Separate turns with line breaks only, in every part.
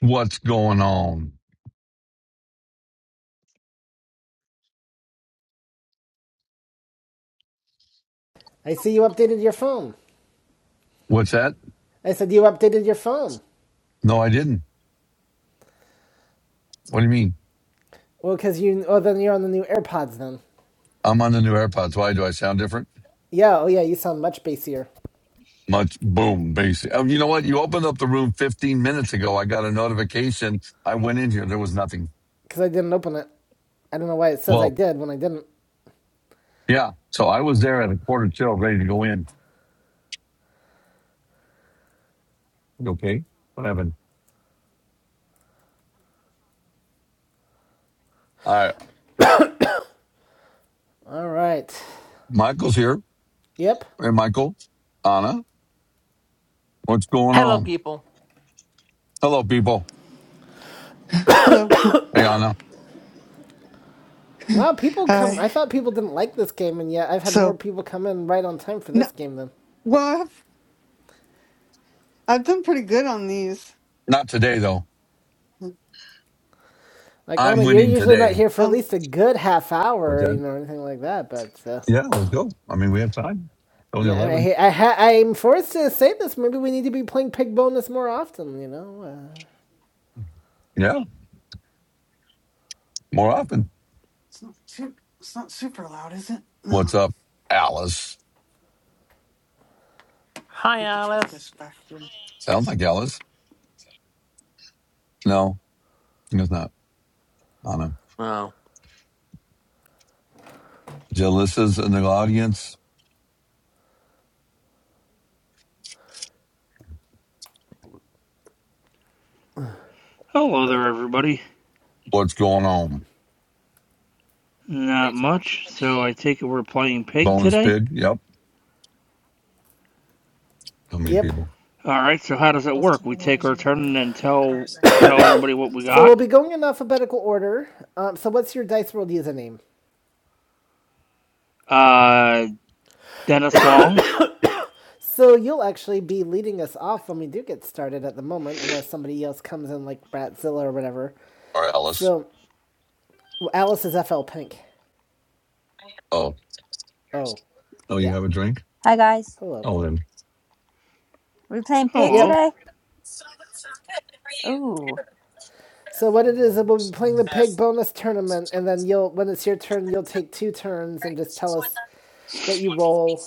What's going on?
I see you updated your phone.
What's that?
I said you updated your phone.
No, I didn't. What do you mean?
Well, because you, oh, then you're on the new AirPods then.
I'm on the new AirPods. Why do I sound different?
Yeah, oh yeah, you sound much bassier.
Much boom, basic. Oh, you know what? You opened up the room 15 minutes ago. I got a notification. I went in here. There was nothing.
Because I didn't open it. I don't know why it says I
Well,
did when I didn't.
yeah. So I was there at a quarter till, ready to go in. Okay. What happened? All right.
All right.
Michael's here.
Yep.
Hey, Michael. Anna, what's going
Hello,
on?
people.
Hello, people.
Hello.
Hey, Anna.
Wow, people come.
Hi.
I thought people didn't like this game, and yet I've had more
So,
people come in right on time for
no,
this game than.
well, I've I've done pretty good on these.
Not today, though.
Like, oh no,
I'm
you're
winning
usually not
today.
here for at
Um,
least a good half
What's
hour, you
that?
know, or anything like that, but. Uh,
Yeah, let's go. I mean, we have time.
I
Only
mean,
11.
I, I, I, I'm forced to say this. Maybe we need to be playing Pig Bonus more often, you know? Uh,
Yeah, more often.
it's not too, it's not super loud, is it? No.
What's up, Alice?
Hi,
I'll just put
Alice.
this back here.
Sounds like Alice. No, I think it's not. I don't know.
Oh,
Jalissa's in the audience.
Hello there, everybody.
What's going on?
Not much, so I take it we're playing pig
Bonus
today.
pig? Yep. How many
yep.
people
All right, so how does it work? We take our turn and tell tell everybody what we
So
got.
we'll be going in alphabetical order. Um, so what's your Dice World username?
Uh, Dennis Long.
So you'll actually be leading us off when we do get started at the moment, unless somebody else comes in like Bratzilla or whatever.
are Alice?
So well, Alice is FL Pink.
Oh,
Oh,
oh, you
yeah.
have a drink?
Hi guys.
Hello.
Oh, then
We playing pig
Yep.
Hello.
today? Ooh.
So what it is we'll be playing the pig bonus tournament, and then you'll when it's your turn, you'll take two turns and just tell us what you roll.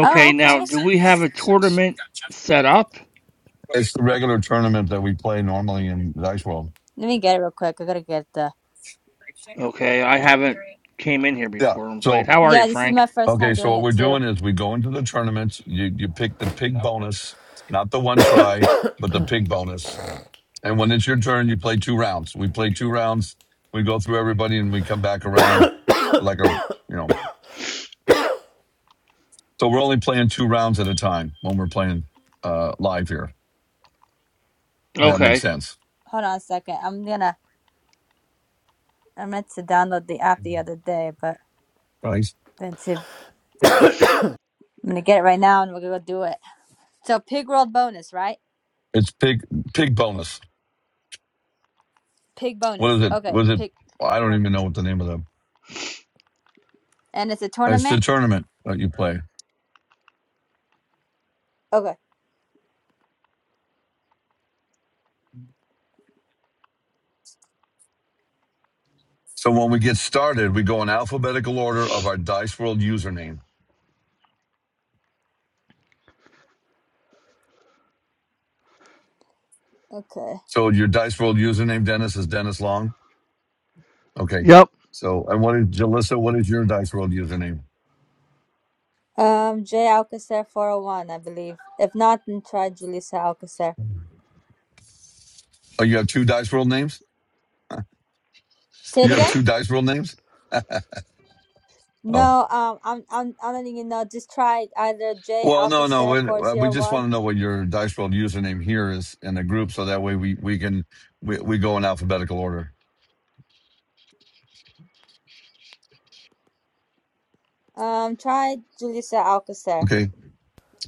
Oh,
now
okay.
do we have a tournament set up?
it's the regular tournament that we play normally in Dice World.
Let me get it real quick. I gotta get the
Okay, I haven't came in here
Yeah.
before and played.
So,
How are you,
Yeah, this is my
Frank?
first
okay.
time
So
doing
what
it
we're
too.
doing is we go into the tournaments. You you pick the pig bonus, not the one try, but the pig bonus And when it's your turn, you play two rounds. We play two rounds. We go through everybody and we come back around like a, you know, so we're only playing two rounds at a time when we're playing uh, live here. That makes
Okay.
sense.
Hold on a second. I'm gonna I meant to download the app the other day, but
Nice.
then to I'm gonna get it right now and we're gonna go do it. So pig world bonus, right?
It's pig, pig bonus.
Pig
What is
bonus.
it?
Okay,
Was it?
pig pig
I don't
world.
even know what the name of the,
And it's a
it's the
tournament?
tournament that you play.
Okay.
So when we get started, we go in alphabetical order of our Dice World username.
Okay.
So your Dice World username, Dennis, is Dennis Long. Okay.
Yep.
So, and what is, Jalissa, what is your Dice World username?
Um Jay Alcacer four oh one, I believe. If not then try Julissa Alcacer.
Oh, you have two dice World names?
Say it
You have
again?
two dice World names? Oh.
No, um, I'm, I'm, I don't even know. Just try either J
Well, no, no.
Alcacer
We,
four
uh, we
zero
just want
one.
to know what your dice World username here is in the group, so that way we we can we, we go in alphabetical order.
Um, try Julissa Alcacer.
Okay.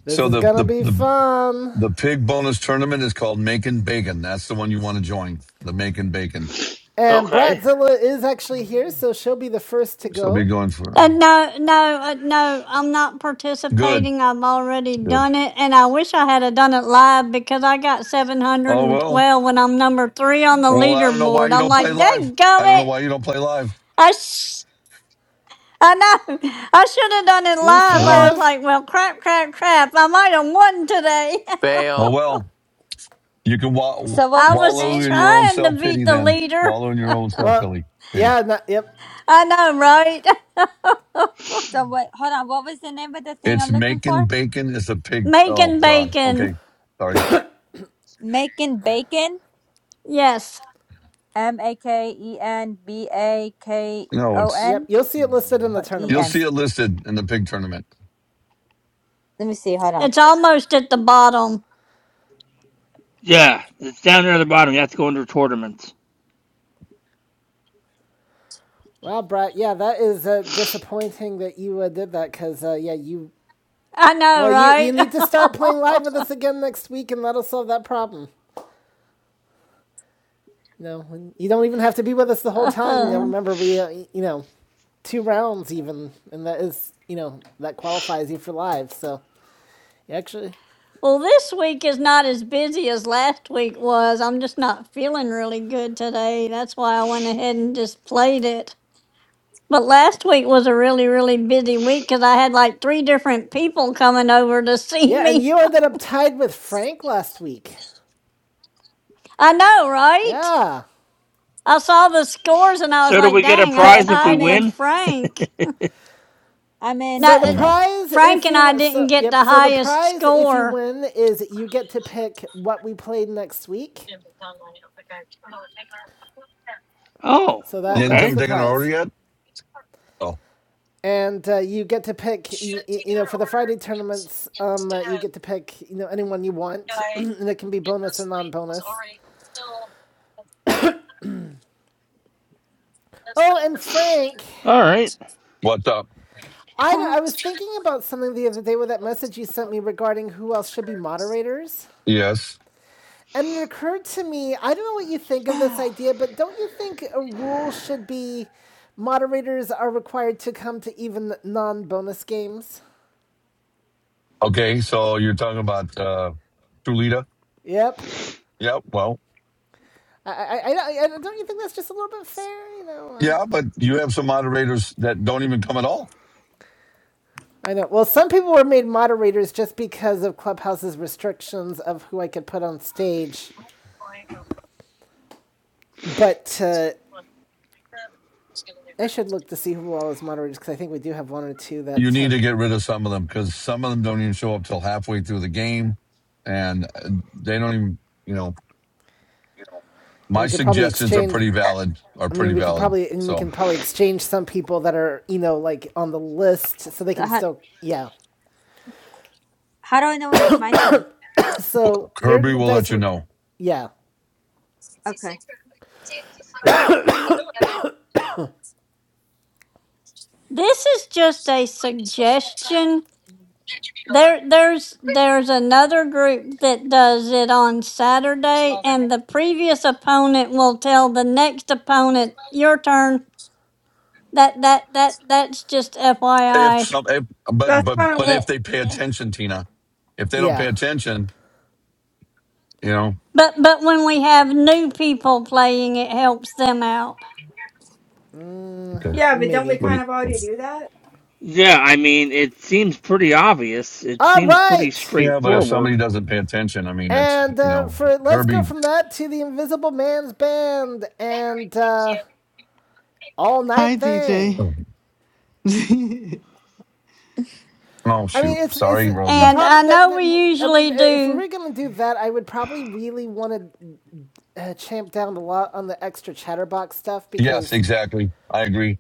This
So
is
the
gonna
the
be
the
fun.
the pig bonus tournament is called Making Bacon. That's the one you want to join. The Making Bacon.
And
Okay.
Bratzilla is actually here, so she'll be the first to
So be
go.
going for it.
Uh, no, no, uh, no, I'm not
Good.
participating. I've already
Good.
done it, and I wish I had have done it live because I got
Oh well.
712 when I'm number three on the
Well, I don't know why
leaderboard.
you
I'm
don't play
like,
live. I don't know
dadgummit.
why you don't play live.
I, sh- I know. I should have done it
You
Oh
live.
should
I
well.
was
have.
like, well, crap, crap, crap. I might have won today.
Oh
fail.
well. You can wa-
So what
I
was the
was
wallow
name?
in your own
trying to
self
beat
pity.
the
Then
leader.
wallow in your own self
Well,
pity. Pity.
yeah, no, yep,
I know, right?
So wait, hold on. What was the name of the thing
It's
I'm looking
making
for?
bacon is a pig. Oh
Making
God.
bacon.
Okay. Sorry.
Making bacon.
Yes,
M A K E N B A K
No,
O
it's.
yep.
N
You'll see it listed in the
or E
You'll
N.
see
tournaments.
it listed in the pig tournament.
Let me see. Hold on.
it's almost at the bottom.
Yeah, it's down there at the bottom. You have to go under tournaments.
Wow, Brett. Yeah, that is uh, disappointing that you uh, did that because uh, yeah, you.
I know,
Well, you you
right?
need to start playing live with us again next week, and that'll solve that problem. You know, you don't even have to be with us the whole time. You know,
Okay.
remember we, uh, you know, two rounds even, and that is, you know, that qualifies you for live. So, you actually,
well, this week is not as busy as last week was. I'm just not feeling really good today. That's why I went ahead and just played it. But last week was a really, really busy week because I had like three different people coming over to see
yeah, and
me.
you ended up tied with Frank last week.
I know, right?
Yeah.
I saw the scores and I was
So do
like,
we get a
dang, I
Okay.
prize if we
I'm
tied with
in.
win?
Frank.
I'm in.
So
Now,
the
uh,
Mm.
prize,
Frank
if
and I
you
didn't
so
get
yep,
the
so the
highest
prize if you
score.
win is you get to pick what we played next week.
Oh,
So
You
that
didn't
that's
okay.
come
the
taking an order
prize,
yet? Oh,
and uh, you get to pick you, you know for the Friday tournaments, um, uh, you get to pick you know anyone you want, and it can be bonus or non-bonus. Oh, and Frank,
All right.
what's up?
I I was thinking about something the other day with that message you sent me regarding who else should be moderators.
Yes.
And it occurred to me, I don't know what you think
so
of this idea, but don't you think a rule should be moderators are required to come to even non bonus games?
Okay. So you're talking about uh, Tulita?
Yep.
Yeah. Well.
I, I, I, I don't you think that's just a little bit fair? You know. Uh,
Yeah, but you have some moderators that don't even come at all.
I know. Well, some people were made moderators just because of Clubhouse's restrictions of who I could put on stage. But uh, I should look to see who all is moderators because I think we do have one or two
you
that,
need
um,
to get rid of some of them because some of them don't even show up till halfway through the game, and uh, they don't even. You know,
You know,
and
my
we could probably
suggestions are
exchange
pretty valid. Are
I mean,
pretty
we could
valid.
probably and we
So
can probably exchange some people that are you know like on the list so they can
how,
still yeah.
how do I know when it's my turn?
So
Kirby
your
will
dice
let you
were,
know
yeah,
Okay.
This is just a suggestion There, there's there's another group that does it on Saturday, and the previous opponent will tell the next opponent, "Your turn." That that that that's just
if
FYI.
some. If, but
That's
but
kind of
but
what,
if
It,
they pay attention, Tina, if they don't
yeah,
pay attention, you know.
but but when we have new people playing, it helps them out.
Okay.
yeah, but don't we
maybe.
What do
kind of
you?
already do that?
Yeah, I mean, it seems pretty obvious. It
All
seems pretty
right,
Yeah, but if somebody
straightforward.
doesn't pay attention, I mean, it's
and
you
uh,
know,
for let's go
Herbie.
from that to the Invisible Man's band and uh, all
Hi,
night thing.
DJ.
Oh oh,
I mean,
shoot,
it's it's
sorry,
the
Rogie.
And I
problem that,
know
that
we
um,
usually
if we
do.
were gonna do that, I would probably really want to uh, champ down a lot on the extra chatterbox stuff
Yes,
because
exactly. I agree.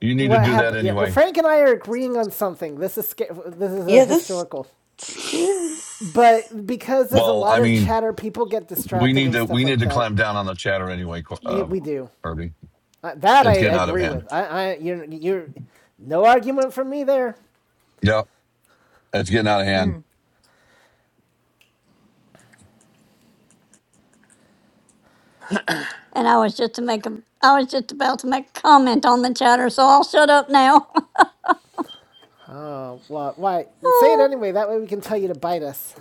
You need to
what
do that
happened? Yeah, well,
anyway.
Frank and I are agreeing on something. This is sca- this is a
Yeah, that's
historical,
scary.
but because there's a
Well,
lot
I
of
mean,
chatter, people get
We
distracted
need
and
to
stuff
we need
like
to
that.
clamp down on the chatter anyway, Qu-
Yeah,
Yeah.
uh,
we do
Kirby.
uh, that. I
It's getting out of
agree
hand.
with. I, I, you're, you're, no argument from me there.
Yep, it's getting out of hand.
Mm.
And I was just to make a, I was just about to make a comment on the chatter, so I'll shut up now.
Oh, well, why? Say it anyway. That way we can tell you to bite us.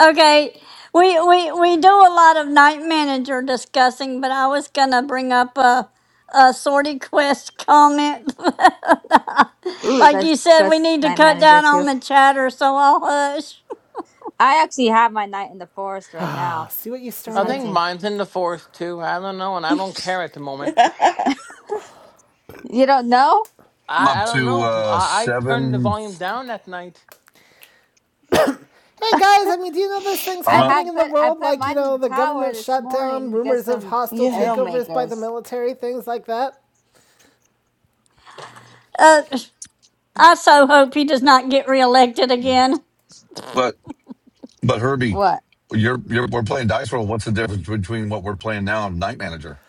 Okay, we we we do a lot of night manager discussing, but I was gonna bring up a a sortie quest comment.
Ooh, you
like
guys
you said,
discuss
we need to
night
cut
manager
down
too.
on the chatter, so I'll hush.
I actually have my knight in the forest right
Ah,
now.
oh, see what you
He's
I
started.
think
hunting.
mine's in the forest too. I don't know, and I don't care at the moment.
You don't know?
I'm
I,
up
I don't
to
know.
uh
I, I turned the
seven.
volume down that night.
Hey guys, I mean, do you know those things
I
I'm up,
happening
had
in the
put I
world
put
like you
mine in
know
the
the
tower
government
this
shutdown,
morning to get
rumors of
some
hostile
Yeah.
arrow
takeovers by the
makers.
military, things like that.
Uh, I so hope he does not get reelected again.
but but Herbie,
What?
you're you're we're playing dice roll. What's the difference between what we're playing now and Night Manager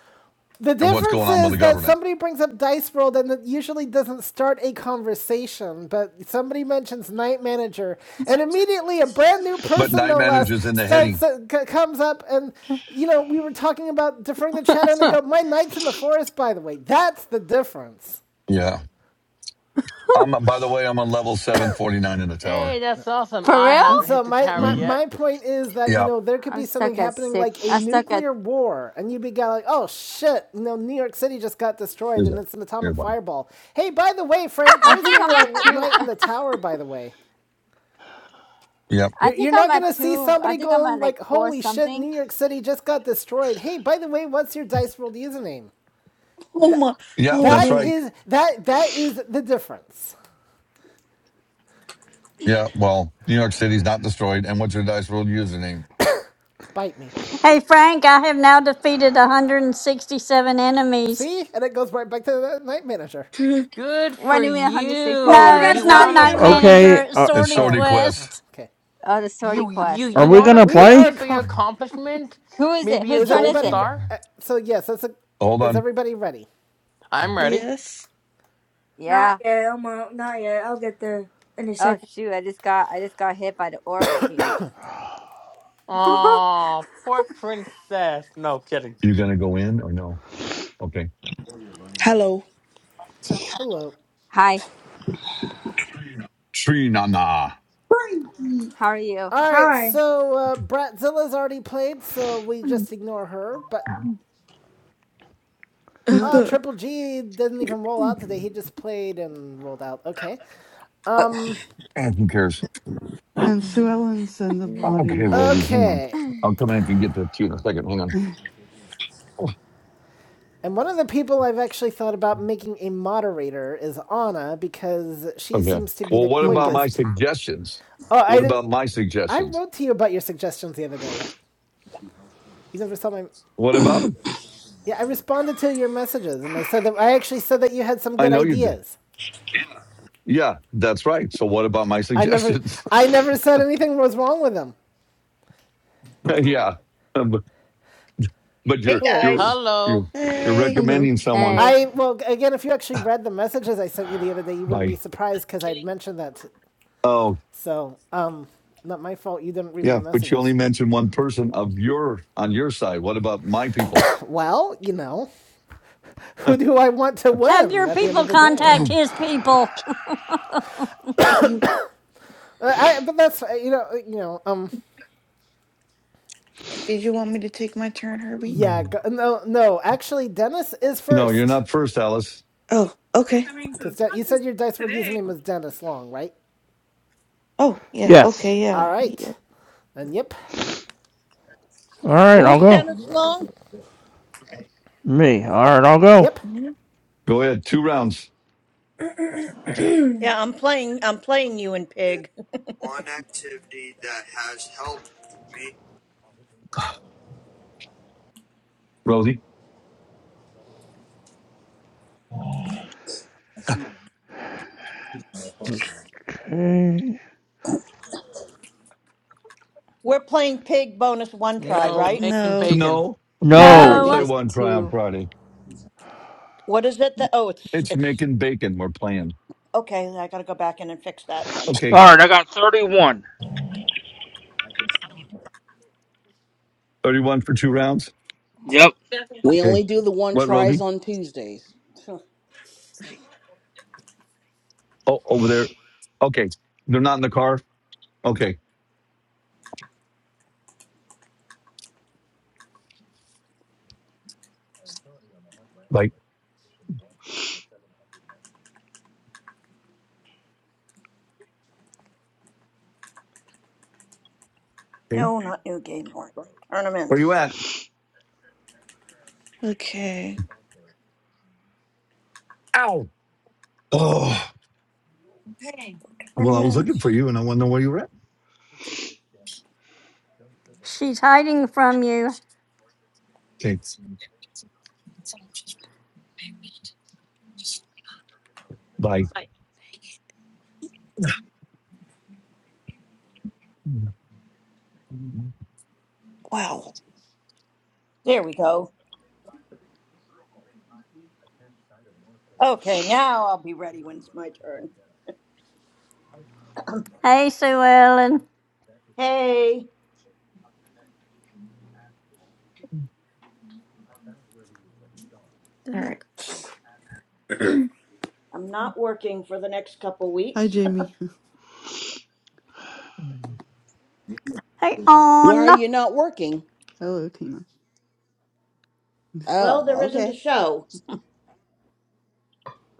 The
and what's
difference
going on with
is
the
that
government?
somebody brings up Dice World and it usually doesn't start a conversation, but somebody mentions Night Manager, and immediately a brand new
But
person,
Night
no less,
Manager's in the
starts
heading.
comes up and you know we were talking about deferring the chat, and they
Huh.
go, "My night's in the forest." By the way, that's the difference.
Yeah. I'm by the way, I'm on level seven forty nine in the
Hey,
tower.
that's awesome.
For
I
real?
And
haven't hit
so
the
my,
tower
my
Mm?
yet.
my point is that you
Yep.
know there could
I'm
be something
stuck at
happening
six.
like a
I'm stuck at.
nuclear war, and you'd be going like, oh shit, you know New York City just got destroyed,
Here's
and
it.
it's an
Here's
atomic
one.
fireball. Hey, by the way, Frank,
I
where's
think
your
I'm
uh,
at two.
night in the tower? By the way,
Yep.
I
you're
think
you're
I'm
not
at
gonna see
two. I
somebody
think I'm at
going
like
like,
four
holy shit,
something.
New York City just got destroyed. Hey, by the way, what's your Dice World username?
Oh
That
my.
Yep.
Oh
That's
that
no.
right.
is that that is the difference.
Yeah. Well, New York City's not destroyed. And what's your dice roll username?
Bite me.
Hey Frank, I have now defeated 167 enemies.
See, and it goes right back to the night manager.
Dude.
Good for
Running with 160.
Oh, I
you.
was
No,
gonna
it's
You
tell
not
want a
night
Mm-hmm.
you.
manager.
Okay,
cookie?
It's
uh,
It's
sortie
so
Oh well, well,
request.
quest.
okay.
Oh, the sortie
You you
quest.
are
you
we
want a
gonna
Okay.
We
play?
are
cookie for your
going.
accomplishment?
Who is it?
Maybe a
Whose
Is
turn
gold
is
everybody?
it?
Re-
star?
uh, so yes, that's a.
Hold
Is
on.
everybody ready?
I'm
Ge-
ready.
Yes.
Not
Yeah.
yet. I'm uh, not yet. I'll get there in a
Oh
second.
shoot! I just got. I just got hit by the orc king.
Aw, poor princess. No kidding.
You gonna go in or no? Okay.
Hello.
Hello.
Hi.
Tree na na.
How are you?
All right.
Hi.
So uh, Bratzilla's already played, so we just ignore her. But
No,
uh Triple G didn't even roll out today. He just played and rolled out. Okay.
Uh,
Eh, Who cares?
and Sue Ellen's in the
Mm.
Okay,
audience.
Roby, hang on.
Okay.
I'll come in and get the tea in a second. Hang on.
oh
Oh,
And one of the people I've actually thought about making a moderator is Anna because she
Okay.
seems to be
Well,
the
what about
my.
my
quickest.
suggestions?
Oh, I
What
didn't.
about my
I
suggestions?
wrote to you about your suggestions the other day. You never saw my
What about them?
Yeah, I responded to your messages and I said that I actually said that you had some
I
good
know you did.
ideas.
Yeah, that's right. So what about my
I never
suggestions?
I never said anything was wrong with them.
yeah, Um, but, but
Hey
you're
Hello.
you're
guys,
you're
Hello.
you're
hey.
Hello.
recommending someone
Hey.
I well again if you actually read the messages I sent you the other day you wouldn't be
by.
surprised cuz I'd mentioned that. t-
oh,
so, um not my fault you didn't read my
Yeah, but you only
messages.
mentioned one person of your on your side. What about my people?
Well, you know, who do I want to
Have
win
your
at the end of
people
the day?
contact his people.
You
Uh, I but that's uh, you know, uh, you know, um
did you want me to take my turn, Herbie?
yeah, go,
no,
no no, actually Dennis is
you're
first.
not first, Alice.
Oh, okay.
Coming to the
Because you
conference
said your Dice World
today.
username was Dennis Long, right?
Oh, yeah.
Yes.
Okay,
All
yeah. yeah.
right. And yep.
All right, I'll
who's
go.
Dennis Long?
Me. All right, I'll go.
Yep.
No.
Go ahead. Two rounds,
Yeah, I'm playing. I'm playing you in Pig.
Rosie.
Okay.
We're playing Pig bonus one try,
No,
right?
making
No.
bacon.
No, we
No, I
never
No.
think
No.
play
it's
one try on
two.
Friday.
What is it that? Oh, it's
It's
it's
making bacon we're playing.
okay. I gotta go back in and fix that then.
Okay,
All right, I got 31.
31 for two rounds.
Yep.
we
Okay,
only do the one
what,
tries
Rosie?
on Tuesdays. Huh.
Right.
Oh, over there. Okay, they're not in the car. Okay, like, okay.
No, not new game order.
where you
Tournaments,
at?
Okay.
Ow. Oh, well, I was looking for
tournaments.
you and I want to know where you were at.
She's hiding from you.
Okay, bye.
Wow.
There we go. Okay, now I'll be ready when it's my turn.
Hey, Sue Ellen.
Hey,
All right. So,
I'm not working for the next couple
Hi,
weeks.
Jamie.
Hey,
Why are
Anna.
you not working?
Hello, Tina.
Well, there
Oh,
isn't a
okay.
show.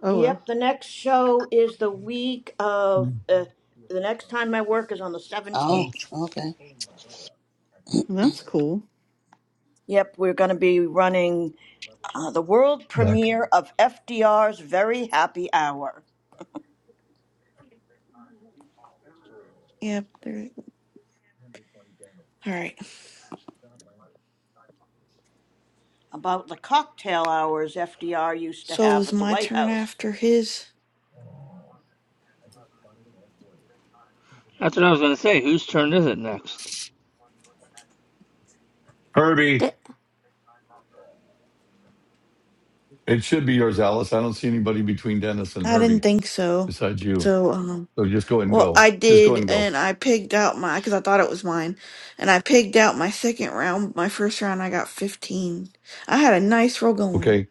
Oh well,
Yep, the next show is the week of uh, the next time I work is on the
Oh,
17th.
okay.
that's cool.
Yep, we're going to be running uh, the world
Nick.
premiere of FDR's Very Happy Hour
yep. There. All right.
about the cocktail hours FDR used to
So
have
is
at the
my
White
turn
House.
after his?
That's what I was gonna say. Whose turn is it next?
Herbie,
D-
it should be yours, Alice. I don't see anybody between Dennis and
I didn't
Herbie
think so.
besides you.
So, um,
So just go ahead and
Well,
go.
I
Just go ahead
did,
and go.
and I pigged out my because I thought it was mine, and I pigged out my second round. My first round, I got fifteen. I had a nice roll going.
Okay.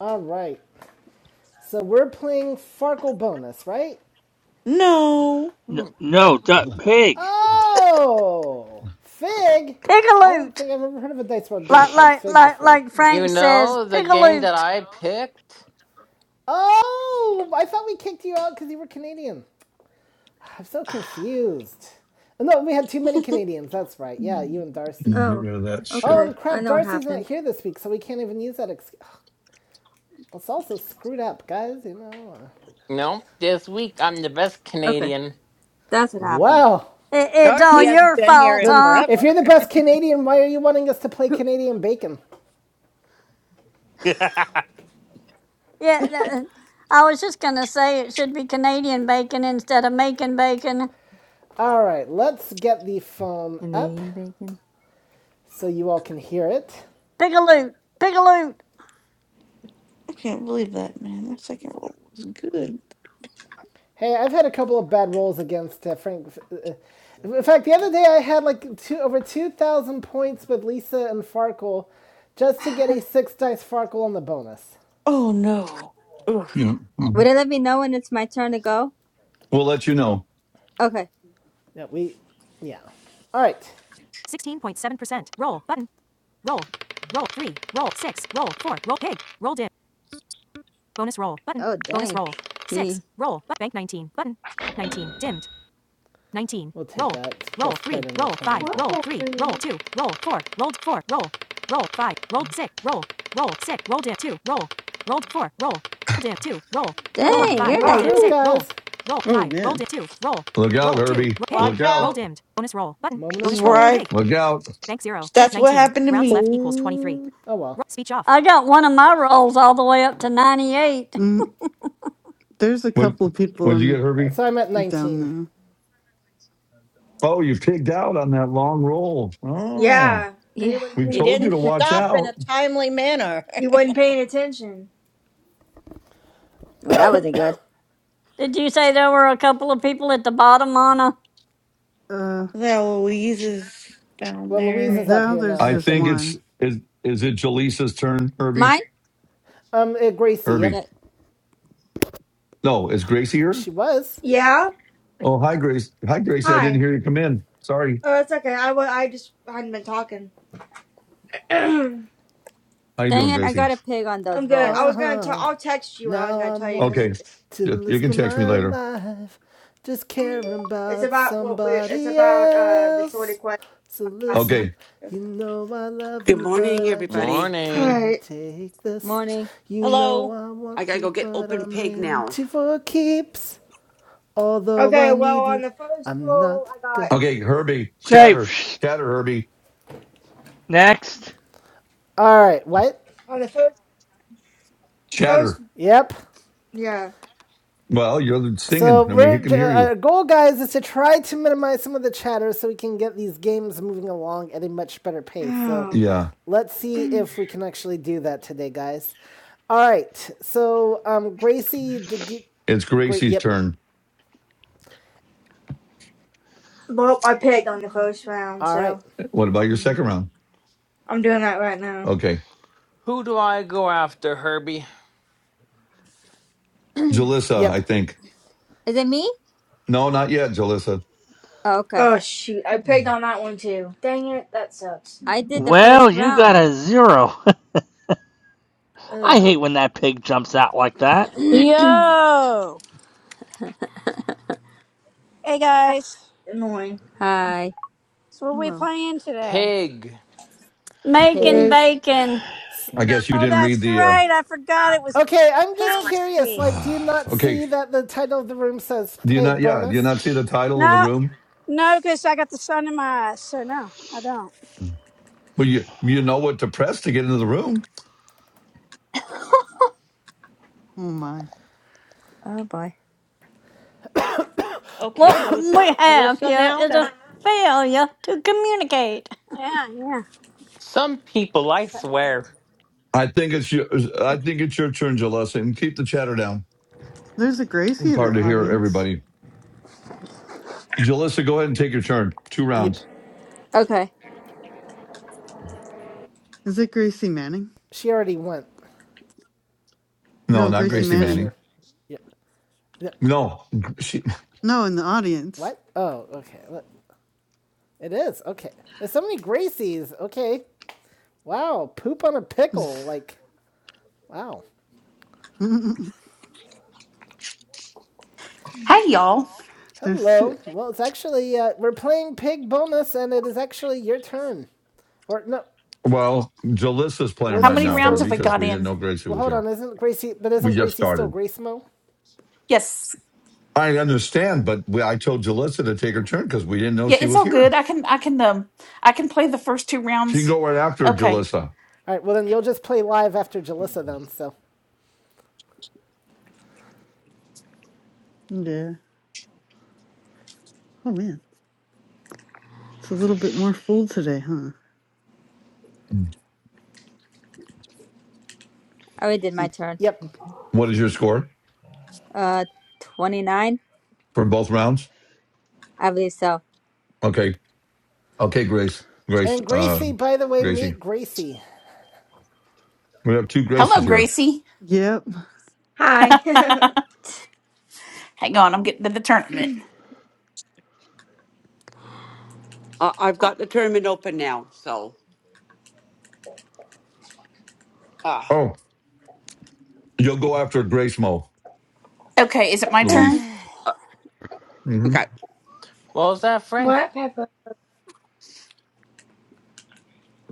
All right. So we're playing Farkle Bonus, right?
No,
No, no duck pig.
Oh! Fig?
pick a
I don't
loot.
think I've ever heard of a Dice World game
Like,
called
like,
Fig
like,
before.
like
You
Frank says,
know the
pick a
game that
loot.
I picked?
Oh! I thought we kicked you out because you were Canadian. I'm so confused. Oh, No, we had too many
I
Canadians. That's right. Yeah, you
Mm.
and Darcy.
And Get
Oh,
rid of that
Oh,
shit.
okay.
and
I
crap,
know what
Darcy's not
happened.
here this week, so we can't even use that excuse. It's also screwed up, guys, you know.
No, this week I'm the best
Okay,
Canadian.
that's what happened.
Well,
It, it's all
Darcy
Who's
hasn't
your
been here
fault,
in
then
huh?
if
forever.
you're the best Canadian, why are you wanting us to play
who?
Canadian Bacon?
Yeah, th- I was just going to say it should be Canadian bacon instead of making bacon.
All right, let's get the phone up
Canadian bacon.
so you all can hear it.
Pick a loot. Pick a loot.
can't believe that, man. That second roll was good.
Hey, I've had a couple of bad rolls against uh, Frank. Uh, uh, in fact, the other day I had like two, over 2,000 points with Lisa and Farkle just to get a six dice Farkle on the bonus.
Oh no, Ugh.
Yeah.
Would
Mm.
it let me know when it's my turn to go?
We'll let you know.
Okay.
Yeah, we, yeah. All right. 16.7%. Roll button. Roll. Roll 3. Roll 6. Roll 4. Roll pig. Roll dim. Bonus roll button.
Oh,
Bonus
dang.
roll. Six.
He.
Roll. But bank 19. Button. 19. Dimmed. 19. We'll roll. Roll three. Roll five. but- Roll three. Roll two. Roll four. Rolled four. Roll. Roll five. Rolled six. Roll. Roll six. Rolled in two. Roll. Rolled four. Roll. Rolled in two. Roll.
oh
Roll
my
five.
Dang, you're
Rolled
like.
in
god.
six.
Woo.
Roll. guys. Roll Roll
Oh
five. Rolled
man.
in two. Roll.
Look out,
Roll two.
Herbie.
Roll pig.
Look
Watch
Roll
out.
out.
dimmed. Bonus roll button. Moment
this is
Bonus roll
where
truth.
I.
pig.
Look out.
Bank zero. Dim.
That's what
19.
happened to
Rounds
me.
left equals 23.
Oh.
Oh well. Ro- speech off.
I got one of my rolls all the way up to 98.
Mm, there's a
What
couple of people
what'd you get,
in
Uh,
Herbie?
So I'm at 19.
down
Oh, you pigged out on that long roll. Oh.
Yeah, because he
Yeah.
wasn't
We
You
paying
told you
didn't
to
attention.
watch
stop in a
out.
timely manner.
He wasn't paying attention.
Well, that wasn't good.
Did you say there were a couple of people at the bottom, Anna?
there. Uh,
That Louise is down
Well,
there,
Louise is
and
up
now
here
there's
now,
I
or
just
should
think
be.
it's
one.
is is it Jaleesa's turn,
Mine?
Herbie?
Um, uh, Gracie, yep.
Herbie.
Okay.
No, is Gracie here?
She was.
Yeah.
Oh, hi, Grace. Hi, Gracie. I didn't
Hi.
hear you come in. Sorry.
Oh, it's okay. I wa- I just hadn't been talking.
How you
Dang
doing,
it, I
Gracie?
got a pig on
I'm
those
good.
rolls.
I
Uh
was gonna tell.
huh.
I'll text you. what I was
Now
gonna
I'm
tell you because
one
it's,
Okay.
to
You
live
you can
for
text me
my
later.
life. Just caring
it's
about
about what we. It's
somebody
about uh the sorted
else.
question
So
last
listen,
Okay.
night.
you know I love
Good
you,
morning,
but I just
everybody.
Morning.
can't
Alright.
take this.
Morning.
You know
Hello.
I
I
want
gotta
three,
go get
but
open
I'm
pig
in
now.
two for keeps. Although
Okay,
I
well,
need you,
on the first
I'm
roll,
not
I
gonna.
got
Okay, Herbie,
Okay,
chatter. Chatter, Herbie.
next.
Alright, what?
on the first first
Chatter.
Yep.
yeah.
Well, you're
So
singing and we
we're
can hear
uh,
you.
our goal, guys, is to try to minimize some of the chatter so we can get these games moving along at a much better pace. So
Yeah.
let's see if we can actually do that today, guys. All right. So um, Gracie, did you?
It's
Great.
Gracie's
Yep.
turn.
Oh, well, I picked on the first round,
All right.
so
What about your second round?
I'm doing that right now.
Okay.
Who do I go after, Herbie?
Jalissa, I
Yep.
think.
Is it me?
No, not yet, Jalissa.
Oh, okay.
Oh shoot, I picked on that one too. Dang it, that sucks.
I did the
Well,
first
you got
round.
a zero. I
Ugh,
hate when that pig jumps out like that.
Yo! Hey guys,
annoying.
Hi,
so what are we
Hello.
playing today?
Pig.
pig.
Making bacon.
I guess you
Oh,
didn't read
that's
the
right, I forgot it was
Okay. I'm just curious.
Pigsty.
Like, do you
uh
not
Okay.
see that the title of the room says
Do you
"Pig
not yeah, do you
Bonus"?
not see the title of the
No,
room?
no, because I got the sun in my eyes, so no, I don't.
Well you you know what to press to get into the room.
Oh my.
oh boy.
Okay,
What
so it's
we have
Melissa
here
now.
is a failure to communicate.
Yeah, yeah.
Some people, I swear.
I think it's your. I think it's your turn, Jalissa, and keep the chatter down.
There's a
i
Gracie in the
hard to hear
audience.
everybody. Jalissa, go ahead and take your turn. Two
Yep.
rounds.
Okay.
Is it Gracie Manning?
She already went.
No,
No,
not
Gracie
Grace
Gracie
Manning.
Manning.
Fisher. Yep. Yep.
No, she.
No, in the audience.
What? Oh, okay. Let- It is. Okay. There's so many Gracies. Okay. Wow. Poop on a pickle. Like, wow.
There's
Hey y'all.
two.
Hello. Well, it's actually, uh, we're playing Pig Bonus, and it is actually your turn. Or, no,
Well, Jalissa's playing
How
wasn't
right
many
she
now, her,
rounds
still.
have we
because
got
we didn't
in?
know Gracie
Well,
was
hold
here.
on. Isn't Gracie. But
We
isn't
just
Gracie still
started.
Gracemo?
Yes.
I understand, but we, I told Jalissa to take her turn because we didn't know
Yeah,
she
it's
was
all
here.
good. I can I can um I can play the first two
She can
rounds.
go right after
Okay.
Jalissa.
All right. Well, then you'll just play live after Jalissa, then. So,
Yeah. Oh man. It's a little bit more full today, huh?
I already did my
What-
turn.
yep.
Okay.
What is your score
Uh, 29?
for both rounds?
I believe so.
Okay, okay, Grace, Grace,
And
uh,
Gracie, by the way,
Gracie.
meet Gracie.
We have two Graces
Hello,
here.
Gracie.
Yep.
Hi.
Hang on, I'm getting to the tournament.
Uh, I've got the tournament open now, so uh,
Oh. You'll go after Grace Mo,
Okay, is it my turn?
Louise.
Oh,
uh,
hmm
okay.
What was that, Frank?
what, Pepper?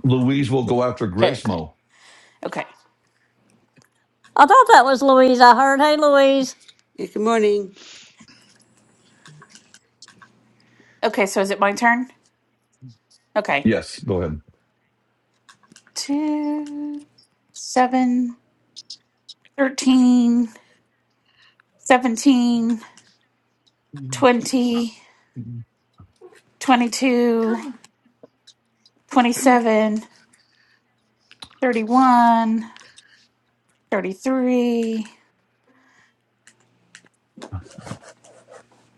Louise will go after
Okay,
Grace
Okay.
Mo.
Okay.
I thought that was Louise. I heard, hey, Louise.
Yeah, good morning.
Okay, so is it my turn? Okay.
Yes, go
Two seven thirteen seventeen twenty twenty-two twenty-seven thirty-one thirty-three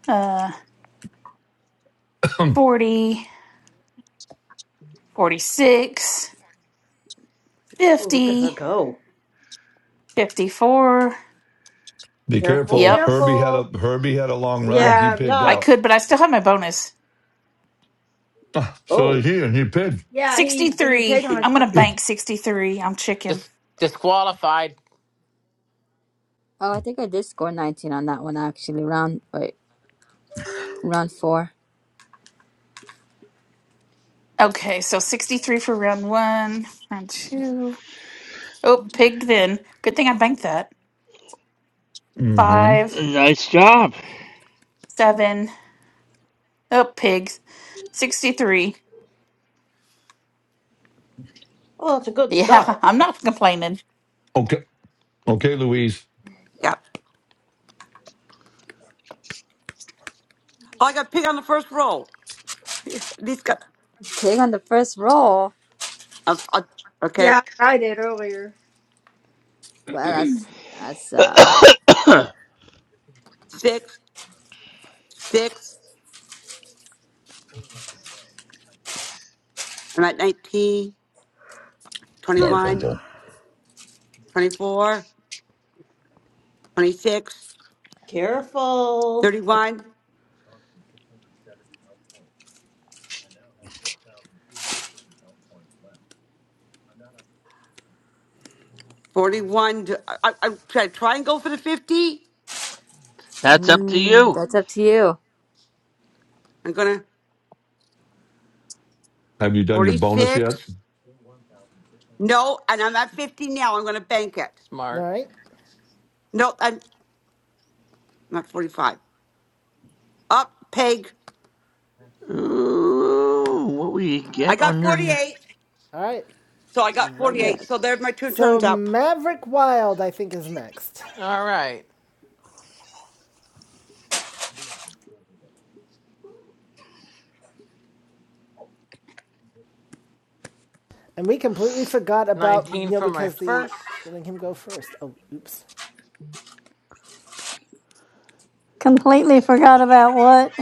uh
ahead.
40 46,
Oh, look at her
50,
go.
54.
Be
Careful,
careful.
Yep,
Herbie had a
careful.
Herbie had a long run and he
Yeah,
pigged
because
I
Stop.
out.
could, but I still have my bonus.
So did
Oh,
he and he pigged.
yeah, he and he
63.
picked on
It-
his
I'm
phone.
going to
it-
bank 63. I'm chicken.
dis- disqualified.
I think I did score 19 on that one actually. Round wait, round four.
Okay, so 63 for round one, round two. Oh, pig then. Good thing I banked that.
hmm
Five,
Nice job.
seven. Oh, pigs. 63.
well, that's a good
Yeah,
start.
I'm not complaining.
Okay, okay, Louise.
yeah. Oh, I got pig on the first roll. These got
Pig on the first roll.
uh, uh, okay.
Yeah, I did earlier.
Well, that's that's uh,
Six, six. I'm at nineteen, twenty one,
Garfunkel,
twenty 21, twenty-four, twenty-six,
Careful.
thirty-one, forty-one. Do- I, I, I should I try and go for the 50.
That's up to
mm,
you.
that's up to you.
I'm gonna
have you done your bonus yet?
46. No, and I'm at 50 now. I'm gonna bank it.
All
Smart.
right.
No, I'm not 45. Up, peg.
Ooh, what will you
I
get
got
on your. n-
48.
All right.
So I got
Very
Yeah,
good.
48. So there's my two
So,
turns up.
Maverick Wild, I think, is next.
All right.
And we completely forgot about,
19
you know,
for my
because the
first,
letting him go first. Oh, oops.
Completely forgot about what.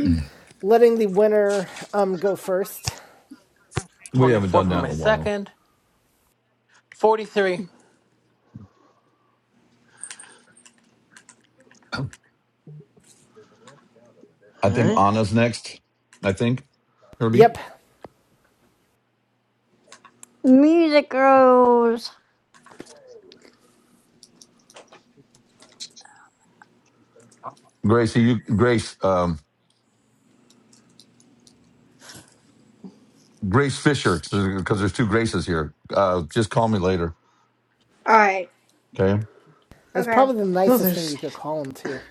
Mm.
Letting the winner um go first.
We haven't
24
done
for
that
No,
my
in a
we've not.
while.
second, 43.
I think
Huh?
Anna's next. I think Herbie,
Yep.
Music Rose.
Gracie, you Grace, um, Grace Fisher, because there's two Graces here. Uh, just call me later.
All right.
Okay.
That's
Okay.
probably the
Oh,
nicest thing
there's
you could call him too.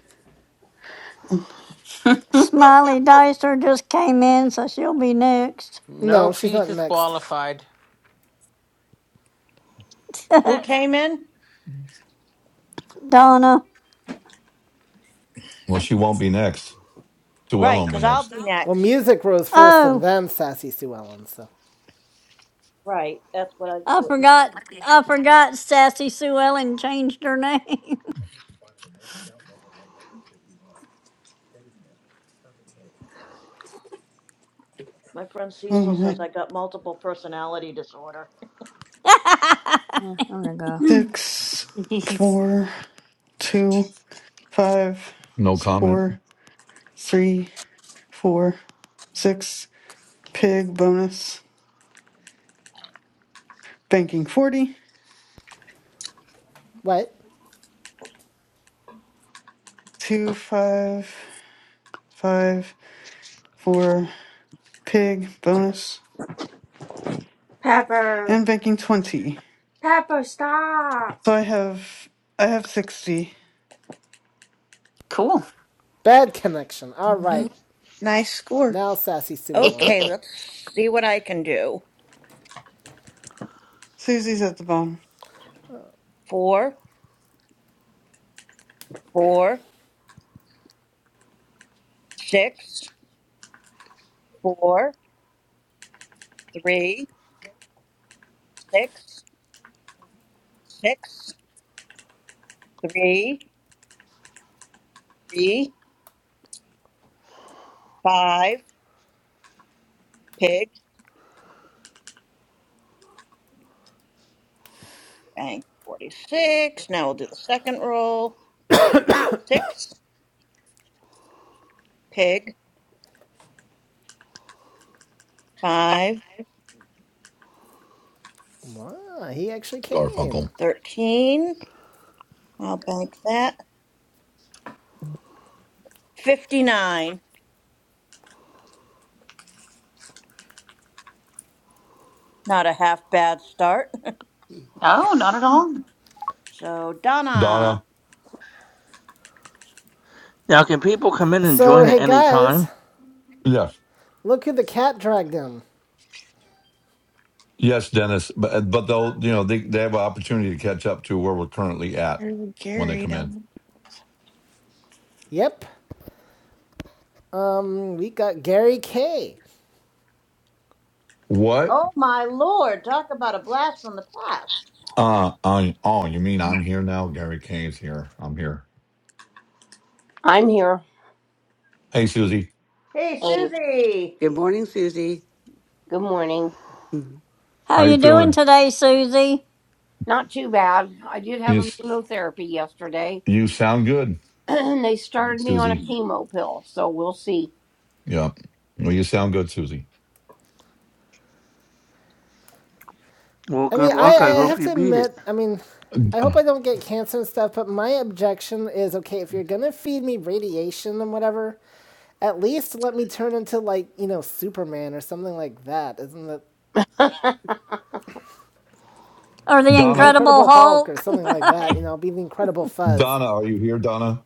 Smiley Dicer just came in, so she'll be next.
No,
Nope,
she's
she's
not next.
disqualified.
Who came in?
Donna.
Well, she won't be next. Sewell
Right,
won't be
because I'll
next.
be
Well,
next.
music rose first and
Oh,
then Sassy Sue Ellen, so.
Right. That's what I.
I
What,
forgot. I forgot Sassy Sue Ellen changed her name.
my friend
oh,
Cecil says
my,
I got multiple personality disorder.
I'm gonna go.
Hmm.
six,
He's
four, two, five,
No
s-
comment.
four, three, four, six. Pig bonus. Banking forty-two,
What?
five, five, four. pig bonus and
Pepper.
I'm banking 20
Pepper, stop.
so i have i have 60
cool.
Bad connection. All
hmm
O-
right.
nice score.
Now Sassy Sue Ellen.
Okay,
no,
let's see what I can do.
susie's at the bottom
Four, four, six, four, three, six, six, three, three, five, pig, bank, 46. Now we'll do the second roll. Six, pig, five.
Wow, he actually came.
Garfunkel.
13. I'll bank that. 59. Not a half bad start.
not at all.
So, Donna.
Donna.
Now, can people come in and
So,
join
hey
at any
guys,
time?
Yes.
look who the cat dragged in.
Yes, Dennis. But uh, but they'll you know they they have an opportunity to catch up to where we're currently at
There's
when they
Gary
come
down.
in.
there?
Yep. Um, we got Gary K.
What?
Oh, my Lord. Talk about a blast from the past.
Uh, I, oh, you mean I'm here now? Gary Kane's here. I'm here.
I'm here.
Hey, Susie.
Hey,
Hey,
Susie.
Good morning, Susie.
good morning.
Mhm.
How
How
you
you
doing
feeling?
today, Susie?
Not too bad. I did have
You
a
s-
chemotherapy yesterday,
you sound good,
and they started me on a
Susie.
chemo pill, so we'll see.
Yeah. Well, you sound good, Susie.
Well,
I mean,
good
I,
luck.
I
I hope
have
you
to
beat it.
admit, I mean, I hope
Uh,
I don't get cancer and stuff, but my objection is okay, if you're gonna feed me radiation and whatever, at least let me turn into, like, you know, Superman or something like that. Isn't it
Or the
the
Donna.
Incredible
Incredible Hulk or
Hulk?
something like that? You know, be the Incredible Fuzz.
Donna, are you here, Donna?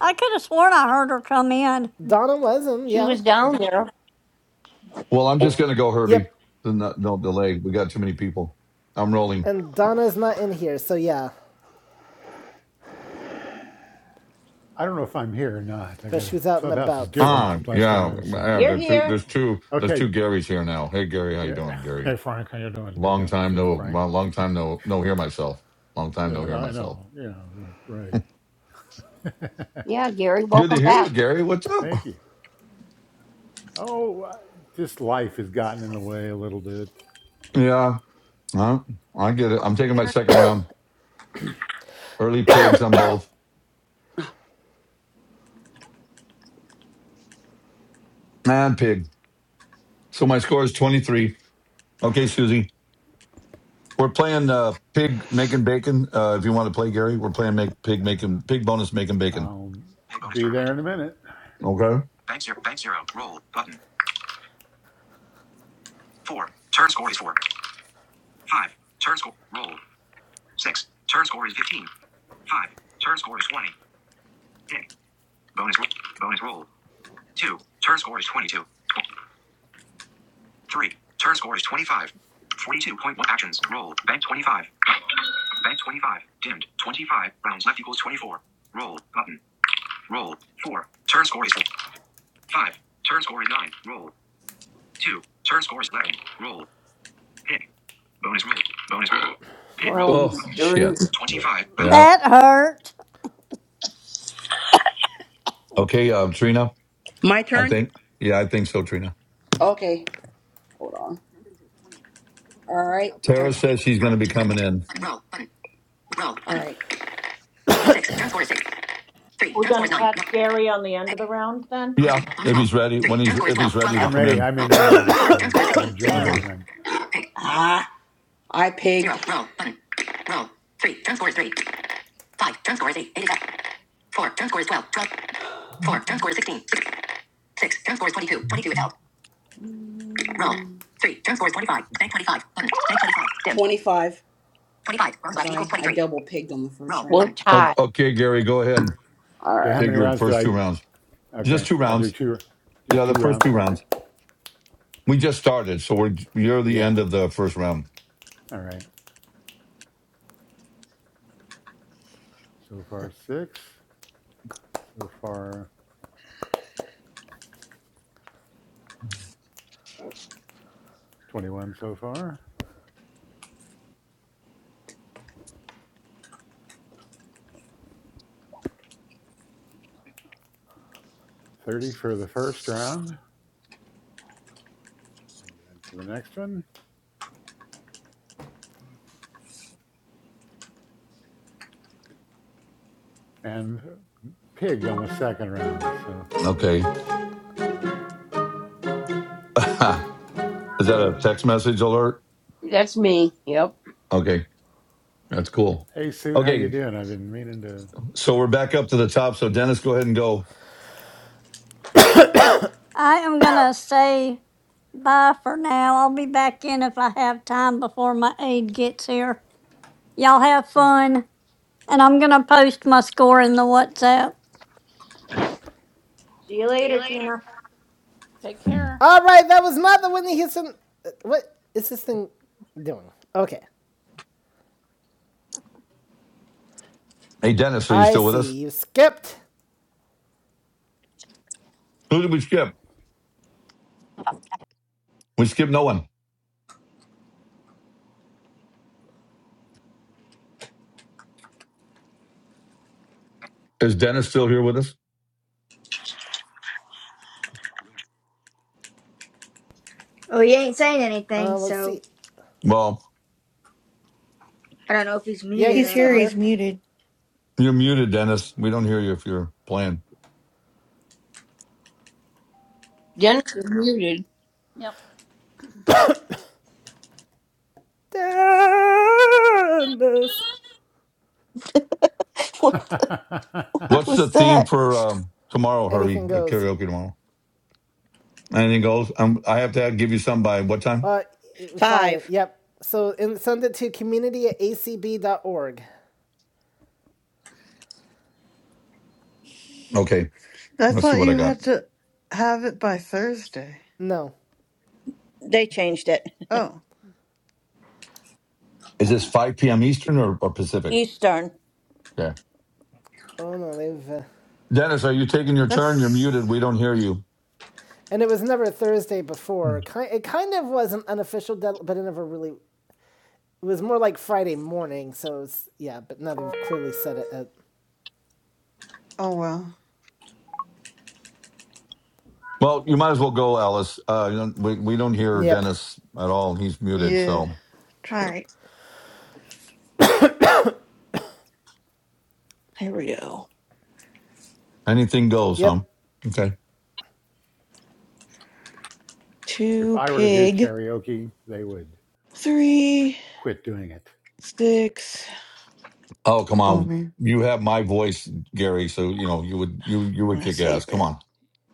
I could have sworn I heard her come in.
Donna was not
she
yeah.
was down there.
Well, I'm just going to go Herbie.
Yep.
Do not- No, delay. We got too many people. I'm rolling.
And Donna's not in here, so yeah.
I don't know if I'm here or not. I
But
got
she
a
was out and
clubhouse is
about, so.
different
Ah,
than last time
yeah.
I was here.
yeah
You're
there's, two,
here.
there's two. There's
Okay.
two Garys here now. Hey, Gary, how you
Yeah.
doing, Gary?
Hey, Frank, how you doing? Good
Long
to
time
see you,
no.
Frank.
well, Long time no. No, hear myself. Long time no,
Uh,
hear
I
myself.
know. You know, right.
Yeah, Gary,
Good
welcome
to hear you,
back.
Gary. What's up?
Thank you. Oh, I- just life has gotten in the way a little bit.
Yeah, I, I get it. I'm taking my second round. Early pigs on both and pig. So my score is 23. Okay, Susie. We're playing uh, pig making bacon. Uh, if you want to play, Gary, we're playing make pig
Uh,
making pig bonus making bacon.
I'll
And bonus
be there
tournament.
in a minute.
Okay.
Bank zero. Bank zero. Roll button. Four. Turn score is four. Five. Turn score. Roll. Six. Turn score is fifteen. Five. Turn score is twenty. Pick. Bonus. ro- Bonus roll. Two. Turn score is twenty-two. Tw- Three. Turn score is twenty-five. Forty-two point one actions. Roll. Bank twenty-five. Bank 25. Dimmed. 25. Rounds left equals 24. Roll. Button. Roll. 4. Turn score is 5. Turn score is 9. Roll. 2. Turn score is 11. Roll. Pick. Bonus roll. Bonus roll. Pick. Roll, you
Oh shit.
dirty. 25. Rounds.
Yeah.
That hurt.
Okay. Um, Trina.
My
I
turn?
think. Yeah, I think so. Trina.
Okay. Hold on. All right.
Tara says she's going to be coming in.
I,
We're going to catch Gary on the end of the round then.
Yeah, if he's ready. When he's if he's ready to
I'm
come
ready.
in.
I'm in there now. So I'm joined
Okay.
and I'm
ah, I pigged 25. Double pigged on the first.
We're
O-
tied.
Okay, Gary. Go ahead. and
All
okay. How
right.
Take
many
your
rounds do
first two
I?
rounds.
Okay.
Just two
I'll do
rounds.
two, just
Yeah, the
two
first
rounds.
two
All right.
rounds. We just started, so we're you're the
Yeah.
end of the first round.
All right. So far, six. So far, 21 so far, 30 for the first round, and then for the next one, and uh, pig on the second round. So,
Okay. Is that a text message alert?
That's me. Yep.
Okay, that's cool.
hey Sue, how you
Okay,
doing? I've been meaning to.
so we're back up to the top. So Dennis, go ahead and go.
I am going to say bye for now. I'll be back in if I have time before my aide gets here. Y'all have
Hmm,
fun. And I'm going to post my score in the WhatsApp.
See you later, Tina.
Take care.
Alright, that was not the Whitney Houston. uh, What is this thing doing? Okay.
Hey, Dennis, are you
I
still with us?
see. You skipped.
Who did we skip? We skipped no one. Is Dennis still here with us?
Oh, he ain't saying anything,
Uh, let's
so
see.
Well,
I don't know if he's
Yeah,
muted
He's
he's still
here.
or
He's
here.
muted.
you're muted, Dennis. We don't hear you if you're playing.
Dennis is muted.
Yep.
Dennis.
what? The, what
What's
was
the theme
that?
for um, tomorrow, Herbie?
Anything
The
goes.
karaoke tomorrow. Anything goes? Um, I have to have, give you some by what time?
Uh, if I,
Five.
yep. So and send it to community at acb.org.
Okay.
i
Let's see
thought
what I
you
got.
had to have it by thursday
No.
They changed it.
oh
Is this 5 p.m. Eastern or, or Pacific?
Eastern.
Yeah.
Oh, no, they've. Uh,
Dennis, are you taking your turn? You're
that's
muted. We don't hear you.
and it was never Thursday before.
Mm.
It kind of was an unofficial deadline, but it never really. It was more like Friday morning, so it's, yeah, but now they've clearly said it at.
oh well
Well, you might as well go, Alice. Uh, you do we, we don't hear
Yep.
Dennis at all. He's muted.
yeah.
yeah
So
All
true
right, here we go.
anything goes, huh?
Yep.
Okay.
if
two
I were to do
pig,
karaoke, they would
three
quit doing it.
sticks.
Oh, come
oh
on.
man
You have my voice, Gary, so you know, you would you you
I'm
would
gonna
kick
save
ass. Come
that.
on.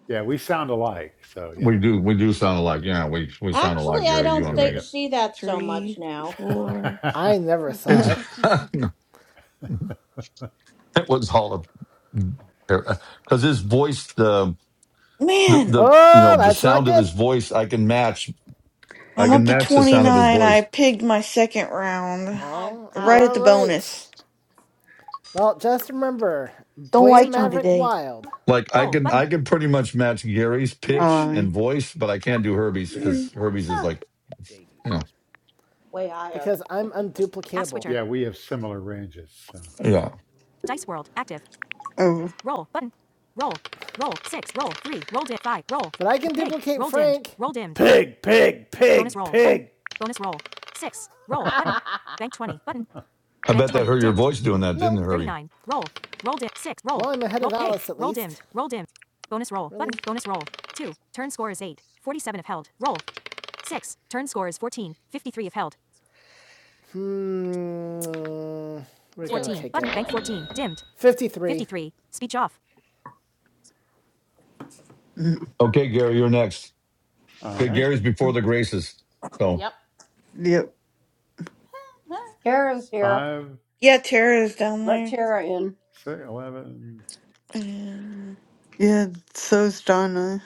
Yeah, we sound alike, so you
We
know.
do we do sound alike. Yeah, we we sound alike,
Actually, I
Gary, you
don't
and
Wait
th-
me.
up.
see that so much
Three,
now.
four.
I never
It's
saw
oh
it.
it was all a because his voice the the
Man,
the you know,
Oh,
the
that's not
sound of
good.
his voice I can match I
I'm
uh
up
can
to
match
oh.
the sound of his
29. I
voice.
pigged my second round
I'll
Oh,
right
poop.
at
all
the
Ouch.
right.
bonus.
Well, just remember,
Don't
blame Speech
like
on.
me
Maverick on.
today.
Wild
Like I
Roll
can
button.
I can pretty much match Gary's
not.
pitch
I
and
mean,
voice, but I can't do Herbie's because
Did
Herbie's is like, you know.
Way higher.
because I'm unduplicatable. App switcher.
yeah, we have similar ranges. So.
Yeah.
Dice World active.
oh
Roll button. Roll. Roll six. Roll three. Roll dim five. Roll. But I can Bank. duplicate roll Frank. Dimmed. Roll dimmed. Bonus roll. Six. Roll button. Bank twenty button.
I
Bank
bet that
twenty
hurt your
dimmed.
voice doing that, didn't
No,
it,
Thirty
Herbie?
nine. Roll. Roll dim six. Roll. Well, I'm ahead roll of Alice eight. at least. roll dimmed. Roll dimmed. Bonus roll Really? button. Bonus roll two. Turn score is eight. Forty seven if held. Roll. Six. Turn score is 14. 53 if held. Mm,
do
14.
it, do
Button. Bank
it, do
14.
it.
Dimmed. 53. 53. Speech off.
mm,
Okay, Gary, you're next.
All
Good
right,
Gary's before
oh,
the graces. So
Yep.
yep
Tara's here.
five,
Yeah, Tara is down
Let
there.
Tara in.
six, eleven,
And
yeah so's donna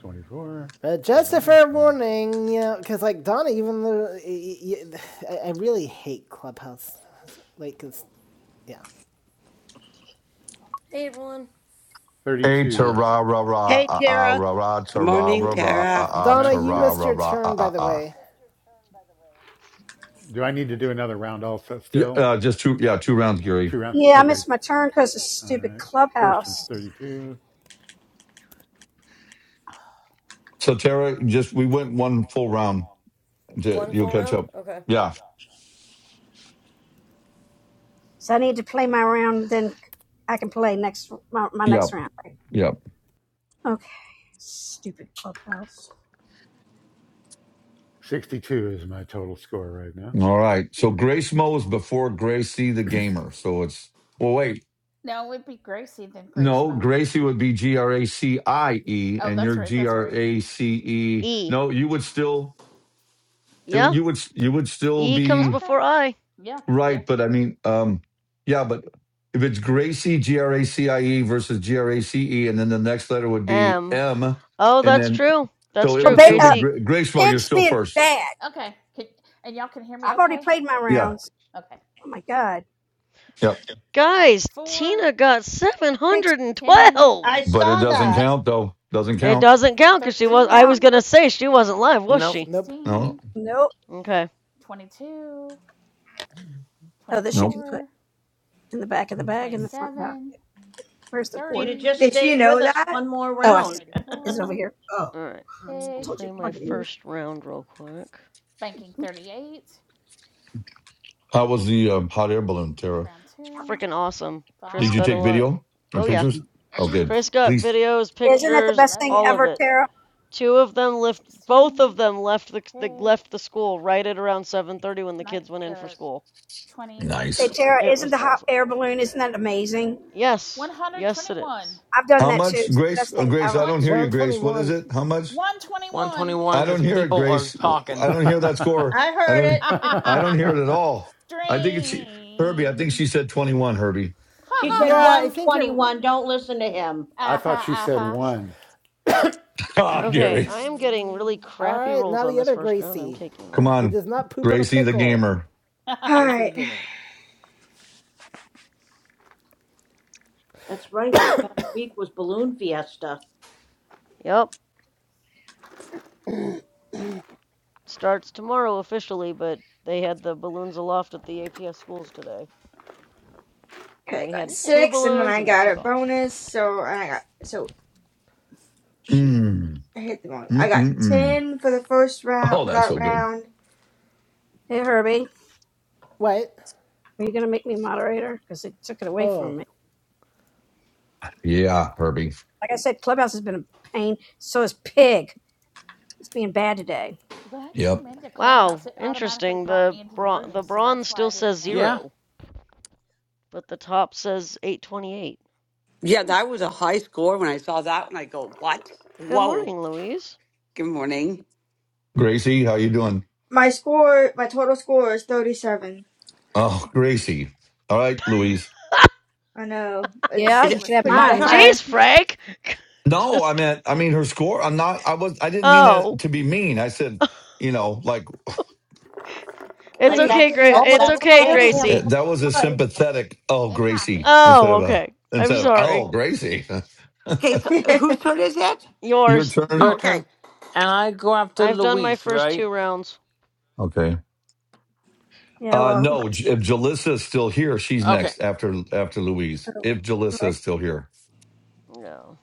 twenty-four
But just a
so far,
fair
Twenty,
warning, you know, because like Donna, even though I really hate Clubhouse, like, cause yeah.
Hey everyone.
A ta
thirty-two.
hey,
ra ra ra
Hey,
ah ah
Tara.
ra ra ta
Good
ra
I
morning,
ra
need to
ra
move
ah
Tara.
ah
Donna,
ta
my
you
ra
missed
ra
your
ra ah
turn, by
ah
the
ah.
way.
Do I need to do another round also
yeah,
still?
uh, just two yeah, two rounds,
Two
Gary.
rounds?
Yeah, I
Okay.
missed my turn because of
All
stupid
right. First one's
clubhouse.
32.
So Tara, just we went one full round. To,
one
you'll
full
catch
round.
up.
Okay.
Yeah.
So I need to play my round, then I can play next my, my next
Yep.
round.
Yep.
Okay, stupid clubhouse.
62 is my total score right now.
All right. So Grace Mo is before Gracie the gamer. So it's well wait.
no, it'd be Gracie then Grace
No,
Mo.
Gracie would be G R A C I E
Oh,
and
that's
you're
right,
G
that's
R
right.
A C E.
E.
No, you would still it, would-
Yeah,
you would you would still
E comes
be
Okay.
before I.
Yeah, yeah,
Right, but I mean, um, yeah, but if it's Gracie, G R A C I E versus G R A C E, and then the next letter would be
M.
M,
Oh,
and
yeah.
that's
then
true. That's
so it
Oh,
true,
would
ba-
still be
uh,
Gracie.
Gra- Grace You're
Pigsty
still
being
first.
bad.
Okay. Can, and y'all can hear me
I've already
okay?
played my
Yeah,
rounds.
Okay.
Oh my god,
yeah,
Guys,
Four,
Tina got
Pigsty
ten,
712.
I
but it
saw
doesn't
that.
count though. Doesn't
It
count.
doesn't count because she
goes
was. I
down.
was
thirteen,
gonna say she wasn't live, was
Nope.
she?
Nope.
No,
sixteen,
Nope.
Okay.
twenty-two,
Oh, this you
no.
can put
twenty-four,
in the back of the bag and the front back.
twenty-seven,
Where's the
If she'd
cord?
have
thirty,
just stayed.
you know that?
One more
Oh, I s-
round.
is it over
thirty-four.
here?
All right. Let me
I
pig,
told you
play
to
my
plug it in.
first round real quick.
banking 38,
How was the um, hot air balloon, Tara?
round
Smart
2,
news.
Freaking awesome. Chris
Did you
got a
take
5,
lot. of,
video or
oh yeah.
pictures? Oh,
Expert.
good.
8,
Chris got
Please,
videos,
Isn't that the
pictures,
best thing
all
11,
of
ever,
it.
Tara?
Two of them left. Both of
16,
them left the, the
pig,
left the school right at around 7:30 when the
nine,
kids went in for
uh,
school.
20,
Hey,
nice.
Tara,
It
isn't
was
the hot
awesome.
air balloon, isn't that amazing?
Yes, yes, it
121.
is.
I've done
How
that too.
much,
It's the best
Grace? Oh,
thing
Grace, I
ever.
one
don't hear you, Grace. What is
121.
it? How much?
121.
121
I
because
don't hear it,
people are
Grace.
talking.
I don't hear that score.
I
I
heard
don't.
Ha
it.
ha ha
I don't
ha.
hear it at all. I think it's Herbie. I think
Dream.
she said twenty-one. Herbie.
Ha
She
ha
said
ha
Yeah, I
ha.
think you're.
121. Don't listen to him.
I
Ah
thought
ha
she
ah
said
ha.
one.
Ah,
Okay,
Gary.
I am getting really
Dream.
crappy
Alright,
rolls
now
on
the
this
other
first round. I'm
Gracie,
taking
Come
that.
who
on,
does not poop on a
Gracie the
pickle.
gamer.
Ha ha ha. ha.
Gracie the
Alright.
Gamer.
That's right. This past week was Balloon Fiesta.
Yep, starts tomorrow officially, but they had the balloons aloft at the APS schools today, and
Okay, I
we
got
had
Cool.
two
six, and then
balloons,
I
and they
got
took
a
off.
bonus, so I got so shoot,
Mm.
I hit the wrong. I
Mm. Mm.
got
mm.
ten for the first
Oh,
round for
that's
that
so good.
round.
Hey, Herbie,
What?
are you going to make me moderator? Because it took it away
Oh.
from me.
Yeah, Herbie.
Like I said, Clubhouse has been a pain. So is Pig. It's being bad today.
When I
Yep.
came into
Wow,
Clubhouse, it automatically
interesting.
brought me
The
into the
bron-
room,
the
so that's
bronze
why
still
I
says
didn't know.
Yeah,
zero, but the top says 828.
Yeah,
Hmm,
that was a high score when I saw that and I go, what?
Good
Whoa.
morning, Louise.
Good morning.
Gracie, how you doing?
My score, my total score is thirty-seven.
Oh, Gracie. All right,
Yeah,
Louise.
I know it's
Yeah,
Is
you
it
poor
should have
pretty
my
mine.
thing.
Mine.
turn?
Jeez,
bad.
Frank.
No, I
Just kid-
meant. I mean her score. I'm not. I was. I didn't mean that
oh,
to be mean. I said, you know, like
it's
Like
Pretty,
okay,
that's
Gra-
that
oh
su-
my
pretty.
it's
that
okay,
god, I only
Uh,
stinks.
have
Gracie.
That was a
five.
sympathetic "Oh,
It
Gracie"
happens.
instead
Oh,
of a
okay. I'm
instead of
sorry.
"Oh, Gracie."
Okay, so whose turn is it?
Your
Yours.
Oh,
turn.
your
okay.
turn. And I go after
I've done my
Luis,
first two
right?
rounds.
Okay.
Yeah,
Uh
well, mine.
no, J- if Jalissa is still here, she's
Okay.
next after after Louise.
Oh,
If Jalissa
correct.
is still here,
No.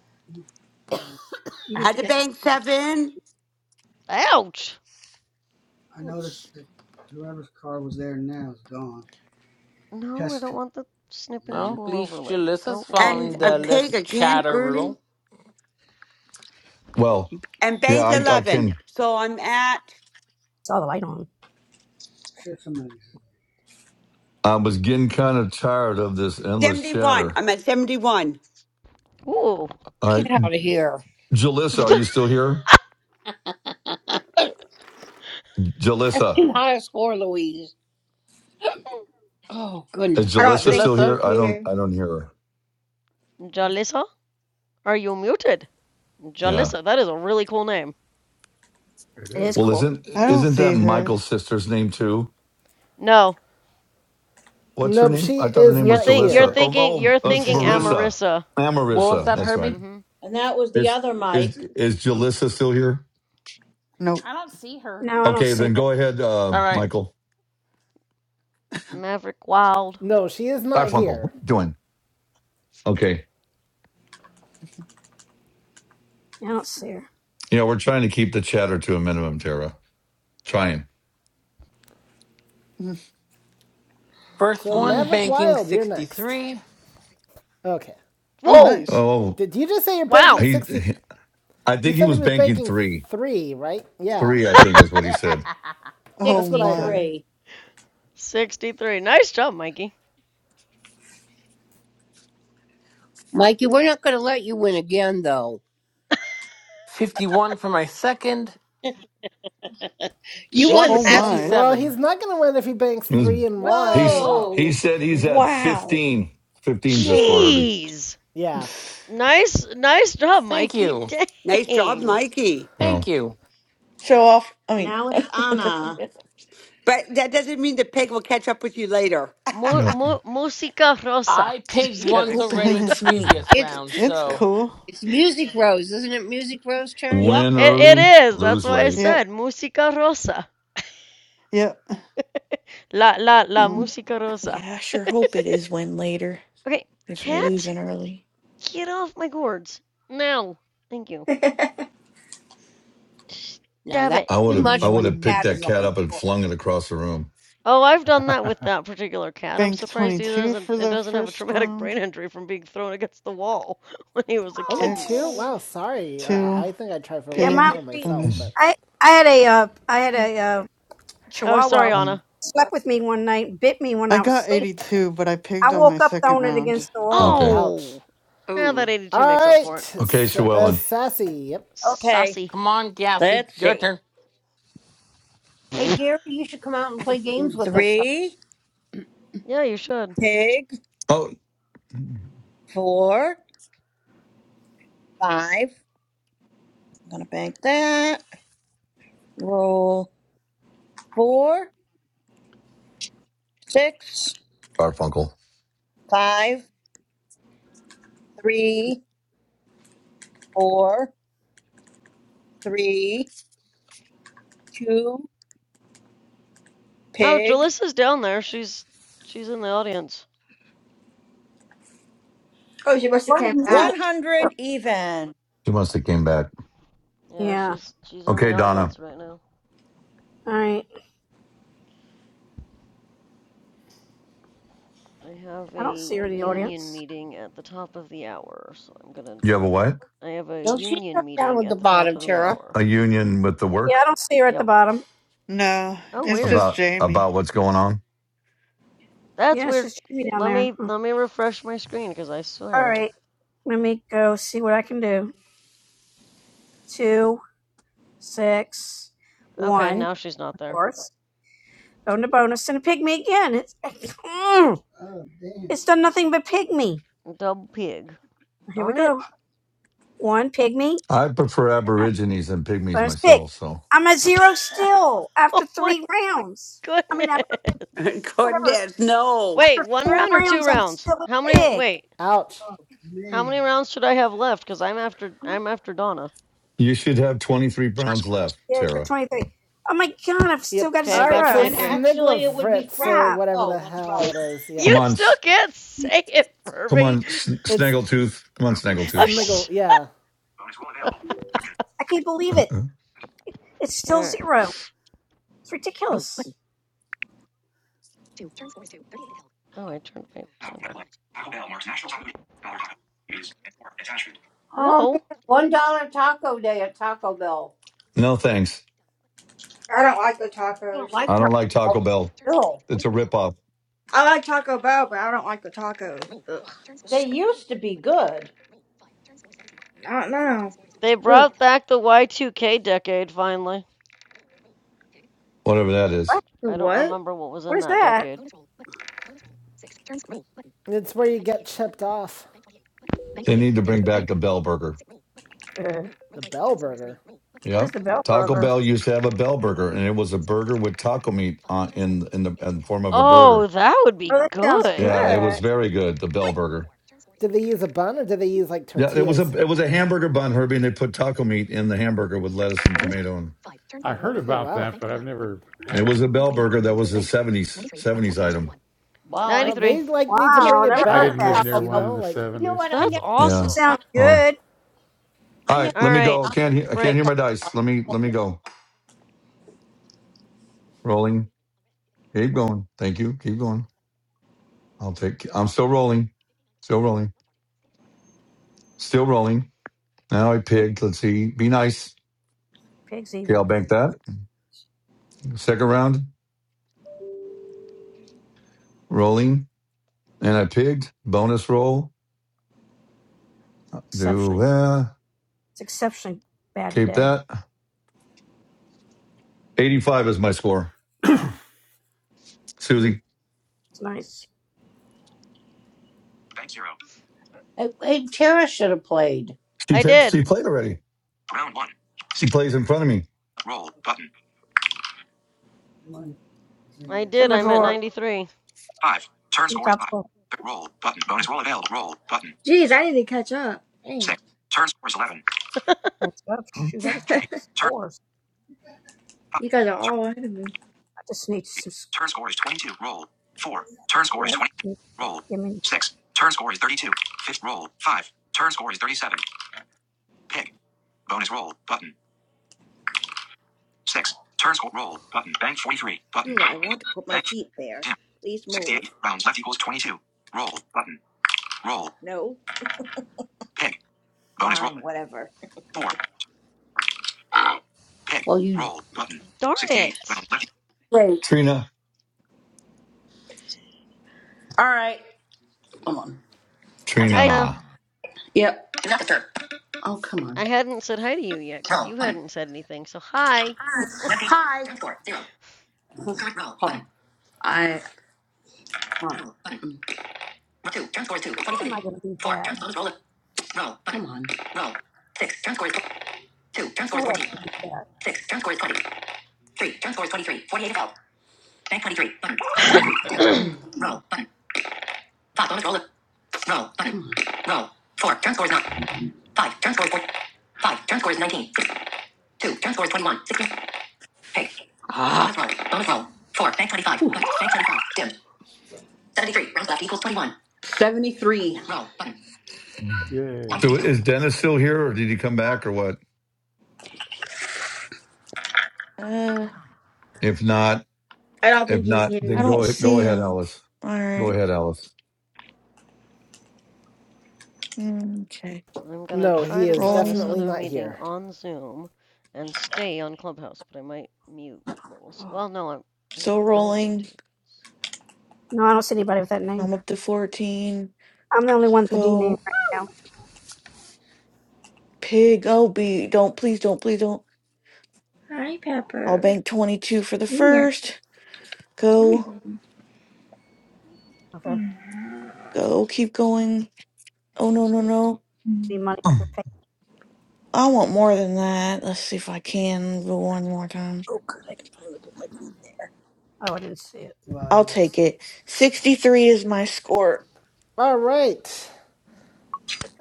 You
I
need
had
to
to
get the,
bank seven
Ouch.
Ouch.
No, I don't want the snipping
Well, at
tool
least
overlay.
Jalissa's
Go away. I
and
following
didn't
I
mean to
the
hit
pig
less
print screen.
again
chatter
early
rule.
well,
and
yeah,
bank
I I
11.
can.
So I'm at
saw the light on.
I was getting kind of tired of this endless
71.
chatter.
I'm at 71.
Ooh.
All right,
Get out of here.
Jalissa, are you still here?
That's
Jalissa,
too high a score, Louise. Oh
is
goodness.
I don't
Jalissa
think
still
she's
Jalissa,
here? I don't
here.
I don't hear her.
Jalissa, are you muted?
Yeah.
Jalissa, that is a really cool name.
It
It is
is.
Well,
cool.
isn't
i don't
isn't that
see her
Michael's sister's name too?
No,
What's her
Nope,
name?
she
I thought her
is
name
you're
was
not
think you're
Jalissa.
here.
thinking
Oh,
you're
oh, it's
thinking
she's not
Marissa.
Amarissa.
Ah,
what was
Marissa.
that,
That's right.
Herbie?
Mm-hmm.
And that was the
Is
other
is
Mike,
is Jalissa still here?
nope
I don't see her.
No, I don't
Okay,
see
then
her.
go ahead, uh,
All right.
Michael.
Maverick Wild.
No, she is not
Garfunkel, what
here.
are you doing? Okay.
I don't see her.
You know, we're trying to keep the chatter to a minimum, Tara. Trying.
Mm.
First
So
one,
Oh.
Maverick
banking
Wild, you're next.
63.
Okay.
oh
Whoa!
nice
Oh,
Did you just say you're
Wow.
banking
he,
sixty?
he- I
He
think he
said he
was
was
banking
banking
three.
three, right? Yeah,
Three, I think, is what he said.
oh
that's what I heard.
my
63.
63. Nice job, Mikey.
Mikey, we're not going to let you win again, though.
51 for my second.
You won
oh
Jeez.
last.
my
Well,
157.
he's not gonna win if he banks
He was,
three and one.
150.
I
he's,
mean,
he
Whoa.
Whoa.
said he's at
wow,
15. Fifteen's the score,
yo,
Herbie.
Jeez.
yeah,
Nice nice job,
Thank
Mikey.
you.
Nice job,
Dang.
Mikey.
Thank
Well,
you.
show off. I mean,
Now it's Anna.
But that doesn't mean the pig will catch up with you later.
you
Mu-
know,
mu- musica rosa.
I pigged
Just
once
kidding.
hope
It's
it
already the
lets me. go
previous
it's
through
round,
it's
further.
so
cool
it's Music Rose, isn't it? Music Rose turn.
Yep.
win
It, it
early,
is. That's
lose
why I
late.
Yep.
said musica rosa.
Yep.
la la la
Um,
musica rosa.
Yeah, I sure hope it is win later
Okay,
if you're
cat,
losing early.
get off my gourds. Now. Thank you.
oh,
Now
Stab
that's
it.
I
too
would have I
much when
would
the
have
mm,
picked
cat is
that
on
cat
your
up and
floor.
flung it across the room.
Oh, I've done that with that particular cat. I'm
bank
surprised he
22
doesn't
for
it
the
doesn't have a
first
traumatic
round.
brain injury from being thrown against the wall when he was a
only
kitten.
two.
Six,
Wow,
Oh.
sorry. I,
two,
I think I would try for a
Yeah,
little
Hey
bit
pig,
my
more
Gary,
myself,
Mm.
bonus.
but
I I had a uh, I had a uh,
Oh, sorry,
Chihuahua
Mm.
Anna.
slept with me one night, bit me when
I
I was
got
asleep.
82, but I pigged
I
on my
woke up
second
throwing it
round.
against the wall.
Okay.
ouch.
Oh, yeah, that
Oh,
82
All
makes up for it.
right,
Okay,
S- uh,
Llewellyn.
sassy. Yep.
Okay.
Saucy.
come on, Gassy.
Let's
Your
see.
turn.
hey
yeah,
Gary, you should come out and play games with us.
Three,
you should.
pig,
Oh
four, five. I'm gonna bank that. Roll four, six,
Garfunkel.
five, three, four. three, two,
Oh,
pig,
Jalissa's down there. She's she's in the audience.
she must have
Why do
came
you do
back.
that?
100 even.
She must have came back.
Yeah,
Yeah,
she's she's in the
Okay, Donna.
audience right now.
all right.
I have
I don't
a
see her in the
union
audience.
meeting at the top of the hour, so I'm gonna.
You have a what?
I have a
Don't you
union
start down
meeting
at the
at the top
bottom,
of the
Tara?
hour.
A union with the
Yeah,
work
I don't see her at the
Yep.
bottom.
No,
Oh,
it's
weird.
just
about
Jamie.
about what's going on?
That's
Yeah, it's
weird.
just me down
Let
there.
me
Hmm.
let me refresh my screen because I
All
swear.
right, let me go see what I can do. Two, six,
Okay,
one,
now she's not
of
there.
course. Going to bonus and a pygmy again. It's it's done nothing but pygmy.
Double pig.
Here we
Darn it.
go. One pygmy.
I prefer Aborigines and pygmies
First pick.
myself, so
I'm at zero still
oh
after
my
three rounds. I mean, after
goodness.
whatever,
goodness, no.
Wait,
after
one
four
round or two
rounds, I'm
rounds?
still a
How many
pig.
wait,
Ouch.
how many rounds should I have left cuz I'm after I'm after Donna.
you should have twenty three
Turn
pounds
score is
left,
Yeah, after
Tara.
23. Oh my god, I've still
Yep.
got a
Okay,
All
I've got
right.
zero.
So
And
23.
Snigler
actually, it would be
Fritz
Frank.
or
Crap.
whatever
Oh,
the
that's
hell it
right.
is. Yeah.
Come
you
on,
still
S-
can't say it,
come on,
Furby.
S-
It's
Snaggletooth. Come on,
zero.
Oh
Snaggletooth.
Sniggle.
sh-
Yeah.
Bonus roll available. Action.
I
Heading.
can't believe it.
Uh-uh.
It's
All
still
right.
zero. It's ridiculous.
Oh, I turned my
Now,
sound off.
headline. Taco Bell marks National Taco Day, Dollar Taco Days, and more. Attachment. Oh man,
Whoa.
one dollar taco day at Taco Bell.
no thanks.
I don't like the
I don't
tacos.
like
I
Taco
don't like
Bell.
Taco Bell.
No.
It's a ripoff,
I like Taco Bell, but I don't like the tacos. Ugh.
They used to be good.
I don't know.
They
Ugh.
brought back the Y2K decade finally.
whatever that is.
What?
The
I don't
what?
remember what was
What
in
is
that
that?
decade.
It's where you get chipped off.
They need to bring back the Bell Burger.
Uh,
The Bell Burger.
what is
Yep.
the Bell
Taco
Burger?
Bell used to have a Bell Burger, and it was a burger with taco meat on in in the in the form of a
Oh,
burger.
that would
Oh,
be
that sounds
Yeah,
good.
it was
good.
very good. The Bell Burger.
Did they use a bun or did they use like
Yeah, it was a
tortillas?
it was a hamburger bun, Herbie, and they put taco meat in the hamburger with lettuce and tomato. And
I heard
Okay,
about
wow.
that, but I've never
it
had
was a
them.
Bell Burger that was a seventies seventies item.
Wow, I, I
Well,
93.
they like need to
never
bring
Wow,
it
never
went
I
heard of
back
didn't
that.
live
to
because,
near
Taco
you
one
Bell.
in
know,
the
like,
You know
70s.
what? I
That's
never ate a
Yeah.
awesome.
Sounds
taco. in-
Oh.
good.
All
I
right.
never
All
Let me
ate
right,
go.
a
I
taco
can't
in my
hear. I can't
whole
hear
Frank.
life
my
till
dice. Let
I
me
was
let me
20.
go. Rolling. Keep going. Thank you. Keep going. I'll take. I'm still rolling. Still rolling. Still rolling. Now I
Pig,
pigged. Let's see. Be nice.
pig's
Okay, I'll
evil.
bank that. Second round, rolling, and I pigged. Bonus roll.
Exceptionally.
Do uh,
It's exceptionally bad
keep
today.
that. Eighty-five is my score.
Mm,
Susie,
it's nice.
Bank zero. I, I, Tara should have played.
she
I
t-
did.
she played already.
Round one.
She
16.
plays in front of me.
Roll button.
I
It's in
did.
my
I'm at
drawer.
93.
Five. Turn
It's
score is
up
five. Third roll button. Bonus roll available. Roll button.
Jeez, I need to catch up. Dang.
Six. Turn score is 11.
it's up. Shoot, I just need
Three. Turn
scores.
five.
you guys are
Turn
all ahead of me.
I just need
three.
some.
Turn score is 22. Roll. Four. Turn score
Yeah,
is
I just
20.
need,
Roll.
give me.
Six. Turn score is 32. Fifth roll. Five. Turn score is 37. Pick. Bonus roll. Button. 6. Turn score. Roll. Button. Bank 43. Button.
Jula, I want to put my
Bank.
feet there.
Dim.
Please move.
68. Rounds left equals 22. Roll. Button. Roll.
No?
Pick. Bonus roll.
Fine, whatever.
4. Pick. Well, you... Roll. Button.
Darn
68. Rounds
it.
left. Wait.
Trina,
All right. Come on.
Trina,
Hi. uh,
nah.
Yep. Oh, come on.
I hadn't said hi to you yet because you hadn't said anything. So, hi.
Hi. I,
How am I going to beat that?
come on.
There's no way I can beat that.
Come on. Ah, 73.
Yay.
So is Dennis still here, or did he come back, or what?
Uh,
If not,
I don't
if
think he's
not,
I
then
here.
don't
go go
see
ahead,
him.
Alice.
All
Go
right.
ahead, Alice.
Mm, Okay.
I'm going to
no,
try
he
to
is
join this
definitely
Rolling.
other
not
meeting
here.
on Zoom and stay on Clubhouse, but I might mute.
Oh,
well, no, I'm, I'm,
So
gonna- I am i am i will
rolling.
No, I don't see anybody with that name.
I'm up to 14.
I'm the only one with the D name
Go.
right now.
Pig. Oh, B. Don't. Please don't. Please don't.
Hi,
I'll
Pepper.
bank 22 for the
Yeah.
first. Go.
Okay.
Go. Keep going. Oh, no, no, no.
The money to pay.
I want more than that. Let's see if I can go one more time.
Oh, good. I can finally put my feet there.
Oh, I didn't see it.
I'll take it. 63 is my score.
All right.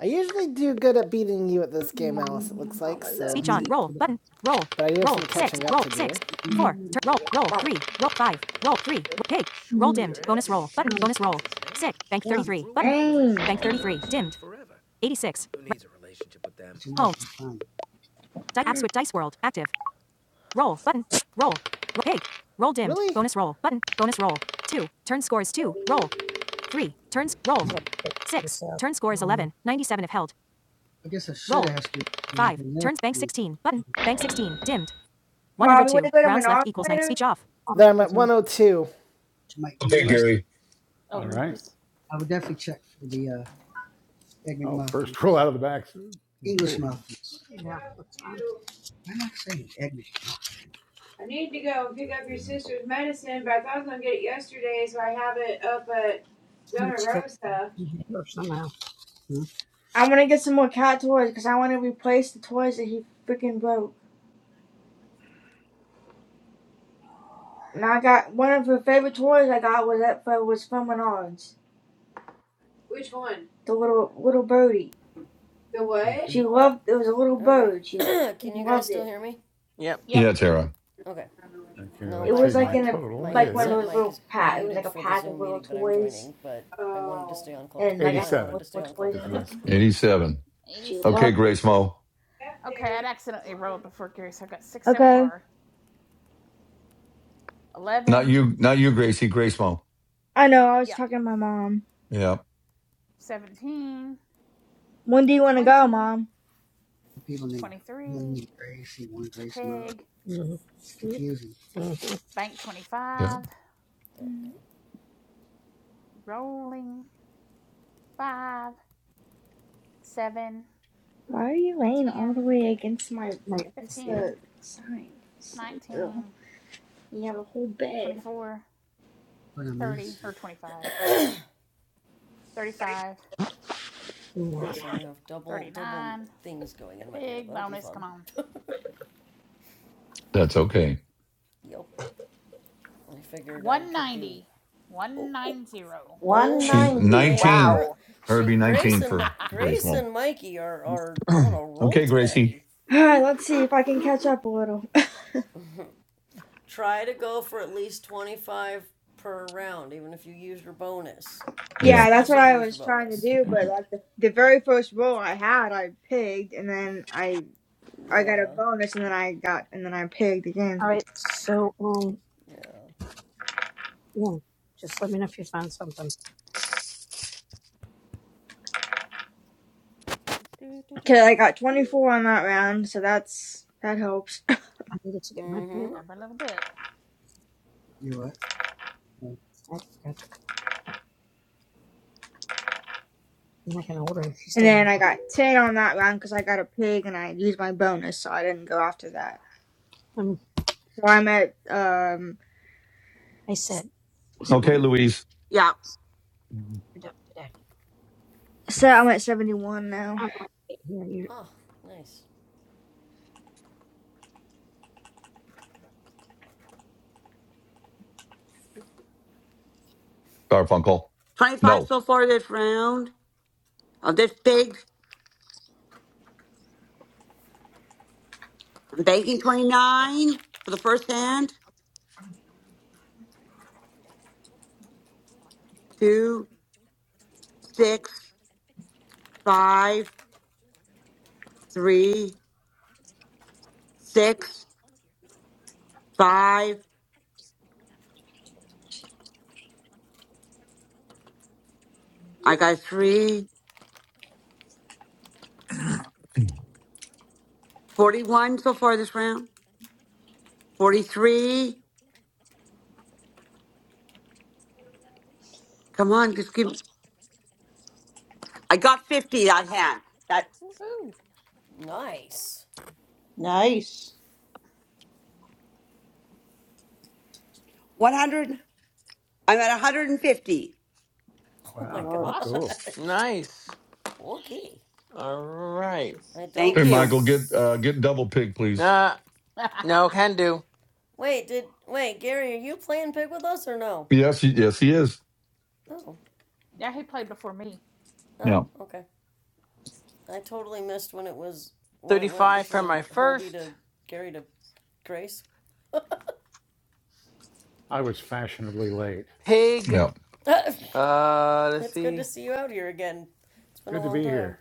I usually do good at beating you at this game, Alice, it looks
Mm,
like,
Mama
so.
loves
Speech on. Roll. Button. Roll. But I do Roll. some catching Six. up Roll. to Six. do. Four. Turn.
you.
Roll.
Yeah.
Roll.
Mama.
Three. Roll. Five. Roll. Three. Roll. Pig. Roll dimmed.
Yeah.
Bonus roll. Button.
Um,
Bonus roll. Six. Bank
yeah.
33. Button.
Dang.
Bank 33. Dimmed. 86. Home. Di- app switch. Dice World. Active. Roll button. Roll. Okay. Hey. Roll dimmed. Really? Bonus roll button. Bonus roll. Two. Turn scores two. Roll. Three. Turns roll.
I have to check
Six.
this out.
Turn scores
No, no,
11. 97 if held. Roll. Five. Turns bank 16 button. Bank 16 dimmed.
Mommy, want
102.
to go to
Rounds left
Menards
no.
equals nine.
later?
Speech off.
I don't know if
There I'm at
there's anything.
102.
Okay, Gary.
All
oh,
right.
Mhm.
whoops.
Oh, first roll out of the back. Pig.
Yeah, that's fine.
I need to go and pick up your
Yeah.
sister's medicine, but I thought I was gonna get it yesterday, so I have it up at
I
Zona
need to get
Rosa.
in here somehow.
I am going to get some more cat toys because I want to replace the toys that he freaking broke. And I got one of her favorite toys I got was that was from Menards. Which one? The little little birdie. The what? She
Okay.
loved it was a little
not need to.
bird. She
Okay. Can you guys
loved
still
it.
hear me?
Yep.
Yep.
Yeah, Tara.
Okay.
I don't know which one.
Okay.
No,
It
Let's
my
see.
was like
My
my
in a
total
my
like one of
is
headset
those
mic
little
is
pack. It was
muted
like a
for the
pack of
Zoom
little
meeting, but I'm
toys,
joining. But I wanted to
Oh.
stay on Club.
and like I
De- I
had
87
wanted to stay
multiple
on Club
toys
is
in
my
it.
Deck.
score.
Eighty-seven.
She
87.
Okay,
loved it.
Grace Mo.
Yeah,
Okay, I'd accidentally rolled before Gary, so I got six so
Okay,
far.
Not
11.
you. Not you, Gracie. Grace Mo.
I know. I was
Yep.
talking to my mom.
Yeah,
17.
When do you want to go,
20.
mom?
23. Pig.
Mm-hmm. Confusing. Mm-hmm.
Bank
yeah.
25.
There we go.
Rolling. 5. 7.
Why are you laying all the
10.
way against my
Now you're
against
confused.
15.
the sign? Silly girl.
19.
You have a whole bed.
24. 30. Or 25. 35.
Yeah.
Yeah, so I'm gonna have double double
39.
things going in my ear.
Pig
That'll be
bonus. Come
fun.
on.
That's okay.
yep. I figured I could do.
190.
Oh,
190.
oh man,
She's
190.
man,
19.
her
Wow.
Her
she
be
Grace
19
and
for
Mi-
Grace
Grace
Mom.
and Mikey are are on a roll
okay, Gracie.
today.
Alright, let's see if I can catch up a little.
Try to go for at least twenty five per round, even if you use your bonus,
Yeah.
yeah, that's what
especially if you
I
use your
was trying to
bonus.
do, but like the the very first roll I had I pigged and then I I got a
Yeah,
bonus and then I got and then I pigged again.
All right. So, um,
yeah.
yeah, just let me know if you find something.
Okay, I got twenty four on that round, so that's that helps.
I needed to get my
Mm-hmm.
hammer.
Every little bit.
I forgot. I'm not going To, then I can order if you
And
still want
then
to
I
go get.
got
it.
ten on that round because I got a pig and I used my bonus, so I didn't go after that.
Um,
So I'm at um.
I said, well,
Let's see, what
hold
am
Okay,
on,
Louise.
Yeah,
you're done today.
So I'm at 71 now.
I'm not here.
Oh, nice.
Garfunkel.
25
No.
so far this round. On this pig, I'm banking 29 for the first hand. Two, six, five, three, six, five. I got three. 41 so far this round. 43. Come on, just give I got 50 that hand. That's
Woohoo.
Nice.
Nice.
100. I'm at 150.
Oh my
Wow,
Lord.
Awesome.
cool.
gosh.
Nice.
Okay.
All right.
I don't.
Thank
Hey,
you.
Michael, get uh, get
S-
double pig, please.
Uh, no, can do.
wait, did. Wait, Gary, are you playing Pig with us or no?
Yes, y- yes, he is.
Oh,
yeah, he played
okay.
before me.
Yeah.
Oh, okay. I totally missed when it was. When it went
35 for
between
my
Herbie
first.
to Gary to Grace.
I was fashionably late.
Pig.
Yeah.
it's
Uh, let's
good to
see.
see you out here again. It's been a
Good to
long
be
time.
here.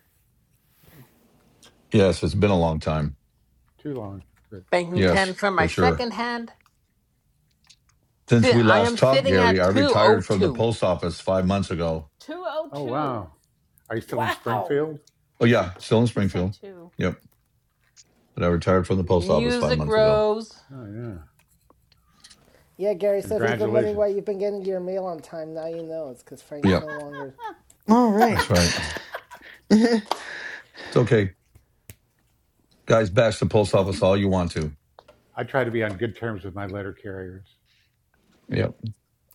Yes, it's been a long time.
Too long. But
Banking 10
Yes,
for my
for sure.
second
Mm-hmm.
hand.
Since
Sit,
we
I am
last talked,
sitting
Gary,
at
I retired from the
202.
post office five months ago.
oh
202.
wow. Are you still in
Wow!
Springfield?
Oh,
He said
yeah,
t-
still in
he said
Springfield.
2.
Yep. But I retired from the post office five
Music
months ago.
Rose.
Oh yeah.
Yeah, Gary, so if you've been wondering why
Congratulations.
you've been getting your mail on time, now you know it's because Frank's
Yep.
no longer.
All
That's
right.
right. It's okay. Guys, bash the post office all you want to.
I try to be on good terms with my letter carriers.
Yep.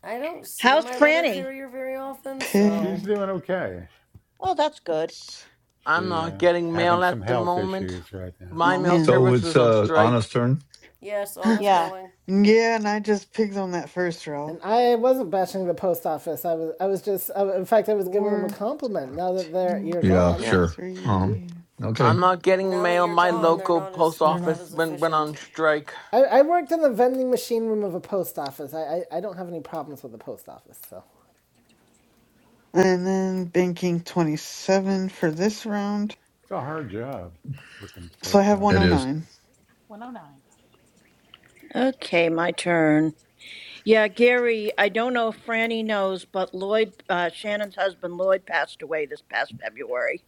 I don't see
How's
my letter
Franny?
carrier very often, so
She's
pig.
doing okay.
Oh, that's good.
Six.
I'm
She uh,
not
is
getting
having
mail
some
at the
health
moment.
issues right now.
My
Oh,
mail
man.
So
service
it's
is on
uh, Anna's
strike.
turn.
Yeah, Sauna's
Yeah.
going.
yeah, and I just pigged on that first row.
And I wasn't bashing the post office. I was, I was just, I, in fact, I was giving them a
Four,
compliment now that they're,
two,
you're
Yeah,
gone.
Yeah.
sure. Um,
three,
okay,
I'm
two,
not getting
Now that
mail.
you're
My
gone,
two,
they're
local
not as
post
they're not
four.
office
as
went, went on
efficient.
pig.
strike.
I, I worked in the vending machine room of a post office. I, I, I don't have any problems with the post office, so.
And then banking 27 for this round.
It's a hard job working at the
So I
post
have
office.
it is.
109.
109. Let's
Okay, my turn. Yeah, Gary, I don't know if Franny knows, but Lloyd, uh, Shannon's husband Lloyd, passed away this past February.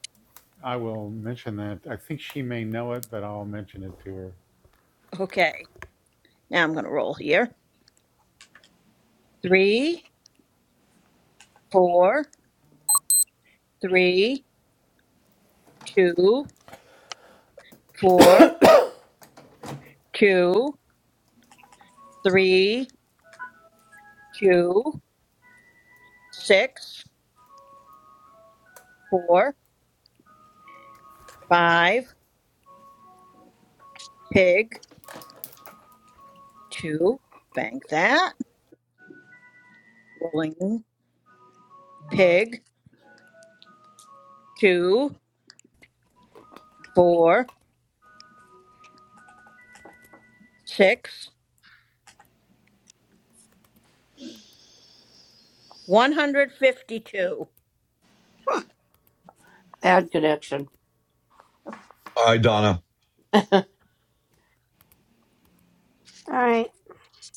I will mention that. I think she may know it, but I'll mention it to her.
Okay, now I'm going to roll here. Three, four, three, two, four, two, three, two, six, four, five, pig, two. Bank that. Rolling pig, two, four, six, one hundred fifty-two.
Bad connection.
All right, Donna,
no,
You're... All right.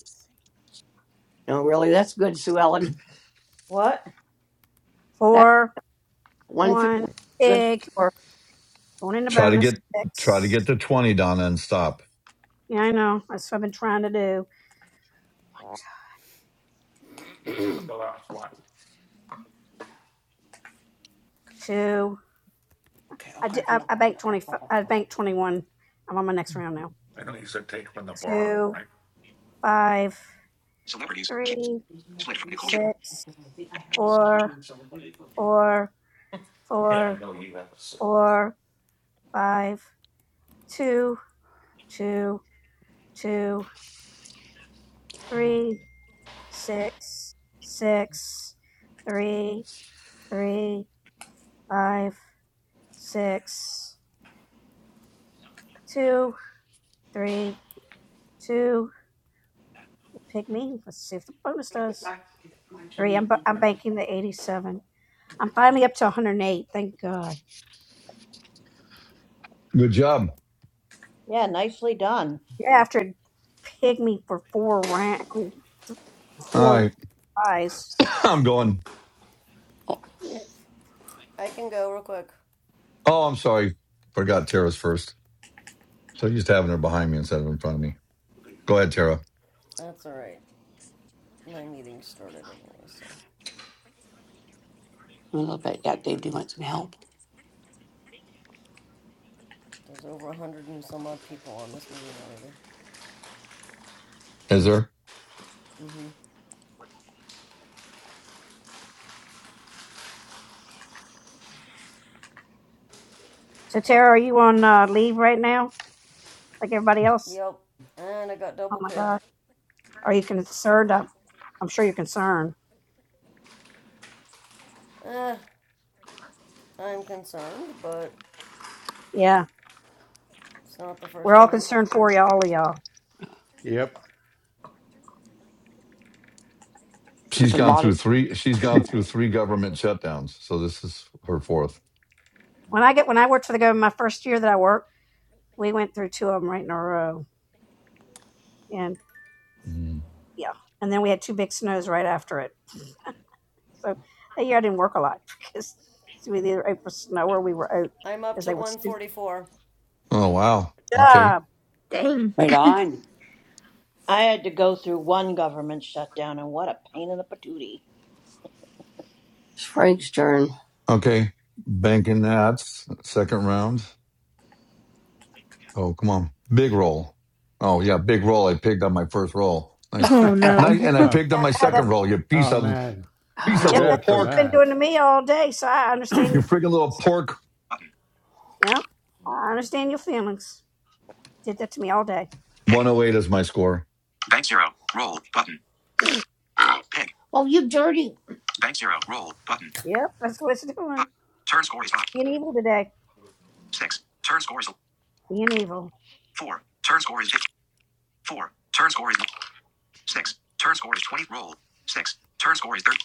see.
really. That's good, Sue Ellen.
What?
That's
Four,
150.
one,
Good
big,
score.
going into
try to
bonus
get try to get
six.
to twenty, Donna, and stop.
Yeah, I know. That's what I've been trying to do. Two. I did. I, I banked twenty. I banked twenty-one. I'm on my next round now. Two, five,
Celebrities. Keep
three,
split from Nicole Kidman.
six, four. or four or five two two two three six six three three five six two three two pick me let's see if the bonus does three i'm, bu- I'm banking the 87 i'm finally up to 108 thank god
Good job.
Yeah, nicely done.
you're after it pig me for four rank
All
four
right,
eyes
I'm going.
I can go real quick.
Oh, I'm sorry, forgot Tara's first. So used to having her behind me instead of in front of me. Go ahead, Tara.
That's all right. My meeting started anyway, so
a little bit. Yeah, Dave, do want some help?
there's over a hundred and some odd people on this meeting already.
Is there?
so tara are you on uh, leave right now like everybody else.
Yep, and I got
Oh
double
my
pigged.
God. Are you concerned? I'm, I'm sure you're concerned.
Eh, I'm concerned, but
Yeah.
it's not the
We're
first
all
time.
concerned for you, all of y'all.
Yep.
She's
There's a
gone
lot of
through three. She's gone through three government shutdowns. So this is her fourth.
When I get, when I worked for the government, my first year that I worked, we went through two of them right in a row. And
Mm.
yeah. And then we had two big snows right after it. So that year I didn't work a lot because we either out for snow or we were out
I'm up
because
to
they were stupid.
144.
Oh wow. Okay.
Yeah.
Dang.
right on.
I had to go through one government shutdown, and what a pain in the patootie.
It's Frank's turn.
Okay. Banking that second round. Oh, come on. Big roll. Oh, yeah, big roll. I picked up my first roll. Nice.
Oh
Nice.
no.
And I
oh,
picked
Yeah.
up my
how
oh,
that,
second roll. You piece
oh
of
man.
piece
Too
God.
of
yep.
little
That's
bad for
what it's
pork.
been
that.
doing to me all day. So I understand
You
you.
friggin' little pork.
Button.
Yeah. I understand your feelings. Did that to me all day.
Pick.
108 is my score.
Bank 0. Roll. Button. Roll. Pig. Oh, you dirty. Bank zero. Roll. Button.
Yep. That's what it's doing.
Five. Turn score is five.
Being evil today.
Six. Turn score is
Being evil.
four. Turn score is 50. Four. Turn score is six. Turn score is 20. Roll. Six. Turn score is 30.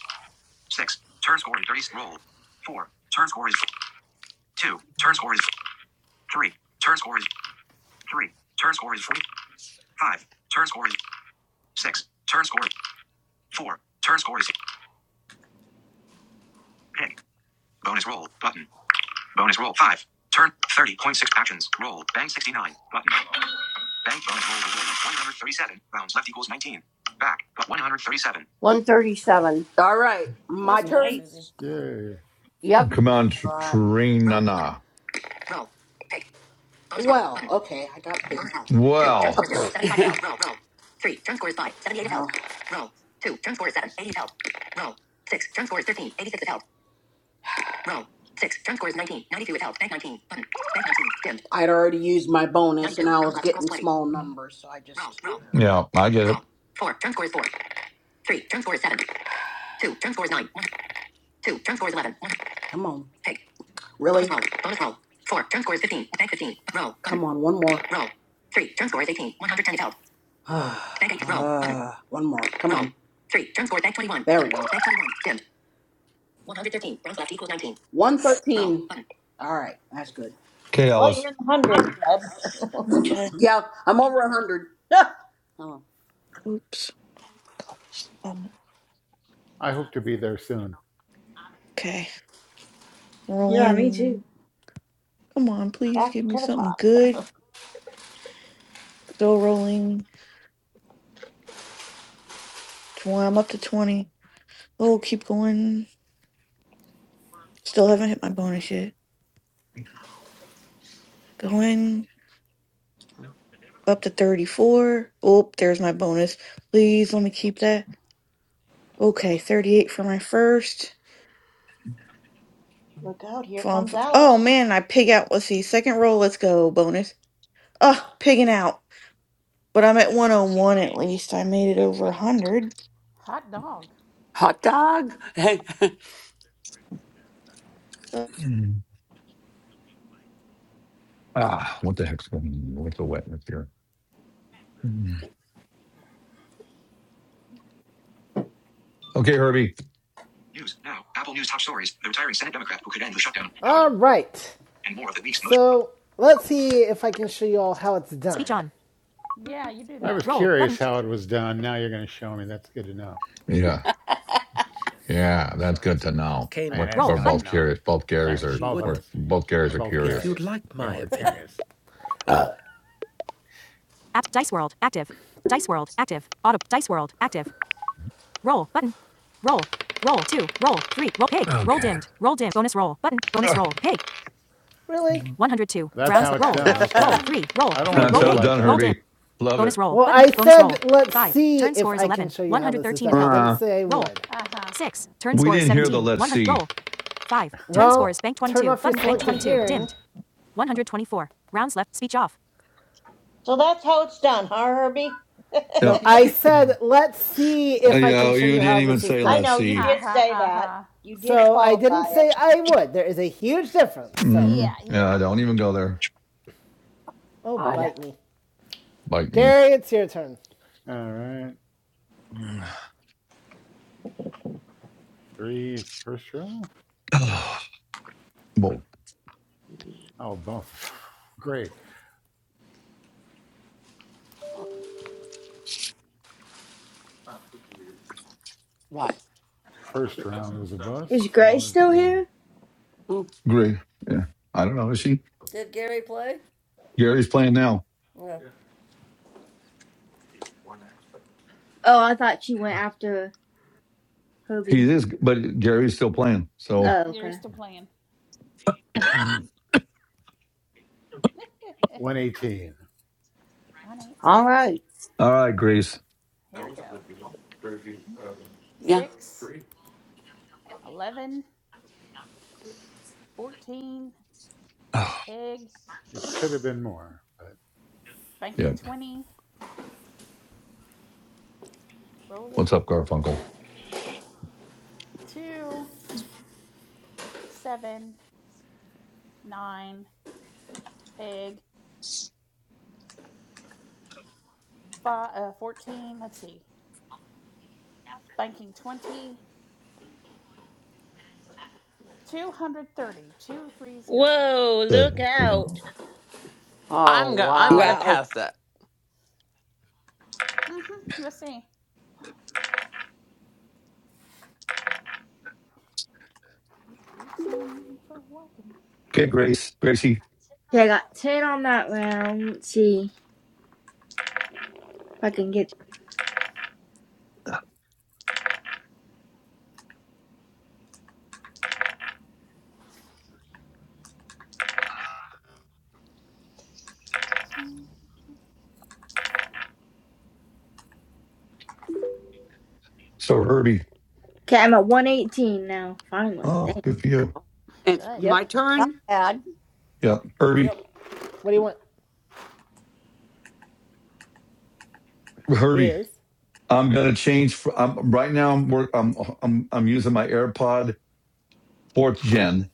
Six. Turn score is 30. Roll. Four. Turn score is two. Turn score is three. Turn score is three. Turn score is four. Five. Turn score is six. Turn score is four. Turn score is pig. Bonus roll. Button. Bonus roll. Five. Turn 30.6 actions. Roll. Bank 69. Button. Bank bonus roll reward. 137. Rounds left equals 19. Back. But 137. 137.
All right. My
Nice job,
turn.
Susie.
Nice.
Yeah.
Yep.
Come on,
All
Tr-
right.
Trinana.
Okay. I got,
Well,
I'd already used my bonus all numbers, so I just,
yeah, I get it.
come on. Really? Come on, one more. Uh, one more. Come 113. All right, that's good.
Okay,
Well, you're
Alice.
in the 100 club.
Okay.
Yeah, I'm over 100. oh.
Oops. Um,
I hope to be there soon.
okay.
Yeah, me too.
Rolling. Come on, please
Back
give me
to the
something
top.
good. Still rolling. Tw- I'm up to 20. Oh, keep going. Still haven't hit my bonus yet. Going up to 34. Oh, there's my bonus. Please let me keep that. Okay, 38 for my first.
Look out, here
From-
comes
Oh
Alice.
man, I pig out. Let's see. Second roll. Let's go. Bonus. Oh, pigging out. But I'm at 101 at least. I made it over 100.
Hot dog.
Hot dog.
Uh,
Mm. Ah, what the heck's going on? What's the wetness here? Mm. Okay, Herbie.
News now. Apple News top stories. The retiring Senate Democrat who could end the shutdown. How it
All right.
and more of the week's most.
So let's see if I can show you all how it's done. Speech on.
Yeah, you do
I
that.
was
Roll
curious
button.
how it was done. Now you're going to show me. That's good to know.
Yeah, yeah, that's good to know.
And
We're,
that's
we're
good to
both
know.
curious. Both Garys
That's what
are
both of
we're,
us. say.
both Garys
We're
are
both
curious.
curious. Yeah, we're curious.
App Dice World active. Dice World active. Auto Dice World active. Roll button. Roll. Roll two. Roll three. Roll pig. Roll
Okay.
dimmed. Roll dim. Bonus roll button. Bonus roll pig. Really?
Ah.
102.
That's
Rounds.
how
le-
it's
Roll.
That's
done.
how it's
Roll.
Okay.
done.
3. Roll.
I don't
3.
want to
That's
Roll.
do
how
it
Pig.
it's
like
done,
Roll
that.
dim.
Herbie. Love
Bonus
it.
roll. Well, I Bonus said roll. let's 5. see Turn if score is I can 11. Can show you one hundred thirteen how this
Uh-uh.
is 113 done. I didn't say I roll.
Uh-huh.
would. 6. Turn
We
score is
didn't hear the
17.
let's
100. Roll.
see.
5. Turn Well, score is bank 22. off bank selected 22. Dimmed. 124. Rounds left. Speech off.
So that's how it's done, huh, Herbie?
No,
Yep.
I said
Uh,
let's see if
you
I can
know,
show
you
you
didn't
how
even
this is
say
I
done.
let's
know, you
see.
did
Uh-huh.
say that.
Uh-huh.
You did
So I
qualify
didn't
it.
say I would. There is a huge difference. So,
Yeah,
Mhm.
yeah.
Yeah, I don't even
Mm-hmm.
go there.
oh,
God.
bite me,
Bite me.
Gary. It's your turn.
All right. Three first round.
Oh, well,
Oh, both. Great.
what?
First round was a
Is
bust. So
Grace
let's
still
see.
here?
Mm,
great. Yeah. I don't know. Is she?
Did Gary play?
Gary's playing now.
Yeah.
Oh, I thought she went after
He
Herbie.
is, but Gary's still playing.
Yep,
So,
Oh,
you're
okay.
still playing.
118.
118.
All right.
all right, Grace.
Here we go.
yeah.
6, 11. 14,
Oh,
pig,
It could have been more, but
banking
yep.
20, rolling,
What's
oh,
up, Garfunkel?
2, 7, nine, pig, five, uh, 14, let's see, banking 20, two hundred thirty, two hundred thirty.
Whoa,
Yeah.
look
Okay,
out.
Whoa.
Oh
I'm gonna I'm gonna
wow.
Wow.
pass that.
Mm-hmm, let's see. These boots are made for walking.
Grace. Gracie.
Okay, I got 10 on that round. Let's see if I can get.
Boots are made for-
So, Herbie.
Okay, I'm at 118 now. Finally.
Oh,
Dang.
good for you.
It's
Good.
my
Yep.
Not
turn.
bad.
Yeah, Herbie.
Yep.
What do you want?
Herbie.
Is.
I'm gonna change. fr- I'm, right now, I'm, work, I'm I'm I'm using my AirPod fourth gen,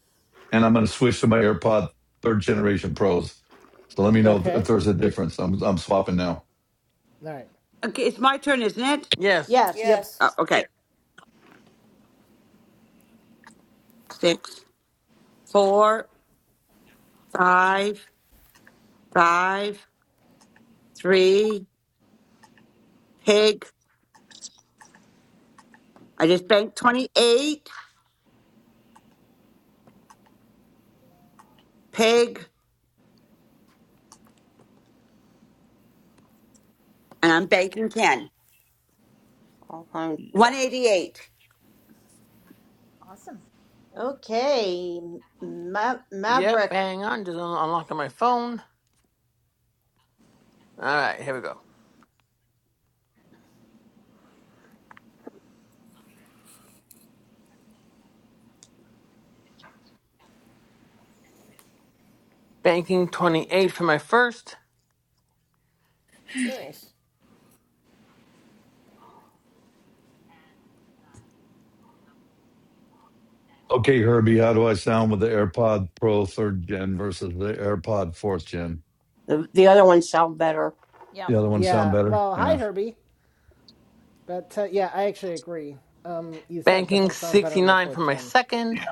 and I'm gonna switch to my AirPod third generation Pros. So let me know if
Okay.
there's a difference. I'm I'm swapping now.
All right.
Okay, it's my turn, isn't it?
Yes,
Yes.
Yep.
Yes.
Uh, okay. Six, four, five, five, three, pig. I just banked 28, pig, and I'm banking 10.
I'll find you.
188.
Awesome.
Okay, Ma-
Yep,
Maverick.
hang on, just un- unlocking my phone. Alright, here we go. Banking 28 for my first,
Nice.
Okay, Herbie, how do I sound with the AirPod Pro third gen versus the AirPod fourth gen?
The the other ones sound better.
Yep.
The other one sound
Yeah.
better?
Well, hi,
Yeah.
Herbie. But uh, yeah, I actually agree. Um, you set
banking
definitely sound better in the
69 for
fourth
my
gen.
second,
Yeah.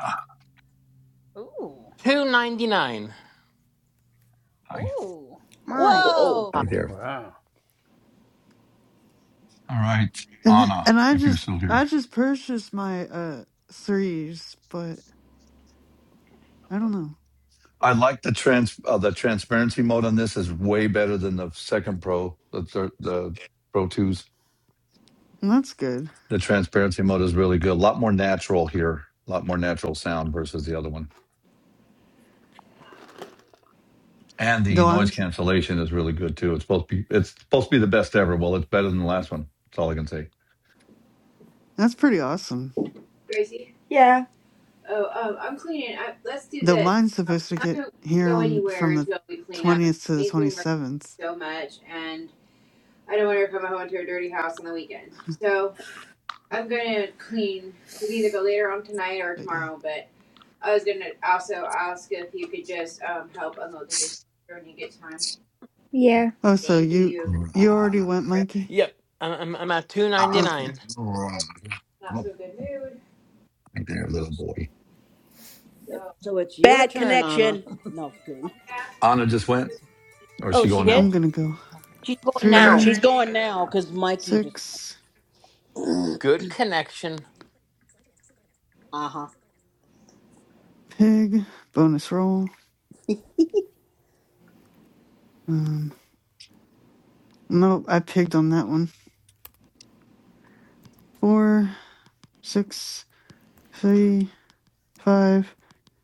Ooh.
299.
Hi.
Ooh.
My.
Oh.
Whoa.
Whoa!
Hi
God.
there.
wow.
All right,
And th-
Anna,
and I
if you're
just
still
I
here.
just purchased my uh threes, but I don't know.
I like the trans uh, the transparency mode on this is way better than the second Pro, the third, the Pro twos.
And that's good.
The transparency mode is really good. A lot more natural here. A lot more natural sound versus the other one. And the
Though
noise
I'm
cancellation is really good too. It's supposed to be it's supposed to be the best ever. Well, it's better than the last one. That's all I can say.
that's pretty awesome.
Gracie. Yeah. Oh, um, I'm cleaning. I, let's do
Though
this.
mine's
Um,
supposed
I'm
to
not
get
gonna
here
go
on
anywhere
from the
until we clean up.
20th to the
He's been working
27th.
so much, and I don't want her to come home to her dirty house on the weekend. So. I'm gonna clean. We can either go later on tonight or
But yeah.
tomorrow. But I was gonna also ask if you could just um help unload the dishwasher when you get time. Yeah.
Oh, so
Thank
you
you. 'cause
you
Right
already went,
we're
Mikey?
Yep, I'm, I'm, I'm at
Okay.
299.
Not so good mood.
there, little boy.
Yep,
So
so it's your
Bad
turn, Anna.
connection. No, just
I'll
kidding.
ask if
Anna
you
just
to do
went,
the
or is
Oh,
she
dishwasher.
she
going
did?
I'm
now?
gonna go.
She's going now.
She's
Three,
going now because Mikey just.
six,
Good connection.
Uh huh.
pig, bonus roll. Um, nope, I pigged on that one. four, six, three, five,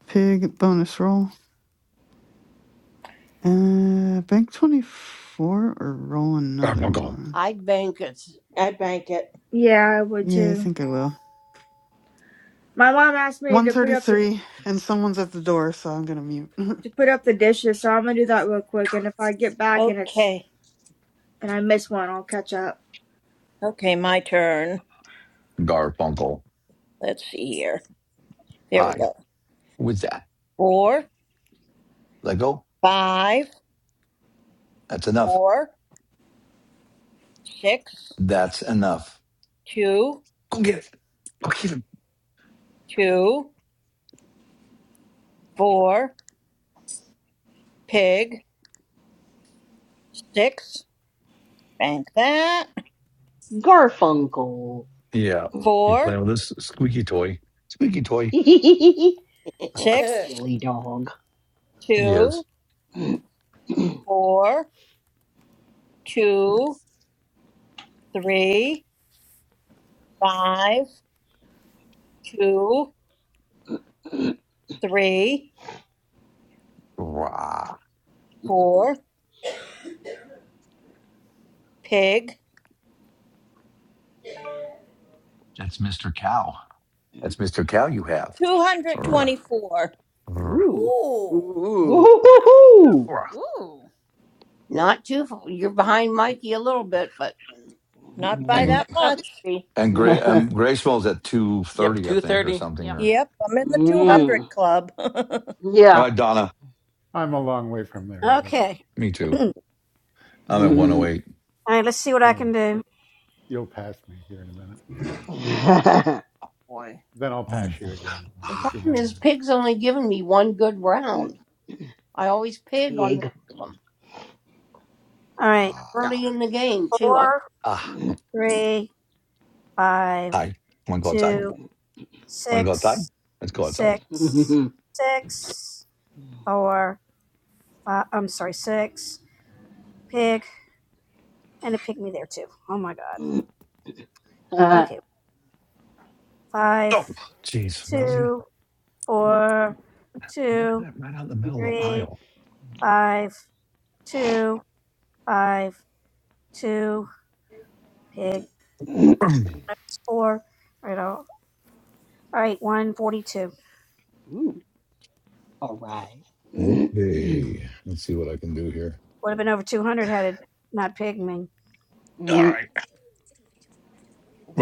pig bonus roll. Uh, bank 24 or roll another
Garfunkel.
one?
I'd bank it's
I bank it.
Yeah, I would
Yeah, I
too.
think I will.
My mom asked me to put up the
133 and someone's at the door, so I'm gonna mute.
to put up the dishes, so I'm gonna do that real quick. And if I get back and it's
Okay.
and I miss one, I'll catch up.
Okay, my turn.
Garfunkel.
Let's see here. There we
Hi.
go.
What's that,
Four,
let go.
five,
That's enough.
four, six,
That's enough.
two,
Go get it. Go get him.
two, four, pig, six. Bank that.
Garfunkel.
Yeah. You
Four,
playing with this squeaky toy? Squeaky toy.
Uh,
six,
Silly dog.
Yes.
two, four, two, three, five, two, three,
Rah.
four, pig.
That's Mr. Cow. That's Mr. Cow you have. Rah,
224.
rah,
Ooh.
Oh.
Ooh.
Wow.
Ooh.
rah.
Ooh.
not too. f- You're behind Mikey a little bit, but
Not by
Yeah.
And
that
up,
much.
baby.
and Gray um Gray Small's at two
Yep,
thirty, I think, or
230.
something.
Yep.
Or
Yep, I'm in the
Yep,
200
mm.
club.
all
Yeah.
right, Donna.
I'm a long way from there, but
Okay.
Me too. I'm at one oh eight.
All right, let's see what I
yeah,
can do.
you'll pass me here in a minute.
boy.
Then I'll pass
Oh,
you again
The
in a few
ah,
problem
more
is, Pig's
minutes.
only given me one good round. I always pig on one
Pig.
of them
All right.
Yeah.
ah,
early in the game too. I,
Four,
ah.
three, five,
hi. Wanna go outside?
two,
Wanna go outside?
six,
Let's go outside.
six, six, four, five. I'm sorry, six. Pig. And it picked me there too. Oh my God. Okay. Five,
Oh jeez, Rosie.
two, four,
Don't put
two,
it right out in the middle of the
three,
aisle.
five, two, five, two. Pig. That's four. Right right. All right, 142.
Ooh, all right.
okay. Let's see what I can do here.
Would have been over 200 had it not pigged me.
All right.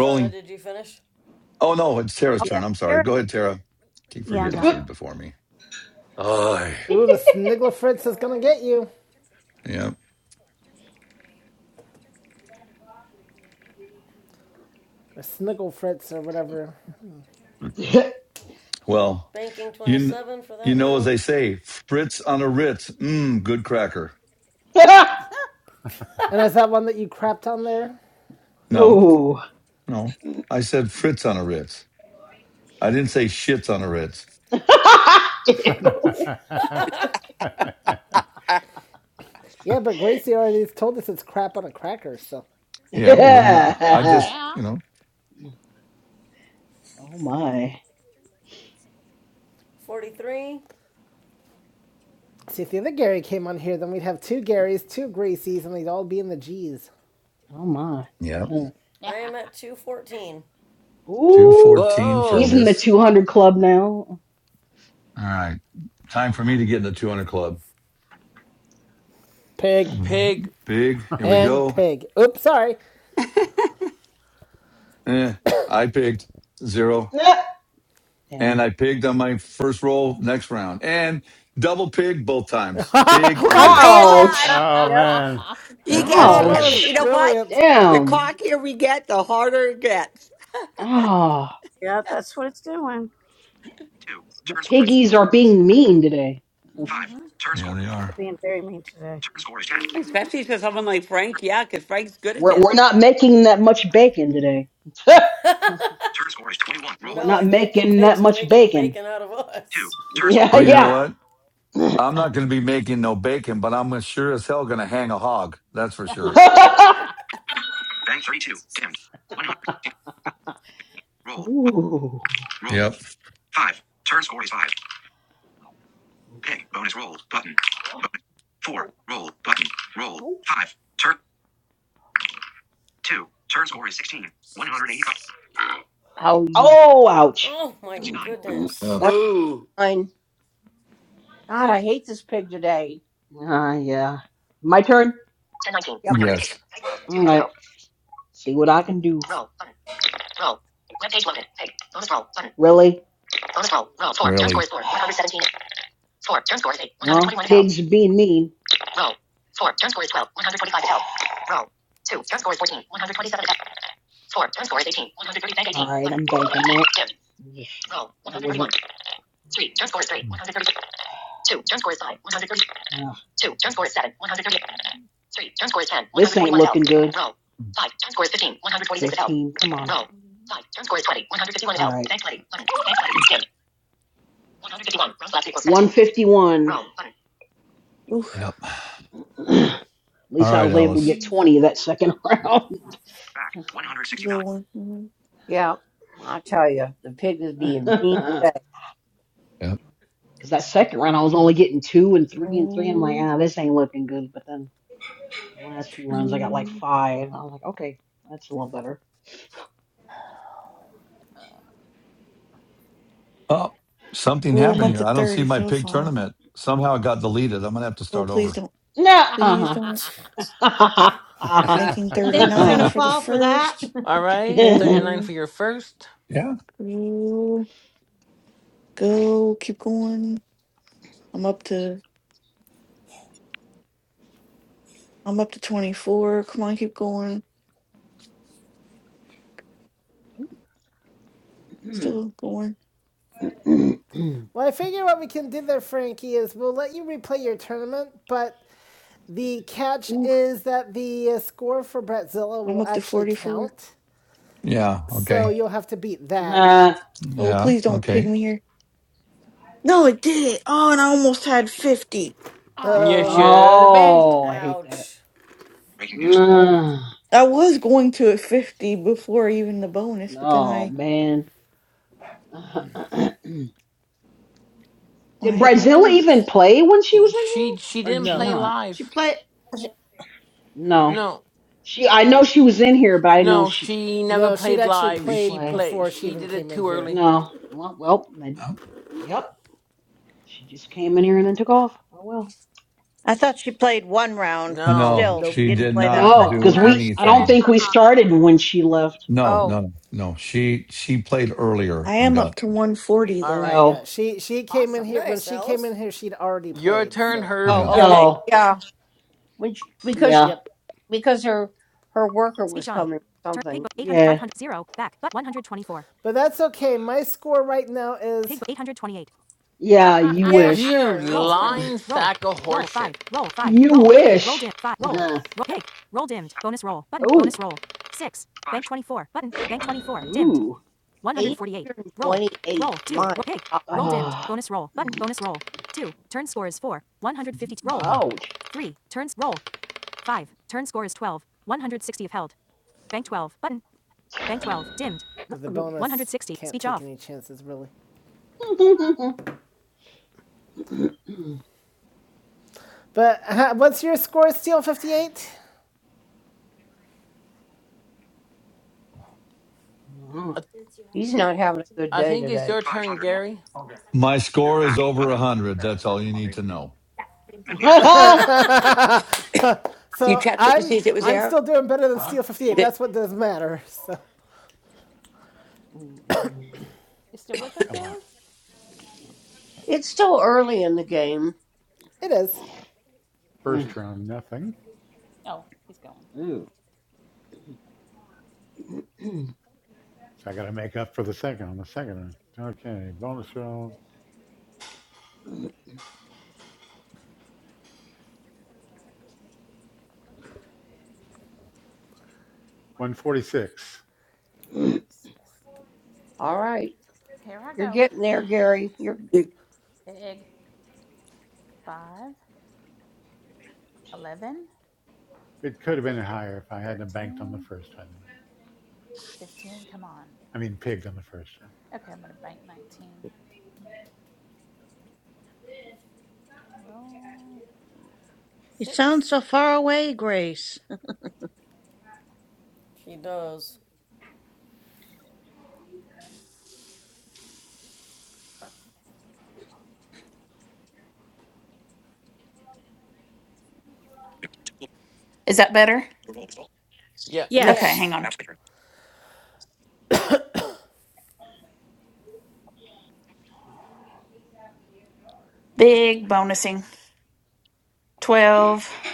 Donna, did you finish?
Oh no, it's Tara's
I'll
Yeah.
turn. I'm sorry.
hear it.
Go ahead, Tara. Keep
Yeah, I'm
forgetting
done.
she's before me. Aye.
Ooh, the Sniggle Fritz is gonna
Five.
get you.
Yeah.
Or Sniggle Fritz or whatever.
Well,
Banking
you kn-
27 for
you
that
know as
round.
they say, Fritz on a Ritz. Mmm, good cracker.
And is that one that you crapped on there?
No,
oh.
no. I said Fritz on a Ritz. I didn't say shits on a Ritz.
Ew.
Yeah, but Gracie already told us it's crap on a cracker, so.
Yeah. Well, then uh, I
Well,
just
yeah.
you know.
oh my.
43.
See, if the other Gary came on here, then we'd have two Garys, two Gracies, and they'd all be in the G's.
Oh my.
Yeah.
I am at 214.
Two
Ooh.
Ooh.
fourteen for
She's
Whoa.
in the
Miss.
200 club now.
All right. Time for me to get in the two hundred club.
Pig
Mm-hmm.
Pig.
Big. Here we
and
go.
pig. Oops, sorry.
Eh. I picked zero. and
Damn.
I pigged on my first roll next round and double pig both times. Pig
Oh
I
my
is,
called it!
gosh.
Uh,
Ouch.
oh
yep.
man,
You
yeah,
that's
get,
too
That's
Oh,
well,
what
that
bad.
was
it's
you
Ouch.
know
doing.
what?
brilliant.
The
Damn.
cockier we get, the harder it gets.
Ah,
Yep, that's what it's doing.
Two.
the
Turn score is
piggies are being mean today.
five.
mm-hmm.
Turn
yeah,
score.
they
You're
are.
being very mean today.
Turn score is ten. Turn,
Especially for someone like Frank, yeah, because Frank's good at
We're we're
this.
not making that much bacon today.
turn score is twenty-one.
we're
Roll
No, I
not
think the
making that
pigs are
much
making the
bacon.
bacon out of
two.
us.
Turn score.
Yeah,
Well, you know
yeah.
what? I'm not going to be making no bacon, but I'm sure as hell going to hang a hog. That's for sure.
Bank thirty-two. Dimmed. One hundred. Roll.
Ooh.
Roll
Yep.
five. Turn score is five. Okay. Bonus roll button. Bonus. Four. Roll button. Roll.
Oh,
Five. Turn. Two. Turn score is 16. 185. Oh, you.
oh, oh, ouch.
Oh my
69.
Ouch.
goodness.
Yep.
One
Ooh.
hundred nine. God, I hate this pig today.
Ah, yeah. My turn. Ten nineteen.
Yep.
One notification.
Yes.
Type world. All right. See what I can do. Roll. Button. Really?
Really.
Score. Turn score is eight. Well, 121 pigs now. being mean. Score. Turn score is eighteen. One hundred thirty. Bank eighteen. All right, I'm banking it. Roll. One hundred thirty-one. This ain't looking good. 16. Come on. All right. 151.
oof.
Yep.
At
All
least I
right,
was able to
Alice.
get 20 that second round.
Back.
Go
169.
one.
Yeah. I tell you, the pig is being mean today.
Yep.
Because that second round I was only getting two and three and three. I'm like,
Oh,
ah, this ain't looking good. But then the last few rounds I got like
two.
five. I was like, okay, that's a little better.
Oh, something
Well, I'm
happened
up to
here. I don't see
30
my
so
pig
far.
tournament. Somehow it got deleted. I'm going to have to
Oh,
start
please
over.
don't.
No.
Uh,
Please
uh
don't. Banking
You think we're
39
huh.
gonna
for
yeah.
the
fall for that?
first.
Alright, 39
Go,
for your first.
go, go. Keep going. I'm up to. I'm up to 24. Come on, keep going. Still going.
Well, I figure what we can do there, Frankie, is we'll let you replay your tournament, but the catch
Ooh,
is that the uh, score for Bratzilla
I'm
will
up to
actually
44.
count.
Yeah.
So
Okay.
you'll have to beat that.
Uh,
Oh,
Yeah.
please don't pig
Okay.
me here. No, it did it. Oh, and I almost had 50.
You
Uh,
Ah,
should have banked.
oh, I hate that.
Ouch.
Breaking news.
oh,
Mm,
I was going to at 50 before even the bonus, but then
oh
I,
man. Did
when I hit my
Brazil even
bonus,
play when she was in here,
She she
or did
didn't
she
no.
play
not?
she
live.
played.
No,
No,
she. I know she was in here, but I know
no,
she
she never
No, she'd
played
actually
she
live.
didn't
She
played
play.
played.
before she
She
even
did it
came in
too
here.
early.
No. Well, well then, yep. She just came in here and then took off. Oh well.
I thought she played one round, but
No.
No,
still, she
Nope.
she
didn't
did
play that
not
No,
second.
do
because
Oh,
we. I
shit.
don't
anything.
think we started when she left.
No,
Oh,
no, no. She she played earlier
I
and
am
got
up to 140
All
though.
right.
Yeah,
Oh.
she she came in
awesome.
here when
Nice,
she came in
Alice.
here she'd already
Your
played.
turn,
So,
Herbie.
oh,
yeah.
Yeah. we-
okay.
Oh.
Yeah. When she, because
Yeah.
yep.
because her her worker was
Speech on.
coming or
Turn pig
something.
book 800
Yeah.
back but 124. But that's okay. My score right now is Pig 828.
Yeah. You
Yeah,
wish.
You
sure. No, it's
Roll button.
not.
lying
Roll.
sack of
Roll
horseshit.
five. Roll five.
You
Roll three. Roll
wish.
dim. Five. Roll.
Uh,
Roll pig. Roll dimmed. Bonus roll button. Bonus
oh,
roll. Six.
Five.
Bank 24 button. Bank 24 dimmed.
ooh,
148. Roll.
828.
Roll two.
My
Roll pig. Roll
God.
dimmed.
uh,
Bonus roll button. Bonus roll. Two. Turn score is four. 150. Roll.
ouch.
Three. Turns roll. Five. Turn score is 12. 160 of held. Bank 12 button. Bank 12 dimmed. With the bonus, 160, Can't speech take off. Any chances really? But uh, what's your score, Steel? Fifty-eight.
I,
He's not having a good
I
day
think it's
today.
your turn,
501.
Gary.
My score is
Back.
over a hundred. That's all you need to know.
100 meters.
you
so
checked it to see
I'm
if it was
I'm
there?
still doing better than Steel 58.
The-
That's what does matter. So
you still
Ah,
with us,
come on.
Gary?
It's still early in the game.
it is.
First round, nothing.
Oh, he's going.
Ooh.
So I got to make up for the second on the second round. Okay, bonus round 146.
146.
All right.
Here I
You're
go.
getting there, Gary. You're
you-
Pig. five, eleven,
It could have been higher if I hadn't banked on the
thirteen,
first one.
fifteen. Come on.
I mean, pigged on the first one.
Okay, I'm going to bank 19. Roll
You
6.
sound so far away, Grace.
She does.
Is that better?
Yeah.
Okay,
Yes,
Yes.
hang
Yes.
on. Big bonusing. 1218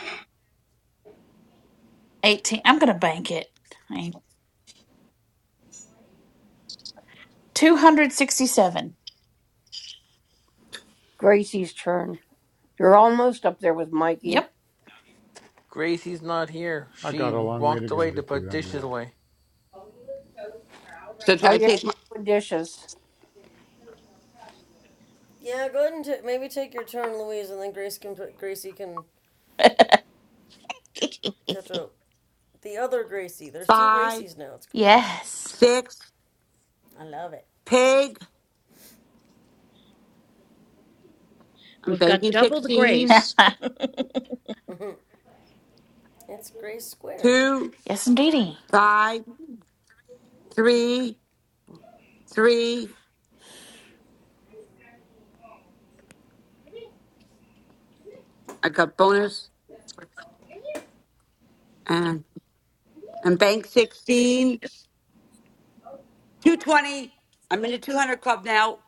I'm going to bank it. 267.
Gracie's turn. You're almost up there with Mikey.
Yep.
Gracie's not here.
I
She
got a long way to
walked
go
away
to
to put
200.
dishes away.
so
Right.
should
Oh,
I
yeah.
take my
doing Dishes.
Yeah, go ahead and t- maybe take your turn, Louise, and then Grace can put- Gracie can catch up. the other Gracie. There's two
five,
Gracies now. It's crazy.
Yes.
six,
I love it.
pig? I'm
we've got
banking
double the
sixteen,
Grace.
it's Grace squared.
two,
Yes, indeedy.
five, three, three. I got bonus and and bank sixteen, two twenty. I'm in the 200 club now.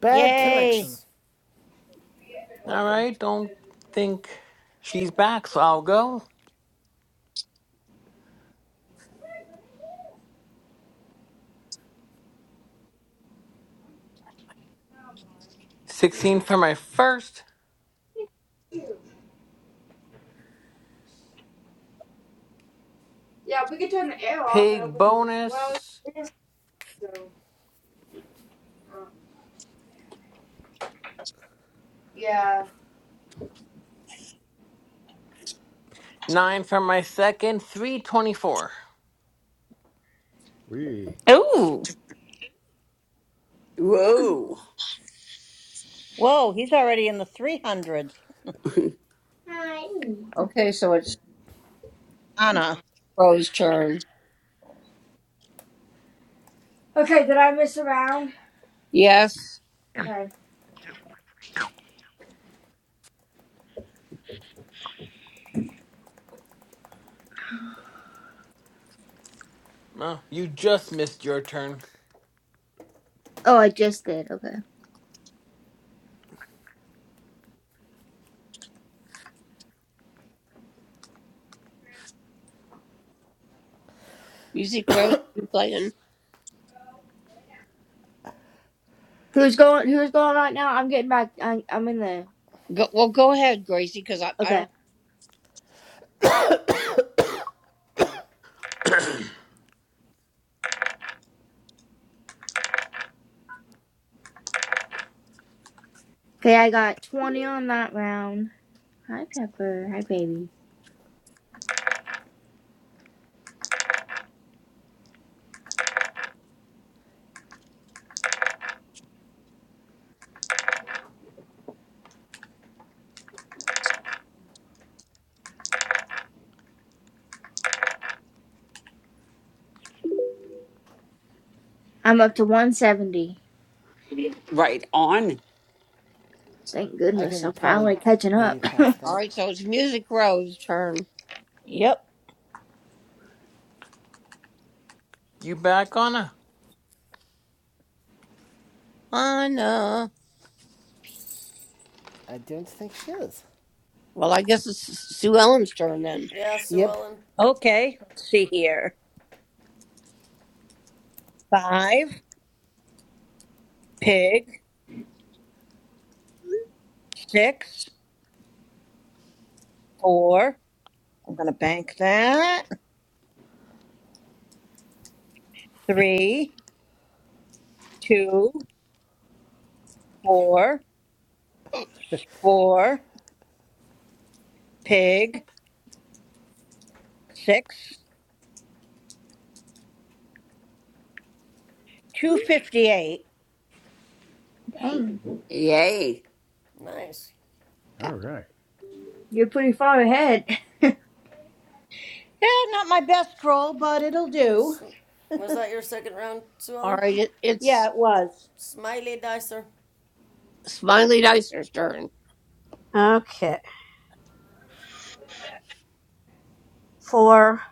Bad
Yay!
connection.
Nice.
All
Welcome.
right, don't think she's back, so I'll go. 16 for my first.
Yeah, we could turn the air off and
Pig
open. Well,
bonus.
it's this, so. Yeah.
9 for my second. 324.
We.
Ooh.
Whoa.
Whoa, he's already in the three hundreds.
Okay, so it's
Anna.
Rose's turn.
Okay, did I miss a round?
Yes.
Okay.
Oh, you just missed your turn.
Oh, I just did. Okay.
Music Rose, you playing?
Who's going? Who's going right now? I'm getting back. I, I'm in the.
Go, well, go ahead, Gracie, because I, I
Okay.
don't.
Okay, I got 20 on that round. Hi, Pepper. Hi, baby. I'm up to 170.
Right on.
Thank
I
goodness.
can
I'm
probably
finally catching
maybe
up.
pass
All
that.
right, so it's Music Rose's turn.
Yep.
You back on a.
Anna.
I don't think she is.
Well, I guess it's Sue Ellen's turn then.
Yeah, Sue
Yep.
Ellen.
Okay. Let's see here. Five. Pig. Six. Four. I'm gonna bank that. Three two four four Pig six, two fifty-eight.
Dang.
Yay.
Nice.
All
Uh,
right.
You're pretty far ahead.
Yeah, not my best roll, but it'll do.
Was that your second round, Sue
All
Ellen?
right, it,
Yeah,
it's
it was.
Smiley Dicer.
Smiley Dicer's turn.
Okay. Four,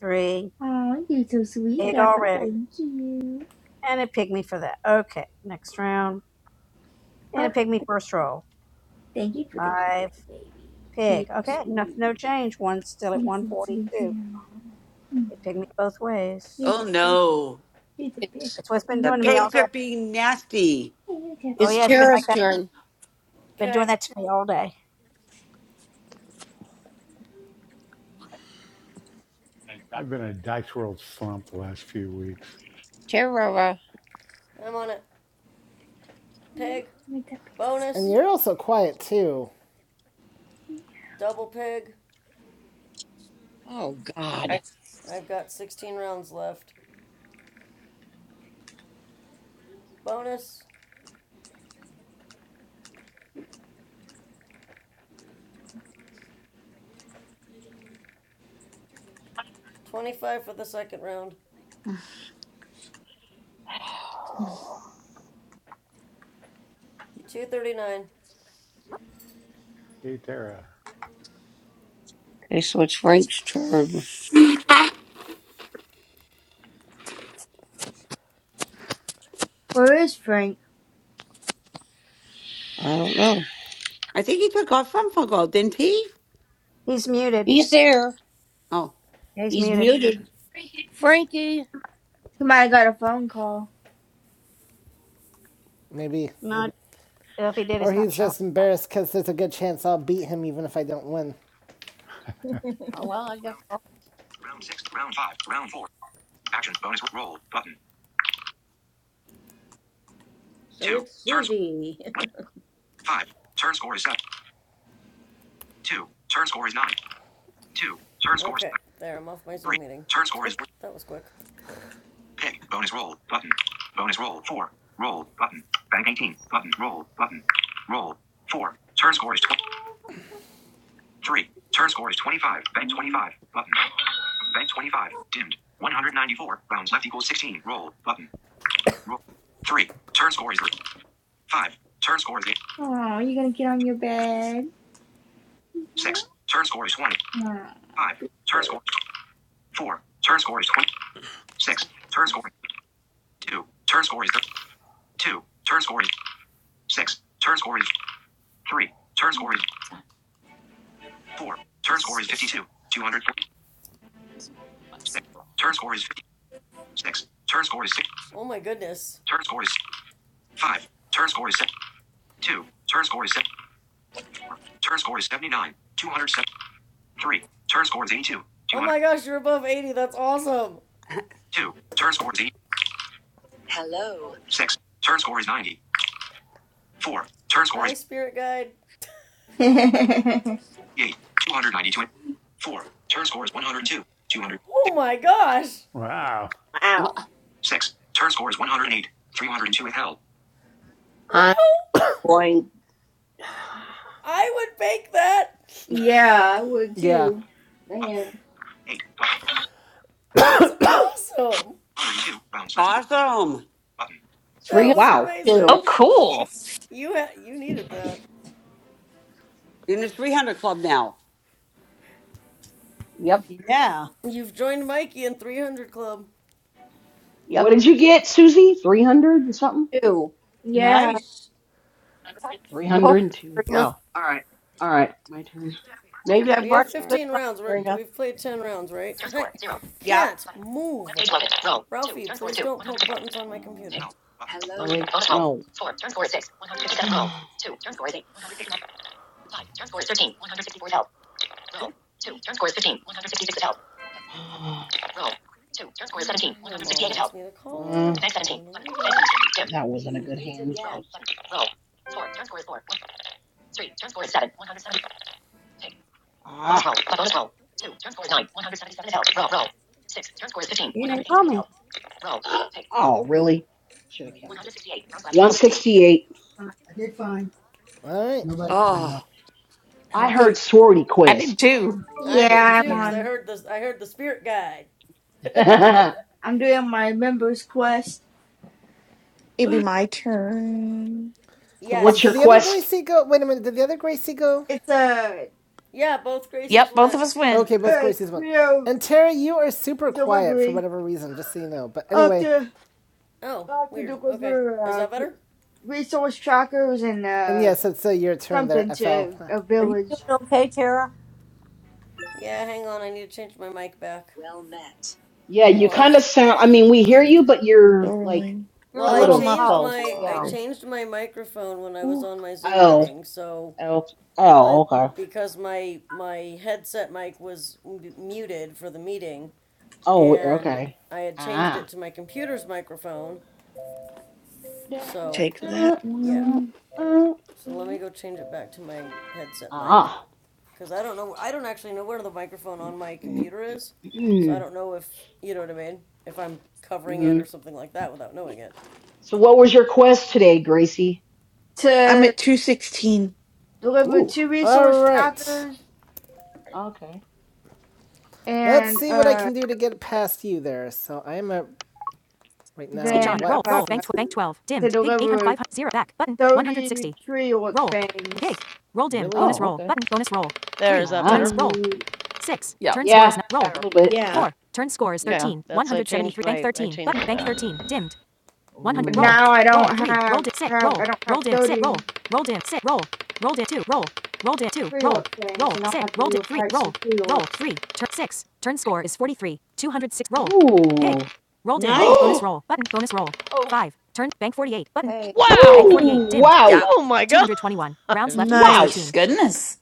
three,
Oh, you're so sweet,
eight
Pepper.
already.
Thank you.
And it pigged me for that. Okay. Next round. And it
Oh,
pigged me first roll.
thank you for the
Five,
kiss, baby. You're
pig.
so
Okay. No,
sweet.
no change. One's still at
You're so sweet, dear.
142. It pigged me both
You're
Oh
the
ways.
best.
no.
You're the best.
It's
It's what it's been
The
doing to me
Mm-hmm.
all
pigs
day.
are being nasty.
Hey, You're the
Oh,
it's
best.
yeah. It's been like
Tara's
that.
turn.
Been doing
Okay,
that to me all day.
I've been in a dice world slump the last few weeks.
Tara.
I'm on it. Pig.
And
Bonus.
you're also quiet too.
Double pig.
Oh, God.
I've got 16 rounds left. Bonus. 25 for the second round. 239.
Hey, Tara.
Okay, so it's Frank's turn.
Where is Frank?
I don't know.
I think he took off from football, didn't he?
He's muted.
He's there.
Oh,
Yeah, He's
He's
muted.
muted. Frankie.
Somebody got a phone call.
Maybe.
Not uh, if he did,
Or
it's not
he's
showing.
just embarrassed because there's a good chance I'll beat him even if I don't win.
Oh, well, I guess. Round, round six, round five, round four. Actions bonus roll button.
So
Two.
it's
Turn score
Susie.
one, five. Turn score is seven. Two. Turn score is nine. Two. Turn score is
Okay, there, I'm off my
three.
Zoom meeting.
Turn score is
that was quick.
pick. Bonus roll button. Bonus roll four. Roll button. Bank 18 button. Roll button. Roll four. Turn score is tw- three. Turn score is 25. Bank 25 button. Bank 25. Dimmed. 194. Rounds left equals 16. Roll. Button. Roll. 3. Turn score is 5. Turn score is
Oh, you gonna get on your bed?
6. Turn score is 20.
Oh,
5. Turn
girl.
score is 4. Turn score is 20. 6. Turn score is 2. Turn score is 2. Turn score is 6. Turn score is 3. Turn score is 4. Turn score is 52. 246. Turn score is 56. Turn score is 6.
Oh my goodness.
Turn score is 5. Turn score is 7. 2. Turn score is 7. 4. Turn score is 79. 279. 3. Turn score is 82.
Oh
200.
my gosh, you're above 80. That's awesome.
2. Turn score is 8. 6. Turn score is 90. 4. Turn score
Hi,
is
spirit guide.
8. 292. 4. Turn score is 102. 200.
Oh my gosh.
Wow.
wha-
wow.
6. Turn score is 108. 302 withheld.
Wow.
I'm going.
I would bake that.
Yeah, I would
Yeah.
too.
Button.
Man.
8. Button.
That's awesome.
102. Rounds left equals.
awesome.
Button.
That was
wow.
302.
Oh,
amazing.
cool.
You ha- you needed that.
In the 300 club now.
Yep.
Yeah,
You've joined Mikey in 300 Club.
What
Yep.
did you get, Susie? 300 and something?
2.
Yeah.
nice.
Go ahead,
302.
Serena.
Wow. All right, my turn.
Maybe I
We have
brought you
All right.
good
15
luck,
rounds. We're,
Serena.
we've played 10 rounds, right? I
Yep.
can't move. Ralphie, please don't poke buttons on my
Um,
computer.
Help. Button.
let
Hello there.
Roll. no. Four. Turn score is six. one hundred fifty-seven
eight.
roll.
My mom wants me to call
Uh,
her. I'll
Next
call her
seventeen.
in a
Button.
little bit.
Next seventeen. Dim. That wasn't a good hand. Roll. Button. Roll. Ah. Bonus roll. Bonus
You didn't call me.
roll. Oh, really? Should have kept 168.
All right.
Oh,
I
Okay.
heard
Okay.
sorority
I did
quest.
too.
I did
Yeah, I'm
too, cause
Yeah.
I
on.
heard the I heard the spirit guide.
so
I'm doing my members quest.
It'd be my turn.
It's out.
what's
Did
your
the
Yes,
other
quest?
yes.
Gracie go? Wait a minute. Did the other Gracie go?
It's a,
Yeah, both Gracies
Yep, both
went.
of us went.
Okay, both
a
Gracies went.
trio
And Terry, you are super quiet for
delivery.
whatever reason, just so you know. But
I have
anyway,
to,
Oh,
I have to
weird. Okay.
deliver
Is
uh,
that better?
resource trackers and
And
uh,
yes, it's uh, your turn there,
something
FL.
to a
Are you doing
village.
okay, Tara?
Yeah, hang on. I need to change my mic back.
Yeah,
Well,
you
I
kind of sound. I mean, we hear you, but you're
Still
like
rolling.
You're
well,
A
a
I
sort
little
little
of
changed
low.
muffled.
my
far
I
Yeah.
away.
changed my microphone when I was
Ooh.
on my Zoom
Oh,
meeting. So,
oh,
I
oh, okay.
because my my headset mic was m- muted for the meeting
Oh, we-
and
okay.
I had changed
Ah.
it to my computer's microphone.
Dun,
So,
Take
uh,
that
yeah.
uh,
one.
uh, uh.
So, let me go change it back to my headset mic.
Ah.
because I don't know. I don't actually know where the microphone on my
Mm,
computer is, so I
mm,
don't know if you know what I mean. If I'm covering it or
Mhm.
something like that without knowing it.
So what was your quest today, Gracie?
I'm
To
at 216.
deliver
Ooh.
two
All
resource
right.
trackers
Okay.
Let's
and
see what I
uh.
can do to get past you there. So I'm at right now. Speech on.
then
what Roll.
uh,
Roll. Bank, tw- bank 12.
to
Dimmed. Pig 800.
deliver
500. Back. Button.
30
160.
tree orc
Roll. Pig.
fangs
Roll dim. Really? Bonus
Oh,
roll.
okay.
Button. Bonus roll.
There, is
3.
that
Ah.
Turns.
better?
Roll.
to
6.
Yep.
Turn score
Yeah,
is. n- Roll.
a
better.
little bit.
Yeah,
uh,
4. Turn score is
Okay,
Yeah.
13.
that's I changed
173. Bank
my I
13.
changed
Button.
it
Bank
back.
13. Dimmed.
but
100. Roll.
Ooh.
now I
Roll.
don't
3. Roll
have
dip. 6.
have
Roll.
I don't
Roll
have
dip. 6. Roll.
30
Roll dip. 6. Roll. Roll dip. 2. Roll. Roll dip. 2.
tree
Roll.
orc
Roll.
fangs and I'll
6.
have to
Roll
do a
dip. 3.
fight
Roll.
some tree
Roll.
orcs.
3. Turn 6. Turn score is 43. 206. Roll. Pig.
Ooh.
Roll dimmed.
nice.
Bonus roll. Button. Bonus roll.
Oh.
5. Turn. Bank 48. Button.
Hey,
Bank
Wow!
48.
Ooh.
Dimmed.
Wow.
yep.
Oh my gosh!
221. Rounds left equals
Wow.
Nice.
13.
Goodness.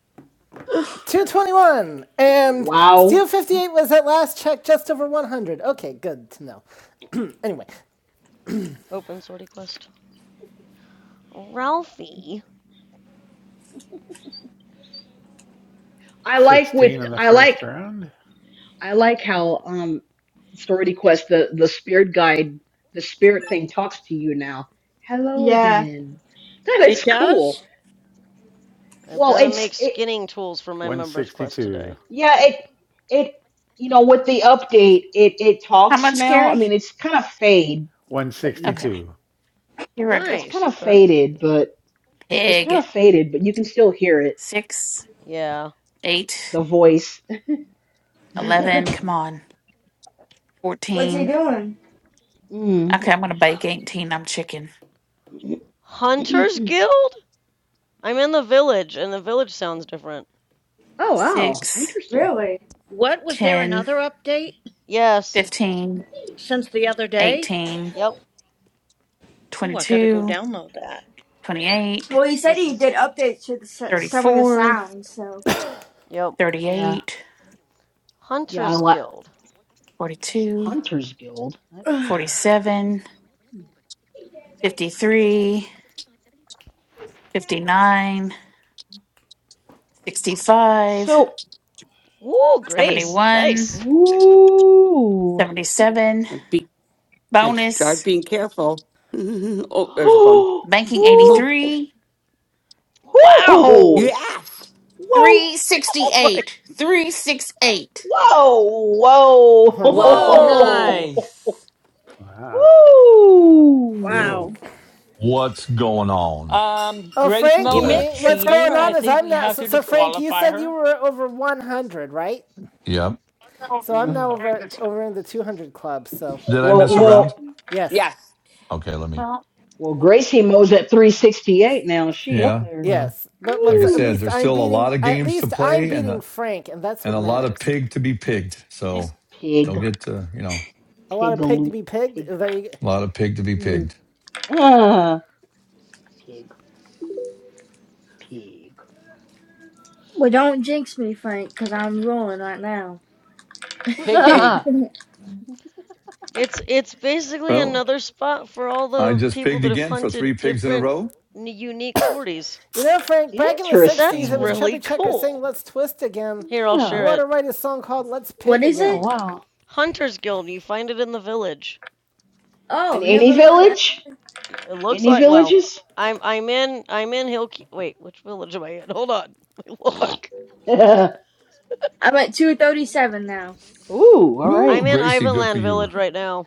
Ugh.
221. And
Wow.
Steel 58 was at last check just over 100. Okay, good to know. anyway,
Open sortie quest. Ralphie,
I like with
16 in the
I
first
like
round.
I like how um Story Quest the the spirit guide the spirit thing talks to you now. Hello
Yeah.
again. That
It
is cool.
does.
I've
Well,
got to
it's
make
it
skinning tools for my members quest
162.
today.
yeah, it it you know with the update it it
How
talks
much,
now. I
Carrie?
mean, it's kind of fade, but you ha-
Okay,
162.
here I
it's
go.
kind
Nice.
of
Okay.
faded, but. It's kind
Pig.
of faded, but you can still hear it,
Six,
Yeah.
eight,
the voice.
eleven.
Yeah.
Come on.
What's he
14.
doing?
Mm.
Okay, I'm going to bake 18. I'm chicken.
Hunters
Oh,
Guild? I'm in the village, and the village sounds different.
wow.
Six,
Interesting.
Really?
What was there
ten,
another update
Yes.
fifteen,
since the other day?
eighteen,
Yep.
Oh, I gotta go
twenty-two,
download that.
twenty-eight,
Well, he said
This
he
is,
did updates to the,
thirty-four.
s- some of the sounds, so.
yep,
Yeah.
Thirty-eight,
Yeah, I
Hunter's
like
Guild.
42,
Hunter's Guild. That's
wow.
interesting.
47,
Hmm.
53, 59, 65,
So,
Ooh, Grace,
71,
nice.
ooh.
77.
And be, and start
bonus,
being careful. oh, there's a bone.
Ooh.
banking
Come on.
Ooh.
Oh,
83,
Wow.
Ooh.
yes.
Whoa.
Oh my.
368, 368.
Whoa.
oh my.
Whoa.
Whoa.
Whoa!
Whoa.
Nice.
Wow. Cool.
Woo.
Well,
What's going on?
Um,
Oh,
Grace
I'm
You
Mo is
back.
missed
Frankie,
your
what's going
cheating. I
turn.
on is
think
I'm
we
not.
have
So,
to
so Frank, you
disqualify
said you
her.
were over 100, right?
Yep.
So I'm
Uh,
now over over in the 200 club. So
Did I
well,
miss a
Yeah.
round?
well,
yes,
Yes.
Okay, let me.
Well,
well, Gracie Mo's at 368 now. Is she up
Yeah.
there?
Well,
yes. But
like
what's
I
at
said,
Woo.
least
there's
I'm
still a
beating.
lot of
At
games to
least I'm
play and
beating
a,
Frank, and that's
and
what
a lot of
matters.
pig to be pigged. So
it's-
Pig,
don't get to you know
A lot of pig to
pigaloop,
be pigged.
pig,
uh, There you. go.
a lot of pig to be
mm,
pigged.
ah, pig, pig.
don't jinx me, Frank, because I'm rolling right now.
Pig, pig.
Ah,
It's it's basically
Well,
another spot for all
I
the
just
people
pigged
that have
again for
hunted
three pigs in a
different
row.
unique sorties.
You know, Frank. Back in the
That's
60s, it was
interesting.
really
Chubby Checker saying
cool.
"Let's twist again."
Here, I'll share
You
Yeah.
ought
it.
to write a song called "Let's Pig
What is
Oh,
Again."
it?
wow.
Hunter's Guild. You find it in the village.
And
Oh,
any
never heard. Of
village?
It looks
Any
like well,
villages?
I'm I'm in I'm in Hill. Wait, which village am I in? Hold on, look.
Ooh,
I'm at 237 now.
all
Woo,
I'm
right.
in
Gracie, good for
Ivanland
you.
Village right now.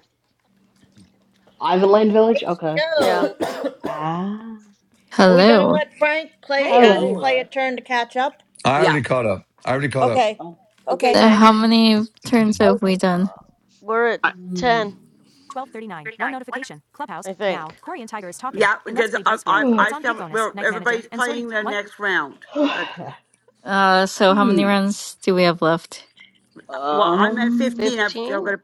Go,
Ivanland Village?
Gracie,
Okay.
Yeah.
go.
Ah,
Are we gonna
Hello.
let Frank play
Oh,
uh,
there
Hey.
you
hello.
play a
are.
turn to catch up?
I
Yeah.
already caught up. I already caught up.
Okay,
Oh.
okay.
Okay.
Uh,
Okay.
How many turns
Oh,
have we done?
We're at
Uh,
ten.
Mm.
1239. One notification. Clubhouse.
I
Now,
think.
Corey and Tiger is talking.
yeah,
In Let's
because
Play
I,
Dice
I,
World, it's
I
on Pig
still,
Bonus,
well,
Night Manager,
everybody's
and Sortie.
playing their
One.
next round. Like,
Uh, so how many
Hmm.
rounds do we have left?
well, I'm at
Um.
15. I've still
Fifteen.
got to.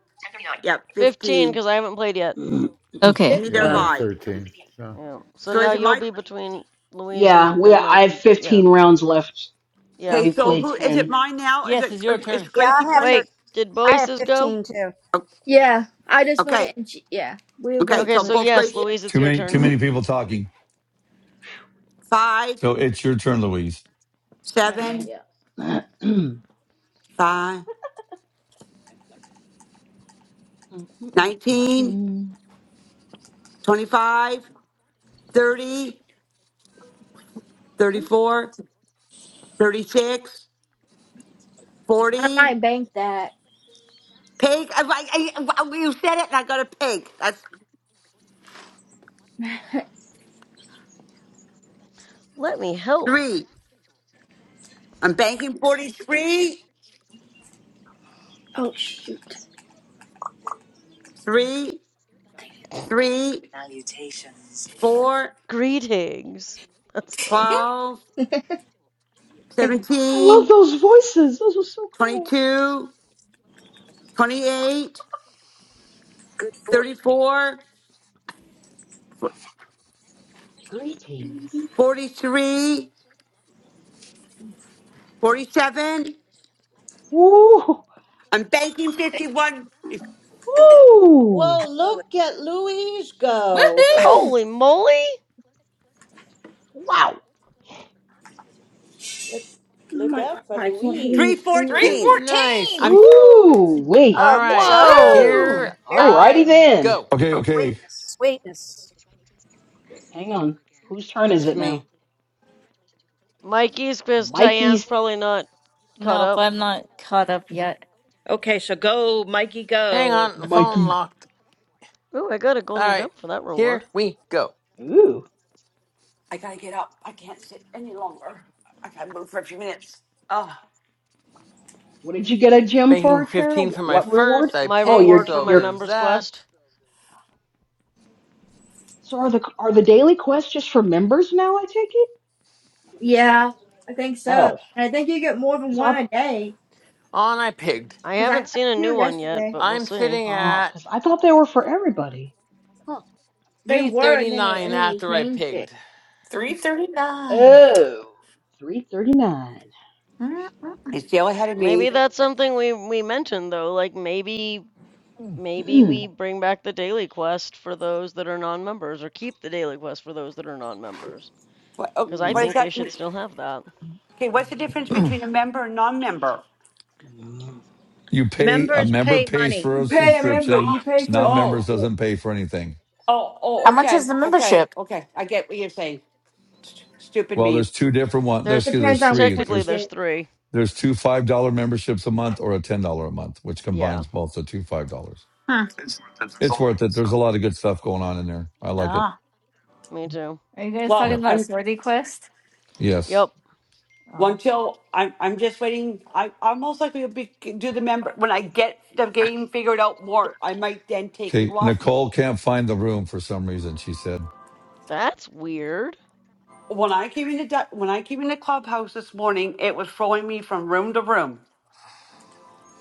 Yep,
Fifteen,
15.
because I haven't played yet.
mm,
Okay.
Neither
Yeah, I
Yeah.
have
have
15.
I.
13. So
Yeah. So
So
now
is it
you'll
my,
be between Louise and
Yeah, we
and
I have
Mikey, but yeah,
15 rounds left, so
yeah.
okay,
we've
so
played
who, is it
10.
mine now? Is
Yes,
it,
it's your
is
turn.
Yeah,
Gracie
I have
play?
Wait,
thirteen.
did both
I have
races go?
fifteen too.
O-
Yeah, I just
Okay,
went and she, yeah, we
okay,
both
Okay,
so
so
went.
both
yes,
Gracie,
Louise, it's
Too
your
many
turn.
too many people talking.
Five,
So it's your turn, Louise.
All right.
seven,
Yeah. I
five, nineteen, twenty-five, thirty, thirty-four, thirty-six, forty.
I might bank that.
pig. I, I, I, I- you said it and I got a pig. That's
Let me help.
three. I'm banking forty-three,
Oh shoot!
three, three, four,
Greetings. That's funny.
twelve, seventeen.
love those voices. Those were so cool.
Twenty-two, twenty-eight, thirty-four,
Greetings.
forty-three, forty-seven.
Ooh,
I'm banking fifty-one, It's
ooh,
Whoa, look at Louise go.
woohoo!
Holy moly!
wow.
Look
Oh
look
my god,
out for
I can't get
Louise.
any
three,
tree wood.
fourteen.
Nice.
314!
I'm. I'm banking 51, 314. I'm,
Woo!
Ooh, wait.
All
Oh, good
right,
job.
Whoa!
Woo!
here
Very good.
Alrighty
I
then.
go.
Okay, okay.
Sweetness.
Hang on. Whose turn is
It's
it now?
me.
Mikey's pissed. Cheyenne's
Mikey's.
probably not caught
No, but
up.
I'm not caught up yet.
Okay, so go, Mikey,
Hang
go.
on, phone
Mikey.
locked.
Ooh, I got a
All
golden
right,
jump for that
here
reward.
we go.
Ooh.
I gotta get up. I can't sit any longer. I gotta move for a few minutes. Oh,
What did you get a gem
Banking
for, Tara?
15 for my
What reward?
first. I
My
Oh,
pigged,
your
reward for
so
my
your
there's
members quest.
that.
So are the are the daily quests just for members now? I take it.
Yeah, I think so.
Oh,
And I think you get more than
because I
one a day
On I pigged.
I
because I
haven't
got
seen a
two
new one yet,
yesterday.
but we'll
I'm
see.
sitting
oh,
at
'cause I thought they were for everybody. Huh.
They were, and then it,
339
and then he
after I
changed it.
pigged.
339.
Oh, three thirty nine.
Mm-mm.
it's still ahead of
Maybe
me.
that's something we we mentioned though. Like maybe Maybe we
mm-hmm.
bring back the daily quest for those that are non-members, or keep the daily quest for those that are non-members,
What, oh,
because I
what is
think they
that?
should still
Okay,
have that.
what's the
Yeah.
difference between a member and non member?
Mhm.
You pay a
Members
member
pay
pays
money.
for
You
a
pay a member.
subscription,
You pay for a
non-members
Oh,
membership.
doesn't pay for anything.
oh,
How
oh,
much is
okay,
the
okay,
membership?
okay. I get what you're saying. St- stupid
Well, there's
me.
two different ones. There's
There's
excuse, me,
th
Depends
there's
on which
three.
one
technically
you
There's
there's
get.
three.
there's two five dollar memberships a month or a ten dollar a month, which
Yeah,
combines both the two five dollars.
Hmm.
It's worth it. There's a lot of good stuff going on in there. I like it.
Ah.
me too.
Are you guys talking
Well,
Yep.
about
I'm
Swordy Quest?
Yes.
Yep,
Well,
Oh,
until I'm, I'm just waiting. I, I'm most likely to be, do the member when I get the game figured out more. I might then take and
Okay.
go off.
Nicole can't find the room for some reason, she said.
that's weird.
when I came into du- when I came into clubhouse this morning, it was throwing me from room to room.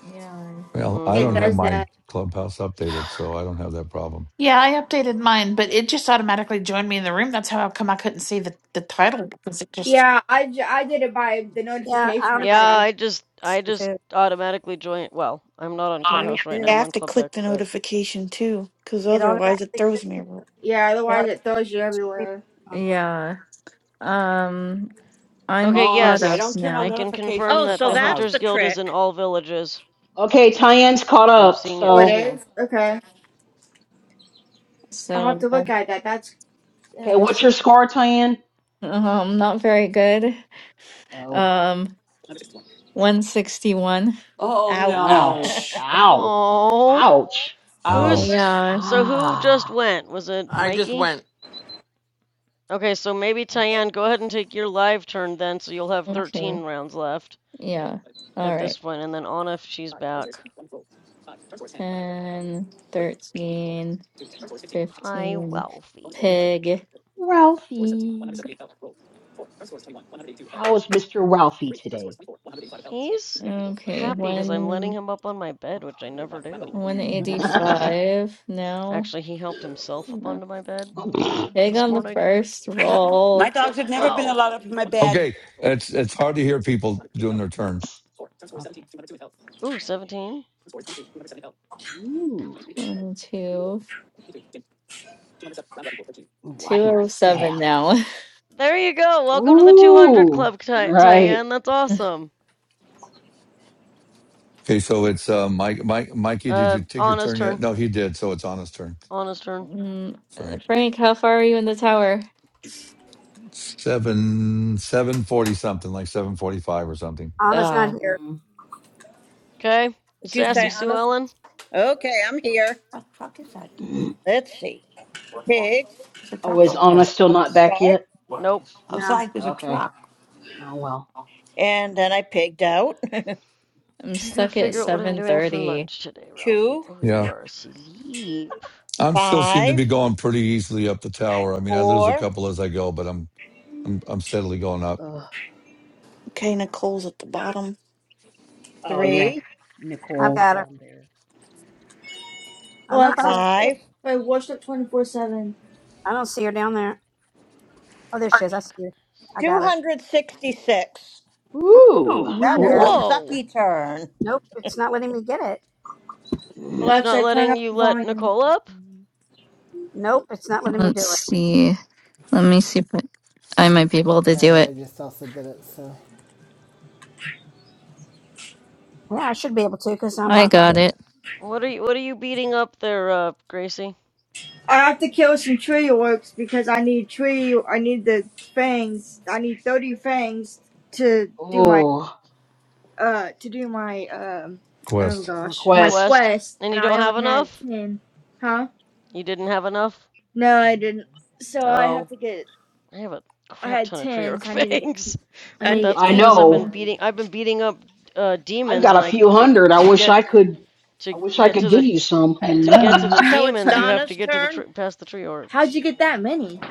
yeah. I need...
Well, I
It
don't
Mm-hmm.
have
does
my
that.
clubhouse updated, so I don't have that problem.
Yeah, I updated mine, but it just automatically joined me in the room. That's how come I couldn't see the, the title because it just,
Yeah, I, j- I did it by the
Yeah, I
notification I
Yeah,
got.
automatically
I just I
listen
just
too.
automatically join. Well, I'm not on
Oh,
Yeah, me
Clubhouse right now.
too.
Yeah, I
I'm
have
on
to
Club
click
Deck,
the
but
notification too, because
It
otherwise it
automatically.
throws
puts
me.
me-
Yeah,
It
otherwise it throws you
automatically.
everywhere.
um,
yeah. Yeah, Um,
okay.
I'm
Oh,
caught
see, I
up
Yes,
don't turn on
I
now,
can
notifications
confirm
Oh,
for
that
so
the
that's
Hunters
the
clubhouse.
Guild is in
trick.
all villages.
Okay, Tyann's caught
I'm
up.
seeing it
Oh,
in
it
So
two.
is. Okay, I'll have
so
to
uh,
look at that. That's
okay, what's your score, Tyann?
I'm not very good.
Oh,
Um, 161.
Oh
Ouch.
oh,
no!
No.
ouch.
ow,
Oh.
ouch.
Oh
Ouch!
well.
Who's
Yeah.
so who just
Ah,
went? Was it
I just
Mikey?
went,
Okay, so maybe Tyann, go ahead and take your live turn then, so you'll have
Okay.
13 rounds left
Yeah. All
at
right.
this point, and then Anna if she's back.
Ten, thirteen, fifteen. 13,
Hi, Wealthy.
pig.
Ralphie. How is Mister Ralphie today?
He's
Okay,
happy because I'm letting
one
him up on my bed, which I never do.
185 now.
Actually, he helped himself up
Um,
onto my bed
pig
this
on the
morning.
first roll.
My dogs have never been
Oh.
allowed up in my bed.
Okay, it's it's hard to hear people doing their turn.
okay.
Ooh, 17.
Ooh,
One, two,
ooh, I
two
hear a
o seven.
staff.
now.
There you go. Welcome to the 200
Ooh,
Club, Ty-
right.
Tyann. That's awesome.
Okay, so it's uh, Mike, Mike, Mikey. Did
Uh,
you take your
Anna's
turn yet?
turn.
No, he did. So it's on his turn.
Anna's turn.
Mm,
That's
uh,
right.
Frank, how far are you in the tower?
Seven, seven forty something, like seven forty-five or something.
Anna's not
Ah,
here.
Mm.
Okay,
Did you
Sassy
say
Sue
honest?
Ellen?
Okay, I'm here.
What truck is that? Dave?
Mm.
Let's see. Pig.
There's a
Oh,
truck
That's
is
over
not the
Anna
there.
way I
still
want to
not back
start.
yet? I
Nope.
guess.
No,
Outside, there's a
Okay.
truck.
Oh well.
And then I pigged out.
I'm
I gotta
stuck at
figure out
Pig.
what I'm doing for
730.
lunch today, Ralphie.
Two,
Oh, you
Yeah,
are asleep.
I'm still seem to
five,
be going pretty easily up the tower. I mean, I lose a
four,
couple as I go, but I'm I'm I'm steadily going up.
Ugh.
Okay, Nicole's at the bottom.
Oh yeah.
three,
I've
Nicole's
got her.
down there.
I know if I don't
Alexa,
see her.
five,
play Worship 24-7.
I don't see her down there. Oh, there she is. I see her.
Goodness.
I got her.
266.
Ooh.
That
I
was
got
a
her.
Whoa!
Whoa!
sucky turn.
Nope, it's not letting me get it.
It's not
Alexa, turn
letting
up
you
the
let
volume.
Nicole up?
Nope, it's not letting me
Let's
do it.
see. Let me see if I I might be able to do
And I
it.
just also did it, so.
Yeah, I should be able to because I'm
I
a.
got
Yeah.
it.
What are you what are you beating up there, uh, Gracie?
I have to kill some tree orcs because I need tree, I need the fangs. I need 30 fangs to do my,
Oh,
uh, to do my, um, oh
Quest.
gosh, my
request.
Quest?
quest.
And
And
you
I
don't have
only had
enough?
10. Huh?
You didn't have enough?
No, I didn't. So I have
Oh.
to get,
I have a
I
crap
had
ton of tree
10,
orc
so I need to get,
fangs.
I
But
need
And
to
that's
get
I
e-
20
because I've been
know.
more.
beating I've been beating up uh,
I've
demons
got a
and I
few hundred. I
to
wish I
get
could.
to
I wish I
get
could
to the
give you some.
To get to
Hello.
the
so it's
demons, you have to
Donna's
get to the tr-
turn.
past the tree orc.
How'd you get that many?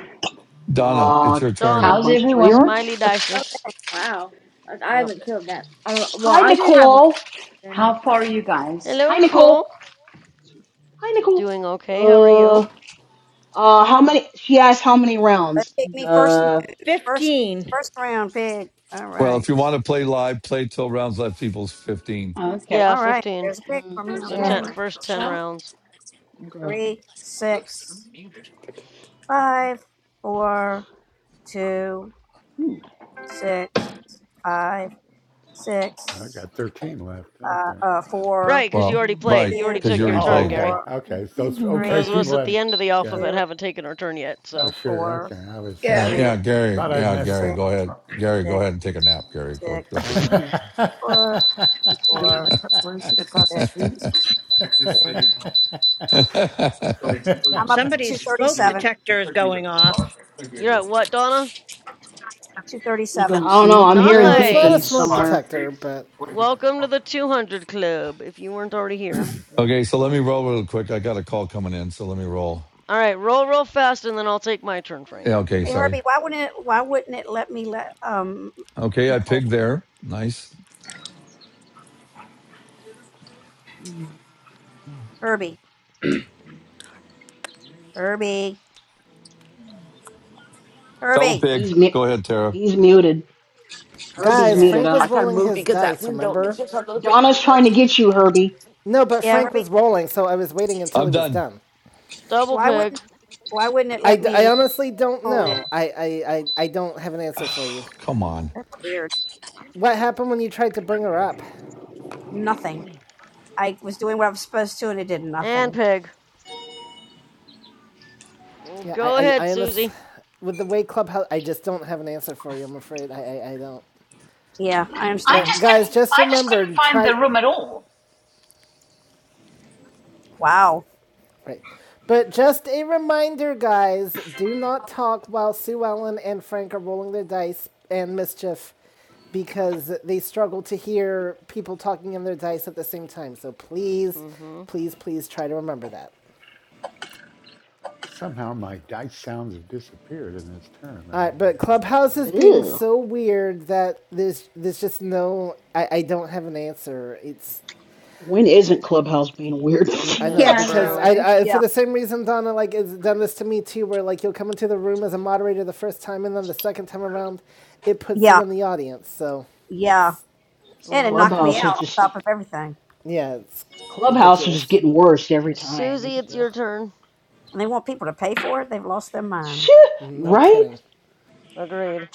Donna,
Uh,
it's your
killing
turn.
a
Donna,
How's
bunch of tree
everyone?
orcs.
Smiley Dicer.
Okay.
Wow. I I
Yep.
haven't killed that. Uh, well,
Hi,
I did have one.
Nicole.
Then.
How far are you guys?
Hello,
Hi,
Nicole.
Nicole. Hi, Nicole.
Doing okay. How are
Uh,
you?
uh, how many? She asked how many
It
rounds.
picked me first
Uh,
First,
15.
first round pick. All
Well,
right.
if you want to play live, play till rounds left equals 15.
Yeah,
Okay.
All right.
15.
There's a pick
mm,
for me.
So
yeah,
ten,
Okay.
first
It's
10
one,
rounds.
okay.
three, six, five, four, two,
Ooh.
six, five,
I
six,
got 13 left.
uh,
Okay.
uh, four,
Right, because you
Well,
already played.
right,
You
two,
already
because you
took
Yeah.
your
already
Oh,
turn,
played.
okay.
Gary.
four,
Okay. So, it's- okay.
Those of
three,
us
People
at the
have,
end of the
yeah.
alphabet
two,
haven't taken our turn yet,
Oh,
so.
sure.
four,
Okay. I was,
Yeah.
Yeah,
two,
yeah, Gary.
thought I'd
Yeah,
messed
Gary.
six,
up.
Go ahead, Gary. Go
six,
ahead and take a nap, Gary. Go, go take
six,
a
Yeah.
four,
You don't
four,
what's that? Where is it across the
six,
street?
nap.
six. I'm up to
Somebody's smoke
237.
detector is going off.
You're at what, Donna?
You
237.
don't
I don't
see
know.
it?
I'm hearing
No, that's not a
beeping
smoke
Nice!
somewhere.
detector, but.
Welcome to the 200 Club, if you weren't already here.
okay, so let me roll real quick. I got a call coming in, so let me roll.
Alright, roll real fast and then I'll take my turn, Frank.
Yeah, okay,
Hey Herbie,
sorry.
why wouldn't it why wouldn't it let me let um
Okay, I
Nicole
pigged there. Nice
Herbie. Herbie.
double
Herbie.
pig.
He's mu-
Go ahead, Tara.
he's muted.
Yeah, see
Herbie's
Guys,
that.
muted.
Frank
I
was
don't.
rolling his
because that
dice,
window is
remember?
just a little bit
Donna's
cold.
trying to get you, Herbie.
No, but
Yeah,
Frank
Herbie.
was rolling, so I was waiting until
I'm
he was
done.
done.
Double
Why
pig.
wouldn't why wouldn't it
I I
let me let
honestly don't
Nicole in?
know. I, I, I, I don't have an answer for you.
Oh, come on,
That's weird.
What happened when you tried to bring her up?
Nothing. I was doing what I was supposed to and it did
And
nothing.
pig. Well,
Yeah, I,
Go
I,
ahead,
I
Susie.
honestly. With the way Clubhouse. I just don't have an answer for you, I'm afraid. I, I, I don't.
Yeah, I
I
But
understand.
just
guys,
couldn't.
just
I just
remember
couldn't
and
find the
try
room at all.
Wow.
right. But just a reminder, guys, do not talk while Sue Ellen and Frank are rolling their dice and mischief because they struggle to hear people talking in their dice at the same time. So please,
Mm-hmm.
please, please try to remember that.
Somehow my dice sounds have disappeared in this tournament.
All
I
right,
don't know
but
why.
Clubhouse is being
Ew.
so weird that there's there's just no I, I don't have an answer. It's
When isn't Clubhouse being weird?
I know
Yeah,
It's
I
because
know,
I,
true.
right?
I for
Yeah.
the same reason Donna like has done this to me too, where like you'll come into the room as a moderator the first time, and then the second time around, it puts you
Yeah.
in the audience. So
Yeah. And it
Mm-hmm.
knocked me
Clubhouse is
out on
just
top of everything.
yeah, it's
Clubhouse is just
ridiculous.
getting worse every time. It's
Susie,
just,
it's
ugh.
your turn.
And they want people to pay for it? They've lost their mind.
Shit,
No
right?
kidding.
Agreed.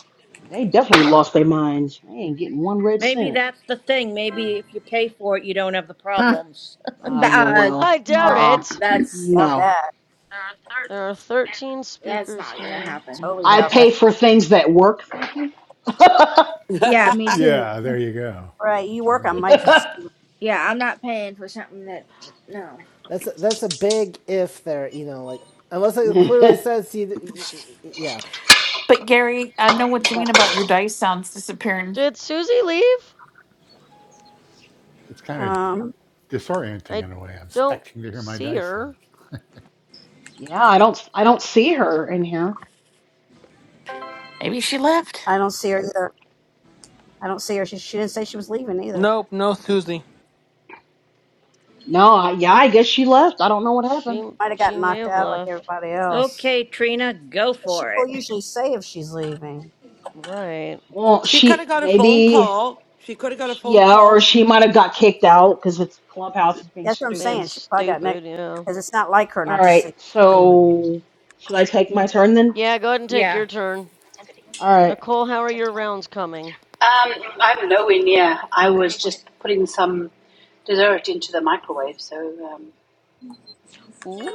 They definitely lost their minds. They ain't getting one red
Maybe
cent.
that's the thing. Maybe if you pay for it, you don't have the
Huh.
problems.
Ah,
But,
yeah,
uh,
well,
I doubt
uh-uh.
no,
it.
that's
Doubt
not,
No.
that.
There are 13
that's
speakers
not gonna
here.
happen.
Totally
I
doubt that.
pay for things that work, thank you. yeah,
Yeah, me too.
Yeah. There you go.
All Right. You
That's
work on
right.
Mike.
Yeah, I'm not paying for something that no.
That's a, that's a big if there. You know, like unless it clearly says you. Yeah.
But Gary, I know what you mean about your dice sounds disappearing.
Did Susie leave?
It's kind of
Um
disorienting
I
in a way. I'm
don't
expecting to hear my
see
dice sounds.
her.
I don't I don't see her in here.
Maybe she left.
I don't see her either. I don't see her. She, she didn't say she was leaving either.
nope, no Susie.
No, I, yeah, I guess she left. I don't know what
She
happened.
Might have got
she may
knocked
have
out like
left.
everybody else.
Okay, Trina, go
But she
for
will
it.
usually say if she's leaving.
Right.
Well,
she could
she
have got a phone
maybe
call. She could have got a phone
yeah, or
call.
she might have got kicked out because it's clubhouse is being
That's what I'm
Being
stupid.
saying. She probably got
stupid,
knocked
you know.
because it's not like her
All
not to say
right,
she's leaving.
so should I take my turn then?
Yeah, go ahead and take
Yeah.
your turn.
All right.
Nicole, how are your rounds coming?
Um, I'm nowhere near. I was just putting some dessert into the microwave, so um,
Ooh,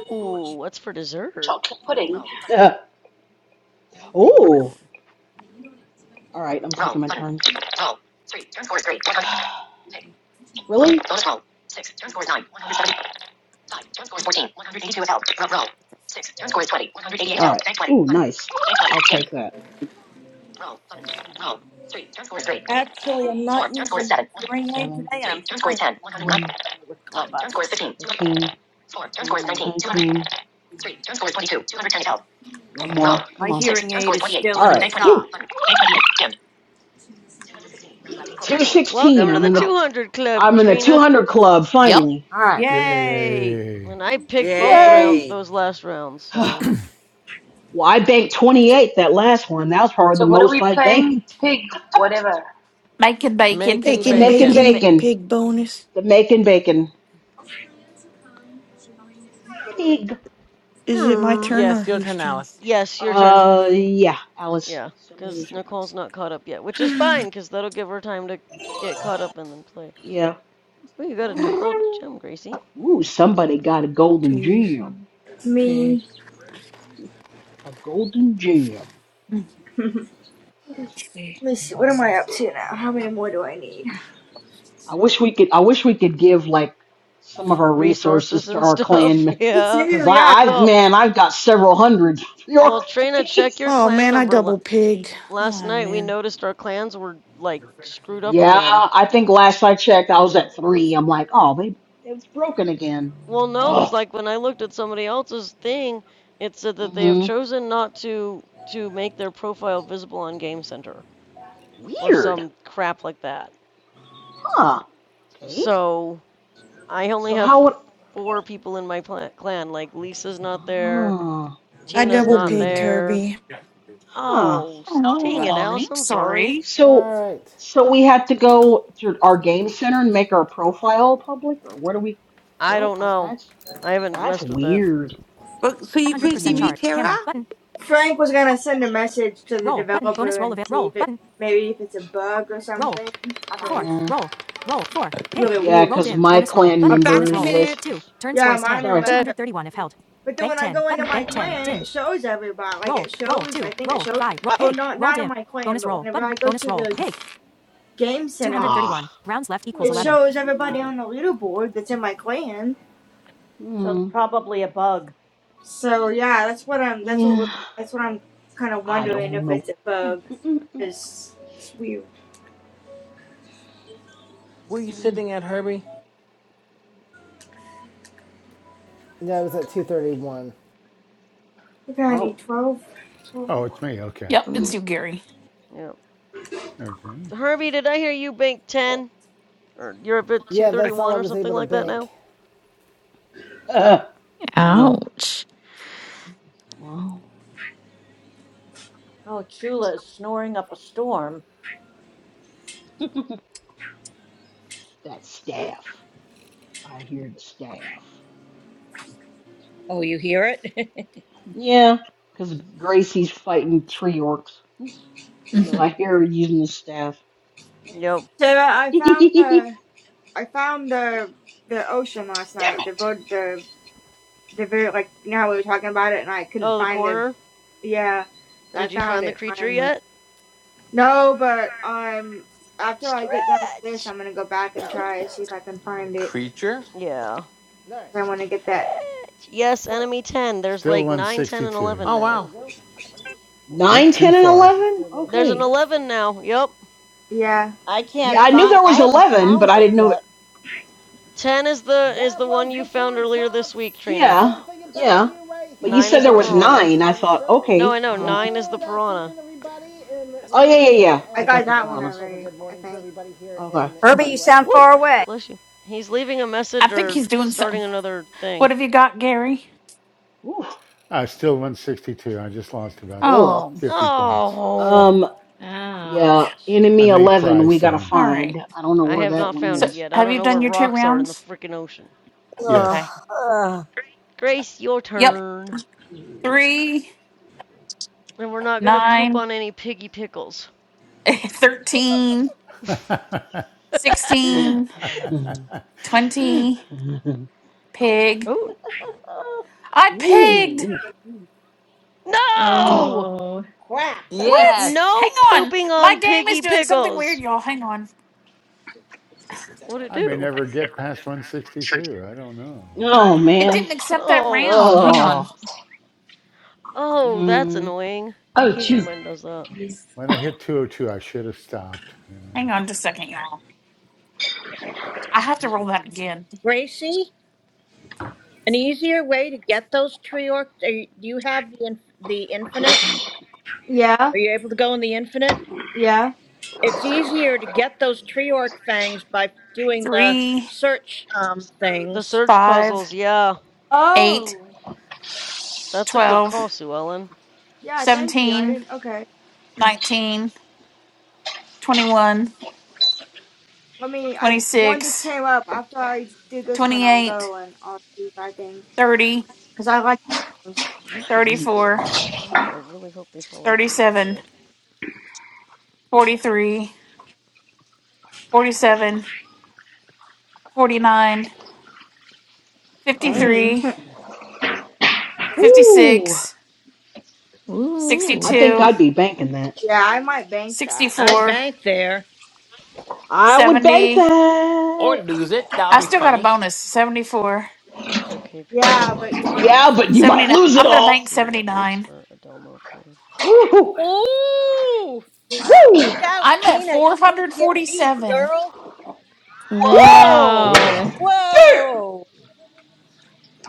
what's for dessert?
chocolate pudding.
Oh,
Mm.
All right, I'm taking my Really? All right. Ooh, nice. i I'll take that.
Actually, I'm not using my hearing aid
Seven,
today, and I'm hearing things a little
nine,
better with Clubhouse.
Mm.
19. One more.
My
Come on.
hearing aid is still
All
in the
right.
shop.
Whew. sixteen.
Welcome to
I'm
the
in the
200 Club,
I'm in the two
Trina.
hundred club finally. All right.
Yay!
Yay!
And I picked both
Yay.
round
Yay.
those last rounds, so
well, I banked twenty eight that last one. That was probably the
So what are we
most I
playing?
banked.
Pig, whatever.
Making bacon.
Making
may,
Bacon,
Making
bacon.
may,
bacon,
bacon.
pig bonus.
Jamaican bacon. Pig.
Is it my
Hmm.
turn or
Yes, your
whose
turn,
turn?
Alice.
yes, your turn.
Uh, yeah, Alice,
Yeah,
it's
because
somebody's your turn.
Nicole's not caught up yet, which is fine, because that'll give her time to get caught up and then play.
Yeah.
Oh, you got a
Okay.
gold gem, Gracie.
Ooh, somebody got a golden
Two, three,
gem.
pig.
Me,
A golden gem.
Let's see.
let me see. What am I up to now? How many more do I need?
I wish we could. I wish we could give like some of our
Resources
resources to
and
our
stuff.
clan,
Me
yeah.
cause
too. Yeah,
I, I
Well,
man, I've got several hundred. Your
well, Trina, check
face.
your
Oh
clan
man, I
number.
double pigged.
last
Oh
night we
man.
noticed our clans were like screwed up
Yeah,
again.
I think last I checked, I was at three. I'm like, oh, they, it's broken again.
Well, no, because
Oh.
like when I looked at somebody else's thing, it said that they have
Mm-hmm.
chosen not to to make their profile visible on Game Center or
Weird,
some crap like that.
huh? Okay.
So I only
So
have
how would
four people in my pla- clan. Like Lisa's not there,
ah
I
Tina's
double
not
pigged
weird.
there.
Herbie.
Huh.
Oh, s- dang
Oh,
it,
I'm
Alice! I'm sorry.
sorry.
All
So
right.
so we had to go to our game center and make our profile public or where do we
I
go?
don't
Uh,
know.
that's
I haven't
that's
messed with it.
weird.
Well, so you could see
100%
Hmm.
me,
chart.
Tara?
Camera. Button.
Frank was gonna send a message to the
Roll. Button. Bonus
developer
roll of
and
it.
see
Roll.
if it
Button.
maybe if it's a bug or
Roll.
something because
Four.
it's
Yeah.
Roll. Roll. Four. Pig.
really
Yeah,
weird.
Roll
cuz
dimmed.
my
Bonus roll.
clan
Button.
I'm back
Bonus
in a
members
roll.
list
minute.
Two.
is
Turn score
Yeah,
is
mine
10.
are
sorry.
messed
Okay.
up.
231 if
too.
held.
But then
Bank
when I
10.
go
Button.
into my
Bank 10.
clan, it
Dimmed.
shows everybody. Like
Roll.
it
Roll.
shows,
Two.
I think
Roll.
it shows.
Five. Roll.
uh, Oh,
Pig.
not
Roll
not in
dim.
my clan,
Bonus
but
roll.
whenever
Button.
I go
Bonus
to
roll.
the
Pig.
game center,
Ah.
231. Rounds left equals
it
Really? 11.
shows
Mm,
everybody on the leaderboard that's in my clan.
So it's
mm,
probably a bug.
So yeah, that's what I'm. That's what
yeah.
we're- that's what I'm kind of
I
wondering
don't
if
know.
it's a bug.
Mm, mm, mm,
Cause it's weird.
Were you
mm.
sitting at, Herbie?
Yeah, I was at 231.
Okay, I need
Oh.
12, 12.
Oh, it's me. Okay.
Yep,
Mm.
it's you, Gary.
yeah.
Okay.
Herbie, did I hear you bank ten or you're up at two
Yeah,
thirty
that's all
one
I
or
was
something
able to
like that
bank.
now?
Uh, well,
Ouch.
well,
Oh, Chula is snoring up a storm.
that staff. I hear the staff.
Oh, you hear it?
Yeah, because Gracie's fighting tree orcs. So I hear her using the staff.
Yep.
Sarah, I found the I found the the ocean last
Damn
night. The
it.
boat, the the very like now we were talking about it, and I couldn't
Oh, the
find the
corner.
Yeah, I
Did you
found
find the
it
creature
finally.
yet?
No, but um, after I get done with this,
Stretch!
I'm gonna go back and try and see if I can find it.
Creature?
Yeah.
Alright,
I want to get that.
Stretch. Yes,
so
enemy 10. There's
Still
like 9, 10, and
162.
11
Oh,
there
now.
we
wow.
go.
Went
Nine,
too
ten, and
far.
Let's do
11?
a little bit
There's an
of
Okay.
this.
11 now. Yep.
Yeah,
I
Yeah,
can't
I knew
find.
there
I
was
haven't
11, but
found
I
it
didn't know
yet.
that.
10 is the is
That
the
was
one you
the
found
Four
earlier this
Tops.
week, Trina.
Yeah,
Something about
yeah.
you right
But you
here
9
said
is
there
the
was
on the
piranha.
nine. I
Motown
thought,
Show.
No, I
okay.
know.
Um.
9 is the
Good
piranha.
afternoon, everybody in
Oh,
the
yeah,
UK,
yeah, yeah.
I
I got
got
the
and a
that one
very
piranhas.
pleasant
already.
good
I
morning to
think.
everybody here
Okay.
in the
Herbie, you
US.
sound
Woo!
far away.
Bless you. He's leaving a
I
message
think
or
he's doing something.
starting another
What
thing.
have you got, Gary?
Oof.
Uh, still 162. I just lost about
Ugh.
Oh,
50 points. So
Oh!
Um,
Ouch.
yeah,
I
enemy
may
11
cry
we gotta
soon.
all
find.
right.
I don't know
I
where
have
that
not
one
found
So,
it
is.
yet. I
have
don't
you
know where
done your two
rocks are in the
rounds?
freaking ocean.
Ugh,
Okay.
Yes.
ugh.
Grace, your
Yep.
turn.
Three,
And we're not going to poop
nine,
on any piggy pickles.
13,
I
16, 20. Pig.
Oh,
I pigged.
Ooh. Oh,
no!
Oh.
Crap.
What?
Yes!
No
Hang on.
pooping
My
on
game is
piggy
doing something weird,
pickles.
y'all. Hang on.
What'd it
may
do?
never get past 162. I don't know.
oh
It
man.
didn't accept that
Oh,
round. Hang
shuck.
on.
Oh,
Oh, that's
mm,
annoying. I
Oh, it's
hate
you.
when mine does that.
When I hit 202, I should have stopped. You know.
Hang on just a second, y'all. I have to
excuse
roll that again.
Gracie, an easier way to get those tree orcs. Are you, do you have the inf- the infinite?
Yeah,
Are you able to go in the infinite?
yeah.
It's easier to get those tree orc things by doing the
Three,
search um
The
things.
search
five,
puzzles, yeah.
eight,
Oh,
That's a good
twelve,
call, Sue Ellen.
yeah. Thank you. I
seventeen,
didn't. Okay.
nineteen, twenty-one,
Let me. I one just
twenty-six,
came up. After I do this one, I'll
twenty-eight,
go and I'll see if I can.
thirty,
Cause I like. those.
Yikes,
thirty-four,
exclamation point. I really hope they follow through,
thirty-seven,
period.
forty-three, forty-seven, forty-nine,
me.
Dang.
fifty-three,
Ooh,
fifty-six,
Ooh.
I think
sixty-two.
I'd be banking that.
yeah, I might bank
Sixty
that, man.
I'd
four,
bank there.
I would
70.
bank
Or
that.
lose it. That'll
I
be
still got a
funny.
bonus Seventy
Okay,
Yeah,
period.
but you might.
Let
Yeah, but you
me
might lose it
I'm going to
all.
bank
see what works
79.
for Adelmo, period.
Ooh,
Ooh!
woo,
Wow.
Look out,
I'm at
Tina. You gonna get beat,
447.
girl.
woo.
Wow.
Whoa!
Wow.
Cool.
Dirt,
Whoa!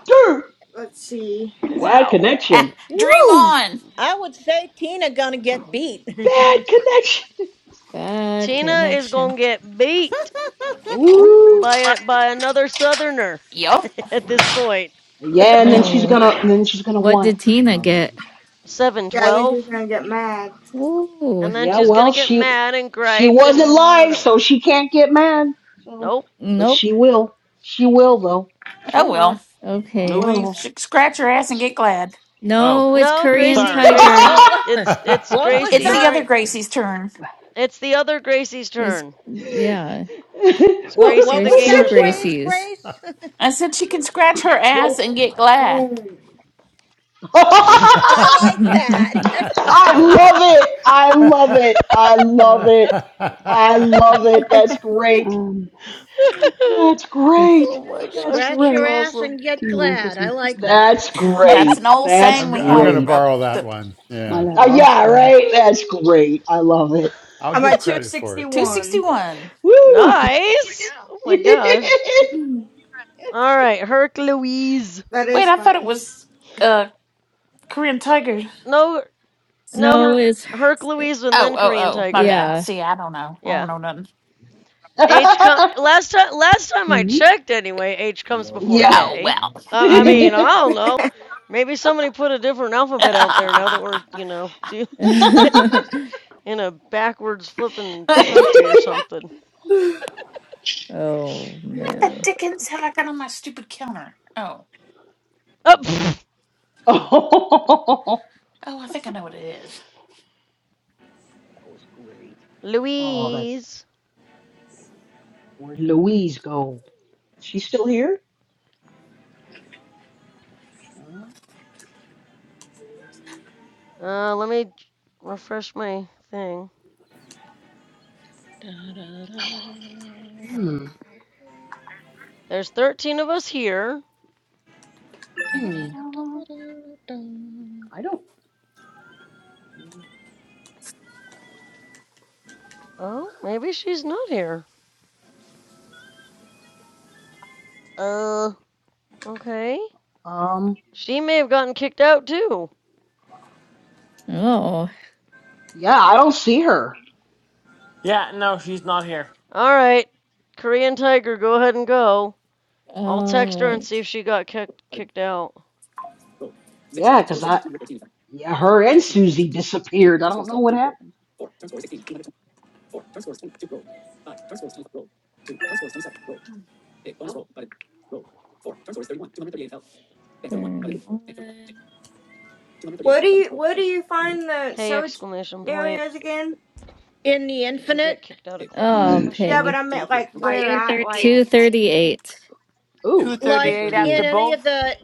dirt.
Let's see.
Bad
Wow.
Ah,
connection.
Dream
Woo,
on.
I would say Tina gonna get beat.
bad connection.
Bad
Tina is
connection.
gonna get beat. by
Ooh,
a, by another southerner
Yup.
at this point
yeah, and then she's
Oh.
gonna, then she's gonna
What
want.
did Tina
No
get?
mind.
Yeah, I think she's
712
gonna get mad.
Ooh.
and then
Yeah,
she's gonna
well,
get
she
mad and
she
gripe
wasn't
and
live,
whatever
so she can't get mad. So,
nope
but
Nope.
she will. She will though.
she
Oh
will
well.
Oh
Okay.
Louise?
She
well.
can scratch her ass and get glad.
Oh,
No, it's
no
Korean
gracie
sorry.
Tiger.
oh,
gracie
what?
it's it's
What
It's
was
It's
Hier.
gracie
the
that
other
Sorry.
Gracie's turn.
it's the other gracie's
It's,
turn
yeah.
Who said
it's
What
gracie
what
the
There's
was
two
that
gamer's
that?
turn
phrase,
Gracies.
Grace?
I said she can scratch her ass
No.
and get glad.
Mm.
I like that.
no,
I love it. I
I'm
love it. I love it. I love it. That's great.
Um,
That's
ek het
great.
oh my
That's
gosh
Scratch
that's
your
great.
ass
awesome
and get
10 rondes
glad. I
om te
like
speel.
that.
That's
That's an
great.
old
That's
saying we
I'm going
have.
to
great.
Uh,
borrow that
the
one.
Maar
Yeah,
hulle
Uh,
raas
yeah,
baie.
right. That's great. I love it.
I'll
I'm
give
at
credit for it too. So
261.
261.
Woo!
nice oh my
yeah.
gosh all right herc louise
That
Wait,
is
I thought it
funny.
was uh Korean Tiger.
no No, her
it's,
Herc Louise and
Oh,
then
oh,
Korean
oh. My
Tiger.
bad.
yeah.
See, I don't know. I don't
Yeah.
know nothing.
H come last time last time I
Mhm.
checked anyway, H comes before
Oh
K.
well.
I, I
Mm.
mean, I don't know. Maybe somebody put a different alphabet out there now that we're, you know, doing it in a backwards flipping
what
country or something.
oh,
Uh,
the
man.
dickens have I got on my stupid counter? Oh,
oh, pfft.
oh,
oh, I think I know what it is.
that was great. Oh, that's
Louise.
where did Louise go? She's still here? Uh,
Uh, let me refresh my thing.
Da, da, da, da,
hmm.
There's 13 of us here.
Where
da,
Hmm.
did
da,
I?
da, da.
I don't.
Oh, maybe she's not here. Uh, okay.
Um.
She may have gotten kicked out too.
Oh.
Yeah, I don't see her.
Yeah, no, she's not here.
All right, Korean Tiger, go ahead and go. I'll
All
text her and see
right.
if she got kicked kicked out.
Yeah, 'cause I. Yeah, her and Susie disappeared. I don't know what happened.
Nope.
Turn
Where do you where do you find the
Hey
search
exclamation point.
areas again?
In the
Did you
infinite,
get kicked out of clubhouse
Oh,
question
Yeah, but
pig.
mark?
I meant like where at like
238.
Ooh,
238
like in
after
238.
any of
both?
the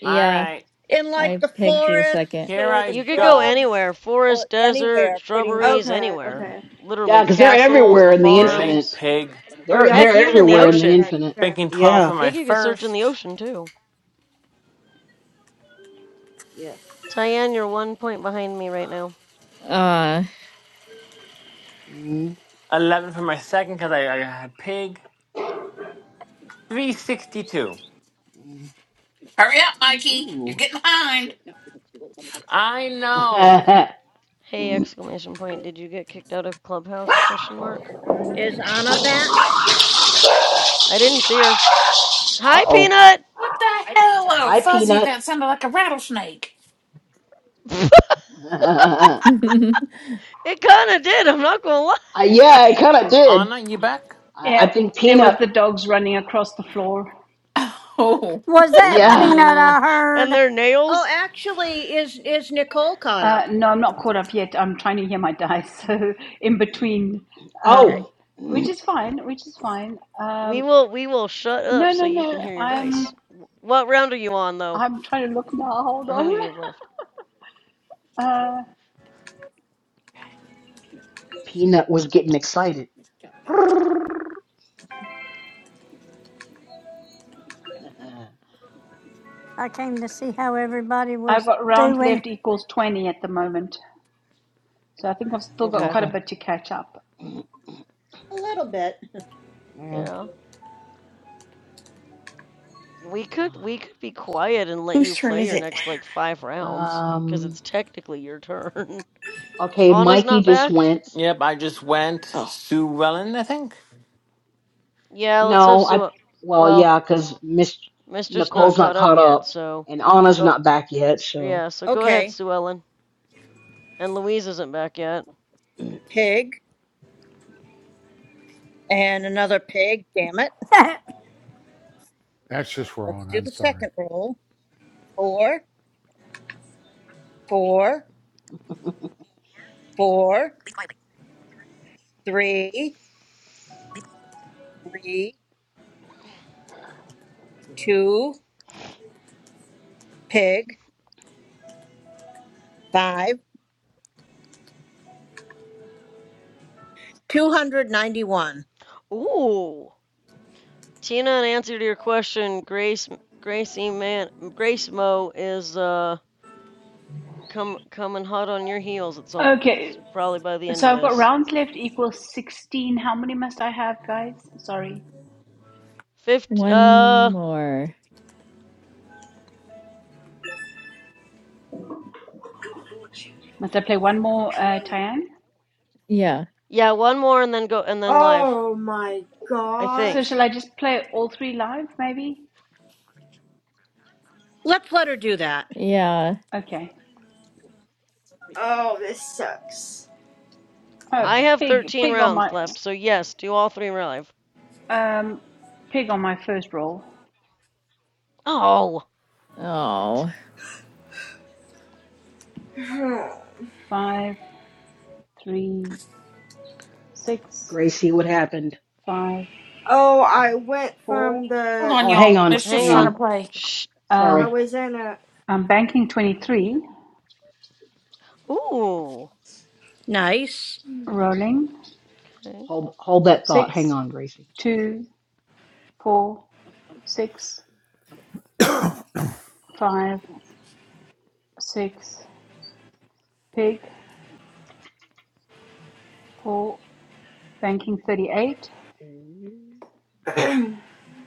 Yeah,
Alright,
in like
I
the
pigged the second.
forests
here
or the
I
You could go
go.
shrubs
anywhere.
or
Forest, desert,
anywhere pretty much.
shrubberies,
okay,
anywhere.
okay.
Literally
Yeah, 'cause they're
castles,
everywhere
the
in the
Really?
infinite.
farms.
Pig.
Oh
They're
yeah,
Heck,
they're
even in the
yeah,
everywhere in
that's
the
ocean.
right.
infinite.
Okay.
Banking 12
I
for
Yeah.
my
think you could search in the
first,
ocean too.
Yeah.
Tyann, you're one point behind me right now.
Uh,
Mm,
11 for my second because I, I had pig. 362.
mm.
Hurry up, Mikey! You're
Ooh.
getting behind.
I know.
Uh-oh.
Hey exclamation point. Did you get kicked out of clubhouse question mark?
Is Anna back?
I didn't see her. Hi Peanut.
What the hell? Oh,
Hi,
fuzzy!
Peanut.
That sounded like a rattlesnake.
it
uh,
kind of did. I'm not gonna
yeah, I
lie.
kind of did.
Anna, you back?
I, I
Yeah,
think
it was the
Peanut.
dogs running across the floor.
Oh,
Was that
Yeah.
peanut
Mm,
I heard?
And their
Oh,
nails.
actually is is Nicole caught
Uh,
up?
no, I'm not caught up yet. I'm trying to hear my dice, so in between,
Okay.
um,
Oh.
which
Mm,
is fine, which is fine.
We
Um,
will we will shut up
no,
so
no,
you can
no.
yeah.
hear your
I'm
dice. What round are you on though?
I'm trying to look now. Hold
Or how
on.
many do you have left?
Uh,
Peanut was getting excited.
I came to see how everybody
I've
was
got rounds
doing.
left equals 20 at the moment, so I think I've still got
Okay.
quite a
okay.
bit to catch up.
A little bit.
Yeah.
Yeah. We could we could be quiet and let
Whose
you
turn
play
is
your
it?
next like five rounds because
Um.
it's technically your turn.
Okay,
Anna's
Mikey
not
just
back.
went.
yep, I just went.
Oh,
Sue Wellen, I think.
Yeah. Let's have
No, I.
Sue.
Well,
Well,
yeah, because Miss
Mischief's not
Nicole's not
caught up
caught
yet,
up,
so
and Anna's
go.
not back yet. So,
Yeah. So go ahead,
Okay.
Sue Ellen. And Louise isn't back yet.
Pig. and another pig. Damn it.
that's just
Let's
wrong.
do
I'm
the
sorry.
second roll. Four, four, four, three, three, two, pig, five, 291.
Ooh. Tina, in answer to your question, Grace Gracie Man Grace Mo is uh come coming hot on your heels at some it's
Okay,
probably by the end
so
of
I've got
this.
rounds left equals 16. How many must I have, guys? Sorry,
Fifth.
one
uh
more.
must I play one more, uh, Tyann?
Yeah,
yeah, one more and then go and then live,
Oh my
I
So
gosh.
think.
shall I just play all three live, maybe?
Let's let her do that.
yeah.
Okay.
Oh, this sucks.
Oh,
I have
pig,
13
pig on
rounds
my,
left, so yes, do all three live.
um, pig on my first roll.
Oh, darn it.
Oh.
Hmm.
Five, three, six,
Gracie, what happened?
five,
oh, I went
four.
from
Hold
the
on,
Oh, hang
y'all.
on,
Mischief's
Hang
hang
trying to
on.
on.
play.
Shh.
Um,
I
Sorry.
was in a
I'm banking twenty-three.
Ooh.
Nice.
Rolling
Okay.
Hold hold that thought. Hang
six,
on, Gracie.
two, four, six, five, six. Pig four. Banking thirty-eight.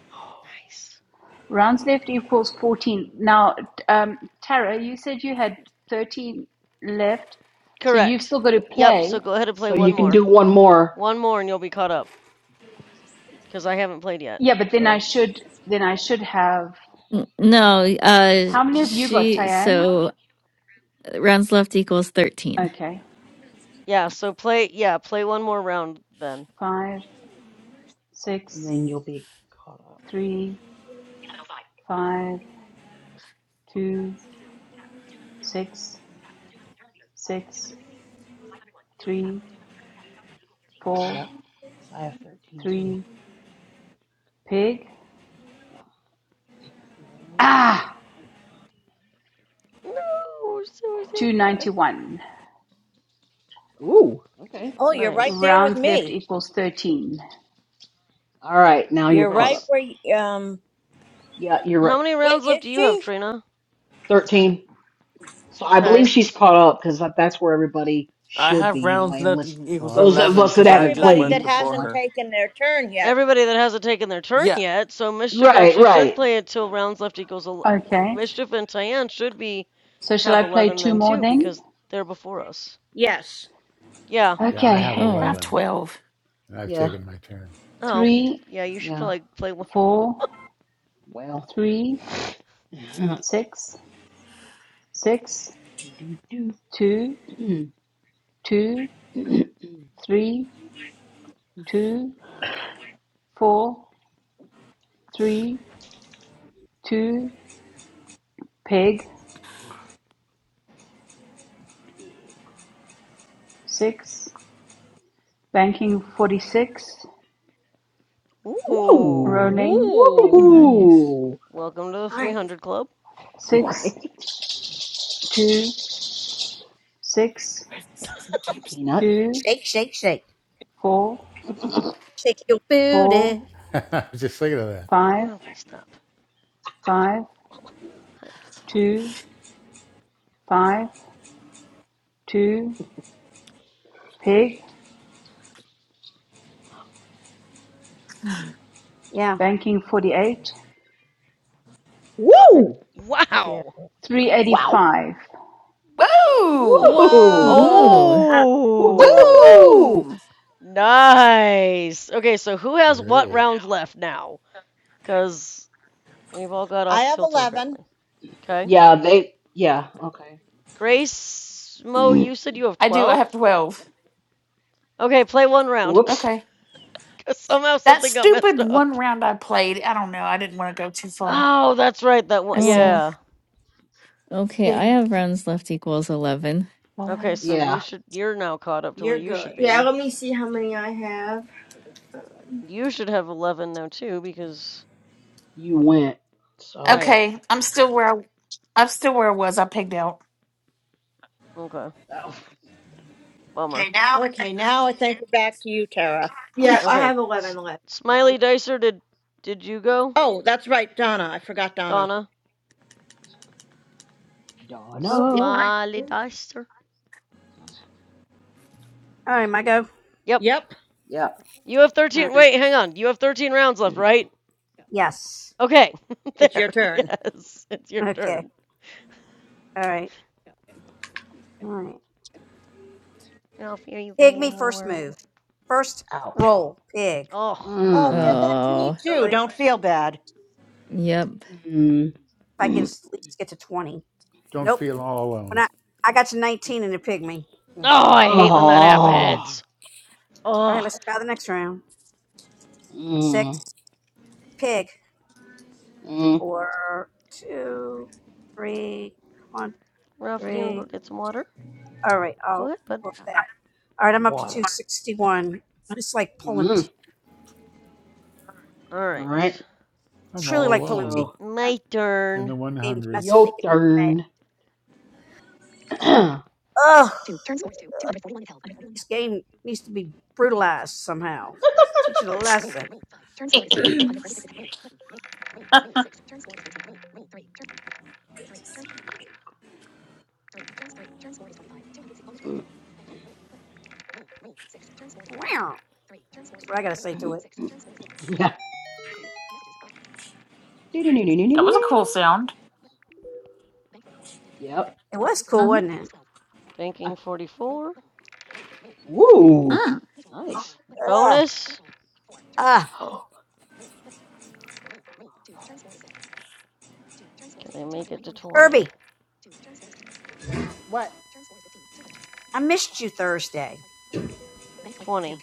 Nice.
Rounds left equals fourteen. Now, um, Tara, you said you had thirteen left, so you've
Correct.
still got to
Yep, so
play.
go ahead and play
So
one
you can
more.
do one more.
One more and you'll be caught up cuz I haven't played yet.
Yeah, but then
So
I should then I
Yeah.
should have
N- No, uh,
how many of you got
she,
Tayan?
so rounds left equals 13.
Okay.
Yeah, so play yeah, play one more round then.
Five,
And
six,
then you'll be caught up.
three, five, two, six, six, three, four,
Yep. Because I have 13 too.
three, pig.
Yeah.
Ah
No, so
two
sad.
ninety one.
Oh. Ooh. Okay.
Oh, you're right
Nice.
there with
Rounds left
me.
equals thirteen.
All right. Now you're
You're
Okay.
caught
right
s-
up.
where, y- um,
Yeah, you're
How
right.
many
wait,
rounds left
is
do you have,
she?
Trina?
13. So I believe
Okay.
she's caught up because that's where everybody
I
should
have
be
rounds
anyway,
left e-
unless
Well,
equals
those of
11
us that
because I
haven't
just
Everybody that
went
played
before
anyway.
hasn't
her.
taken their turn yet.
Everybody that hasn't taken their turn
Yeah.
yet, so Mischief
Right,
actually should
right.
play until rounds left equals el-
Okay.
Mischief and Tyann should be
So shall
have
I play
11
two
then
more
too
then?
because they're before us.
Yes.
Yeah.
yeah, I
Okay.
have
I
Oh,
have
11,
twelve.
and I've
Yeah,
taken my turn.
Oh.
Three,
Yeah, you should
yeah.
probably play one.
four,
Well.
three,
do,
six, six,
do,
two,
do.
two, Three, two, four, three, two, peg,
Pig.
six, banking forty-six,
Ooh.
Woo!
rolling,
Ooh.
nice.
Woo!
Welcome to the
nice.
300 club.
six,
Right?
two, six,
Hi, Peanut.
two,
Shake, shake, shake.
four,
Shake your
four,
booty.
I was just thinking of that.
five,
Oh, please stop.
five,
Hi.
two, five, two, peg,
Yeah,
banking forty-eight,
good.
Woo!
Thank you.
Wow.
three
Wow!
eighty-five.
Woo!
Woo!
Whoa.
Ooh.
Oh,
Woo!
Woo! No.
nice. Okay, so who has what
Great.
rounds left now? Because we've all got
I
off
have
kilter
11.
apparently. Okay.
Yeah, they. Yeah. Okay.
Grace, Mo, you said you have
I do. I
12?
have twelve.
Okay, play one round.
Whoops.
Okay.
Because somehow
That
something got messed
stupid one
up.
round I played. I don't know. I didn't want to go too far.
Oh, that's right. That one.
Let's
Oh,
see.
Yeah.
okay. I
Pig.
have rounds left equals 11.
Okay,
Five.
so you
Yeah,
should. You're now caught up to where
You're
you should
good.
Yeah,
be.
let me see how many I have.
You should have 11 now, too, because.
you went. So.
Right.
Okay, I'm still where I, I'm still where I was. I pigged out.
Okay.
Oh,
Okay,
Bummer.
now
Okay, now I think we're back to you, Tara.
Yep, I
Okay.
have eleven
S-
left. Um,
Smiley Dicer, did did you go?
Oh, that's right, Donna. I forgot Donna.
Donna
oh.
Donna.
Smiley Dicer.
All right, my go.
Yep.
Yep,
Yeah.
You have
All
13.
right.
Wait, hang on. You have 13 rounds left, right?
Yes.
Okay.
it's
there.
your turn.
Yes. It's your
Okay.
turn.
All right. All right.
Ralphie, are you
Pig me
getting
first
warm?
move. First
Ouch.
roll. Pig.
Oh.
Oh, it did
Mm.
that to me
Oh,
too.
Really? If
Don't feel bad.
yep.
Mm.
I get
Mm.
at least get to 20.
Don't
Nope.
feel all
When
alone.
I I got you 19 in a pygmy. Oh
Oh,
my God.
I hate when that
Oh.
happens.
All right,
Oh.
let's try the next round.
Mm.
Six pig.
Mm.
Four, two, three. Come on,
Ralphie, do you want to go
three.
get some water?
All right,
Go
I'll
ahead, bud.
book that. All right, I'm up to
Water.
261. I just like pulling
Mm.
teeth.
All
All
right.
right.
I'm
It's really
all
like pulling teeth.
alone
So
That
My
in the
turn.
game's messing
100s.
your
making me mad.
turn.
Ugh, Like, this game needs to be brutalized somehow. Teach it a lesson.
it's
Yeah.
Wow, that's what I gotta say to
Mm-mm.
it.
Yeah.
that was a
Do-do-do-do-do-do-do.
cool sound.
Yep.
It was cool, wasn't it?
I,
Banking 44.
woo.
Mm-hmm.
Nice.
Ugh.
Bonus.
Ah,
Can I make it to 20?
Herbie.
What?
I missed you Thursday.
20.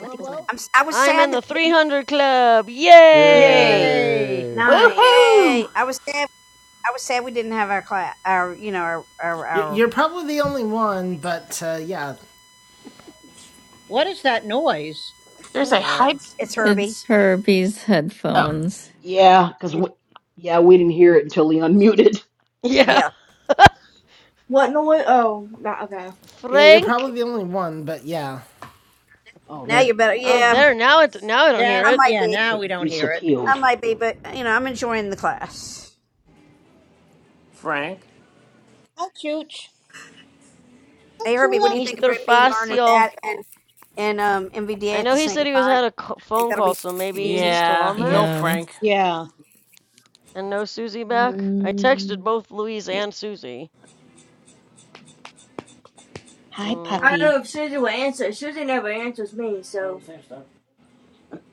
Uh, well,
I'm. s- i am I was
I'm in
sad. That,
the 300 club. Yay!
Yay!
Yay!
Nice.
yay!
Woohoo!
I was sad. I was sad we didn't have our class. Our, you know, our, our, our.
you're probably the only one, but uh, yeah,
What is that noise?
What
There's
is
a
that?
hype.
It's Herbie.
It's Herbie's
Oh,
headphones.
Yeah, because we, yeah, we didn't hear it until he unmuted.
Yeah,
Yeah.
What noise? Oh, not okay.
yeah, you're
Frank.
probably the only one, but yeah.
Oh,
Now
there.
you're better.
Oh,
Yeah.
there now. It now I don't hear
That
I
it.
might
yeah,
be.
now we
It
don't hear it.
I
disappeared.
might be, but you know, I'm enjoying the class.
Frank?
Hi, Chooch. Hi,
Hey Herbie, what do
Chula.
you think
Mister
about me learning
Facio.
that and and um
I
MVDA at
know
the
he
same
said he was
time?
had a c-
Think
phone
that'll
call,
be
so maybe he's
confusing.
still
Yeah,
on
no,
that.
Yeah.
Frank.
Yeah.
And no Susie back. I texted
Mm,
both Louise and Susie.
Hi, puppy.
Mm,
I don't know if Susie will answer. Susie never answers me, so.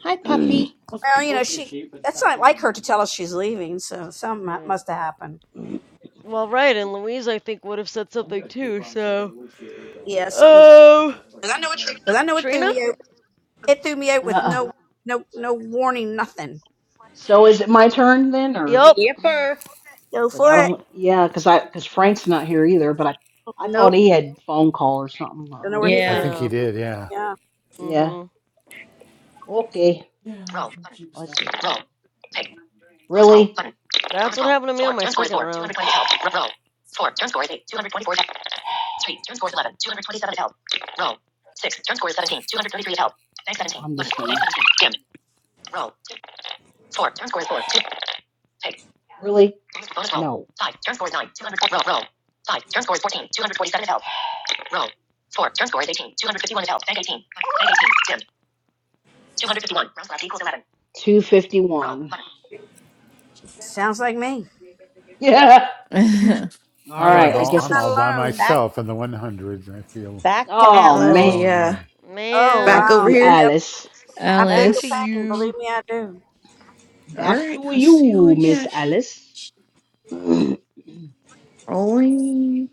Hi, puppy.
Well, you know, she. That's not like her to tell us she's leaving. So something
right.
must have happened.
Well, right, and Louise I think would have said something too. So,
Yeah, something.
oh, Uh,
Because I know it threw
Trina.
me. over. It threw me out with
uh
no no no warning, nothing.
So is it my turn then, or
Yup.
Yipper.
Go
because I
for it.
don't? Yeah, because I because Frank's not here either. But I I thought
Nope.
he had phone call or something
Don't know where he
earlier. I
I
don't
went.
Yeah.
think
know.
he
Yeah.
did. Yeah,
Yeah.
mm
Yeah.
Mhm.
Okay. Let's see. Roll. Really?
That's what happened to me on my second round.
I'm just gonna. Really? No. 251.
Sounds like me.
Yeah. All
I'm
Hey,
all,
well,
right.
at
I
least I'm
guess
I'm all
not
it's.
by
alone.
Back
myself in the 100s. I feel
back to
Oh,
oh
man.
Alice.
yeah.
lonely.
Oh
Back
Back
Man,
wow.
over
to
here.
Yep.
Alice.
I feel
back
Yep.
your
to
Alice.
pain. Believe
you.
me, I do.
All
Back
right.
to
Let's see what
you,
we
Miss
get.
Alice.
Rolling.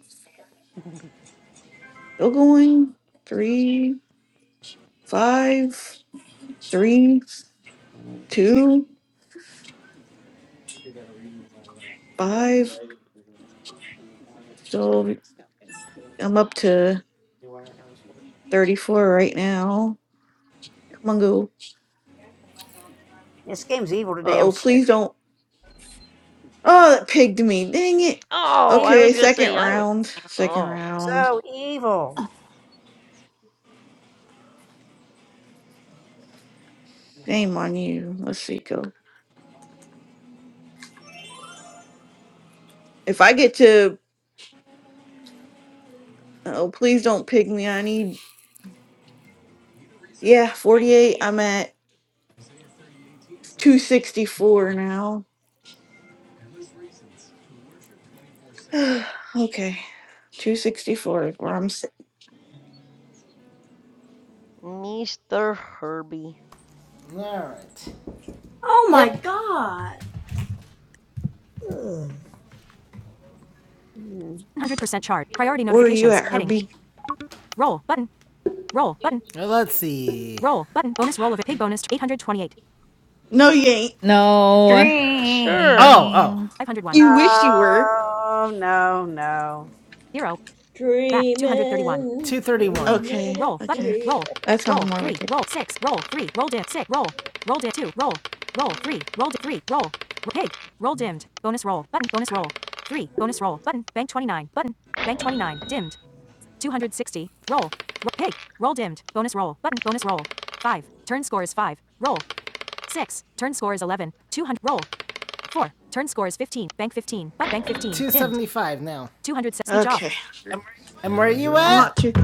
Still going. Three, five, three, two, five. So I'm up to 34 right now. Come on, go.
This game's evil
Uh
today. I'm
oh,
serious.
please don't. Oh, that pigged me. Dang it.
Oh, I
Okay,
was
Evil.
gonna
second
say I would.
round. Second
Oh,
round.
So evil.
Shame on you. Let's see, go. If I get to. Oh, please don't pig me. I need Yeah, 48. I'm at 264 now. okay, 264 is where I'm. si-
Mr. Herbie.
All right.
Oh my
Yep.
god.
Ugh. Mm.
100% chart. Priority
Where are you at,
notifications. Heading.
Herbie?
Roll button. Roll button. Let's see. Roll button. Bonus roll of a pig bonus. 828.
No, you ain't.
No.
sure.
Oh, oh.
dream.
501.
You wish you were.
Oh no no.
0. Back. 231.
Dreaming,
231.
Okay,
dreaming is
Roll. Button.
okay. okay.
free.
Roll.
That
Roll.
sounds more
3.
like it.
Roll. 6. Roll. 3. Roll dimmed. 6. Roll. Roll dimmed. 2. Roll. Roll. 3. Roll dimmed. 3. Roll. Ro- Pig. Roll dimmed. Bonus roll. Button. Bonus roll. 3. Bonus roll. Button. Bank 29. Button. Bank 29. Dimmed. 260. Roll. Ro- pig. Roll dimmed. Bonus roll. Button. Bonus roll. 5. Turn score is 5. Roll. 6. Turn score is 11. 200. Roll. 4. Turn score is 15. Bank 15. But bank 15. seventy five Dimmed. now. 200. Speech off.
Okay,
And where are
Here I
you
I'm
go.
not
at?
too.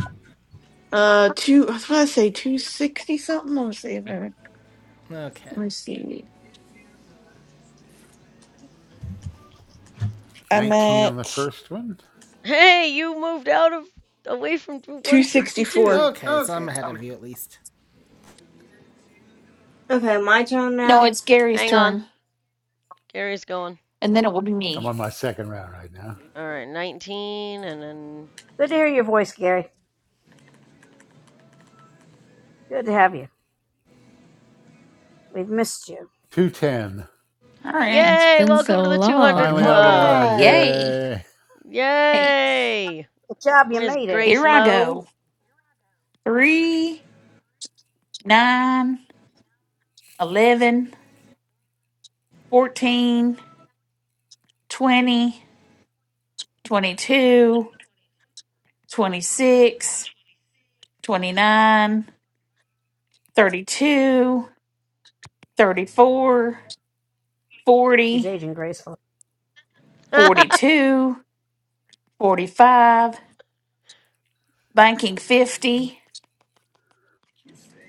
Uh, two. I was gonna say 260 something. Let me see. if I-
Okay.
Let me see. I'm
19 on
at
the first one.
Hey, you moved out of away from
264.
162.
Okay, so I'm ahead of you at least.
Okay, my turn
No,
now.
it's Gary's
Hang on,
turn,
Gary's going.
and then it will be
I'm
me.
on my second round right now.
All right, 19, and then
Good to hear your voice, Gary. Good to have you. We've missed you.
210.
All right,
It's
yay!
been
Welcome to
so
the 200
Finally
long.
All
out of the
Club.
ones.
right.
yay!
Yay.
Hey,
Yay,
Good job. You
Miss
made it.
Grace
here I
Moe.
go. Three, nine, eleven, fourteen, twenty, twenty-two, twenty-six, twenty-nine. 32, 34,
She's
40,
aging gracefully.
42, 45. banking 50,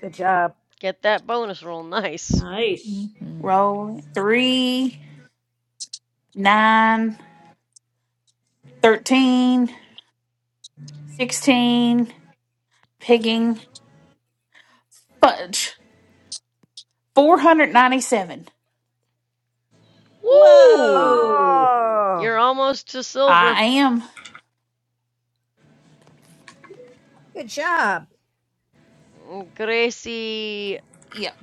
Good job.
Get that bonus roll, nice.
Nice.
Mhm.
roll 3, nine, thirteen, sixteen. 13, pigging, fudge, 497.
Woo!
Whoa.
You're
Oh.
almost to silver,
I am,
Good job.
Gracie.
yep,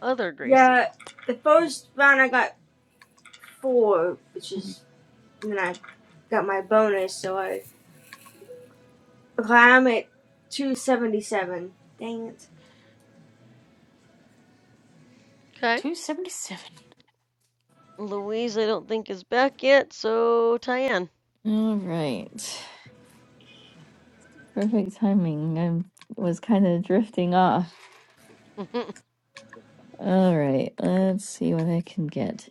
Other Gracie.
Yeah, the first round I got four, which is and then I got my bonus, so I. Okay, I'm at two seventy seven. Dang it!
Okay.
277.
Louise, I don't think is back yet, so Tyann.
All right. Perfect timing. I was kind of drifting off. All right. Let's see what I can get.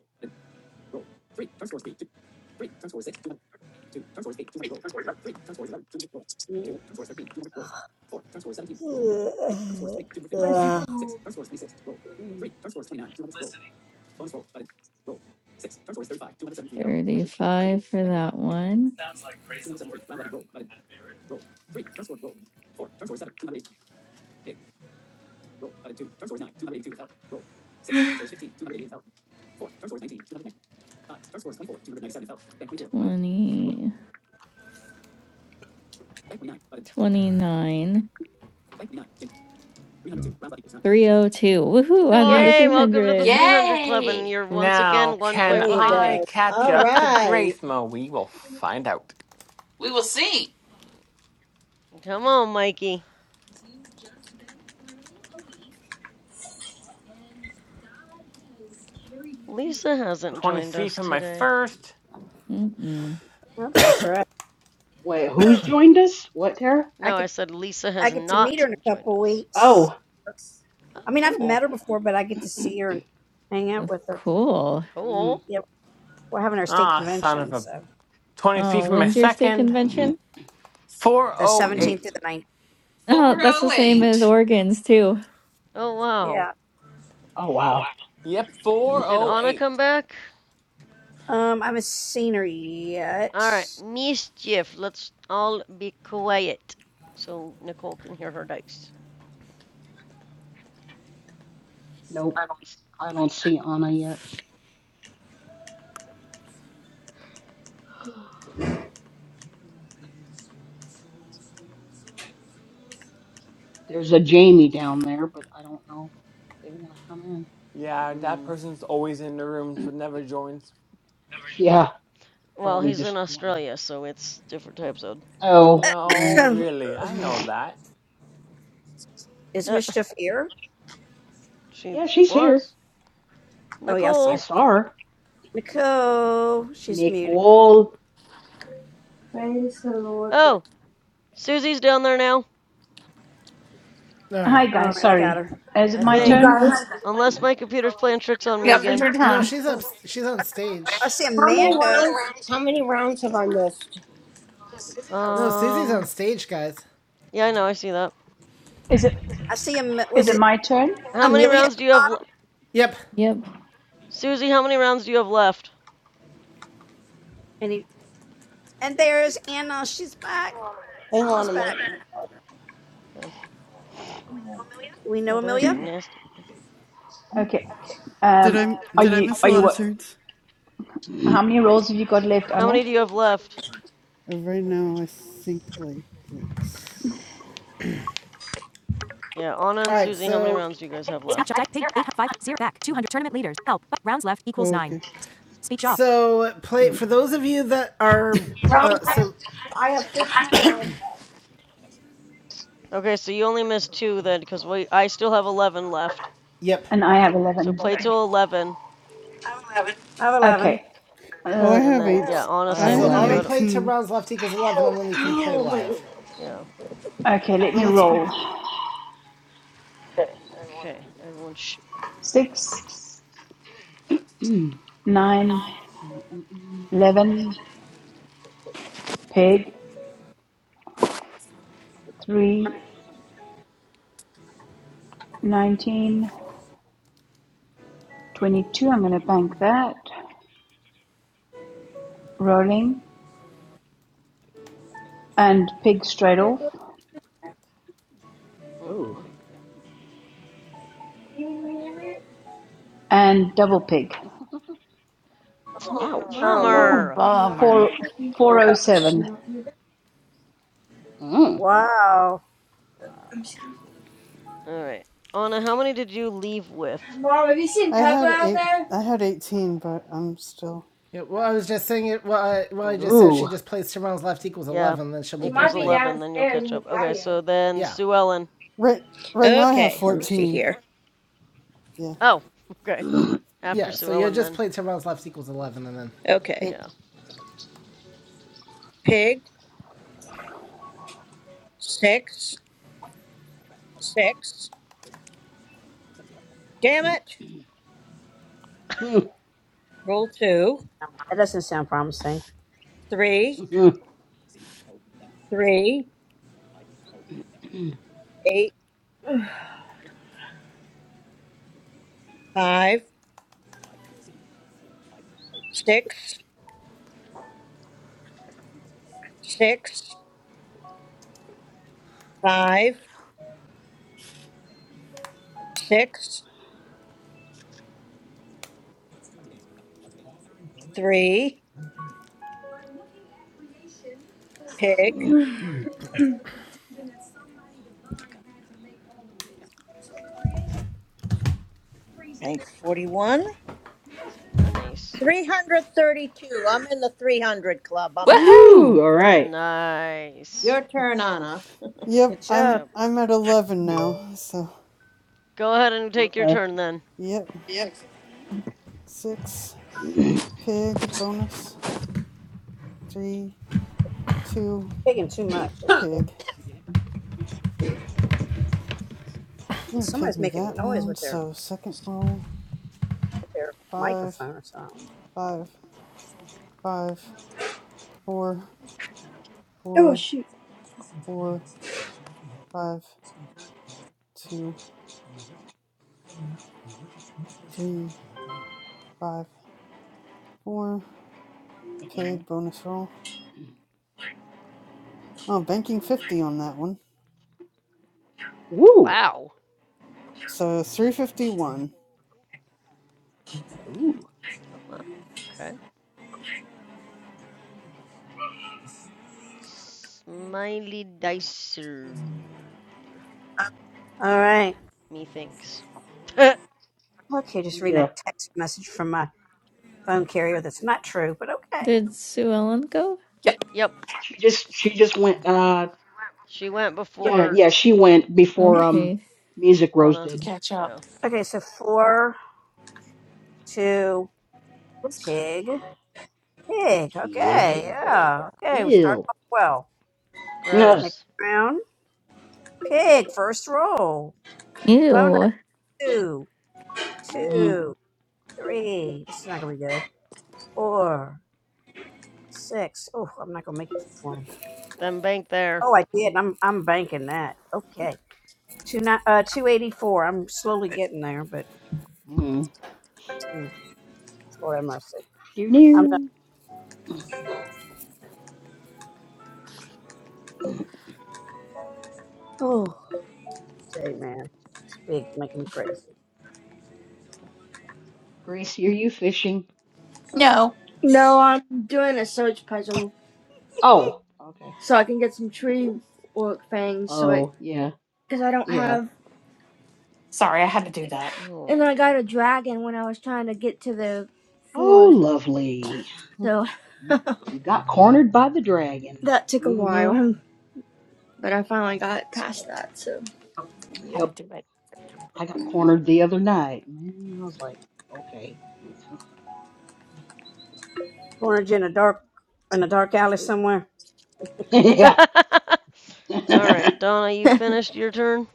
35 for that one. 20, 29, 302. Woohoo, I'm in the
Nice.
Yay, welcome to the
300s.
300 Club, and
Yay!
you're once
Now,
again one point
can
There you
behind me.
I
go.
catch
All
up to
right.
Grace Mo? We will find out.
We will see.
Come on, Mikey. Lisa hasn't joined
23
us
from my
today.
first.
Mm-mm.
Oh, she sure. is.
Wait, who's joined us? What, Tara?
I
No, I
get
said Lisa
I
has
get to meet
not
her in a
joined
couple
us.
weeks.
Oh.
That's-
Oh,
I mean, I've
cool.
met her before, but I get to see her and hang
Oh,
out with her.
Cool.
Mm.
Cool.
Yeah, we're having our state
Ah, son of
convention,
a.
so
23
Oh,
from my
when's your state
second.
mm,
convention?
the
mm,
seventeenth through
408.
the ninth.
Oh, that's the same
mm.
as
408.
Oregon's too.
Oh, wow.
Yeah.
Oh, wow.
Yep,
Did Anna come
408.
back?
Um, I haven't seen her yet.
All right, mischief. Let's all be quiet so Nicole can hear her dice.
Nope. I don't see Anna yet. There's a Jamie down there, but I don't know if they want to come in.
Yeah, that
hmm
person's always in the rooms but never joins.
Yeah,
Well,
probably
he's in
just want to.
Australia, so it's different time zone.
Oh,
No,
right.
really, I know that.
Is
Uh,
mischief here?
she
Yeah, she's here.
was
Oh yeah, I
I,
see
I
Nicole.
her.
saw her.
Nicole, she's muted.
Nicole.
Praise the Lord for.
Oh, Susie's down there now.
All
Hi
right.
All
guys,
right, I got
sorry.
her.
Is it
I
I
my
you
hope.
think,
turn?
guys,
unless my computer's playing tricks on me
Yep, it's
again.
your
No,
turn.
she's up. She's on
I
stage.
see
how many
Amanda.
rounds? How many rounds have I missed?
No, Susie's on
Um,
stage, guys.
yeah, I know, I see that.
Is it
I see him.
is
Was
it
it
my turn?
How many
Amelia at
rounds
the
do you have,
bottom?
le-
Yep.
Yep.
Susie? How many rounds do you have left?
And he, and there's Anna. She's back.
Hang on
Anna's
a
back.
minute.
Okay.
Do we know
Ooh, there's a
Amelia?
nasty echo.
Hmm.
Okay.
Did
Um,
I
are
did
Nope.
I
you
miss
are
a
you
lot of
what?
turns?
How
I
many rolls have you got left,
How
Anna?
many do you have left?
Uh, Right now, I think like let's look.
Yeah, Anna
All
and
right.
Susie, how many
So
rounds do you guys have left?
Speech off. Dice pig eight five zero back two hundred tournament leaders. Help. Rounds left equals
Oh,
nine.
okay.
Speech off. So play for those of you that are
Round
uh,
left.
so
I have fifteen rounds.
Okay, so you only missed two then, because we I still have eleven left.
yep.
And I have
So
11.
play till eleven,
I have 11.
Okay.
Oh, I
Uh,
and
have
then yeah,
eight.
Anna,
I
have
same
So
with
have
on
you.
a
I
11.
don't.
play to
18.
rounds left equals eleven, and then you can play
Oh my god.
live.
Yeah.
okay, let
Oh,
me
that's cool.
roll.
Okay, everyone. Sh-
6, nine, eleven, 11, peg, 3, nineteen, twenty-two. I'm going to bank that. Rolling. And pig straight off.
Ooh.
mm.
You you. you. mean it?
And double pig.
No. you're
Ouch.
Not
Oh
gonna
Lord.
do
Oh,
Bummer.
it. You're Not gonna
bummer.
Four,
do it.
four
Yeah.
o seven.
You're Not gonna do it.
Mm.
Wow.
I'm
Wow.
scared.
All right, Anna, how many did you leave with?
Mom, have you seen
I
Peppa
had
out
eight.
there?
I had 18, but I'm still
Yeah, well, I was just saying it. Well, I, well, I
Okay.
just said she
Ooh.
just plays to rounds left equals
Yeah,
eleven, then she'll be
She
able to
equals
might be
play.
eleven. Then you'll
downstairs
catch
in the
up. Okay,
patio.
so then
Yeah,
Sue Ellen.
right. Right now, I have
Okay, let me see
14.
here.
Yeah.
Oh, okay. After
yeah. So
Sue
you
Ellen,
just
then
play to rounds left equals eleven, and then
Okay.
Yep.
yeah.
Pig, six, six. Damn it. Roll two,
That doesn't sound promising.
three, three, eight, five, six, six, five, six, three. Pig, bank 41.
Nice.
332. I'm in the 300 club. I'm happy.
Woohoo!
Ooh. All right.
Nice.
Your turn, Anna.
Yep.
Good job.
I'm
Yep.
I'm at eleven now. So
Go ahead and take your
Okay.
turn then.
yep. Six pig bonus. Three two
Taking too much.
pig. I'm
And
gonna pig
somebody's
me
making
that
noise
round.
with their,
So second roll.
their
Five
microphone or something.
five five four
Oh
four
shoot.
four five two three five four pig bonus roll. Oh, banking fifty on that one.
Ooh,
Wow.
So three fifty one.
Ooh.
Oh wow. Okay. Smiley Dicer,
All right.
methinks.
Okay, just reading a
Yeah.
text message from my phone carrier that's not true, but okay.
Did Sue Ellen go?
Yep,
yep,
She just she just went uh
she went
yeah,
before
yeah, she went before um
Okay.
Music
uh,
Rose
Anna.
to
did.
catch up.
Yeah,
Okay, so four, two, pig. Pig.
Pig.
Okay. Yeah. Okay. We start
Ew.
off well.
No.
Next
gross.
round. Pig. First roll. Bonus.
Ew.
Two,
Mm.
two, three. This is not gonna be good. Four, six. Oh, I'm not gonna make it to twenty.
Them bank there.
Oh, I did. I'm I'm banking that. Okay. Two ni- uh two eighty four. I'm slowly getting there, but mm, Lord have mercy. I'm
Mm.
not. Oh, say man, it's big, making me crazy.
Gracie, are you fishing?
No.
No, I'm doing a search puzzle
Oh, okay.
so I can get some tree work things. So I,
Oh, yeah,
because I don't
yeah.
have,
Sorry, I had to do that.
Oh,
and I got a
Lord.
dragon when I was trying to get to the
Oh,
forest.
lovely.
So
You, you got cornered by the dragon.
that took a
Mm-hmm.
while, but I finally got past that. So
had to
Yep.
do it.
I got cornered the other night. Man, I was like, okay.
Cornered you in a dark in a dark alley somewhere.
Yeah.
All right, Donna, you finished your turn?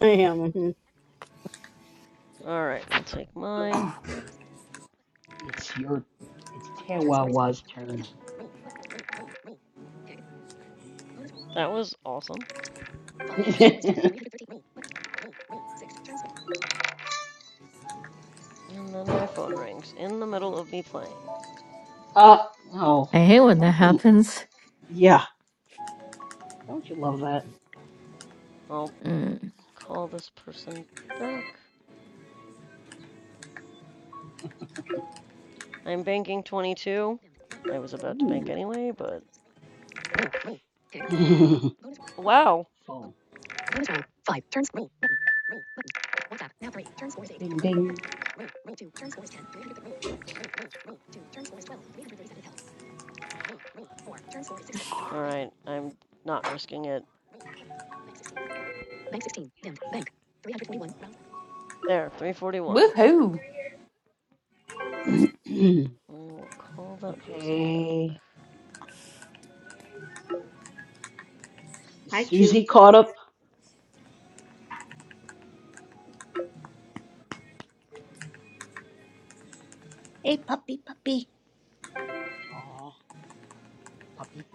I am. mhm.
All right, I'll take mine.
It's your, it's Tewawa's turn.
That was awesome. And then my phone rings in the middle of me playing.
Uh, oh,
I hate when that
don't you, lo-
happens.
yeah, don't you love that?
I'll
Mm.
call this person back. I'm banking 22. I was about to bank
Ooh.
anyway, but. Wow!
Full. Bing,
Alright, I'm not risking it. There, 341.
Woohoo!
bing.
I will call that person back.
Okay.
Hi, cute.
Susie caught up.
Hey, puppy, puppy.
Oh, puppy.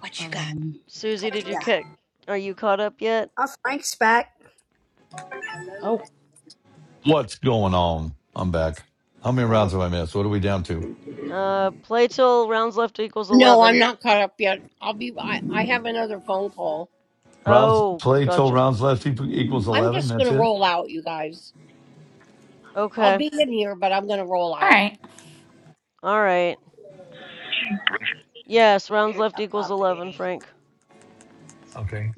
What you got? What
Um.
Susie, did
You
you
got?
kick? Are you caught up yet?
Oh, Frank's back.
Oh,
what's going on? I'm back. How many rounds have I missed? What are we down to?
Uh, play till rounds left equals
No, I'm
11.
not caught up yet. I'll be. I, I have another phone call.
Rounds
Oh,
play till
gotcha.
rounds left equals
I'm
eleven.
just
That's
gonna
it.
roll out, you guys. I'll
Okay,
be in here, but I'm gonna roll
All
out.
right.
alright. Yes, rounds
Here's
left
a
equals 11,
puppy.
Frank.
Okay.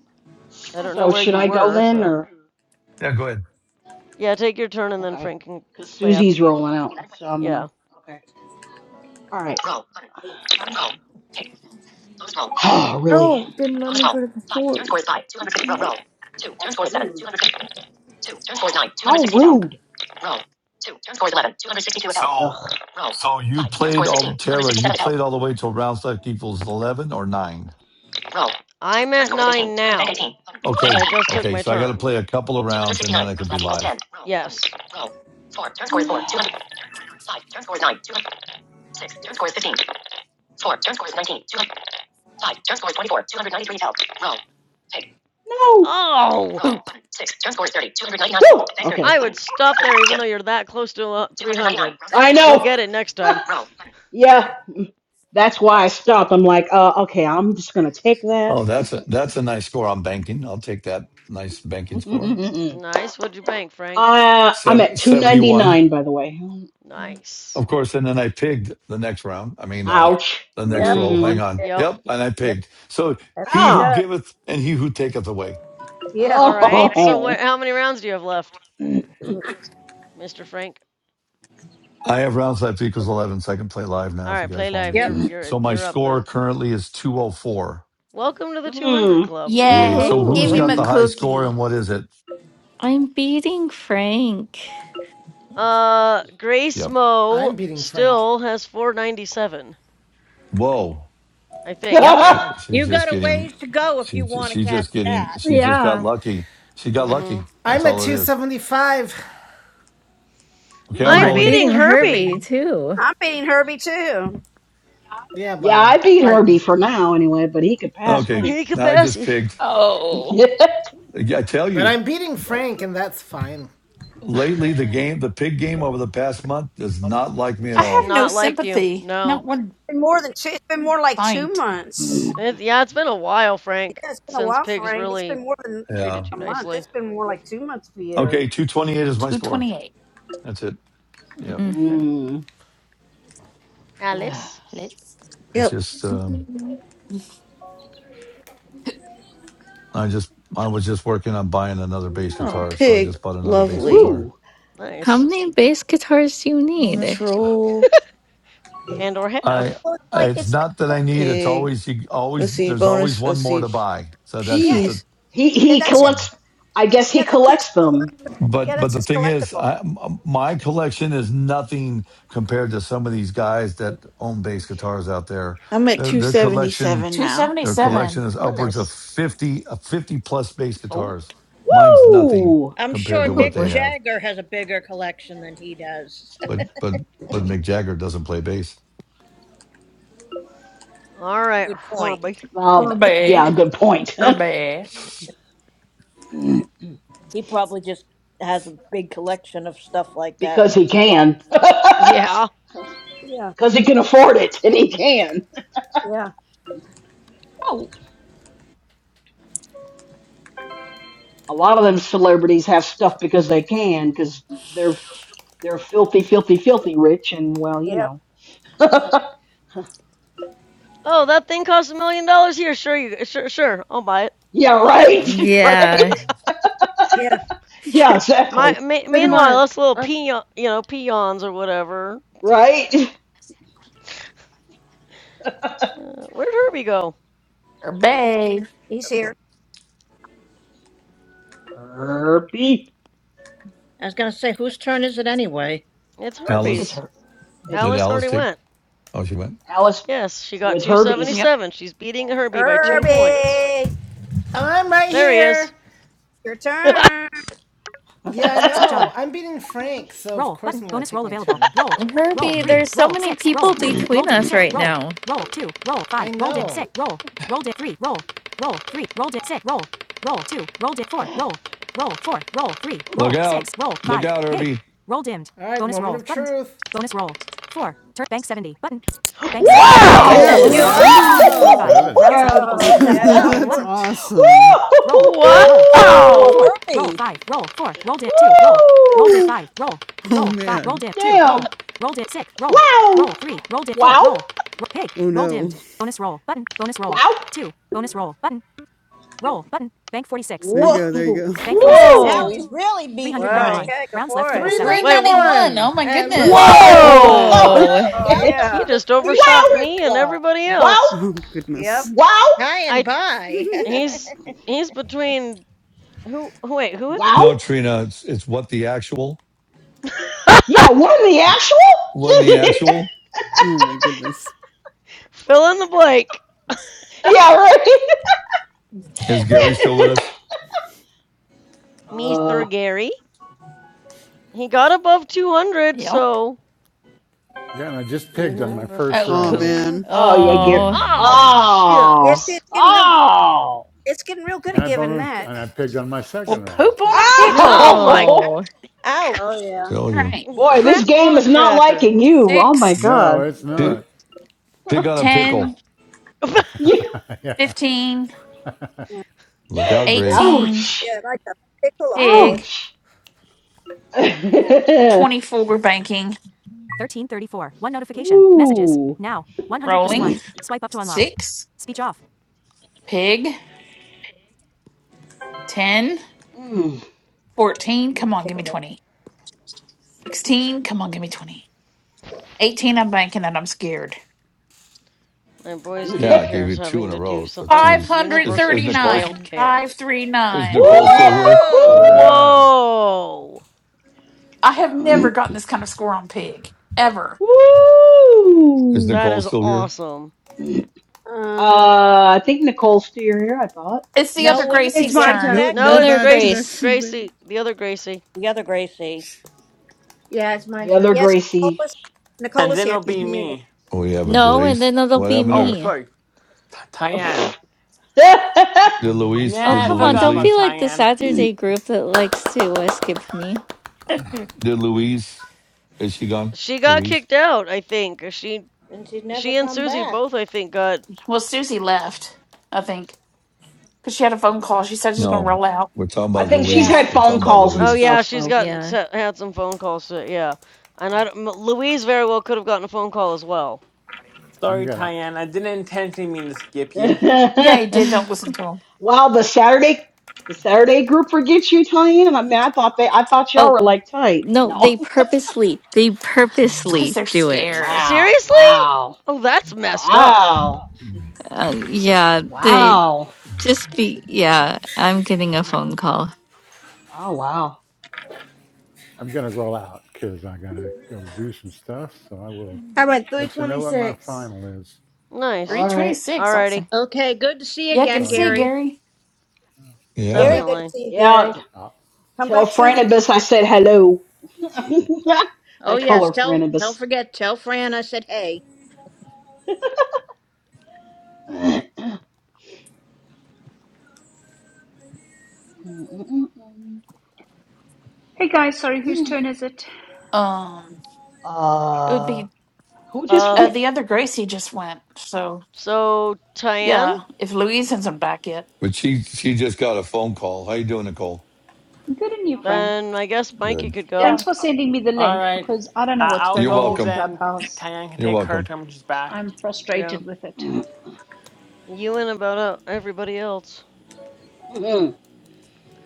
I
Hi,
don't know
so
where
should
you
puppy.
I go
were,
then,
so.
or
Yeah, go ahead.
Yeah, take your turn and then
okay?
Frank can
Because
play
Susie's
after you.
rolling out, so I'm gonna.
Yeah.
Okay. All right.
Hey, calm down.
Oh, really?
oh, didn't let me go to the forest.
That's rude.
How rude. Ugh.
So, so you played all Tara. You played all the way till round select equals eleven or nine.
I'm at nine now because I
Okay,
just took
okay.
my
So I got to
turn.
play a couple of rounds and then I can be live.
Yes.
No. Woo!
Oh,
Poop.
I would
Okay.
stop there even though you're that close to uh, 300.
I
You'll
know.
get it next time.
Yeah, that's why I stopped. I'm like, uh, okay, I'm just gonna take that.
Oh, that's a that's a nice score. I'm banking. I'll take that nice banking score.
Nice. What'd you bank, Frank?
Uh, I'm at
Seven seventy one,
299 by the way.
Nice.
Of course, and then I pigged the next round. I mean, uh,
Yeah.
Ouch.
the
Yep.
next
of
roll.
course
Hang
Mm.
it
on.
is.
Yep.
Yep, and I
Yep.
pigged. So
That's what
he
it
who
Oh.
does.
giveth and he who taketh away.
Yeah.
All right.
Yeah.
So what?
Oh.
How many rounds do you have left,
Mm.
Mr. Frank?
I have rounds left equals 11, so I can play live now
All
if you
right. Play
guys want
live.
me
Yep.
You're
to.
you're
So my
you're up
score
then.
currently is 204.
Welcome to the 200
Mm.
Club.
Yay. So
Yay!
who's
Give
Ooh.
him
got
a
the high score
cookie.
and what is it?
I'm beating Frank.
Uh, Grace
Yep.
Mo
I'm beating Frank.
still has 497.
Whoa.
I think,
Yep.
right?
She she's
You
just
got a
getting
ways to go if you
she
want to
she's
catch
just getting
that.
she just got
Yeah,
lucky. She got
Mm-hmm.
lucky. That's
I'm at
all it
two
is.
seventy five.
Okay,
Ooh,
I'm
I'm
I'm
Mm.
rolling.
beating
beating
Herbie.
Herbie too.
I'm beating Herbie too.
Yeah,
yeah, I
well,
beat
bite
Herbie
me.
for now anyway, but he could pass
Okay.
me.
Hey,
Now I just
Capassive.
pigged.
Oh,
I tell
But
you,
I'm beating Frank, and that's fine.
lately the game the pig game over the past month does not like me at
I
Just
have
all.
no
not liked you.
sympathy. Not
No.
one
It's Been more than two. It's been more like two
pint.
months.
mm.
It, yeah, it's been a while, Frank,
Yeah, it's been a
since
while,
pigs
Frank. It's
really
been more than
treated
Yeah.
you
a month.
nicely.
It's been more like two months for you.
Okay, two twenty eight is my score.
228.
That's it. Yep.
Mm.
Okay.
Ugh.
Alice.
Let's.
It's
Yep.
just um I just I was just working on buying another bass
Oh,
guitar, so I
pig.
just bought another bass
Lovely.
guitar.
Ooh.
How
Nice.
many bass guitars do you need?
Bonus roll.
And or
I
have.
Well, it's like
it's
it's like
not that I
collecting-
need. It's
Pig.
always you
Let's
always
see.
there's always
Bonus.
one
Let's
more to
see.
buy. So that's
yeah,
just
It's
Jeez.
a
He
yeah,
he
that's his.
you know.
collects I guess he
Yeah, that's his
collects them.
collectible. Yeah,
But but
that's
the
his
thing is,
collectible.
I, m- my collection is nothing compared to some of these guys that own bass guitars out there.
I'm at
Their their collection
277 now.
their
I got-
collection
277.
is upwards of
Nice.
50 uh, 50 plus bass
Oh,
guitars. Mine's nothing
Woo!
I'm
compared
sure
to what
Mick
they
Ooh.
have.
Jagger has a bigger collection than he does.
But but but Mick Jagger doesn't play bass.
All right,
Good point.
Herbie.
Uh,
Herbie.
yeah, good point.
Herbie.
He probably just has a big collection of stuff like that
because
for
he
show off.
can.
Yeah.
Yeah.
because he can afford it and he can.
Yeah.
Oh,
A lot of them celebrities have stuff because they can because they're they're filthy, filthy, filthy rich and well, you
Yeah.
know.
Oh, that thing costs a million dollars here. Sure, you sure sure. I'll buy it.
yeah, right,
Like
Yeah.
right.
Yeah.
Yeah,
my
exactly,
me-
pretty
meanwhile,
much.
us little
Uh,
peon, you know, peons or whatever.
right.
Uh, where'd Herbie go?
Herbie.
He's here.
Herbie,
I was going to say, whose turn is it anyway?
It's
I think it's
Alice,
Herbie's.
her. It's
did
Alice
Alice
already
take?
went.
Oh, she went.
Alice.
Yes, she
So
got
it's Herbie's.
Yep.
277. She's beating Herbie by two
Yep.
points.
Herbie,
I'm right
There he is.
here.
your turn.
Woo!
Yeah, I know. Speech on. I'm beating Frank, so roll of course button I'm bonus roll available turn. roll roll
Herbie,
three
there's so
roll
many
six roll
people
two
between
roll it
us
six
right
roll
now.
roll two roll five roll know. it six roll roll it three roll roll three roll it six roll roll two roll it four roll roll four roll three roll
Look out.
six roll
Look
five
out,
pig
Herbie.
roll dimmed All right, bonus roll of button truth. bonus roll four turn bank 70 button bank 70
Heck
dimmed
yeah,
Nice.
Wow!
bonus
You're
rolls
Goodness.
Wow.
awarded
lucky
man.
you didn't
345
Whoa!
bank
70.
rounds
uh,
left
the
equals
Oh
eight
pig that.
That
yeah.
roll one
That's
worked.
awesome.
Woo!
Roll.
Look
Roll four.
out
Roll
for
Wow!
four. Roll
Herbie.
five. Roll four. Rolled it two. Roll. Rolled it
Woo!
five. Roll.
Oh
Roll five. Rolled
man.
it two.
Damn.
Roll. Rolled it six. Roll.
Wow!
Roll three. Rolled it four.
Wow!
Roll. Ro- pig.
Oh
Roll
no.
dimmed. Bonus roll button. Bonus roll.
Wow!
Two. Bonus roll button. Roll button. Bank 46
There you
Whoa!
button.
go, there you
Ooh.
go.
Bank 46
Woo!
Now
dimmed.
Whoa!
he's really beating
Well,
391.
Frank.
okay, go
Rounds
for
left.
it.
Wait, wh-
391.
391.
Oh, my
And let's see,
goodness.
Frank.
Whoa!
Wow.
whoa!
Oh
Whoa,
Whoa.
Oh
welcome
shit!
yeah.
He
to the
just
Wow!
overshot
300
me and
Club.
everybody
Wow!
else.
Oh
Yep.
goodness.
Wow!
Hi and
I
bye.
he's he's between who wait, who
No,
Wow!
Trina, it's, it's what the actual.
Yeah, what in the actual?
What in the actual?
oh my goodness.
fill in the blank.
yeah, right.
Is Gary still with us?
uh,
Mr. Gary. He got above 200,
Yep.
so
Yeah, and I just
mm,
pigged on
Mm-hmm.
my first
Oh,
refresh
Oh
my
round.
poop.
thing.
man.
oh
So,
yeah, get
Oh,
Oh,
Mm,
oh
It's,
shucks.
it's getting real good.
oh
It's getting real good
and
at
I
giving
boned,
that.
and I pigged on my
Well,
second round
poop on
too.
a
So
Oh
pickle.
my
oh
God!
no.
Oh
Ouch.
yeah.
tell
All
you.
right.
boy, this
Crap on
game
a
is not
cracker.
liking you. Oh my
Six,
no,
god.
it's
Ugh.
Pick
not.
pig on a
ten.
pickle.
you,
yeah.
Fifteen,
Yeah.
Look out,
Pick-
Grace.
eighteen,
ouch!
Yeah, like a pickle
18,
a pig.
pig,
Ouch!
24 banking,
1334. One notification. Messages.
Ooh.
Now. 100 plus
rolling,
1. Swipe up to unlock.
6,
Speech off.
pig, ten,
Mm.
fourteen.
I'm
come on, give
Pickle
me
that pig.
20, 16, come on, give me 20, 18, I'm banking and I'm scared.
My boy's
Woo!
Yeah, I
daycare
gave
is
you two
having
in a
to do
row. The
something with
twos. Is
universal
is Nicole
child
539,
care.
is
539.
Nicole still
Oh,
here?
Ooh.
Whoa.
Wow.
Whoa!
I have never gotten this kind of score on pig, ever.
Is
Woo!
That
Nicole
is
still here?
awesome.
Um.
Uh, I think Nicole's still here. I thought.
It's
Let
the
me
other
No,
see.
wouldn't it be
It's
Gracie's
my
Grace
turn.
turn.
No
No,
no
next?
it's
Other
bad
Grace
Grace.
connection there.
Gracie, the other Gracie.
The other Gracie.
Yeah, it's my
The other
turn.
Yes,
Gracie.
Nicola's,
And
Nicola's
then
here.
it'll
She's
be
muted.
me.
We have a
No, and
Grace.
then it'll
What
be
happened
Oh,
to
me.
sorry, Tyann.
I
did Louise
Oh,
did
Nah, I
come on.
Louise
forgot
Don't
about
be
leave?
like the
Tyann.
Saturday group that likes to uh, skip me.
Did Louise is she gone?
She got
Louise?
kicked out, I think. She
And she'd never
she and
come
Susie
back.
both I think got
Well, Susie left, I think, because she had a phone call. She said she's going to
No.
roll out.
We're talking about
think she's
Louise.
had
Yeah.
We're
phone
talking about
calls and
Oh
Louise.
stuff.
yeah, she's
So.
gotten
Yeah.
had some phone calls to, yeah. And I don't, Louise very well could have gotten a phone call as well.
I'm
Sorry,
gonna
Tyann. I didn't intentionally mean to skip you.
Yeah, he did. Don't listen to him.
wow, the Saturday, the Saturday group forgets you, Tyann. I mean, I thought they, I thought y'all
oh,
were like tight.
no,
No.
they purposely, they
It's because
purposely
they're
do it.
scared.
Wow.
Seriously?
Wow.
Oh, that's messed up.
Wow.
Uh, yeah, they
Wow.
just be, yeah, I'm getting a phone call.
Oh wow.
I'm gonna roll out because I gotta go do some stuff. So I will
I went three
let you
twenty
know what my
six.
final is.
All
Nice.
right.
326,
Alrighty,
awesome.
Okay, good to see you
Yeah, good
again,
to
Tell you
see you,
Gary.
Gary.
Yeah.
Very good to
Yep.
definitely.
see you,
Yeah.
Gary.
Oh,
Come
Tell
back soon.
Franibus I said hello. I
Oh
call
yes,
her
tell don't
Franibus.
forget, tell Fran I said hey.
Hey guys, sorry, whose turn is it?
Um, it would
uh,
be
who just
Uh,
uh,
went?
the other Gracie just went, so
so Tyann,
yeah, if Louise has not back yet.
But she she just got a phone call. How you doing, Nicole?
Good on you, Frank.
then I guess Mikey
Good.
could go.
Thanks
Yeah.
for sending me the
All
link
right.
because I don't know
I-
what's
I'll
going
You're
on with
go
this
welcome.
then.
clubhouse.
Tyann can
You're
take her
welcome.
turn when she's back.
I'm
Yeah,
frustrated with it.
you and about uh, everybody else.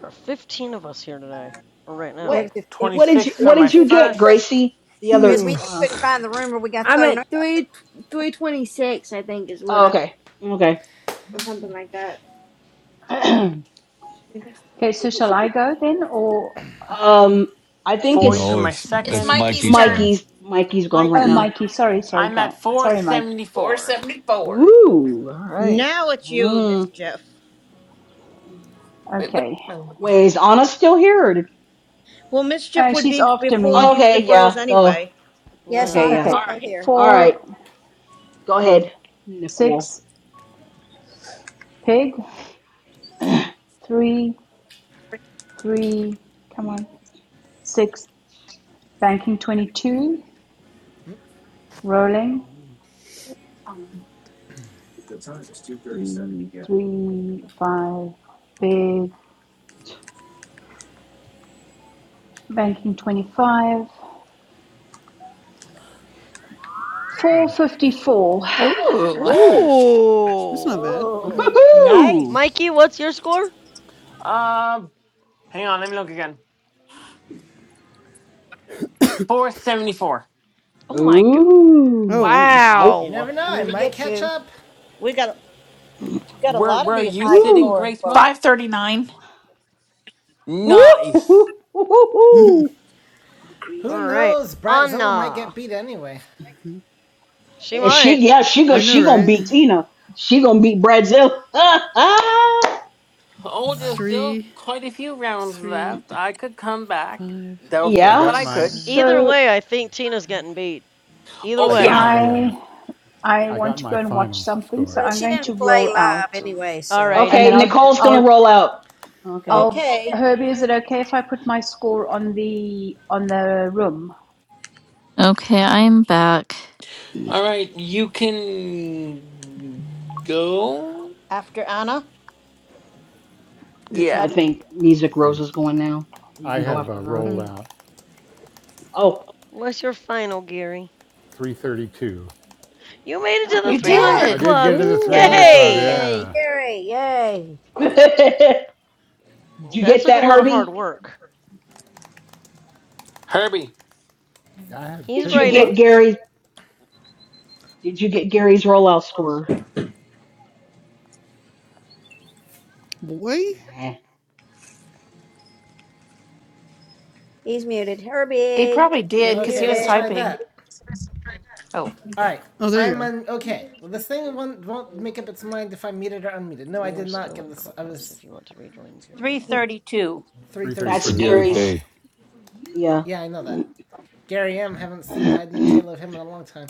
There are 15 of us here today, or right now.
what?
Yes, if, if,
What did
26
you?
for
What
yes,
my
did
see,
you
we
get,
could-
first,
Gracie? The
Is
other.
we
no,
Uh,
couldn't find the room or we got
I'm
thrown out
at
of it.
three three twenty six, I think, is what
oh,
I
okay. Okay.
or something like that.
Okay, so shall I go then, or
um, I think
40
it's
for my
it's
It's
it's
second.
it's
Mikey's
Mikey's
turn.
turn
Mikey's. Mikey's gone right
oh,
Mikey.
now.
Mikey? Sorry, sorry,
I'm
guy.
at
Sorry, Mike.
474.
474.
Ooh. All right.
Now it's you,
Mm.
Mischief.
Wait, what?
Okay,
oh, no.
Wait, is Anna still here? Or did...
Well, Mischief
uh,
would
she's
be
after
before
me.
oh,
Music
Okay,
Rose
yeah. Duh.
anyway.
Yes,
Yeah.
Okay,
Anna
yeah.
is
All
Okay,
still
right.
here.
All right,
four,
go ahead, Nicole.
six, pig, three, three. Come on, six. Banking twenty-two. Rolling three, three, five. Big banking twenty-five. Four fifty-four.
Ooh,
Ooh.
That's not
Ooh,
bad.
Oh,
Ooh.
Nice.
Mikey, what's your score?
Uh, hang on, let me look again. 474.
Oh my god!
Oh
Ooh.
man.
Wow.
You
Wow.
never know,
I'm
I
going to
might
get
catch
you.
up.
We got We've got a
Where,
lot of
where are
these
you
high
sitting,
Ooh.
scoring
Grace
folk.
Mo?
539.
Ooh. Ooh.
Nice.
Ooh.
Who
All right,
knows? Bratzilla might
Anna.
get beat anyway.
She
Is She
might.
yeah, she go
I know,
she gonna
right?
beat Tina. She gonna beat Brazil.
Oh,
I
there's still
Three
quite a few rounds
three
left. I could come back.
five
I
Doubtful, but
yeah.
got
I
my
could.
five
Either
So
way, I think Tina's getting
five
beat. Either
Oh,
Uh,
I
big
got
way.
Yeah.
two
time.
my uh,
I I
I
want
got
to go
my
and watch
final
something. So
score.
Well,
I'm
she
going to
didn't play
roll
live
out.
anyway, so
and then
Alrighty.
Okay,
I'll
Nicole's gonna
I'll
roll out. Okay.
I'll
Okay,
Herbie, is it okay if I put my score on the on the room?
Okay, I'm back.
All right, you can go.
after Anna,
it
because I
So
Yeah.
I
hadn't.
think Music
And
Rose is going now. You
I
can go
have
after
uh,
her.
rolled
five
out
Oh,
What's your final, Gary?
332.
You made it
oh,
to the
good
You
job.
300
I
did.
did get
Club!
into the
Woo.
300 club.
Yay!
Yay!
Yeah.
Gary, yay.
did you
That
get
took a
that,
lot of hard
Herbie?
work.
Herbie.
I had
He's
Did
pigged
you
a
writing.
get
lot.
What?
Gary? Did you get Gary's rollout score?
boy?
Eh,
He's muted.
He
Herbie,
probably
you're
did because
Okay,
he was
let's
muted.
try
typing.
that.
Oh,
Alright,
Oh there you
I'm
are.
un- okay. Well, this thing won't, won't make up its mind if I'm muted or unmuted. No, I
We are
did not
still
get
in
this. I
Clubhouse
was
if you want to rejoin, period.
Good
332.
for
332
That's
332.
is my
Gary
Okay.
Gary's.
final.
K.
Yeah.
Yeah, I know that. Gary M. Haven't seen
okay.
hide no tail of him in a long time.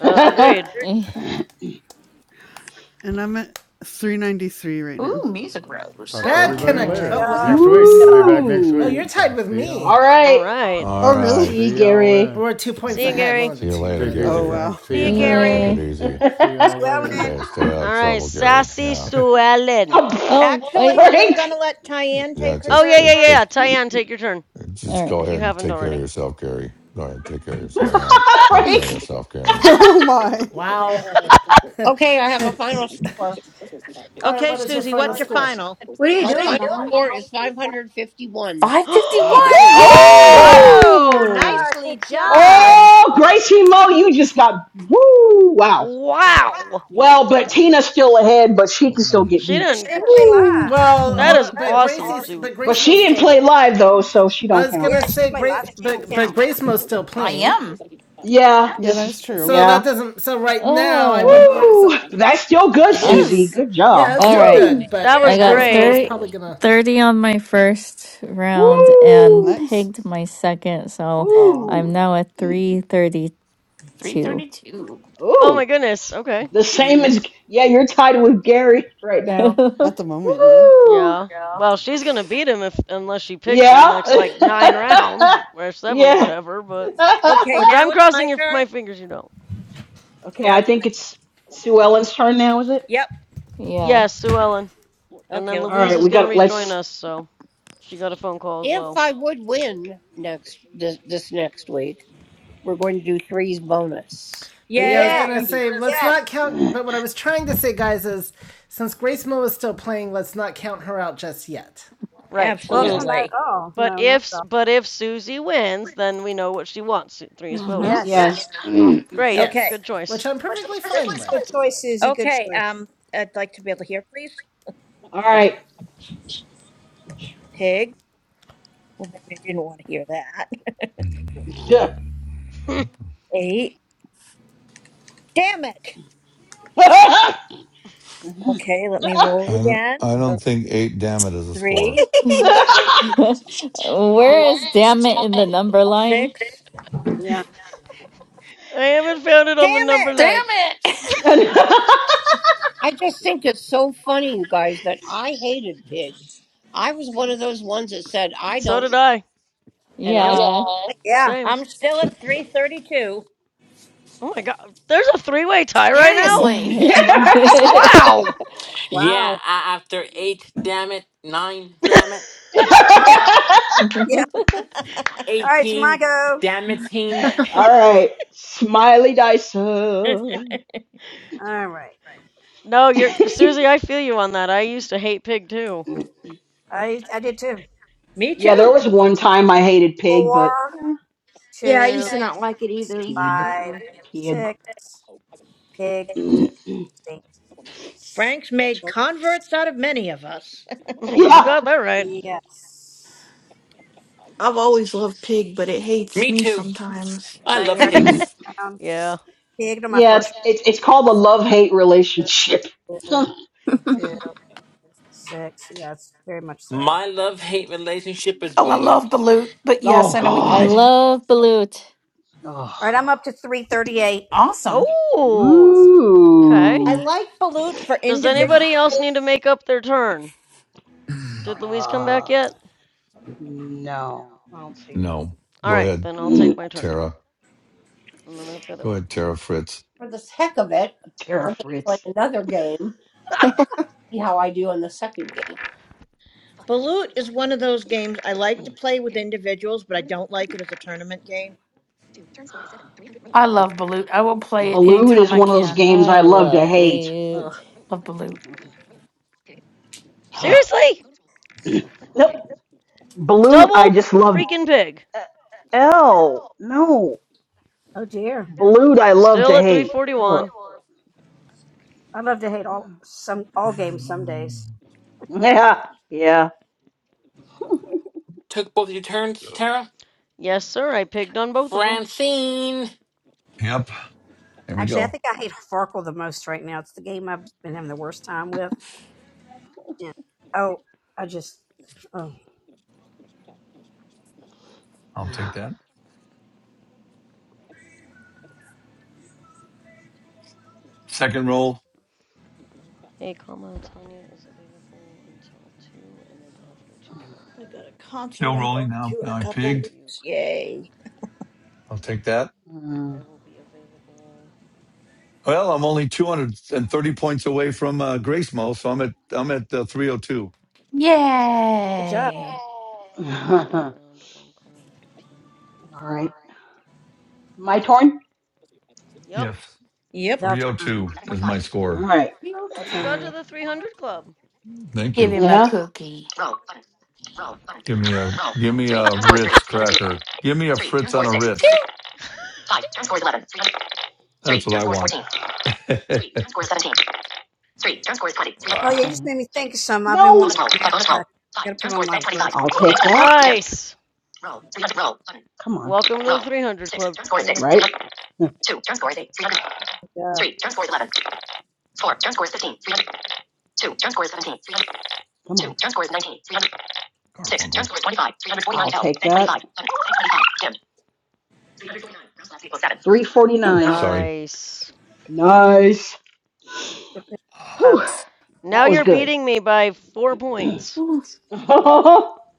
Uh, agreed.
Eh,
and I'm at 393 right
ooh,
now.
music rose.
Talk to
Yep.
Bad
everybody
All
connection. Oh,
later.
right.
what?
job.
Next week. I'll be back next
oh,
week.
you're
Ooh.
So
tied
I'll
with
see y'all
me.
then.
All
All
right.
right.
Oh,
All
really?
right.
See you,
See y'all
Gary.
then.
We're two
Hmm.
points
See you,
ahead, one
Gary.
of the
See you
two,
later,
Take
but.
it easy,
Oh,
Gary.
wow.
Frank. See
See
you,
you,
Yeah. Take
Yeah.
it
Tara.
Gary.
easy.
See
oh,
y'all later.
Swelling.
Stay stay out
All
of
right,
trouble, Gary.
Sassy
Yeah.
Sue Ellen.
pff,
Oh, I,
Actually, we're
Frank.
going to let Tyann
Yeah.
take her
Oh,
Just
yeah,
turn
uh,
yeah, yeah,
take
yeah.
first.
Tyann, take your turn
all
just go
if you
ahead and
haven't
take care of
already.
yourself, Gary. Go ahead, and take care of yourself. Yeah. Take
Frank.
care of yourself, Gary.
oh, my.
Wow.
Okay, I have a final score.
All right,
Okay,
what is your
Susie,
final
what's your
score?
final?
What are you
My
doing,
final
mom?
score is 551.
551.
All
Woo!
Oh,
right.
Yay.
Whoa,
oh!
yeah, good
nicely
job.
done.
Oh, Gracie Mo, you just got woo! Wow.
Wow!
Well, but Tina's still ahead, but she can still get
She
beat.
But she
didn't.
didn't play live.
Woo!
Well,
right.
That
hold
is
on, but
awesome,
Gracie's,
Su-
but
But
Grace
she
Mo's
didn't
Susan.
still.
play live though, so she
I
don't
was
count.
gonna
Yeah, she
say
played
Grace,
live. so She don't
but but
count.
Grace Mo's still
I
playing,
am.
Yeah,
Yeah,
this
that
is
is true.
so
yeah.
that doesn't. So right now, I
Oh,
wouldn't. wor- So
Woo! That's still good,
It
uh,
Susie.
is.
Good
yeah,
job.
it's
all
still
right.
Woo!
good, but
That
I
was
Very
got
good.
Grace Mo
great.
is
30
probably
thirty
gonna
on my
win.
first round and
Woo!
Nice.
pigged my second, so
Oh, all
I'm
Ooh!
now at 332.
332.
Oh, my
Ooh!
goodness. Okay.
The same
right.
as yeah, you're tied with Gary right now.
At the moment, yeah.
Woo!
Yeah. Well, she's gonna beat him if unless she picks the
Yeah.
next like nine rounds or seven,
yeah.
whatever. But
Okay,
which
now
I'm
it's my
crossing your,
turn.
my fingers, you don't.
okay,
Now
I
it's
think
my turn.
it's Sue Ellen's turn now, is it?
Yep.
Yeah.
Yes, Sue Ellen, and
Okay,
then
All
let's
Louise
see.
right,
is
we
gonna
got
rejoin
let's
us, so she got a phone call as
If
well.
I would win next this, this next week, we're going to do threes bonus.
But yeah, I was
Yeah,
gonna
Yay!
say let's
yeah.
not count. But what I was trying to say, guys, is since Grace Mo is still playing, let's not count her out just yet.
Right.
Well, no,
yeah,
not at
Absolutely.
all.
But
No, not
if
at all.
but if Susie wins, then we know what she wants. Three's bonus.
Yes.
yeah.
That's
Mm.
great.
Okay.
Yes,
Good
which
choice.
I'm perfectly
Good,
fine
good
with.
choice, Susie. Good
Okay.
choice.
Um, I'd like to be able to hear, please.
All
Okay.
right.
Pig. Well, maybe I didn't want to hear that. Eight. Damn it. Okay, let me
I
roll
don't,
again.
I
Uh,
don't think eight damn it is a score.
Three,
Yeah,
Where
me-
is damn it in the number line?
six.
yeah,
I haven't found it
Damn
on the number
it.
Damn
line.
it!
I just think it's so funny, you guys, that I hated pigs. I was one of those ones that said I
So did
don't,
I.
and I
Yep.
Yeah.
yeah.
Same.
I'm still at 332.
Oh my god. There's a three-way tie right now.
I
Seriously.
Wow,
Wow.
Yeah,
wow.
a- after eight, damn it. Nine, damn it.
Yeah, yeah. All right, it's my
18,
go.
damn it, teen.
All right, Smiley Dyson.
All right.
No, you're Susie, I feel you on that. I used to hate pig too.
I I did two,
Me
yeah, there
too.
was one time I hated pig, but
four,
yeah,
Yeah, I
two.
used to not like it either.
pig,
five,
Mm-mm.
pig.
six, pig, see.
Frank's made
Six,
converts out of many of us.
You
yeah,
got that right.
yes.
I've always loved pig, but it hates
Me
me
too.
sometimes.
All
I
right,
love
here I go.
pig.
Next round.
Yeah.
Pig to my
yeah. It's
first.
it's it's
Oh,
called the love hate
two,
relationship.
two,
oh
two, six. Yes, very much so.
My love hate relationship is
Oh, I
Baloo.
love Balut, but yes, I know what you
God.
mean.
love Balut.
Oh.
All right, I'm up to 338.
Awesome.
Oh, okay.
I
Ooh.
like Balut for
Does
individual
anybody else
games.
need to make up their turn? Did Louise come back
Uh,
yet?
no, I don't see
No.
All
Go
right,
ahead.
then I'll take
her.
my turn.
Tara.
And then I've got a.
Go ahead, Tara Fritz.
for the heck of it,
Terra
I'm going to play
Fritz.
another game. See how I do in the second game.
Balut is one of those games I like to play with individuals, but I don't like it as a tournament game.
I love Balut. I will play it
Balut is
anytime I
one of those
can.
games I
I
love to
love
hate. Ugh.
Balut.
Love Balut.
Seriously?
nope. Balut, I
Double
just love.
freaking pig.
uh, L. No.
Oh dear.
Balut, I love to
Still at
hate. Ugh.
341.
I love to hate all some all games some days.
Yeah. Yeah.
Took both your turns, Tara?
Yes, sir. I pigged on both of them.
Francine.
Yep. There we
Actually, I
go.
think I hate Farkle the most right now. It's the game I've been having the worst time with. Yeah. Oh, I just. Oh,
I'll take that. Second roll.
Hey, comma, Tanya is available until 2 and then after 2 colon
I
30
got a
period.
concert
Still
I'm
rolling
going
now.
to in a
Now I
What works
couple
for
pigged.
you?
weeks.
Question mark.
Yay.
I'll take that.
I
Mm.
will be available
Well, I'm only 230 points away from uh, Grace Mo, so I'm at I'm at uh, 302.
good job.
Yay!
at
All
around one colon fifteen period.
right. My turn?
Yep.
Yes,
Yep.
I'll turn.
302 is my
All
score.
right.
I'll
You
turn.
got
you.
to the 300 Club.
Thank
Give
you.
him a
Yeah.
cookie.
Give me a give me a Ritz cracker. Give me a Fritz on a Ritz.
Phew,
That's what I want.
Oh yeah, you
ah,
just made me think of some. I've been
No.
wanting
Bonus roll.
graham
Bonus roll.
crackers.
Five.
Got to put
Turn
'em
score
on
is back
my
25. I'll
grocery
take
list.
that. Dim.
Nice.
Come on.
Welcome to the 300
Six.
Club,
Turn score is six.
Trina.
Right? Come
Yeah.
on. Two. Turn score is 19. 300. Six. Turn
Garfunkel.
score is 25. 349. I'll take that. 25. 25. Dim. 349. Round left equals
Ooh,
349.
sorry.
Nice.
Nice.
Good job.
Whew.
Now
That was
you're
good.
beating me by four points,
Ooh.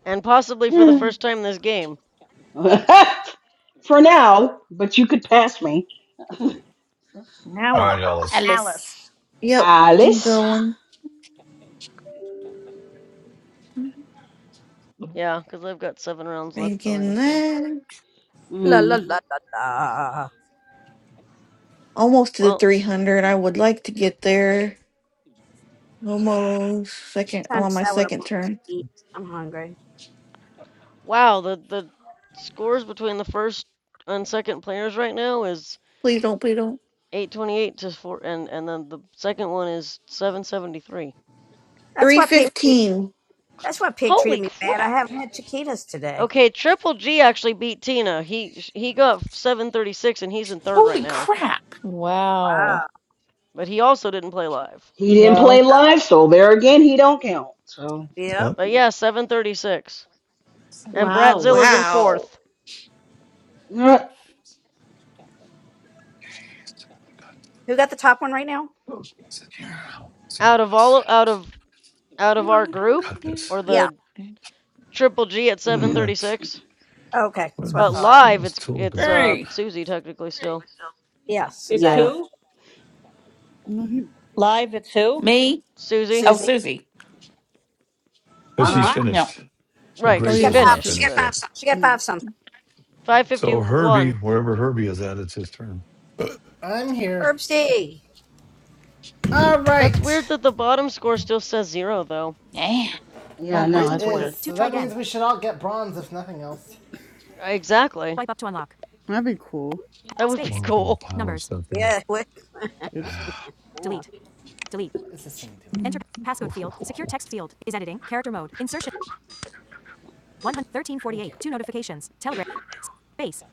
and possibly for the first time this game.
For now, but you could pass me.
Now
All
we're back
right, Ellis.
to
Alice.
Alice.
Yep, I'm
Alice.
going.
Yeah, because I've got seven rounds left
Making
already. So,
that.
La la
Mm.
la la la.
Almost to the
well,
300. I would like to get there. Almost. Second. I'm
Trying to
on my
decide what I
second
want to
turn.
eat. I'm hungry.
wow. The the scores between the first and second players right now is
Please don't, please don't.
828 to four, and and then the second one is 773.
That's why pig. treat-
315.
That's why pig
Holy
treated me bad. I
crap!
haven't had chiquitas today.
Okay, Triple G actually beat Tina. He he got 736 and he's in third right
Holy
now.
crap!
Wow.
Wow.
But he also didn't play live.
He didn't play
No.
live, so there again, he don't count. So,
Yep.
Yep.
But yeah, 736. And
Wow.
Bratzilla's in
Wow.
fourth.
uh,
Who got the top one right now?
Sit here. See how
Out of
this
all out
sounds.
of out of our group
Cut this.
or
Yeah.
the Triple G at
But I
yeah.
got
736.
Okay.
where are
That's what I
But
those
thought.
where are
live
those
it's
tools go
it's uh
bought?
Hey,
Susie technically still.
Yes.
It's
Exactly.
who?
no, he.
Live, it's who?
me?
Susie.
Oh,
Susie.
Susie.
But
Oh,
Uh
she's
huh.
wow.
No.
finished. But
Right, cuz
Oh
She
she
Grace
yeah,
got
is
she's
five.
not
fit.
finished,
s-
finished
but
yet.
She got
yeah.
five something.
So Herbie,
551.
wherever Herbie is at, it's his turn.
I'm here.
Herb
All
Yeah,
That's
right.
weird that the bottom score still says zero, though.
Yeah.
Oh
no,
thirteen
man,
that's
forty-eight. It 1348.
weird.
is. To So that means we should all get bronze if nothing else.
Exactly.
Wipe up to unlock.
that'd be cool.
That would be
Well,
Space.
we've got a
cool.
pile of
Numbers.
stuff here.
Yeah. Quick.
Oops.
Yeah.
Delete. Delete. What is this thing doing? Enter passcode field. Secure text field is editing. Character mode. Insertion. 11348. Two notifications. Telegram. Space.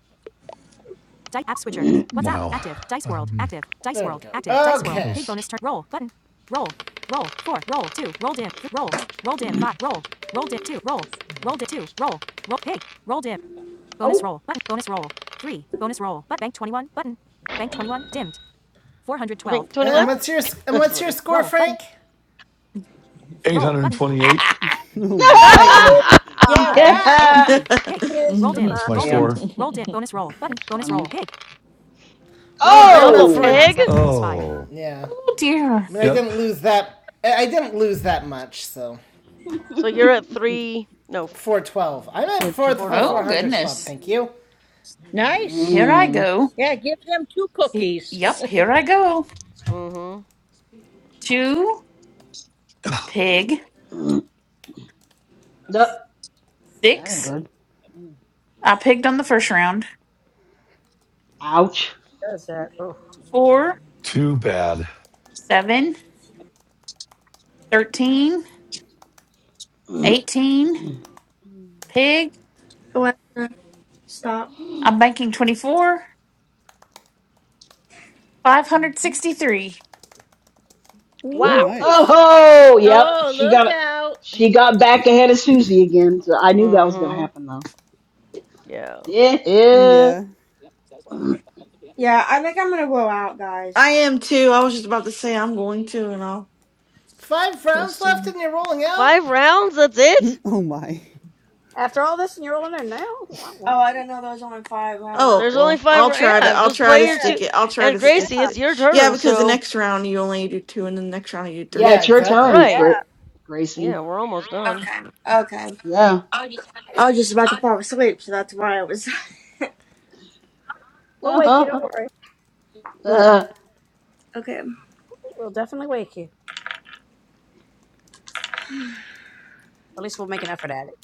Dice app switcher. WhatsApp
wow.
active. Dice World
Um
active. Dice There World go. active. Okay. Dice
where are
World. Okay. Pig
those
bonus turn. Roll button. Roll. Roll four. Roll two. Roll dim. Roll. Roll dim five. Roll. Roll dim two. Roll. Roll dim two. Roll. Roll pig. Roll dim. Bonus
oh,
roll button. Bonus roll three. Bonus roll but bank 21 button. Bank 21 dimmed. 412.
Wait,
And
21?
Round- what's your and
That's
what's your
funny.
score, roll, Frank? Button. Roll button.
828.
oh
Bite
It
my.
me.
is.
Yeah,
hot.
Roll.
right.
Roll
yeah.
three. Pig.
it is.
Roll dimmed.
Mhm.
That's
hot.
my
Roll dimmed.
Damn.
score.
Roll dim. Bonus roll button.
That's
Bonus roll.
funny.
Pig. Well, I'm
Double
up for
Oh.
rounds
pig?
left equals five.
Oh.
yeah.
Oh dear.
I mean, I
Yep.
didn't lose that. I I didn't lose that much, so
So you're at three, no,
four twelve. I'm at
Fortune.
fourth of the four
Oh
412.
hundred club.
goodness.
Thank you.
Nice.
Here I
mm.
go.
Yeah, give them two
He-
cookies.
Yep, here I go.
Mm hmm.
Two, pig,
Mm. Duh. That ain't
six.
good. Mm.
I pigged on the first round.
Ouch.
does that? Oh.
Four,
Too bad.
seven, 13, 18,
Mhm.
pig.
Alexa, stop.
I'm banking 24, 563.
Oh
Woo.
Wow.
nice.
oh. Yep.
Oh,
She
look
got
out.
She got back ahead of Susie again. So I knew that was gonna
Mm hmm.
happen though.
Yeah.
Yeah. Yeah.
Yeah.
Yeah, I think I'm gonna go out, guys.
I am too. I was just about to say I'm going to, and I'll
Five rounds
post it.
left, and you're rolling out.
Five rounds? That's it?
Oh, my.
After all this, and you're on there now. Wow.
Oh, I
wow.
didn't know there was only five. I don't. know.
Oh,
There's only
well,
five.
I'll
rou-
try to
Yeah,
I'll
just
try
play
to
Yeah,
your
stick
two.
it. I'll try
And
to
yeah,
stick
Gracie, it's
it.
your
Yeah,
turn,
because the
so.
next round you only do two and the next round you do
Yeah.
three.
Yeah,
It's your
exactly.
turn,
Right.
yeah.
Gra- Gracie.
Yeah, we're almost done.
Okay.
Okay,
Yeah.
Oh, just
I was just about to fall asleep, so that's why I was.
We'll wake you. Don't worry.
But
Uh,
okay,
We'll definitely wake you. Or at least we'll make an effort at it.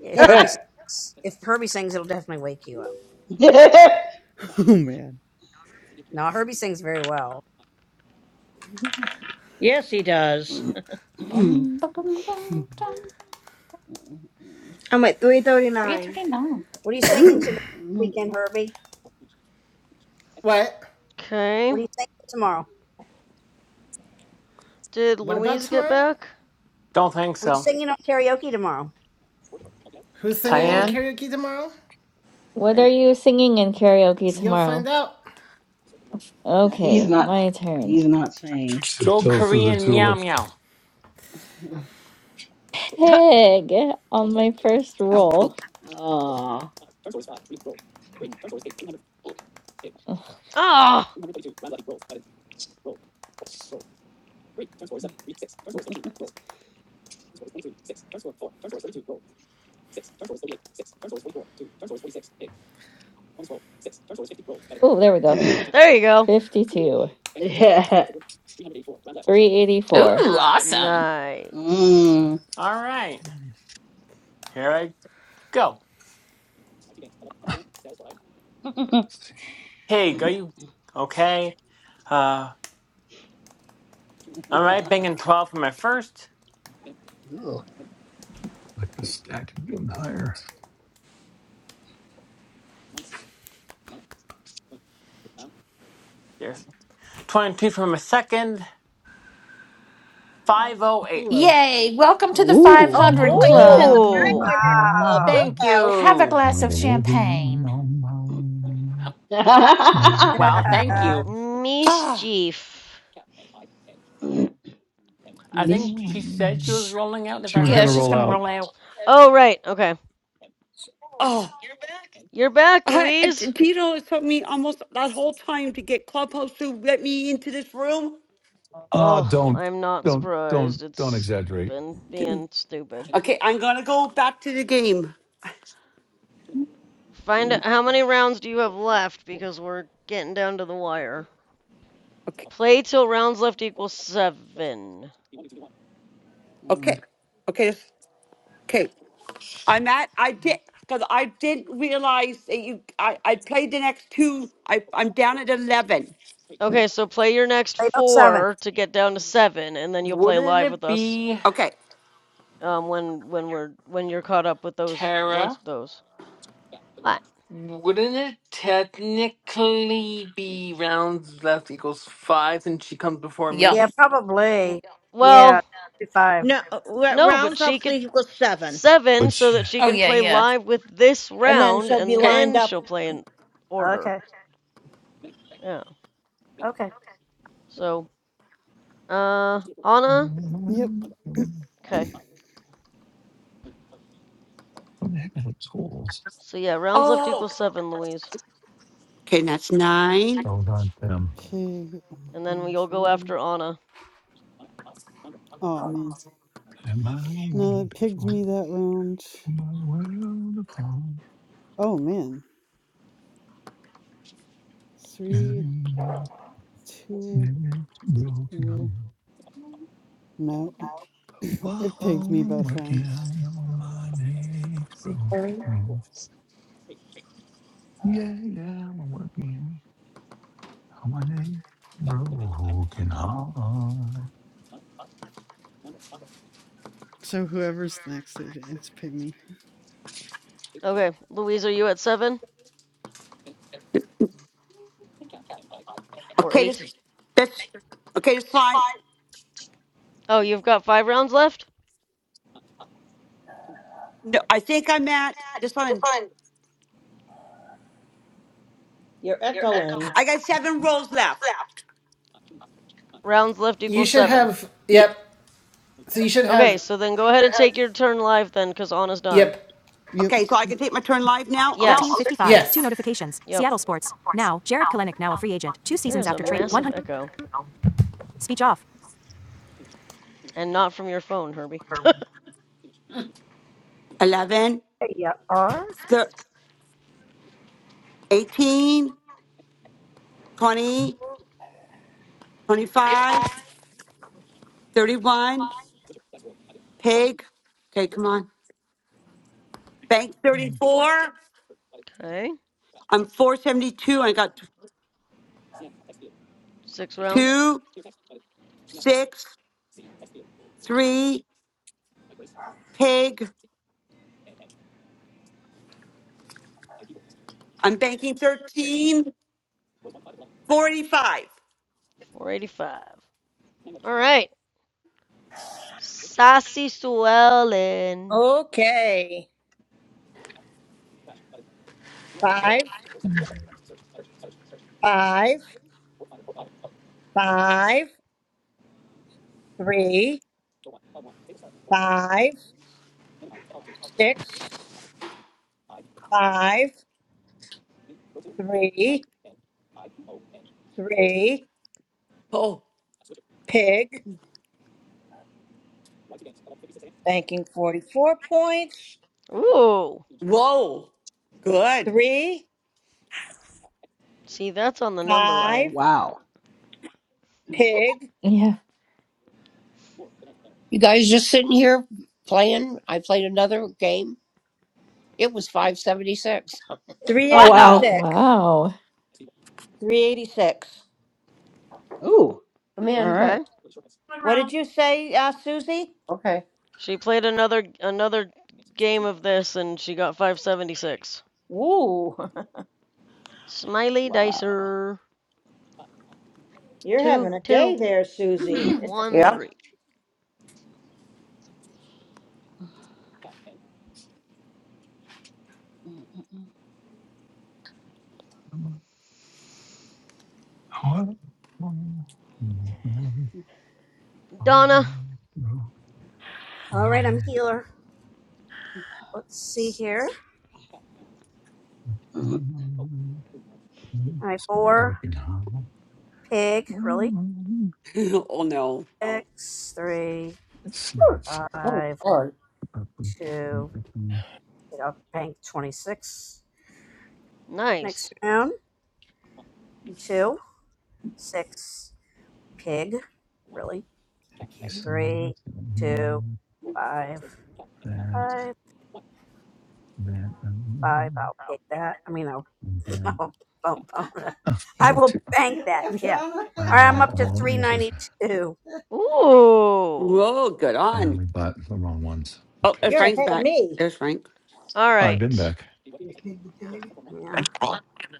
If Herbie, sings, if Herbie sings, it'll definitely wake you up.
yeah.
Oh man.
No, Herbie sings very well.
Yes, he does.
Boom.
I'm at three thirty nine.
339.
What are you singing
Ooh,
tonight,
mm,
weekend, Herbie?
What?
What
Okay.
are you singing tomorrow?
Did
What about
Louise get
tomorrow?
back?
Don't think
What are you
so.
singing on karaoke tomorrow?
Who's singing on
Okay.
Tyann?
karaoke tomorrow?
What
I.
are you singing in karaoke
You'll find
tomorrow?
out.
he's
Okay,
not.
my turn.
He's not saying.
Go
Tiptoe through the
Korean meow
tulip. Let's
meow.
Pig on my first roll.
Oh, poop.
Oh.
Oh, there we go.
There you go.
52.
yeah.
384.
Ooh, awesome.
Nice.
mm.
All right, here I go.
see.
Pig, are you okay? All right, banging 12 for my first.
Like the stack of them higher.
There's 22 for my second. 508.
Hello.
Yay. Welcome to the
Ooh,
Oh,
Oh
my
500
boy, he's in the
Club.
world
Woo!
500 club.
Wow.
Look
Thank
upon
out.
Have a
you.
glass
on
of
the woven
champagne.
on my broken
Wow, thank you.
heart.
Oh,
Mischief.
I think
mischief.
she said she
Yeah.
was
Sh-
rolling out, if
She
I
was going
Yeah,
heard.
to
she's
roll
going to
out.
roll out.
Oh, right. Okay.
oh.
You're back,
I, I-
Louise.
Tito has took me almost that whole time to get Clubhouse to let me into this room.
Ah,
Oh,
don't,
I'm not
don't, don't,
surprised.
don't
It's
exaggerate.
been
Didn't.
being stupid.
Okay, I'm going to go back to the game.
Find out how many rounds do you have left because we're getting down to the wire.
Okay,
Play till rounds left equals seven.
okay,
Mm.
okay, this- okay. I'm at. I did because I didn't realize that you. I I played the next two. I I'm down at eleven.
Okay, so play your next
Eight oh seven.
four to get down to seven, and then you'll play
Wouldn't
live with
it
us
be
Okay.
um, when when we're when you're caught up with those once
Tara?
those. What?
Wouldn't it technically be rounds left equals five since she comes before
Yep.
me?
Yeah,
N-
probably.
Well,
Yeah, five.
No, uh, r-
no, but
rounds
she
up to
could
equal seven.
seven
But
so
she,
that she
Oh,
can
yeah,
play
yeah.
live with this
And then
round,
she'll be
and
Okay.
lined
then
up.
she'll play in order.
Okay.
Yeah.
Okay.
So, uh,
what
Anna.
Yep.
Okay.
the heck are the tools?
So yeah, rounds left
Oh.
equals seven, Louise,
Okay, that's nine.
Those aren't them.
Pig on
and then
bonus
you'll go
roll.
after Anna.
Oh
Um,
man.
And my
No,
world
it pigged
before,
me that round.
my world upon,
Oh man. Three,
and
two,
it's broken
four.
home.
No.
Whoa,
it
whoa,
pigged me
I'm
both
working
rounds.
on my next broken. Yeah, yeah, I'm working on my next broken heart.
So whoever's next, it, it's pig me.
Okay, Louise, are you at seven or
Okay,
eight?
this that's okay. This line.
Oh, you've got five rounds left.
No, I think I'm at this one.
You're echoing.
I got seven rolls left.
Rounds left
You
equals
should
seven.
have.
Yeah.
Yep. So you should
Okay,
have.
so then go ahead and take your turn live then, cause Anna's done.
Yep.
Yep.
Okay, so I can take my turn live now. Okay.
Yes.
1355. Yes. Two notifications.
Yep.
Seattle Sports. Now, Jared Kalenic, now a free agent. Two
There
seasons
is a
after trade.
massive
100.
echo,
Speech off.
and not from your phone, Herbie.
11,
There you are.
thir- 18,
With-
20, 25, 31, pig. Okay, come on. Bank 34.
Okay.
I'm 472. I got
Six rounds,
two, six, three, pig. I'm banking 13 45.
485. All right, Sassy Suellen.
Okay. Five, five, five, three, five, six, five, three, three,
Oh,
pig. Banking 44 points.
Ooh,
whoa. Good.
Three,
see that's on the number
five,
line.
Wow.
pig,
Yeah.
You guys just sitting here playing. I played another game. It was five seventy six.
Oh wow.
Wow.
386.
Wow.
386.
Ooh.
Come
All
in.
Okay.
right.
One
What
round.
did you say, uh, Susie?
Okay.
She played another another game of this and she got 576.
Ooh,
Smiley
Wow.
Dicer.
you're
Two,
having a day
two,
there, Susie.
one,
Yeah.
three.
I'm a- What? Mm, mm,
Donna.
mm, mm,
All right, I'm
broken.
healer. Let's see here.
Mm, mm, mm,
All right,
it's a
four
broken heart.
pig. Really?
Well,
oh, no.
six, three,
Let's see.
Oh
five,
Lord.
Mm, mm,
two.
mm,
Get up, bank 26. Next
Nice.
round, two, six, pig, really? Like three, two,
mm,
five,
so That's
five,
that.
five.
That.
I'll pick that. I mean, I'll,
mm,
I'll, I'll, I'll
Oh, I
I
got
will
two.
bank that. Yeah. All
I don't
right,
know.
I'm up to
One of
392.
Ooh. All
Whoa, good
and
on.
we bought the wrong ones.
Oh,
Okay.
and
You're
Frank's
ahead of
back.
me.
There's Frank.
I've been
right.
back.
Yeah.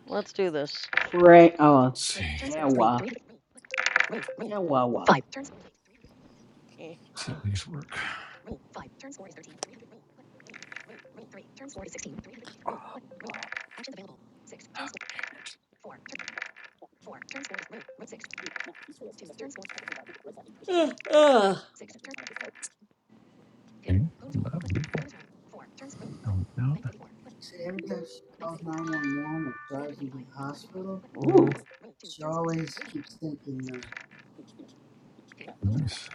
Let's do this.
Frank. Oh,
Let's see.
Kawa. Kawawa.
Eh,
see how these work.
Ugh, ugh.
Okay. Uh, Beautiful. Now it's out.
Mm.
Ooh.
Nice.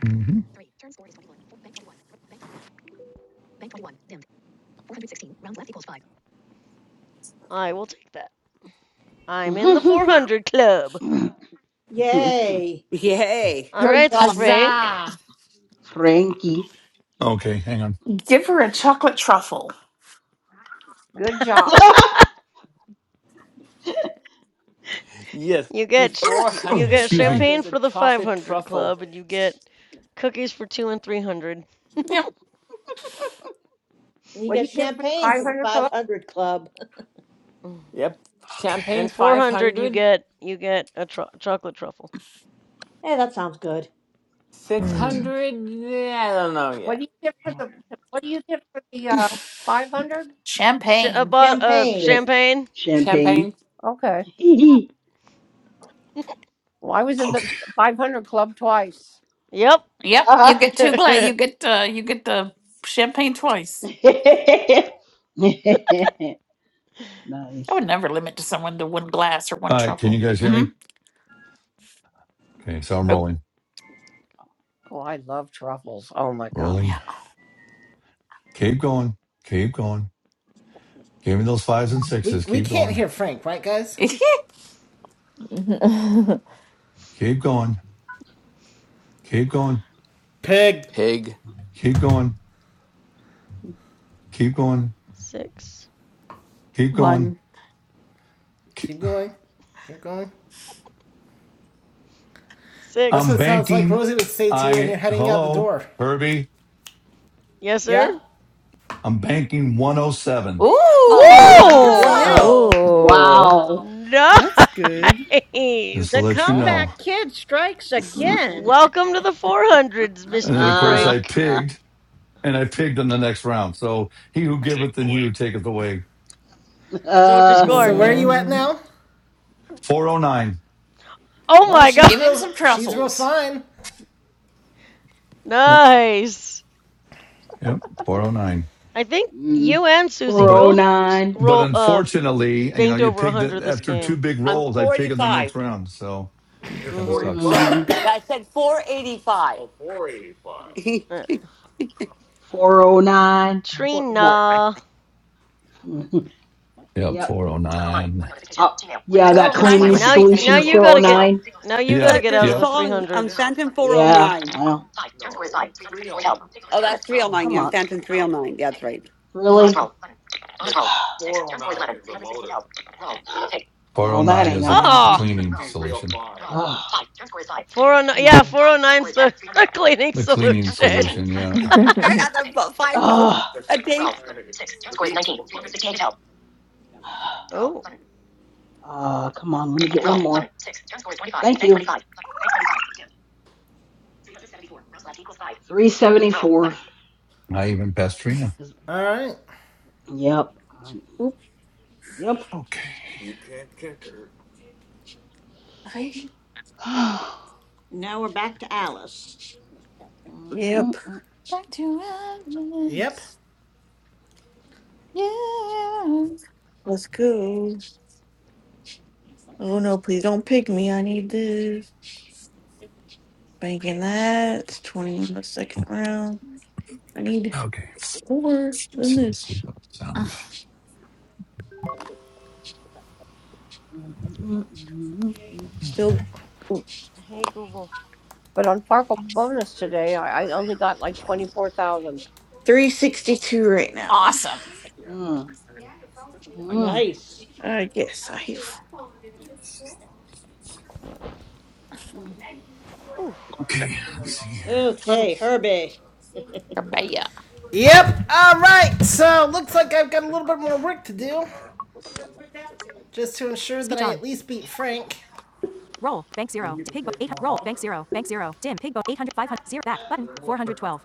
hmm
I will take that. I'm in the 400 club.
Yay.
Yay.
All
Good
right,
job.
Frank.
Huzzah!
Frankie.
Okay. Hang on.
Give her a chocolate truffle.
Good job.
Yes,
You
the
get
Oh,
you
400
get
excuse
Club
me.
champagne
is a
for the
chocolate
500
truffle.
club, and you get cookies for two and 300.
And you
What do
get
you get for the
champagne
five
for the
hundred?
500 club.
Mm.
Yep.
Okay.
And
Champagne's
400, you
500,
get you get a tru chocolate truffle.
Hey, that sounds good.
All right.
Hmm.
600. Yeah, I don't know
What do
yet.
you get for the? What do you get for the uh, five hundred?
Ch- a
Champagne.
bot of
Champagne.
Champ-
champagne.
champagne.
Champagne,
Okay. Well, I was in the
Okay.
500 Club twice.
Yep.
Yep, you
Ah.
get two glass. You get uh, you get the champagne twice.
nice.
I would never limit to someone to one glass or one
All right. Can you
truffle.
guys hear
Mm-hmm.
me? Okay. So I'm
Oh,
rolling.
Oh, I love truffles. Oh my god.
Rolling.
yeah.
Keep going. Keep going. Give me those fives and
We
sixes.
we
Keep
can't
going.
hear Frank, right, guys?
Keep going. Keep going.
Pig.
pig.
Keep going. Keep going.
Six.
Keep going.
one.
Keep
Keep going. Keep going. That's
I'm
what
Six.
it sounds like
banking.
Rosie would say to you when you're
I
heading out the
hello,
door.
Herbie.
Yes, sir.
Yeah.
I'm banking 107.
Oh,
Ooh,
Good for
Whoa!
you.
whoa.
Whoa!
Ooh.
Wow.
That's good.
Just to
The
let
Nice.
you
Wow.
know.
comeback kid strikes again.
Welcome to the 400s,
And then
Mr.
of course
uh,
I
Frank.
pigged and I pigged in the next round. So he who giveth and he who taketh away.
So what's your
uh,
Oh
So
score?
where are you
man.
at
Hmm.
now?
409.
Oh
Well,
my god.
she's
give him
real.
some
She's real
truffles.
fine.
Yep.
Nice.
Yep. 409.
I think
Mm,
you and Susie
But
both s-
409.
but
roll uh
unfortunately, you know,
banked
you
over
pigged it
100 this
after two
game.
big
I'm
rolls, I pigged in the next
45.
round. So it
mm
kind of
Mhm.
sucks.
Mm,
I said 485.
Uh,
409.
409. Four, that,
Trina.
Yep,
yep.
409.
Oh, yeah, that cleaning
Now y- now
solution
you got to get
409.
now you
It's,
got to
Yeah,
that,
get
there's
out
a
of
yep.
the
song, um,
300s.
Phantom
Yeah,
409.
well.
Oh, that's 309.
Come
Yeah,
on.
Phantom 309. That's right.
Really?
Mm.
No, that
409
ain't
is a
gonna
c-
happen.
Oh,
cleaning solution.
Ah,
409
come
yeah,
on.
four oh nine's the the cleaning
The cleaning
solution.
solution, yeah.
I had a vo- five votes.
Ah,
A day.
Oh,
ah, come on. Let me get one more. Thank you. 374.
Not even Pastrina.
All right.
Yep.
Oop.
Yep.
Okay.
Right.
Now we're back to Alice.
Yep.
Back to
Yep.
Alice. Yeah.
Let's go. Oh no, please don't pick me. I need this. Banking that. It's 20 in the second round. I need
Okay.
more than
So let's
this.
look up sound.
Still ooh,
hey Google.
But on Farkle bonus today, I, I only got like 24,000.
What is
362 right now.
Awesome.
Nice.
I guess I have.
Okay, let's see here.
Her
Okay, Herbie.
Rebecca.
Yep. All right. So looks like I've got a little bit more work to do, just to ensure that I at least beat Frank. Roll. Bank zero. Pig. bo- Eight. Roll. Bank zero. Bank zero. Dim. Pig. bo- 800. Back. Button. 412.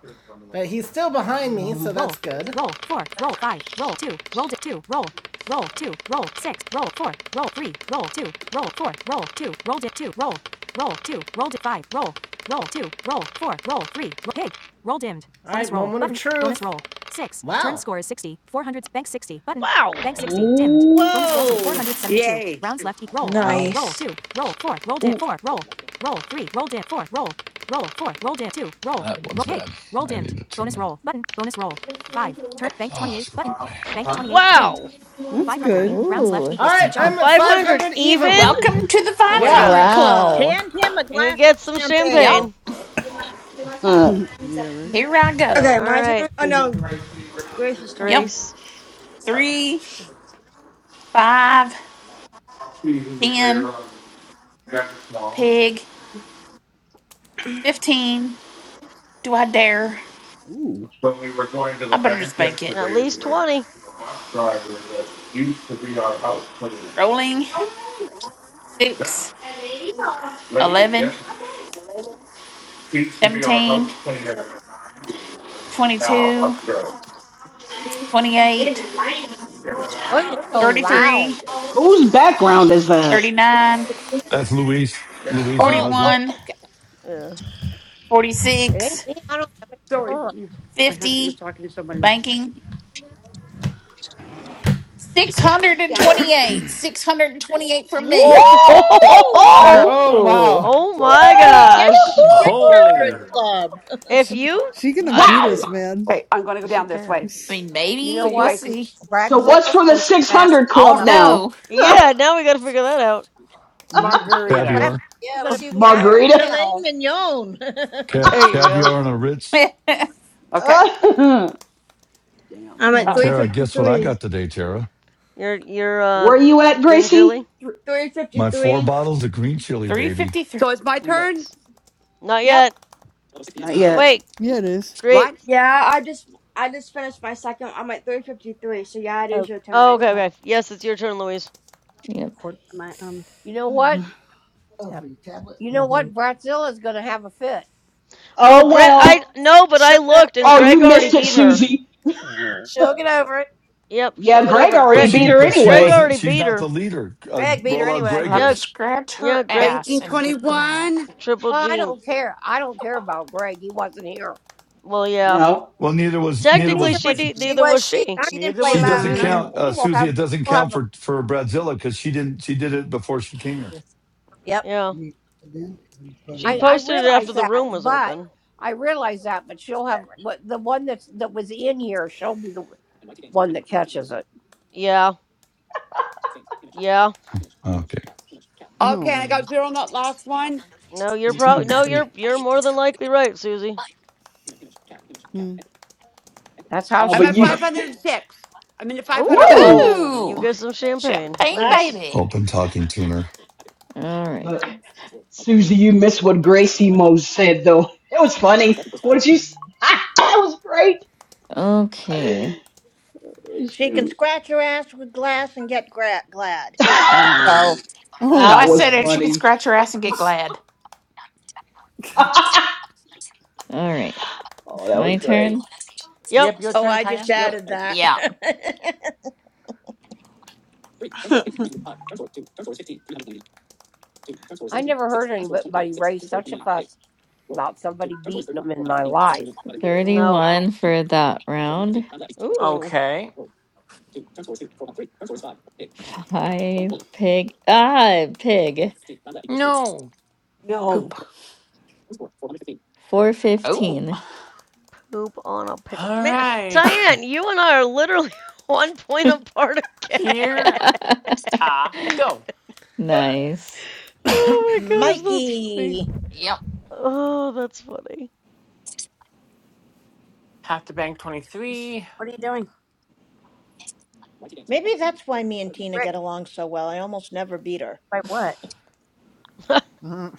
But he's still behind me, so that's roll, good. Roll four. Roll five. Roll two. Roll di- two. Roll. Roll two. Roll six. Roll four. Roll three. Roll two. Roll four. Roll two. Roll di- two. Roll. Roll two. Roll di- five. Roll. Roll two. Roll four. Roll three. Roll pig. Roll dimmed. All bonus right, roll. moment of button. truth. Bonus roll. Six. Wow. Turn score is 60. 400. Bank 60. Button.
Wow.
Bank 60. Dimmed.
Oh,
Bonus rolls of
Whoa!
472.
Yay.
Rounds left. Eat. Roll.
wow.
Roll
Nice.
two. Roll four. Roll di-
Ooh.
four. Roll. Roll three. Roll di- four. Roll. Roll. Four. Roll dim. Two. Roll.
That one's
Roll. Pig.
bad.
Roll
I
dimmed.
need a
Bonus
tuna.
roll. Button. Bonus roll. Five. Turn. Bank
Oh, let's
28.
go
Button.
get my.
Bank 28. Dimmed.
Wow.
That's
500.
good.
Rounds left All
Ooh.
equals two right, I'm at
500
500
even?
even.
Welcome to the
Oh my
Yeah.
500
gosh.
Wow.
Club.
Hand him a
And he
glass of
gets some
Yep.
champagne.
champagne.
Huh.
yeah, right.
Here I
Okay,
go.
All
my turn.
right,
Oh no, Grace's
Yep.
turn.
Grace.
Three, five, ten, pig, 15. Do I dare?
Ooh.
I better just bank it.
At least 20.
Rolling 6, 11, 17, 22, 28,
voice is so loud.
33,
Whose background is that?
39,
That's Louise. Louise and her
Oh,
husband.
oh,
41,
okay.
Yeah.
It ain't
46,
me. I don't have anything
Sorry.
on.
you- My husband was
50.
talking to somebody. Okay. Down.
banking 628. 628 for
Whoa!
me.
Okay.
Woo!
Ooh.
Oh
All
wow.
Oh my
What do you get for the
gosh.
600
Holy
Club?
If
She
you.
she gonna
I,
beat
Wow!
us, man.
Wait, I'm going to go
she
down this
can.
way.
I mean,
You know
So
maybe.
you
We'll
what?
guys can.
see.
So what's
Bradzilla's
for the
going to be madder
600
than
I don't
club
hell.
now?
know.
Yeah, now we gotta figure that out.
Mm.
Yeah.
margarita.
Caviar.
Yeah.
Bradzilla's
Let's
going to
see
be
who can get
madder
there.
than
Margarita.
Filet
hell.
mignon.
Ca-
there you go.
caviar and a Ritz.
Okay.
Damn.
I'm at
Uh,
three
right.
Tara,
fifty
guess what I
three.
got today, Tara?
Your, your, uh,
Where you at,
green
Gracie?
chili?
Three fifty
My four
three.
bottles of green chili, baby.
353.
so it's my turn.
Nice. Not
yep,
yet.
Not yet.
Wait,
yeah, it is.
great.
What?
Yeah, I just I just finished my second. I'm at three fifty three. So yeah, it is
Oh,
your turn.
Oh,
get
okay,
my
okay. Yes, it's your turn, Louise.
Yep.
cord, my um.
You know what?
Oh, tab.
You know
hmm
what? Bradzilla's going to have a fit.
Well,
Oh
Greg, I
well.
no, but I
Shook it up.
looked and
Oh, you
Greg already
missed it,
beat her.
Susie.
She'll get over it.
Yep, she'll
Yeah,
get
Greg
over it.
already
But
Greg,
beat
she,
her
but she
Greg
anyway.
wasn't.
already
She's
beat
not
her.
the leader. Uh,
Greg beat her
Rollout
anyway.
She'll
Greg
have
Yeah,
to
is.
scratch
Yeah,
her
Greg
ass
Banking
and get glad.
21.
triple
Oh, I
G.
don't care. I don't care about Greg. He wasn't here.
Well, yeah.
No.
Well, neither was
I mean,
neither
Technically,
neither
was
she
was she.
ne-
She
neither was
was she.
she.
I,
She didn't
Neither
play
She
was
live
doesn't
Tina.
either.
Nine.
count,
she
uh,
will
Susie.
have.
It doesn't
Will
count
have. A,
for for Bradzilla because she didn't. She did it before she came here.
Here. Yep.
Yeah, she
I I
posted it after
realize
the
that,
room was
but
open.
I realize that, but she'll have
right.
what the one that's that was in here. She'll be the one that catches it.
Yeah, yeah.
Okay.
Oh
Okay. I got
man.
zero on that last one.
No, you're probably no, you're you're more than likely right, Susie.
Mm.
That's how
oh,
I'm
she
but
at
you.
works.
506. I'm in the 500 club.
Woo!
Ooh, you
Woo!
get some champagne.
Champagne
Nice.
baby.
nice.
Open talking tuner.
All right.
But Susie, you missed what Gracie Mose said though. It was funny. What did you? s- that was great. Oh,
Okay.
She can
Shoot.
scratch her ass with glass and get gra- glad.
that
So
Oh
I
was
said it.
my.
She could
funny.
scratch her ass and get glad.
oh,
All right.
that was
My
great.
turn.
Yep.
Yep, your
Oh,
turn,
I just
Tyan.
Yep.
added that.
Yeah.
I never heard anybody raise such a fuss about somebody beating them in my life.
No.
31 for that round.
Ooh,
Okay.
Five pig. Ah, pig.
No.
No.
Poop. Oh.
415.
poop on a
All
pickle. Man,
right.
Tyann, you and I are literally one point apart again.
Here I go.
Nice.
Oh my gosh, that's funny.
Mikey.
Yep.
Oh, that's funny.
Have to bank 23.
What are you doing,
Maybe that's why me and Tina
Greg?
get along so well. I almost never beat her,
By what?
Mm.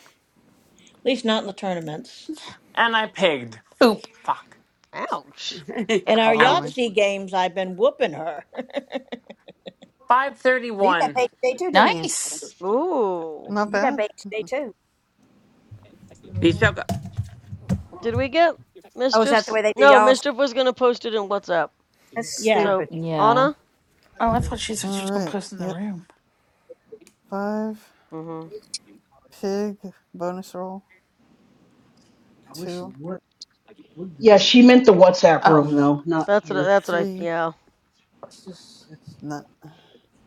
at least not in the tournaments.
And I pigged.
Poop.
Fuck.
Ouch.
In
Ow.
our
Ollie.
Ouch.
Yahtzee games, I've been whooping her.
Well, you got
531.
paid day 2 didn't you?
Nice.
Ooh.
Not
You got
bad.
paid day two.
You still
Did we get
Oh, is that the
mischiefs?
way they do
No,
y'all's?
mischief was gonna post it in WhatsApp.
That's
Yeah.
So
stupid.
Yeah.
Anna.
Oh, I thought she said she
All
was gonna
right.
post in the
Yep.
room.
Five.
Mm-hmm.
Pig. Bonus roll. Two.
Yeah, she meant the WhatsApp
Oh,
room though, not
That's what.
here,
That's what I.
Three.
Yeah.
Not.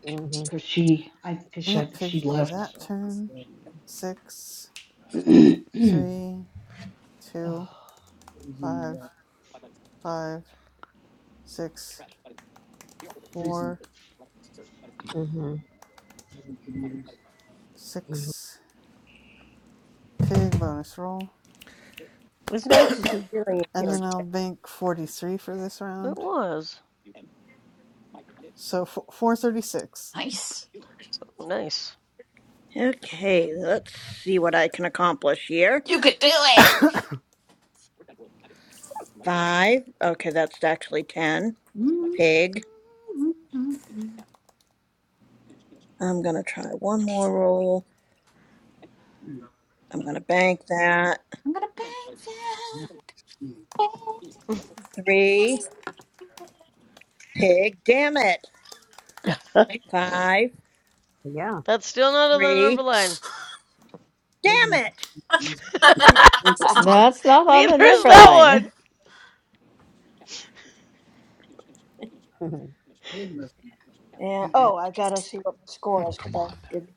Mm
because she, I, cause she, I
It
think she
pigs be
left.
that
So.
turn. Six.
She-
Three. Two. Five. Five. Six. Four.
hmm hmm hmm
Six. Pig bonus roll.
It was nice to see Gary in
And then
here
I'll bank 43 for this
It
round.
was.
So f- 436.
nice.
Oh, nice.
Okay, let's see what I can accomplish here.
You could do it.
Five. Okay, that's actually ten.
I'm
Pig. I'm gonna try one more roll. I'm gonna bank that.
gonna bang that.
Three. Pig. Damn it.
I,
Five.
Yeah.
That's still not on the number
Three.
line.
Damn it.
That's not on the
Neither is
number
that one.
line.
And oh, I gotta see what my score
Oh,
is
come
because I
on. That's
didn't.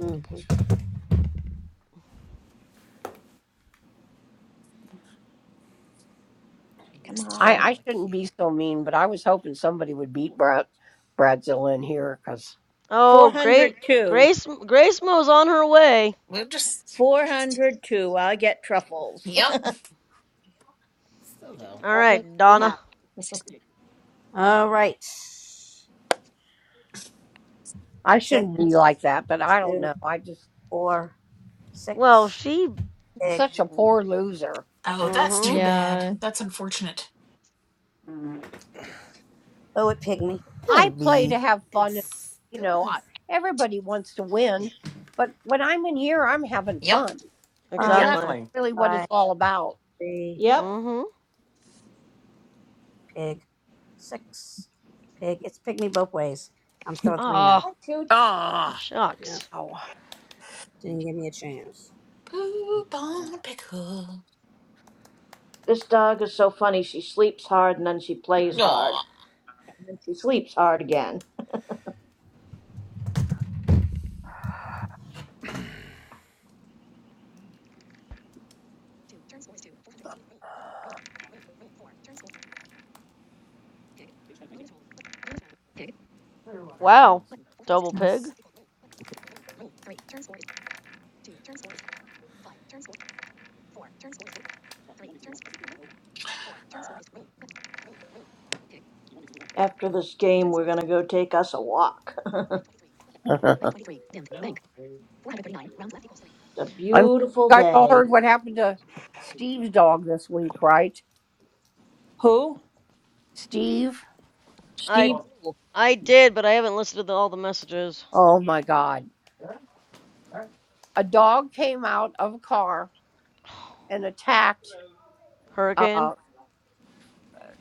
Mm hmm
bullshit.
We
Come
don't want to show
on.
him
I
the
shouldn't
queue.
be so mean, but I was hoping somebody would beat Brad, Bradzilla in here because
Four
Oh,
hundred
great.
two.
Grace. Grace Mo's on her way.
We'll just.
Four hundred two. I get truffles.
Yep.
Still though,
All
that makes
right,
me
Donna.
happy.
All right.
I
Six,
shouldn't be like that. But I don't
two,
know. I just
four,
Well,
six.
she.
Pig.
such a poor loser.
Oh, that's
Mm-hmm.
too
Yeah.
bad. That's unfortunate.
Oh, it pig
Yeah.
me.
I
That'd
play to
be.
have
it
fun. and, You
still
know, I,
has
everybody wants to win, but when I'm in here, I'm having
Yep.
fun.
Five,
Exactly.
Exactly.
Really, what it's
five,
all about.
three.
Yep.
Mm-hmm.
Pig. Six. Pig. It's pig me both ways. I'm still at three now.
Ah.
Hi,
got.
Tooch.
Yeah,
Shucks.
Oh.
didn't give me a chance.
Poop on a pickle.
This dog is so funny. She sleeps hard and then she plays hard.
Aw.
And she sleeps hard again.
Wow. Double pig.
Yes.
After
what
this game, we're going to go take us a walk. It's a
I'm sure
beautiful
you guys all
day.
heard what happened to Steve's dog this week, right?
Who?
Steve,
I.
Steve who?
I did, but I haven't listed all the messages.
oh my God. A dog came out of a car and attacked
Hurricane?
uh,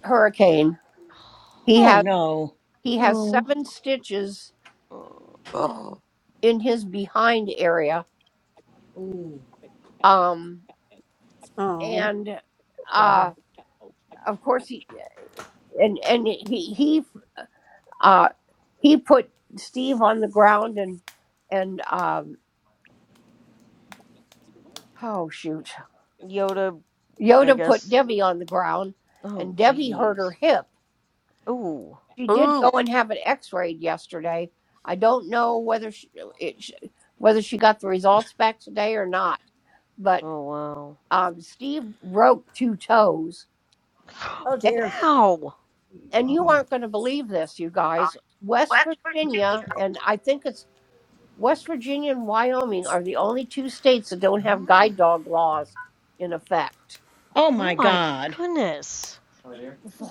Hurricane. He
Oh
has
no.
he has
Oh,
seven stitches
Oh,
in his behind area. Um
Oh,
and uh of course he and and he he uh he put Steve on the ground and and um oh shoot.
Yoda, I
Yoda put
guess.
Debbie on the ground,
Oh,
and Debbie hurt her
jeez.
hip.
Ooh.
She did go
ooh,
and have an X-rayed yesterday. I don't know whether she, it, sh- whether she got the results back today or not. But
Oh, wow.
um, Steve broke two toes,
oh
and
dear.
Ow!
and you aren't going to believe this, you guys. West Virginia, and I think it's West Virginia and Wyoming are the only two states that don't have guide dog laws in effect.
Oh my
Oh my
god.
goodness.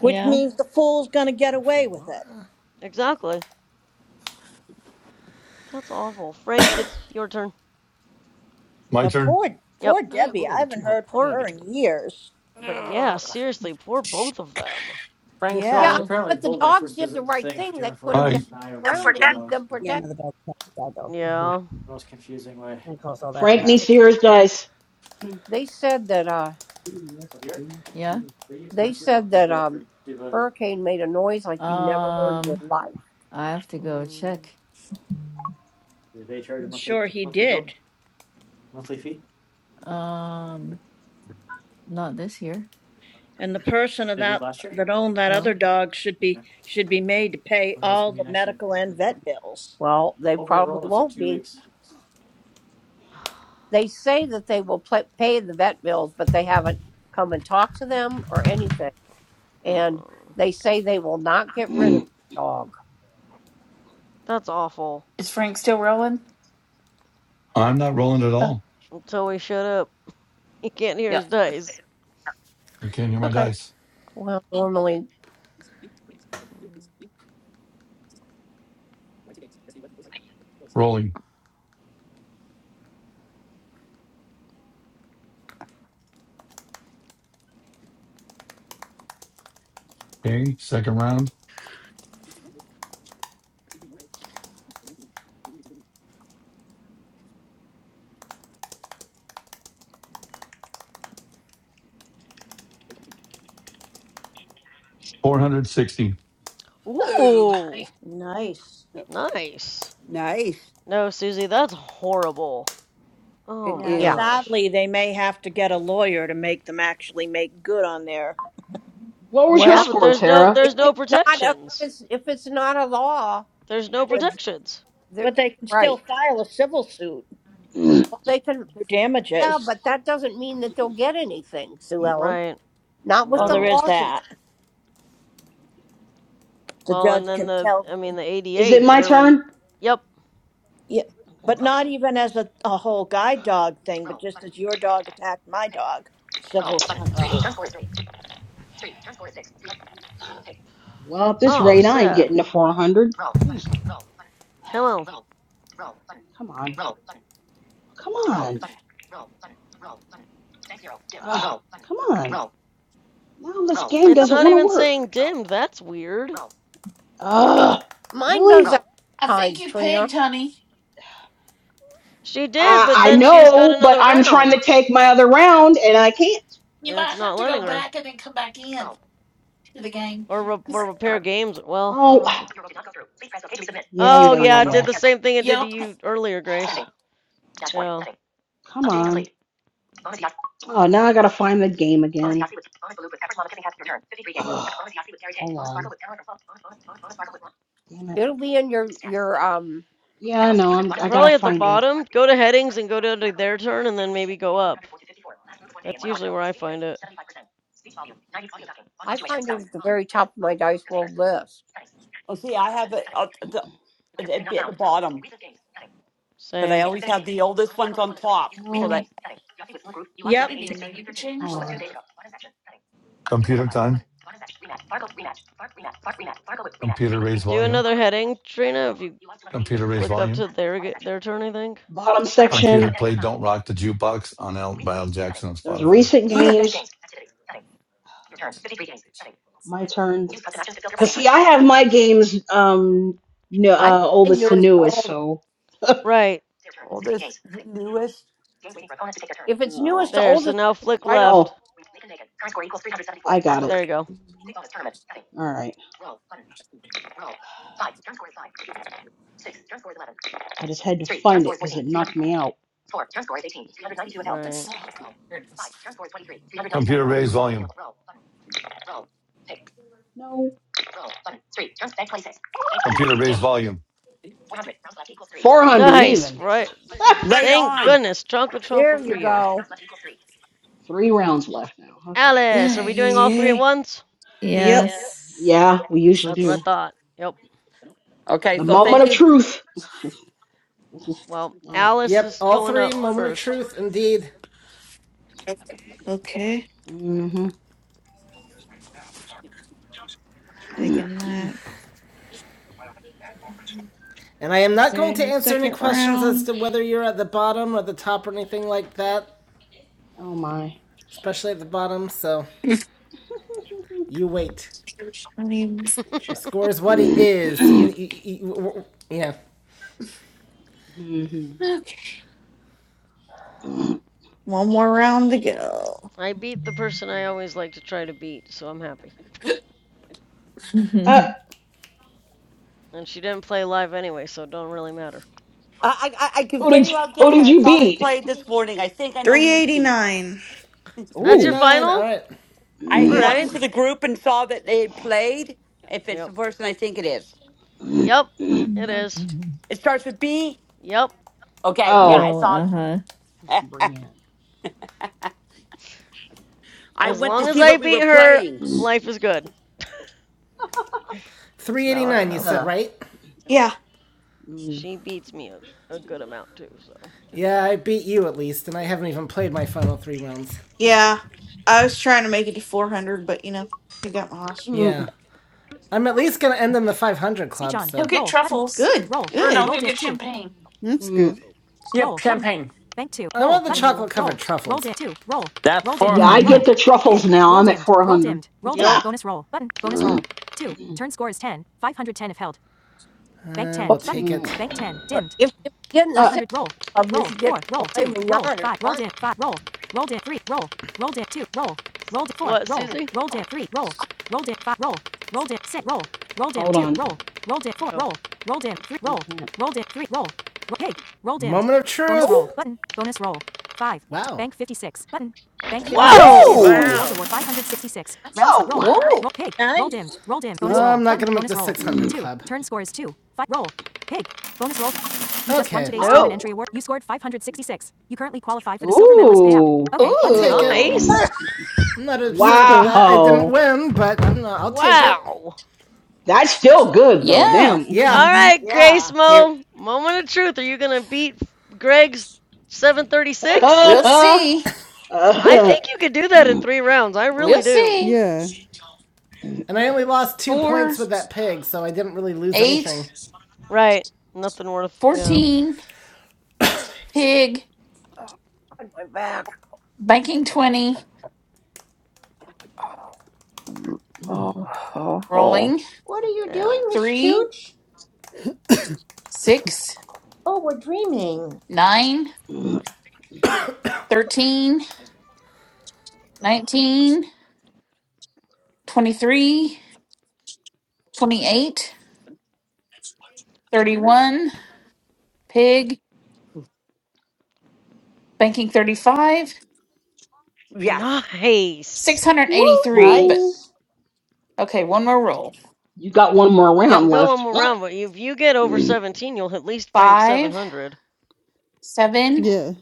Which
yeah,
means the fool's gonna get
apart
away
from
with it.
Laura.
Exactly. That's awful. Frank, it's your turn.
My
But
turn.
poor
Yep.
poor Debbie, I haven't heard from
Poor.
her in years.
But yeah, seriously, poor both of them.
Frank's
Yeah,
Yeah,
rolling.
but the dogs did the right thing. They put
All
them down
right.
on the
Don't
ground to
forget.
keep them
Yeah,
protected.
another dog attacked a guide dog. Mm-hmm.
Yeah.
And caused all that to
Frank needs to hear his dice. what
They said that uh
yeah.
they said that um hurricane made a noise like you never heard in your
Um,
life.
I have to go
Mm.
check.
I'm sure he did.
Um, not this year.
And the person of that that owned that other
No.
dog should be should be made to pay all the medical and vet bills.
Well, they probably won't be. They say that they will pla pay the vet bills, but they haven't come and talked to them or anything. and
Mm.
they say they will not get rid of the dog.
That's awful.
Is Frank still rolling?
I'm not rolling at
Oh,
all.
Until he shut up, he can't hear
yeah.
his dice.
I can't hear my
Okay.
dice.
Well, normally,
Rolling. Okay. Second round. 460.
Mm.
Ooh, I
Ooh,
Nice.
nice.
Nice.
No, Susie, that's horrible. Oh
it
my
Yeah,
yeah.
is.
gosh.
sadly, they may have to get a lawyer to make them actually make good on their.
was your
Yeah,
Well,
but
score,
there's no
Tara?
if
there's no
it's not a, if
protections.
it's if it's not a law,
There's no
They,
the
protections.
they're
but they can still
right.
file a civil suit
Well, they can,
for
yeah,
damages.
but that doesn't mean that they'll get anything, Sue Ellen.
Right.
Not with
Well,
the
there
No.
is
laws.
that. The
Well, and
judge
then
can
the
tell.
I mean the
Is it
88
my
barely
turn?
Yep.
Yeah, but
Okay.
not even as a, a whole guide dog thing, but just as your dog attacked my dog,
Ugh.
civil suit.
Well, at this
Oh,
rate, I ain't
sad.
getting to 400. Jeez,
Come on.
come on. Come on. Ugh, come on. Now this game
It's
doesn't
not
want to
even
work.
saying dimmed. That's weird.
Ugh,
Mine goes
really?
out
I think
sometimes,
you
Trina.
pigged, honey.
She did,
I,
but
I
then she's got
know, but
another
I'm trying
round.
to take my other round and I can't.
You
And it's
might have
not
to go
letting her
back and then come back in to the game.
or re- or
'Cause-
repair games. Well, I don't
Oh,
know if.
yeah,
Oh
yeah, yeah,
yeah, it
yeah.
did the same thing it did to
Yep.
you earlier, Grace. Yeah.
Come on. Oh, now I gotta find the game again. Ugh, Hold on. Damn it.
It'll be in your your um.
Yeah, no, I'm. I gotta
Probably at the
find it.
bottom. Go to headings and go down to like, their turn and then maybe go up. That's usually where I find it.
I find it at the very top of my Dice World list.
Oh, see, I have it up the, it'd be at the bottom because I
Same.
always have the oldest ones on top. So that
I
Yep.
didn't even know you could
No.
change that.
Computer time. Computer raise
Do
volume.
another heading, Trina, if you
Computer raise
flick up
volume.
to their their turn, I think.
Bottom
Computer play
section.
Don't Rock the Jukebox on Al, by Al Jackson on
There's
Spotify.
recent games. My turn. Cause see, I have my games um no,
I have
uh,
my
oldest to
newest to
newest,
oldest.
so.
Right.
oldest, newest.
If it's newest
oh.
to
There. So
oldest,
now
it should be
flick
right on.
left.
Oh. I got it.
There you go.
All right. I just had to find it because it knocked me out.
You could
Right.
suck.
Computer raise volume.
No.
Computer raise volume.
400
Nice.
even.
Right.
Right
Thank
on.
goodness. Chocolate truffle
There
for
you
you.
go.
Three rounds left now. Okay.
Alice,
Yeah,
are we doing all three at
yeah.
once?
Yep.
Yes.
Yeah, we usually
That's what I
do.
thought. Yep.
The
Okay, so
moment
thank
of
you.
truth.
Well,
Yeah.
Alice
Yep,
is
all
going
three.
up
Moment of
first.
truth, indeed.
Okay.
Mm-hmm.
Taking that.
And I am not going to
Okay,
answer any
second
questions as
round.
to whether you're at the bottom or the top or anything like that,
oh my.
especially at the bottom. So you wait.
I need
Your score is what it is. You, you, you, you
one more round to go.
I beat the person I always like to try to beat, so I'm happy.
Uh,
And she didn't play live anyway, so it don't really matter.
I, I, I can
who did
very
you,
well
who
guess.
did
I
you
saw they
beat?
played this morning. I think I know who you mean.
389.
That's your
Ooh.
389. All
final?
right.
I had
Yeah.
gone
Alright.
into the group and saw that they had played. If it's
Yep.
the person I think it is,
Yep. It is.
it starts with B.
Yep.
Okay, yeah, I
Oh,
Oh,
saw.
uh-huh.
it.
Brian.
I
As
went to
long as
see
I
what we were
beat her,
playing.
life is good. No, I don't
389, you
know.
said,
Uh-huh.
right?
Yeah.
Mm,
She beats me a, a good amount too, so.
Yeah, I beat you at least, and I haven't even played my final three rounds.
Yeah. I was trying to make it to 400, but you know, he got my loss.
Yeah.
mm,
I'm at least going to end in the 500 club, Speech so.
He'll get
Roll button.
truffles.
Good.
Roll.
Or
Good.
no,
Roll
he'll
dip
get
two.
champagne.
That's
mm.
good.
Yep,
Roll button.
champagne.
Bank two. roll, I want the
Mm-hmm.
chocolate-covered truffles. Roll dip two. Roll.
That's
Roll dip
Yeah,
four.
I
hmm
Roll.
get
400.
the truffles
Pig.
now.
Roll
I'm at
dimmed. Roll
400.
dimmed. Roll dimmed.
Yep.
Bonus roll button. Bonus roll. Two. Turn score is 10. 510 if held. Bank Uh, 10. uh, we'll
Well,
take it. Bank
Mm.
10. Dimmed.
If, if you get in the
uh,
six
500. Roll.
club, you
Roll.
should get
4. Roll.
filet
2.
mignon
Roll.
or
5. Rolled
something.
it. 5. Roll. Rolled it. 3. Roll. Rolled it. 2. Roll. Rolled it. 4.
What,
Roll.
Susie?
Rolled it. 3. Roll. Rolled it. 5. Roll. Rolled it. 6. Roll. Rolled it.
hold
2.
on.
Roll. Rolled it. 4.
Oh.
Roll. Rolled it. 3.
We
Roll.
can't.
Rolled it. 3. Roll. Ro- Hey. Rolled it. Moment of Bonus truth. Bonus roll.
Oh,
Button. Bonus roll. 5. Wow. Bank 56. Button. Bank
Oh,
56.
Whoa!
Dim.
nice.
Bonus
whoa,
rolls
Wow.
award 566. Rounds left.
whoa.
Roll.
Whoa.
Roll. Pig. Roll dimmed.
Nice.
Roll dimmed. Bonus Uh, roll. I'm not gonna make Bonus the roll. 600 club. Turn score is 2. 5. Roll. Pig. Bonus roll. You okay. just won Okay. today's
Nope.
tournament entry
Oh,
award. You scored 566. You currently qualify for the silver medalist payout.
ooh,
Okay. I'll take it.
Ooh.
Nice.
I'm not
That's
upset about
good.
that. I didn't
wow.
win, but I'm not, I'll take it.
Wow.
That's still good though.
Yeah.
Damn.
Yeah.
Mhm.
Alright, Grace
yeah.
Here
Mo. Moment of truth. Are you gonna beat Greg's 736?
we'll see.
I think you could do that in three rounds. I really
We'll
do.
see.
Yeah,
And I only lost two
Four,
points with that pig, so I didn't really lose anything.
eight,
Right. Nothing worth, you know.
fourteen, pig,
Oh, God, my back.
banking 20,
Oh, oh, oh.
rolling,
What are you doing, Miss
Ouch.
three,
Chooch?
six,
Oh, we're dreaming.
nine, thirteen, nineteen, twenty-three, twenty-eight.
Ooh.
31, pig, banking 35,
Yes.
Nice.
683. But
Woo!
Nice.
okay, one more roll.
You got one more
You
Yep.
round
go one
left.
more round, but if you get over
Ooh.
17, you'll at least rank
Five,
700.
seven,
yeah,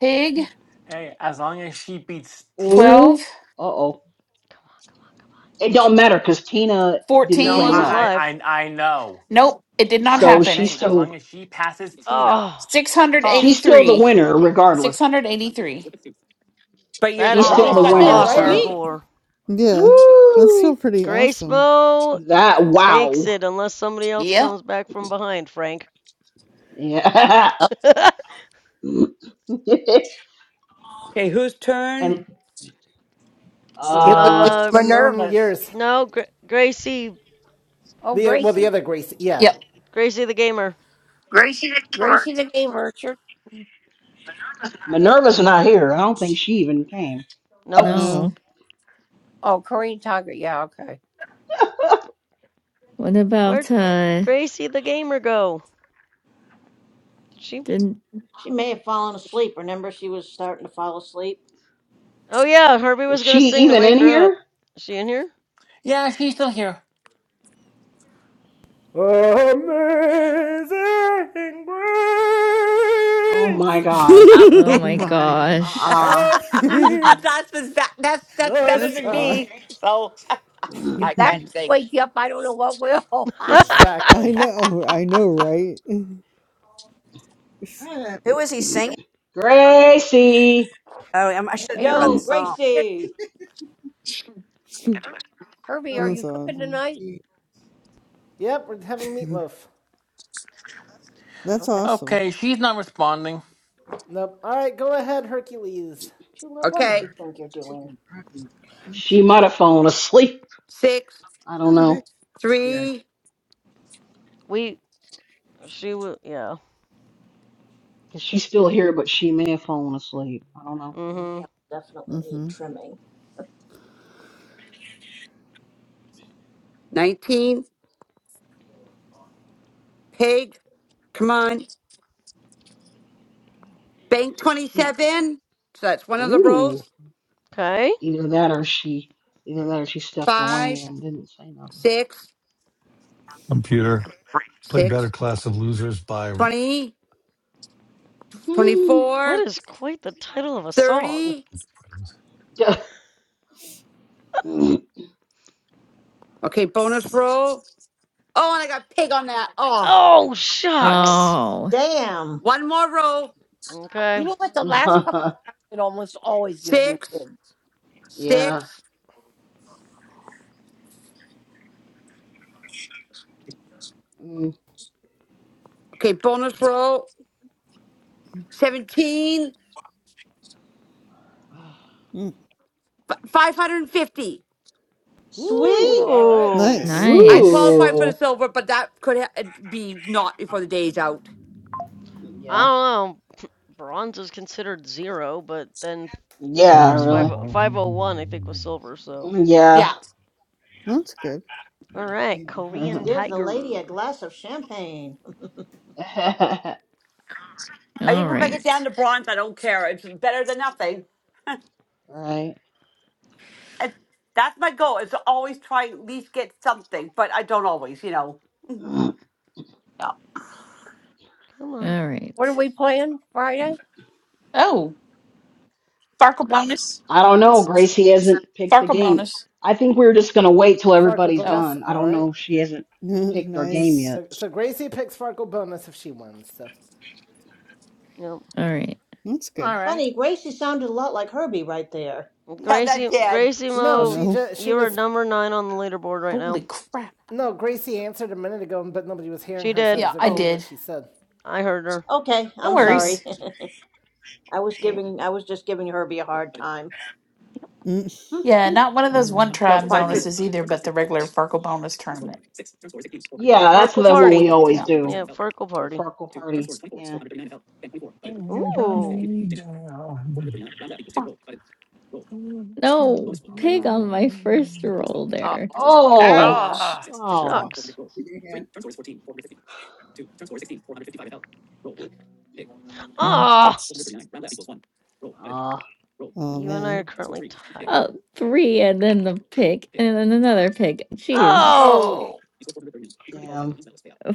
pig,
Hey, as long as she beats Tina.
twelve
Uh oh.
Come on, come on, come on.
It don't matter because Tina didn't
Tina
No,
play
fourteen.
wasn't
I,
live,
I,
live.
I, I know.
Nope, it did not
I'm
so
just
happen.
she's
saying, as long
still
as she passes Tina.
Oh,
Oh,
she's still the
683.
winner regardless.
683.
But you're
that
si-
She's
is an
He's
That
still
is
the
got
still
winner.
awesome
Ah,
Alrighty.
silver.
So.
sweet.
score.
yeah. That's
Woo!
still pretty
Grace
awesome.
Mo
That
takes
wow.
it unless somebody else
Yep.
comes back from behind, Frank.
Yeah.
Oh,
okay. Whose turn?
and
it would be
uh,
uh,
Um,
Minerva's.
yours.
no, Gra- Gracie,
Oh,
The well, the
Gracie.
other Grace. Yeah.
Yep.
Gracie the Gamer.
Gracie George.
Gracie the Game Merchant.
Minerva's not here. I don't think she even came.
Nope.
No.
No.
Oh, Korean Tiger. Yeah, okay.
What
Where'd
about uh
Gracie the Gamer go? Did she
didn't
She may have fallen asleep. Remember, she was starting to fall asleep.
Oh yeah, Herbie
Is
was gonna
she
sing to
even
wake
in
her up.
here?
Is she in here?
yeah, she's still here.
Amazing
Oh my
Grace,
God.
Oh
oh
Okay.
my
my.
gosh.
Uh
how sweet
that's, that's that's that's better
the
That's
than
odd.
sound.
me. So
uh
I
If that didn't
can't sing.
wake you up, I don't know what will.
I
Exactly.
know, I know, right?
happen. Uh, Who is he singing?
Gracie.
Oh, um, I should have
Hey,
known
Herbie,
about
Yo,
the
what
song.
Gracie!
Herbie, are you
That's
cooking
awesome.
tonight?
Yep, we're having meatloaf.
That's
Okay.
awesome.
Okay, she's not responding.
Nope. All right, go ahead, Hercules.
Chula, what do you
Okay.
think you're doing?
She might have fallen asleep.
Six,
I don't know.
three,
We she was yeah.
Because she's still here, but she may have fallen asleep. I don't know.
Your
Mm-hmm.
nails definitely need
Mm-hmm.
trimming.
nineteen, pig. Come on. Bank twenty
You,
seven. So that's one of the
ooh.
rolls.
Okay.
Either that or she. Either that or she stepped
Five,
away and didn't say nothing.
six,
Computer Play better
six,
class of losers by
twenty,
That
twenty-four,
is quite the title of a
thirty.
song.
yeah. Mm.
Okay, bonus roll. Oh, and I got pig on that. Oh.
Oh
Ouch.
shucks.
Oh,
Damn!
One more row.
You
Okay.
know what? The last couple, it almost always gives me
Six,
fits.
six. Okay, bonus roll, 17,
Mm.
f- 550.
Woo!
Sweet!
All right.
Ooh.
Nice.
I
nice.
qualified for the
Ooh.
silver, but that could ha- be not before the day's out.
I
Yeah.
don't know. Bronze is considered zero, but then
Yeah,
silver's five
really.
oh, five oh one I think was silver, so.
Yeah.
Yeah.
That's good.
Alright, Korean
Give the lady a
Tiger.
glass of champagne.
I
All
Even if I get down
right.
to bronze, I don't care. It's better than nothing.
right.
And that's my goal is to always try at least get something, but I don't always, you know.
I
Yeah.
Come on.
All
What are
right.
we playing Friday?
Oh, Farkle bonus.
don't know. Gracie hasn't picked the
Farkle
game.
bonus.
I think we're just gonna wait till
Farkle
everybody's
Oh,
bonus.
done. I
All
don't
right.
know if she hasn't picked our game
nice.
yet.
So so Gracie picks Farkle bonus if she wins. So
Yep.
All right.
That's
All
good.
right,
Funny, Gracie sounded a lot like Herbie right there.
Yeah, that's
Gracie
dad.
Gracie
no,
Mo,
she
No.
just she
you're a
was
number nine on the leaderboard right
holy
now.
crap.
no Gracie answered a minute ago, but nobody was hearing
She
her, so I
did.
Yeah,
was
I
repeating
Oh,
what
did.
she said.
I heard her.
okay.
No
I'm
Yeah.
sorry.
worries.
I was
Yep.
giving, I was just giving Herbie a hard time.
Mm.
Yeah, not one of
Oh
those one
wow.
So
time
550.
bonuses either, but the regular Farkle bonus tournament.
yeah, that's
Farkle
the one
party.
we always
Yeah.
do.
Yep, Farkle party.
Farkle party. Yeah.
Ooh,
No,
All
pig on
right.
my first roll
Oh,
there.
Oh.
Aw.
Ouch.
Ah.
Oh.
shucks. Ah,
Ah.
oh,
Oh
you and I
man.
are currently tied.
Oh, three, and then the pig, and then another pig. Jeez,
Oh.
Oh,
damn.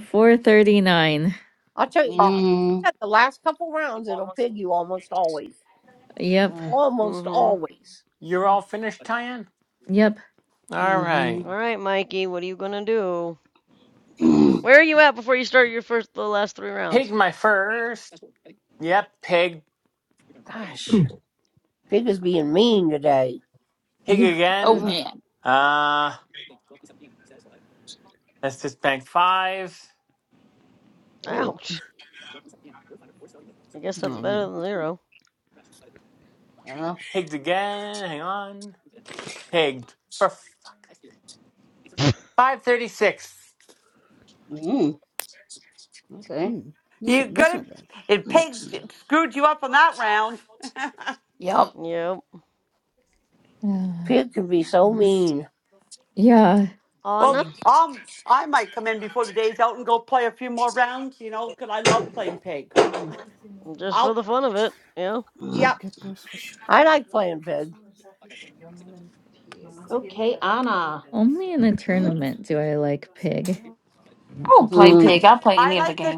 four thirty-nine.
I'll tell you.
Oh,
Mm.
The last couple rounds, it'll pig you almost always.
Yep,
Uh,
Almost
Mhm.
always.
you're all finished, Tyan.
yep,
All
mm-hmm.
right,
All right, Mikey. What are you gonna do? Where are you at before you start your first, the last three
pig
rounds?
my first. Yep, pig,
Gosh, pig is being mean today.
pig
yeah,
oh
again.
mm.
man.
Uh, let's just bank five.
Ugh.
Ouch. I guess that's
Oh
better
man.
than zero.
Uh,
Pigged again. Hang on, pigged for five thirty six.
mm. Okay.
Hmm. That's
you could
that's
have,
not bad.
it pigs screwed you up on that round.
Yep.
Yep.
uh,
Pig can be so
Mm,
mean.
yeah.
Anna,
Well,
mm,
um, I might come in before the day's out and go play a few more rounds, you know, because I love playing pig.
just for
I'll,
the fun of it. Yeah.
mm.
¿Por
yeah,
qué pues Pues
I like playing pig.
Dear
Okay, Anna.
Only in a tournament do I like pig.
I, I,
Mm.
I like this.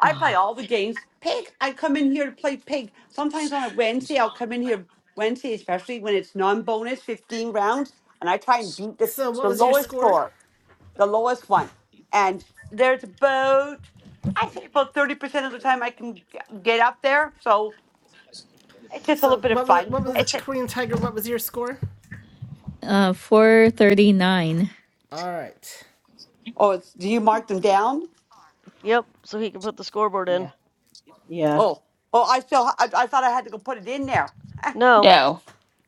I play
Ah,
all the games. Pig, I come in here to play pig. Sometimes on a Wednesday, I'll come in here, Wednesday, especially when it's non bonus, 15 rounds, and I try and beat the,
So what
the
was your
lowest
score?
score, the lowest one. And there's about, I think about 30% of the time I can g- get up there. So it's just a little
So
bit of
what was
fun.
what was it?
It's, a,
Korean Tiger? What was your score?
Uh, four thirty-nine.
All right.
oh, it's, do you mark
R
them down?
R R
Yep.
A.
So he can put the scoreboard in.
yeah, yeah.
Oh, oh, I still, I, I thought I had to go put it in there.
No,
No.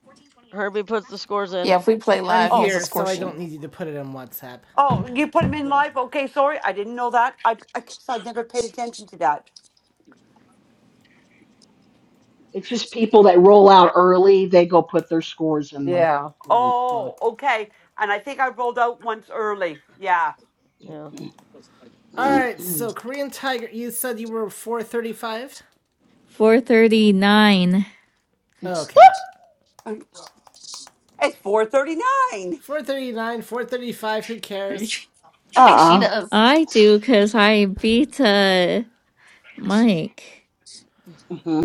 1428.
Herbie puts the
Flashlight
scores
off.
in.
Yeah, if we
Button.
play
I'm
live, he
Oh,
has a
here,
Puts.
score
so I
sheet.
Yeah.
don't need you to put it on WhatsApp.
oh, you put them in
No.
live. Okay, sorry, I didn't know that. I, I guess I never paid attention to that.
It's just people that roll out early. They go put their scores in the
Yeah.
group, but
Oh, okay. And I think I rolled out once early. Yeah,
Yeah.
All right, so Korean Tiger, you said you were 435?
Four thirty-nine.
Okay.
it's four thirty nine.
439, 435, who cares?
uh
I think she
uh
does.
I do because I beat uh Mike.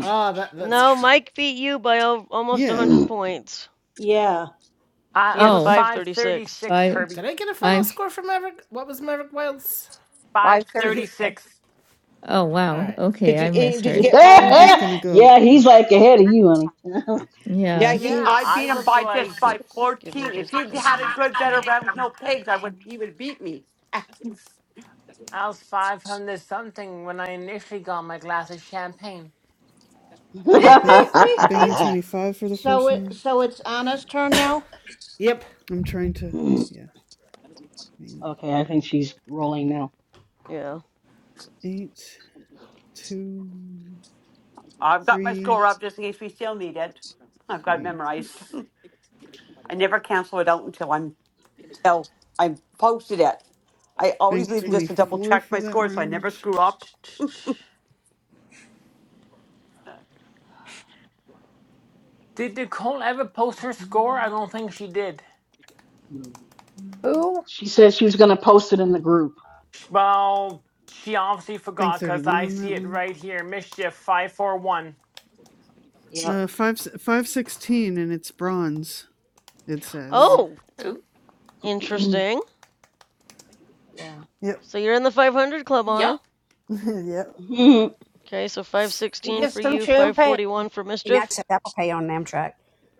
Ah, oh, that that's
No,
true.
Mike beat you by almost a
Yeah,
100 points.
Yeah.
I,
He
I
had
was
Oh,
five thirty
536.
six,
five,
Herbie.
Did I get a final
five.
score for Maverick? What was Maverick Wild's?
Five
Five
So
thirty
who?
thirty
six.
six.
Oh
All
wow.
right.
Okay,
Did you
I
eh, did you
misheard.
get mine
I'm just
then?
gonna
yeah,
go
yeah.
uh,
He's like ahead of you, honey.
Yeah,
Yeah,
he
Yeah,
I
I
beat him
was
by
six,
just
like,
by
six,
Give me
fourteen. If
just a
he
six.
couple
had a
minutes,
good better
period.
round with
Okay,
no pigs,
bonus
I would he would beat me.
I was 500 something when I initially got my glass of champagne.
Uh, thanks, banking 25 for the
So
first
it
one.
so it's Anna's turn now?
Yep.
I'm trying to, yeah, I mean,
okay, I think she's rolling now.
Yeah.
eight, two,
I've got my score
three,
up just in case we still need it. I've got it
three.
memorized. I never cancel it out until I'm So I posted it. I always
Bank
leave it just to double
24
check
for
my
that
score so I
round.
never screw up.
Did Nicole ever post her
25,
score? I don't think she did.
one,
Who?
She said she was gonna
pick.
post it in the group.
Well, she obviously
Bank
forgot because
31
I
on that
see it
one.
right here. Mischief 541.
Yep.
Uh, five, 516, and it's bronze, it says.
Yeah.
Oh,
Ooh,
interesting.
yeah.
Yep,
So you're in the 500 club,
yep.
Anna.
yep,
oh
Okay, so
He
516 for
gets some
you,
champagne.
541 for
And I
Mischief.
accept Apple Pay on Amtrak.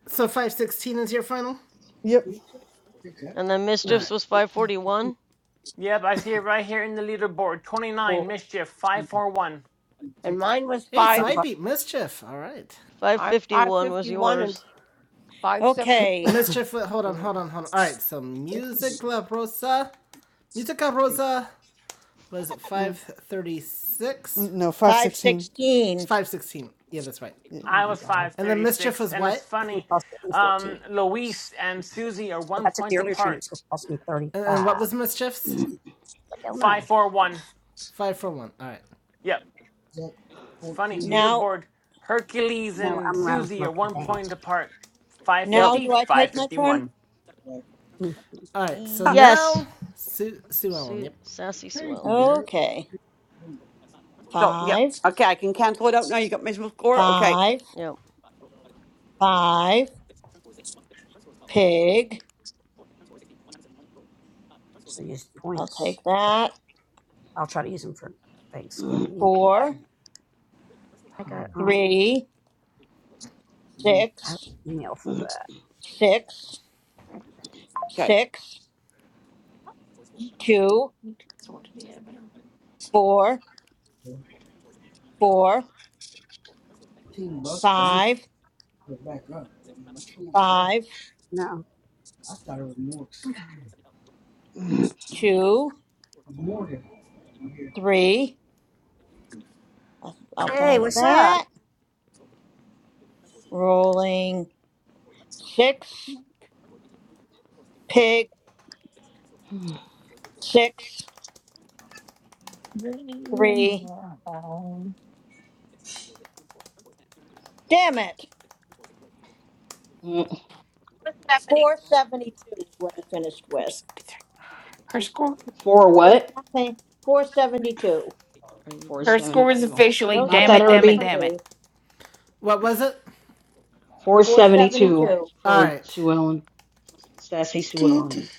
So 516 is your final?
yep.
And then
All
Mischief's
right.
was
Mm-hmm.
541.
Yep, I see it right here in the leaderboard. 29,
Well,
Mischief 541.
And mine was
Hey,
I
so
five
already
I
bought
beat Mischief. All right.
I five
551 was
fifty one and
yours.
five seven
Okay.
Mischief, hold on,
Yep.
hold on, hold on. All right, so Music La Rosa. Musica Rosa was
Uh,
536.
No, five
Five
sixteen.
sixteen.
516. Yeah, that's right.
Yeah.
I
my
was
god.
And then mischief
536.
was
And it's
what?
it. It
funny,
cost me fourteen.
um,
dollars.
Luis and Susie are
If
one
I took the
point
earlier train, it
apart.
was going to cost me
And, what
thirty-five. dollars.
was mischief's?
It's like hell no,
541.
Five for one. All right.
Yep. It's funny.
Now,
Leaderboard Hercules
no, I'm
and
riding with
Susie are
Marie
one
now.
point apart. Five
Yep.
now
fifty,
do I
five
take my turn?
fifty-one.
Mm-hmm.
All right. So
Huh.
Yes.
now Sue Sue Ellen.
Su-
Yep.
Sassy Sue Ellen.
Okay.
So, yeah.
Five,
Okay, I can cancel it out now. You got my score? Okay.
five,
Yep.
five, pig.
So use the
I'll
points.
take that.
I'll try to use them for Thanksgiving. You know, I got,
Four,
I got um,
three,
I have
six,
an email for that.
six,
Okay.
six, two,
So what did he have?
four, four, five, five,
No.
two, three. I'll I'll
Hey,
bank
what's up?
that. Rolling six, pig, six, three. Damn it.
Mm,
472 is what I finished with.
Her score.
For
No
what?
champagne. Four seventy-two.
Are you going
Her
to take
score is
your
472.
last
You
officially
turn?
No
got
damn
that,
it,
Question
champagne
damn
mark.
it,
for
Herbie?
damn it.
me.
What was it?
Four
472
seventy-two.
All
for
right.
Sue Ellen, Sassy Sue
Dude.
Ellen.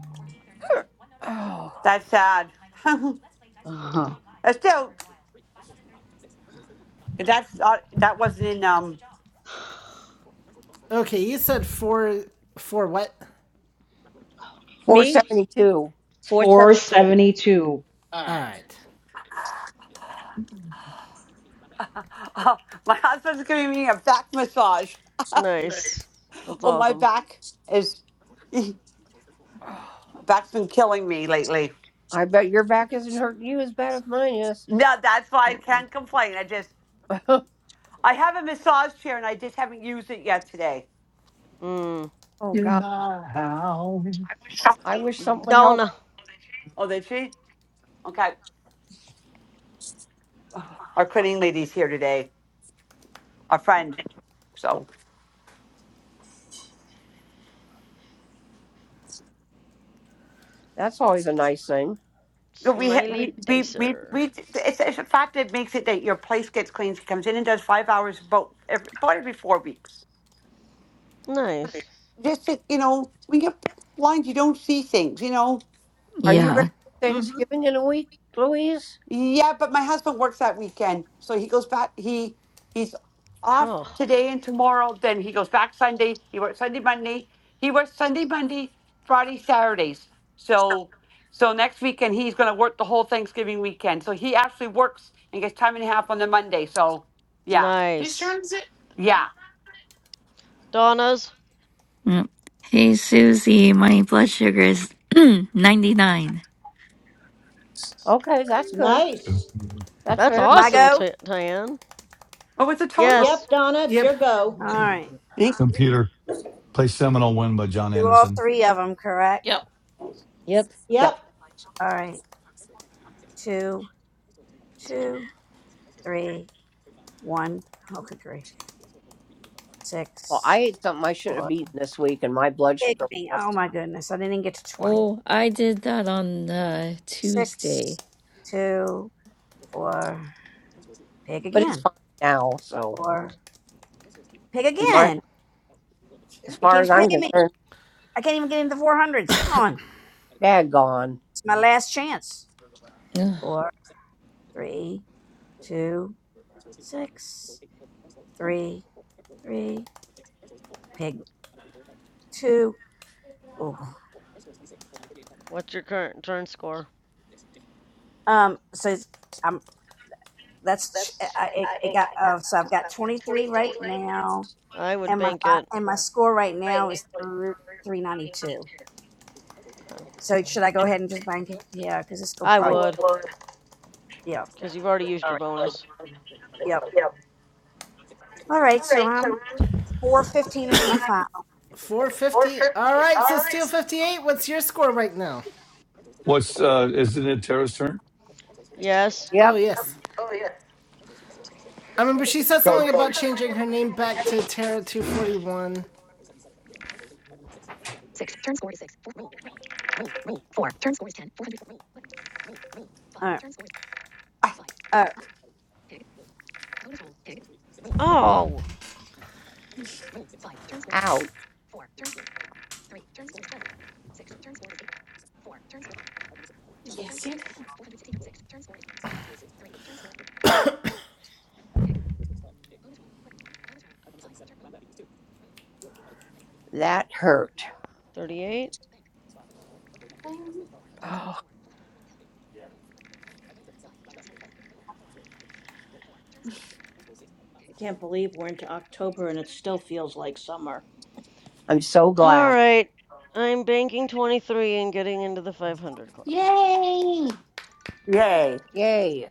1433. One notification.
oh,
WhatsApp.
That's
Now,
sad.
Michael Shaw.
That's
Let's play Dice World.
Uh-huh.
Played live.
still,
Maverick Wild. 530.
that's not, that wasn't in,
1433.
um,
Speech off. Okay, you said four. Four what?
four
Me?
seventy two.
Four seventy-two.
472.
All right.
my husband's giving me a back massage.
Nice. That's
Oh, my
awesome.
back is, back's been killing me lately.
I bet your back isn't hurting you as bad as mine is.
No, that's why I
Mm-mm.
can't complain. I just,
oh
I have a massage chair and I just haven't used it yet today.
Mm.
god. I wish something would help.
Donna.
Oh, did she? Okay. Our cleaning lady's here today. a friend. So
That's always a nice thing.
we
Smiley
we we we,
Dicer.
we it's, it's a fact that makes it that your place gets cleaned. She comes in and does five hours about every, about every four weeks.
Nice.
Just that, you know, when you're blind, you don't see things. You know,
Are you
yeah.
ready for
Mm-hmm.
Thanksgiving in a week, Louise?
Yeah, but my husband works that weekend, so he goes back. He he's off
Oh,
today and tomorrow. Then he goes back Sunday. He works Sunday, Monday. He works Sunday, Monday, Friday, Saturdays. So so next weekend he's going to work the whole Thanksgiving weekend. So he actually works and gets time and a half on the Monday. So yeah,
Whose
nice.
turn is it?
yeah.
Donna's.
Yep. Hey, Susie, my blood sugar is 99.
Okay, that's good.
Nice.
That's
That's
very
My
awesome,
go?
Ti- Tan.
What was the total?
Yes.
Yep, Donna, it's
Yep.
your go.
All right.
I think-
St. Peter. Play Seminole Win by John
Do all
Anderson.
three of them, correct?
Yep.
Yep.
Yeah.
Yep,
All right. Two, two, three, one. Okay, great.
well, I
Six,
ate something I shouldn't have
four.
eaten this week and my blood
Big
sugar
me.
went up
Oh my goodness. I didn't get to 20.
Oh, I did that on uh,
Six,
Tuesday.
two, four. Pig
but it's
again.
fine now. So,
Four. Pig
and my,
again.
as
It
far as
keeps
I'm
picking me.
concerned,
I can't even get into the 400s. Come on.
daggone.
It's my last chance.
Ugh.
Four, three, two, six, three, three. Pig two. Oh.
What's your current turn score?
Um, so it's- I'm that's I, it, it got uh, so I've got 23 right now,
I would
and my
bank
fi-
it.
and my score right now is 392.
Okay.
So should I go ahead and just bank it? Yeah, because this will
I
I
probably
would.
would,
yeah.
because you've already used
All
your
right,
bonus.
yep. All right, so I'm 415 is my final.
Four fifty. All right. So Steel fifty eight. What's your score right now?
What's uh isn't it Tara's turn?
Yes.
Oh
Yep.
yes. I remember she said something about changing her name back to Terra Two Forty One.
All right. Uh,
Well,
Oh.
Ouch.
Yes, you did.
That hurt.
38.
Oh,
I can't believe we're into October and it still feels like summer.
I'm so
All
glad.
right. I'm banking 23 and getting into the 500 club.
Yay!
yay.
Yay.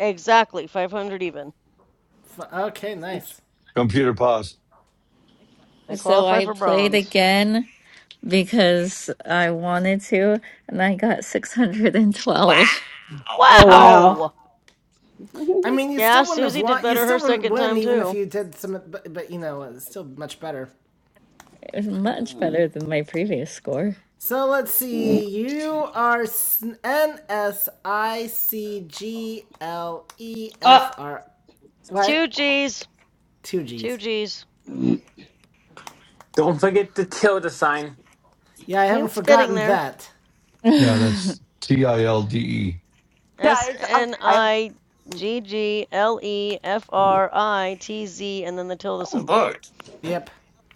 Exactly, 500 even.
Okay, nice.
Computer pause.
I
So
qualify
I
for
played
bronze.
again because I wanted to, and I got
Wow.
612.
Pop,
Oh, wow.
Wow!
I mean, you
Yeah,
still wouldn't have
Susie did
won. You
better her
still wouldn't
second
win
time,
even if
too.
you did some, but, but you know, it's still much better.
It was much
Mm,
better than my previous score.
So let's
mm,
see. You are S- N S I C G L E
uh,
F R.
Two
What?
G's.
Two
Two
G's.
G's.
mm,
Don't forget to kill the sign.
Yeah, I
He
haven't
was getting
forgotten
there.
that.
Yeah, that's T I L D E.
S
Yeah. It's, I,
N
I
I G G L E F R I T Z, and then the tilde symbol,
Yep.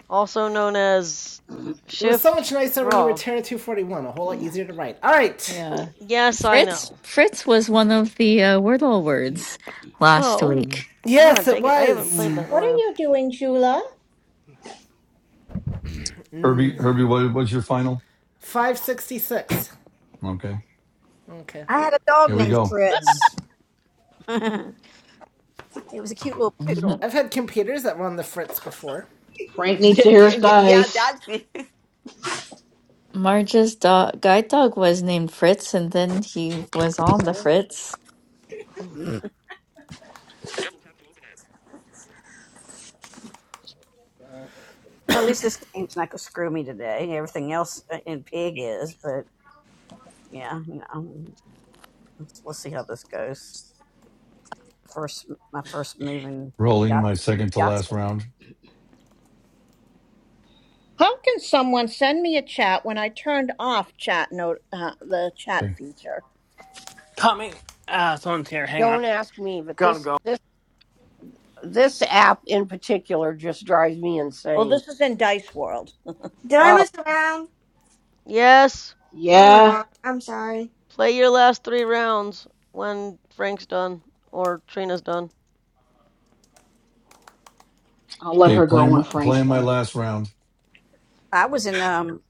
also known as
mm,
It was so
Shift
much nicer when you were
Grov.
Terra 241. A whole lot
mm,
easier to write. All right.
Yeah.
Yes,
uh,
I
Fritz
know.
Fritz was one of the uh, Wordle words last
Oh,
mm,
week.
ah,
Yes, it
dang it. I haven't
was.
played that
mm,
in a
What are
while.
you doing, Jula?
N-
Herbie Herbie, what was your final?
566.
Okay.
Okay.
I had a dog
Here we
named
go.
mm.
Fritz. it was a cute little poodle.
I've had computers that run the Fritz before.
Frank needs to hear his
yeah,
dice.
that's
Marge's dog, guide dog was named Fritz, and then he was on the Fritz.
Well, at least this name's not gonna screw me today. Everything else uh, in pig is, but yeah, you know. let's, let's see how this goes. First, my first move in
Rolling
Yahtzee.
my second to last round.
How can someone send me a chat when I turned off chat note uh, the chat
Okay.
feature?
Coming. Ah, someone's here. Hang on.
Don't ask me, but
Gotta
this
go.
this this app in particular just drives me
Well,
insane.
this is in Dice World.
Did I
Oh,
miss a round?
Yes,
Oh my
Yeah,
god, I'm sorry.
play your last three rounds when Frank's done or Trina's done.
I'll let
Okay,
her go
playing
when
my,
Frank's
playing my
done.
last round.
I was in um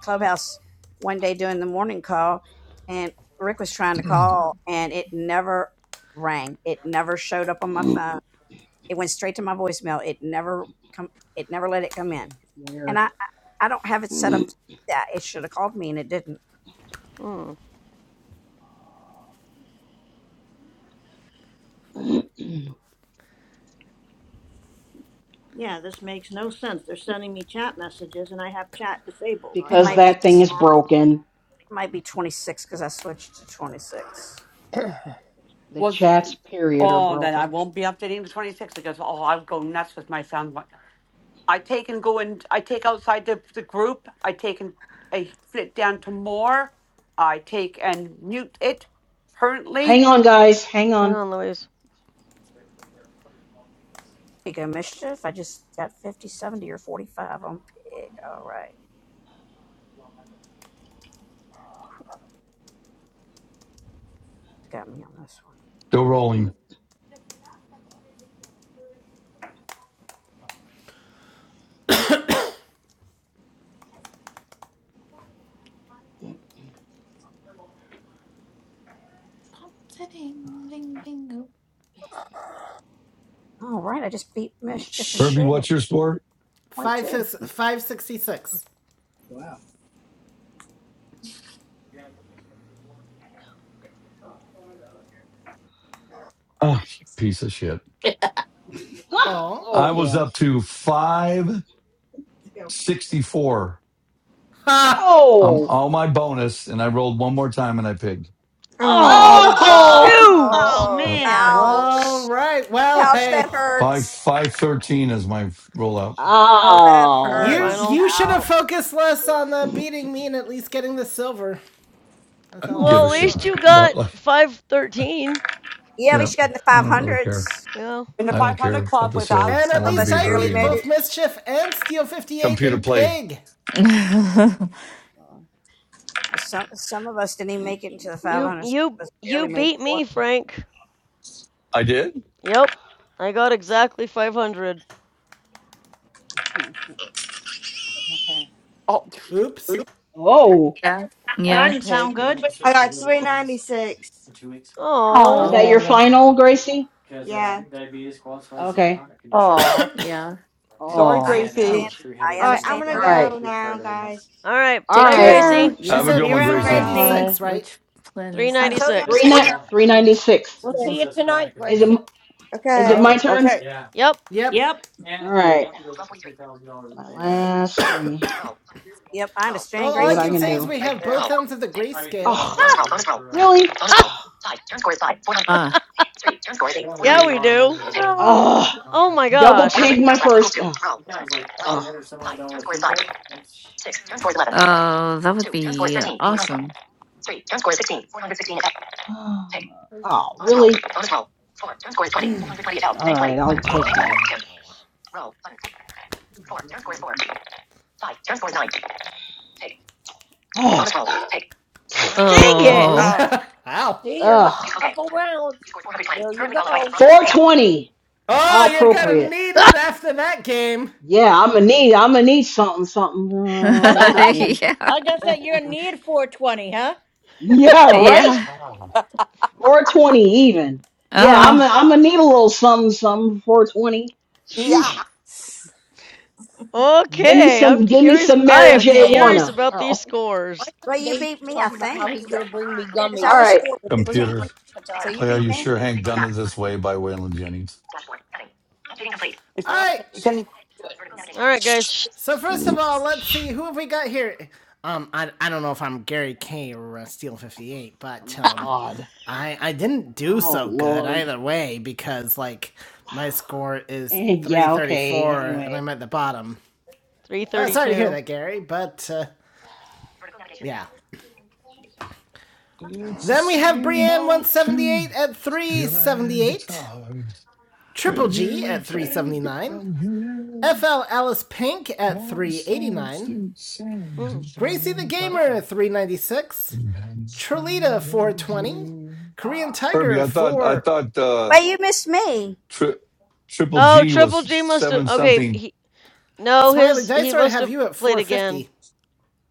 clubhouse one day doing the morning call, and Rick was trying to
Still
call, and it never rang. It never showed up on my phone. It went straight to my voicemail. It never come. It never let it come in. and
Weird.
I I don't have it set up that it should have called me and it didn't.
Hmm.
Yeah, this makes no sense. They're sending me chat messages and I have chat disabled, or I
It
Because
thought
might be
that thing is
it
broken.
might be 26 because I switched to 26.
The
was.
chats, period, are
Oh, then I
broken.
won't be updating the twenty-six. because oh, I'll go nuts with my son. What- I take and go and I take outside the, the group. I take and I flip down to more. I take and mute it currently.
Hang on, guys. Hang
Hang
on.
on, Louise.
Big of mischief. I just got fifty seventy or 45 on pig. All right, got me on this one.
rolling.
ding, ding, ding.
All right, I just beat mischief and
Shh.
Herbie,
pig. one
what's your score?
Point
Five,
two.
fis- 566.
Oh, piece of shit.
Ah!
Oh.
I
Oh,
was
damn.
up to 564.
Ha!
Um,
Oh.
all my bonus, and I rolled one more time and I pigged.
Oh,
Oh,
Oh,
Oh.
Oh
shoot!
Oh,
Uh,
man,
ouch.
All right. Well,
Ouch, that
hey.
five
hurts.
five
Oh.
thirteen is my rollout.
Oh, that
Is your
You
hurts.
Oh.
final?
you should have
Ouch.
focused less on uh, beating me and at least getting the silver. That's
I
all
don't
I'll
give
Oh,
Well,
a
at
say on that
least
one.
shit
damn.
you got
about like
513.
Yeah, we
yeah.
least you got in the
I don't really care.
500s.
Yeah.
in the
I don't
500
care about
club
the
with
silver.
us.
And
I
Some
at
of
wanted to
least
us
beat
I
barely
Herbie
beat
in
made
that
it.
both Mischief and Steel 58
computer
in
play.
Pig.
Oh,
Uh, Some some of us didn't even make it into the
You
500s. Some
you
of us
you
barely made it
beat me,
400.
Frank.
I did.
Yep. I got exactly 500.
hmm, Okay.
Oh,
Oops.
Oh.
that
Oh,
Yeah.
didn't sound
Pig.
good. See
I got 396.
Is
Oh.
Oh,
that your
Oh,
final, Gracie?
Yeah.
Okay.
oh.
yeah.
sorry,
Oh.
I
Gracie.
understand.
Ouch.
I
Alright, I'm
understand
gonna
All
her
right.
pain.
go now, guys.
All right.
All
take
Bye,
right.
care.
Uh,
Gracie.
She
Have a
yeah.
good
said,
you
you're
one,
around,
Gracie.
Bye.
Uh,
Gracie.
396, right?
Which plan is
I
that?
totally
three
396.
ni-
understand her pain.
396.
We'll
Is, her-
see you tonight,
is it,
Gracie.
is it
Okay.
my
Oh.
turn?
Okay.
Yep.
Yep.
Yep.
All right. My last three.
Yep, I
Well,
understand
See
all I
what I
Gracie's
can
can
say is
do.
we
pain right
have
there.
both ends of the grayscale.
Oh, really?
Ah.
Yeah, we do.
Oh,
Oh,
Oh my
double
gosh.
pig my first. Oh,
Oh, that would be awesome.
oh, oh, really? All right, I'll take
Wow.
that. Oh,
Dang
oh,
Oh.
it.
Uh,
Oh,
Ow.
see your last
oh.
couple rounds. There you go.
420. How
Oh, you're gonna
appropriate.
need it after that game.
Yeah, I'm gonna need. I'm gonna need something, something out of this
I
game.
Yeah.
guess that you're in need 420,
Yeah, right.
Yeah.
420 even. Yeah, I'm.
Oh.
I'm gonna need a little something, something. 420. Sheesh.
yeah.
Give me
okay. I'm
some. Give me
curious.
some
I
Mary
what a
am
J.
But-
game.
curious
Wanna.
about
Oh,
these
My
scores.
son
Well, you
Dave
beat
was
me, I
talking about
think.
how he's going to bring me
Yeah, because I
all
gummies
was
right.
to freeze my
Computer
415. So
appetite,
you
play. Are
beat
you
me.
sure Hank done it this way by Waylon Jennings?
It's,
but
All
I
right.
can't
it's any,
do it.
All right, guys. Shh.
So first of
Oh
all, let's see who have we got here. Um, I, I don't know if I'm Gary K or uh, Steel 58, but
my
um,
God.
I I didn't do
Oh
so good
Lord.
either way because like my score is
And yeah. Okay.
334 and
Anyway.
I'm at the bottom. Uh, sorry to hear
332.
that, Gary, but uh, yeah. Then we have Brienne 178 at 378. Triple G at 379, FL Alice Pink at 389,
Mm.
Gracie the Gamer at 396, Trelita 420, Korean
Herbie,
Tiger
I thought I
for
thought uh,
But you missed me.
tri- Triple
Oh,
G was
Triple G must have.
seven
Okay,
something.
he No,
Smiley
his he
Dicer, I
must
have
have
you at
played again.
450.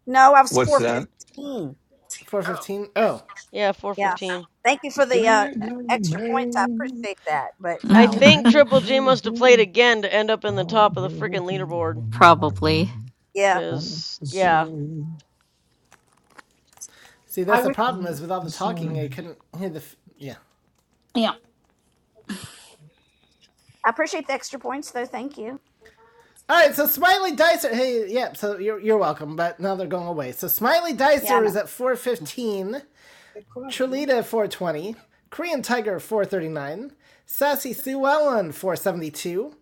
No, I was
What's that?
415.
415? Oh.
Yeah,
Yeah.
415.
Thank you for the uh, e-, extra points. I appreciate that. But
I
no.
think Triple G must have played again to end up in the top of the freaking leaderboard.
Probably.
Yeah.
Cause yeah,
See, that's
I
the problem is with all the talking, I couldn't hear the. F- yeah.
Yeah.
I appreciate the extra points, though. Thank you.
All right, so Smiley Dicer. Hey, yeah, so you're, you're welcome, but now they're going away. So Smiley
Yeah, I
Dicer
know.
is at 415. Trelita 420, Korean Tiger 439, Sassy Sue Ellen 472,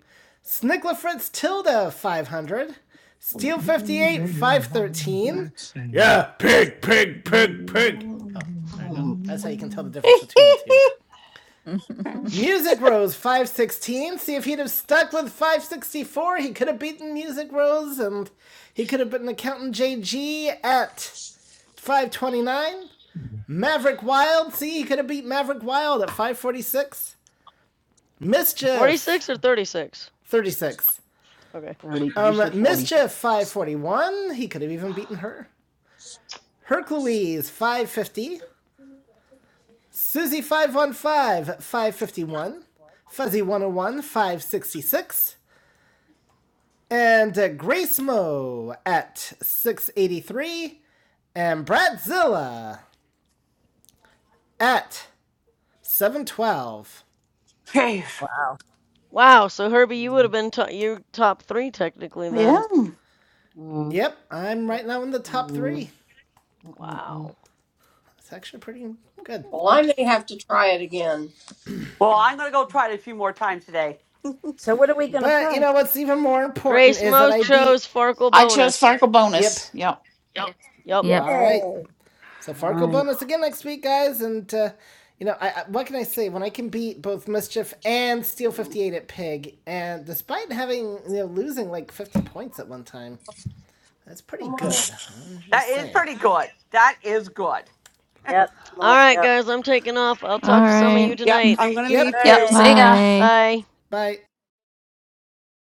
Snickla Fritz Tilda 500, Steel 58 513. Yeah, pig, pig, pig, pig. Oh, there you go.
Um.
That's how you can tell the difference between the two. Music Rose 516. See if he'd have stuck with 564, he could have beaten Music Rose and he could have beaten accountant JG at 529. Maverick Wild. See, he could have beat Maverick Wild at 546. Mischief,
46 or 36.
36.
Okay.
Thirty. You
Um,
said forty-six.
Mischief, 541. He could have even beaten her. Hercules, 550. Susie, 515, 551. Fuzzy 101, 566. And uh, Grace Mo at 683. And Bradzilla at 712.
jeez.
Wow.
Wow. So Herbie, you would have
Mm,
been to- you top three technically
yeah.
then.
mm,
Yep, I'm right now in the top
mm,
three.
mm, mm, mm.
Wow.
It's actually pretty good.
Well, I may have to try it again.
Well, I'm going to go try it a few more times today.
So, what are we going to
But you
play?
know what's even more important
Grace
is that
Mo
I beat.
chose Farkle
I chose
bonus.
Farkle
Yep.
bonus. Yep. Yep.
Yup.
Yay.
Yep.
All right. So Farco
All
bonus again next week, guys. And uh, you know, I, I, what can I say? When I can beat both Mischief and Steel
right.
Fifty Eight at Pig, and despite having you know losing like fifty points at one time, that's pretty
Come on in,
good. I'm
That
just
is
saying.
Yep.
pretty good. That is good.
Yep.
Mom.
All right,
Yep.
guys. I'm taking off. I'll
All
talk to some of
right.
you
Yep.
tonight.
I'm going to
Yep.
leave
All
too.
right.
Yep. See ya.
Bye.
Bye.
Bye.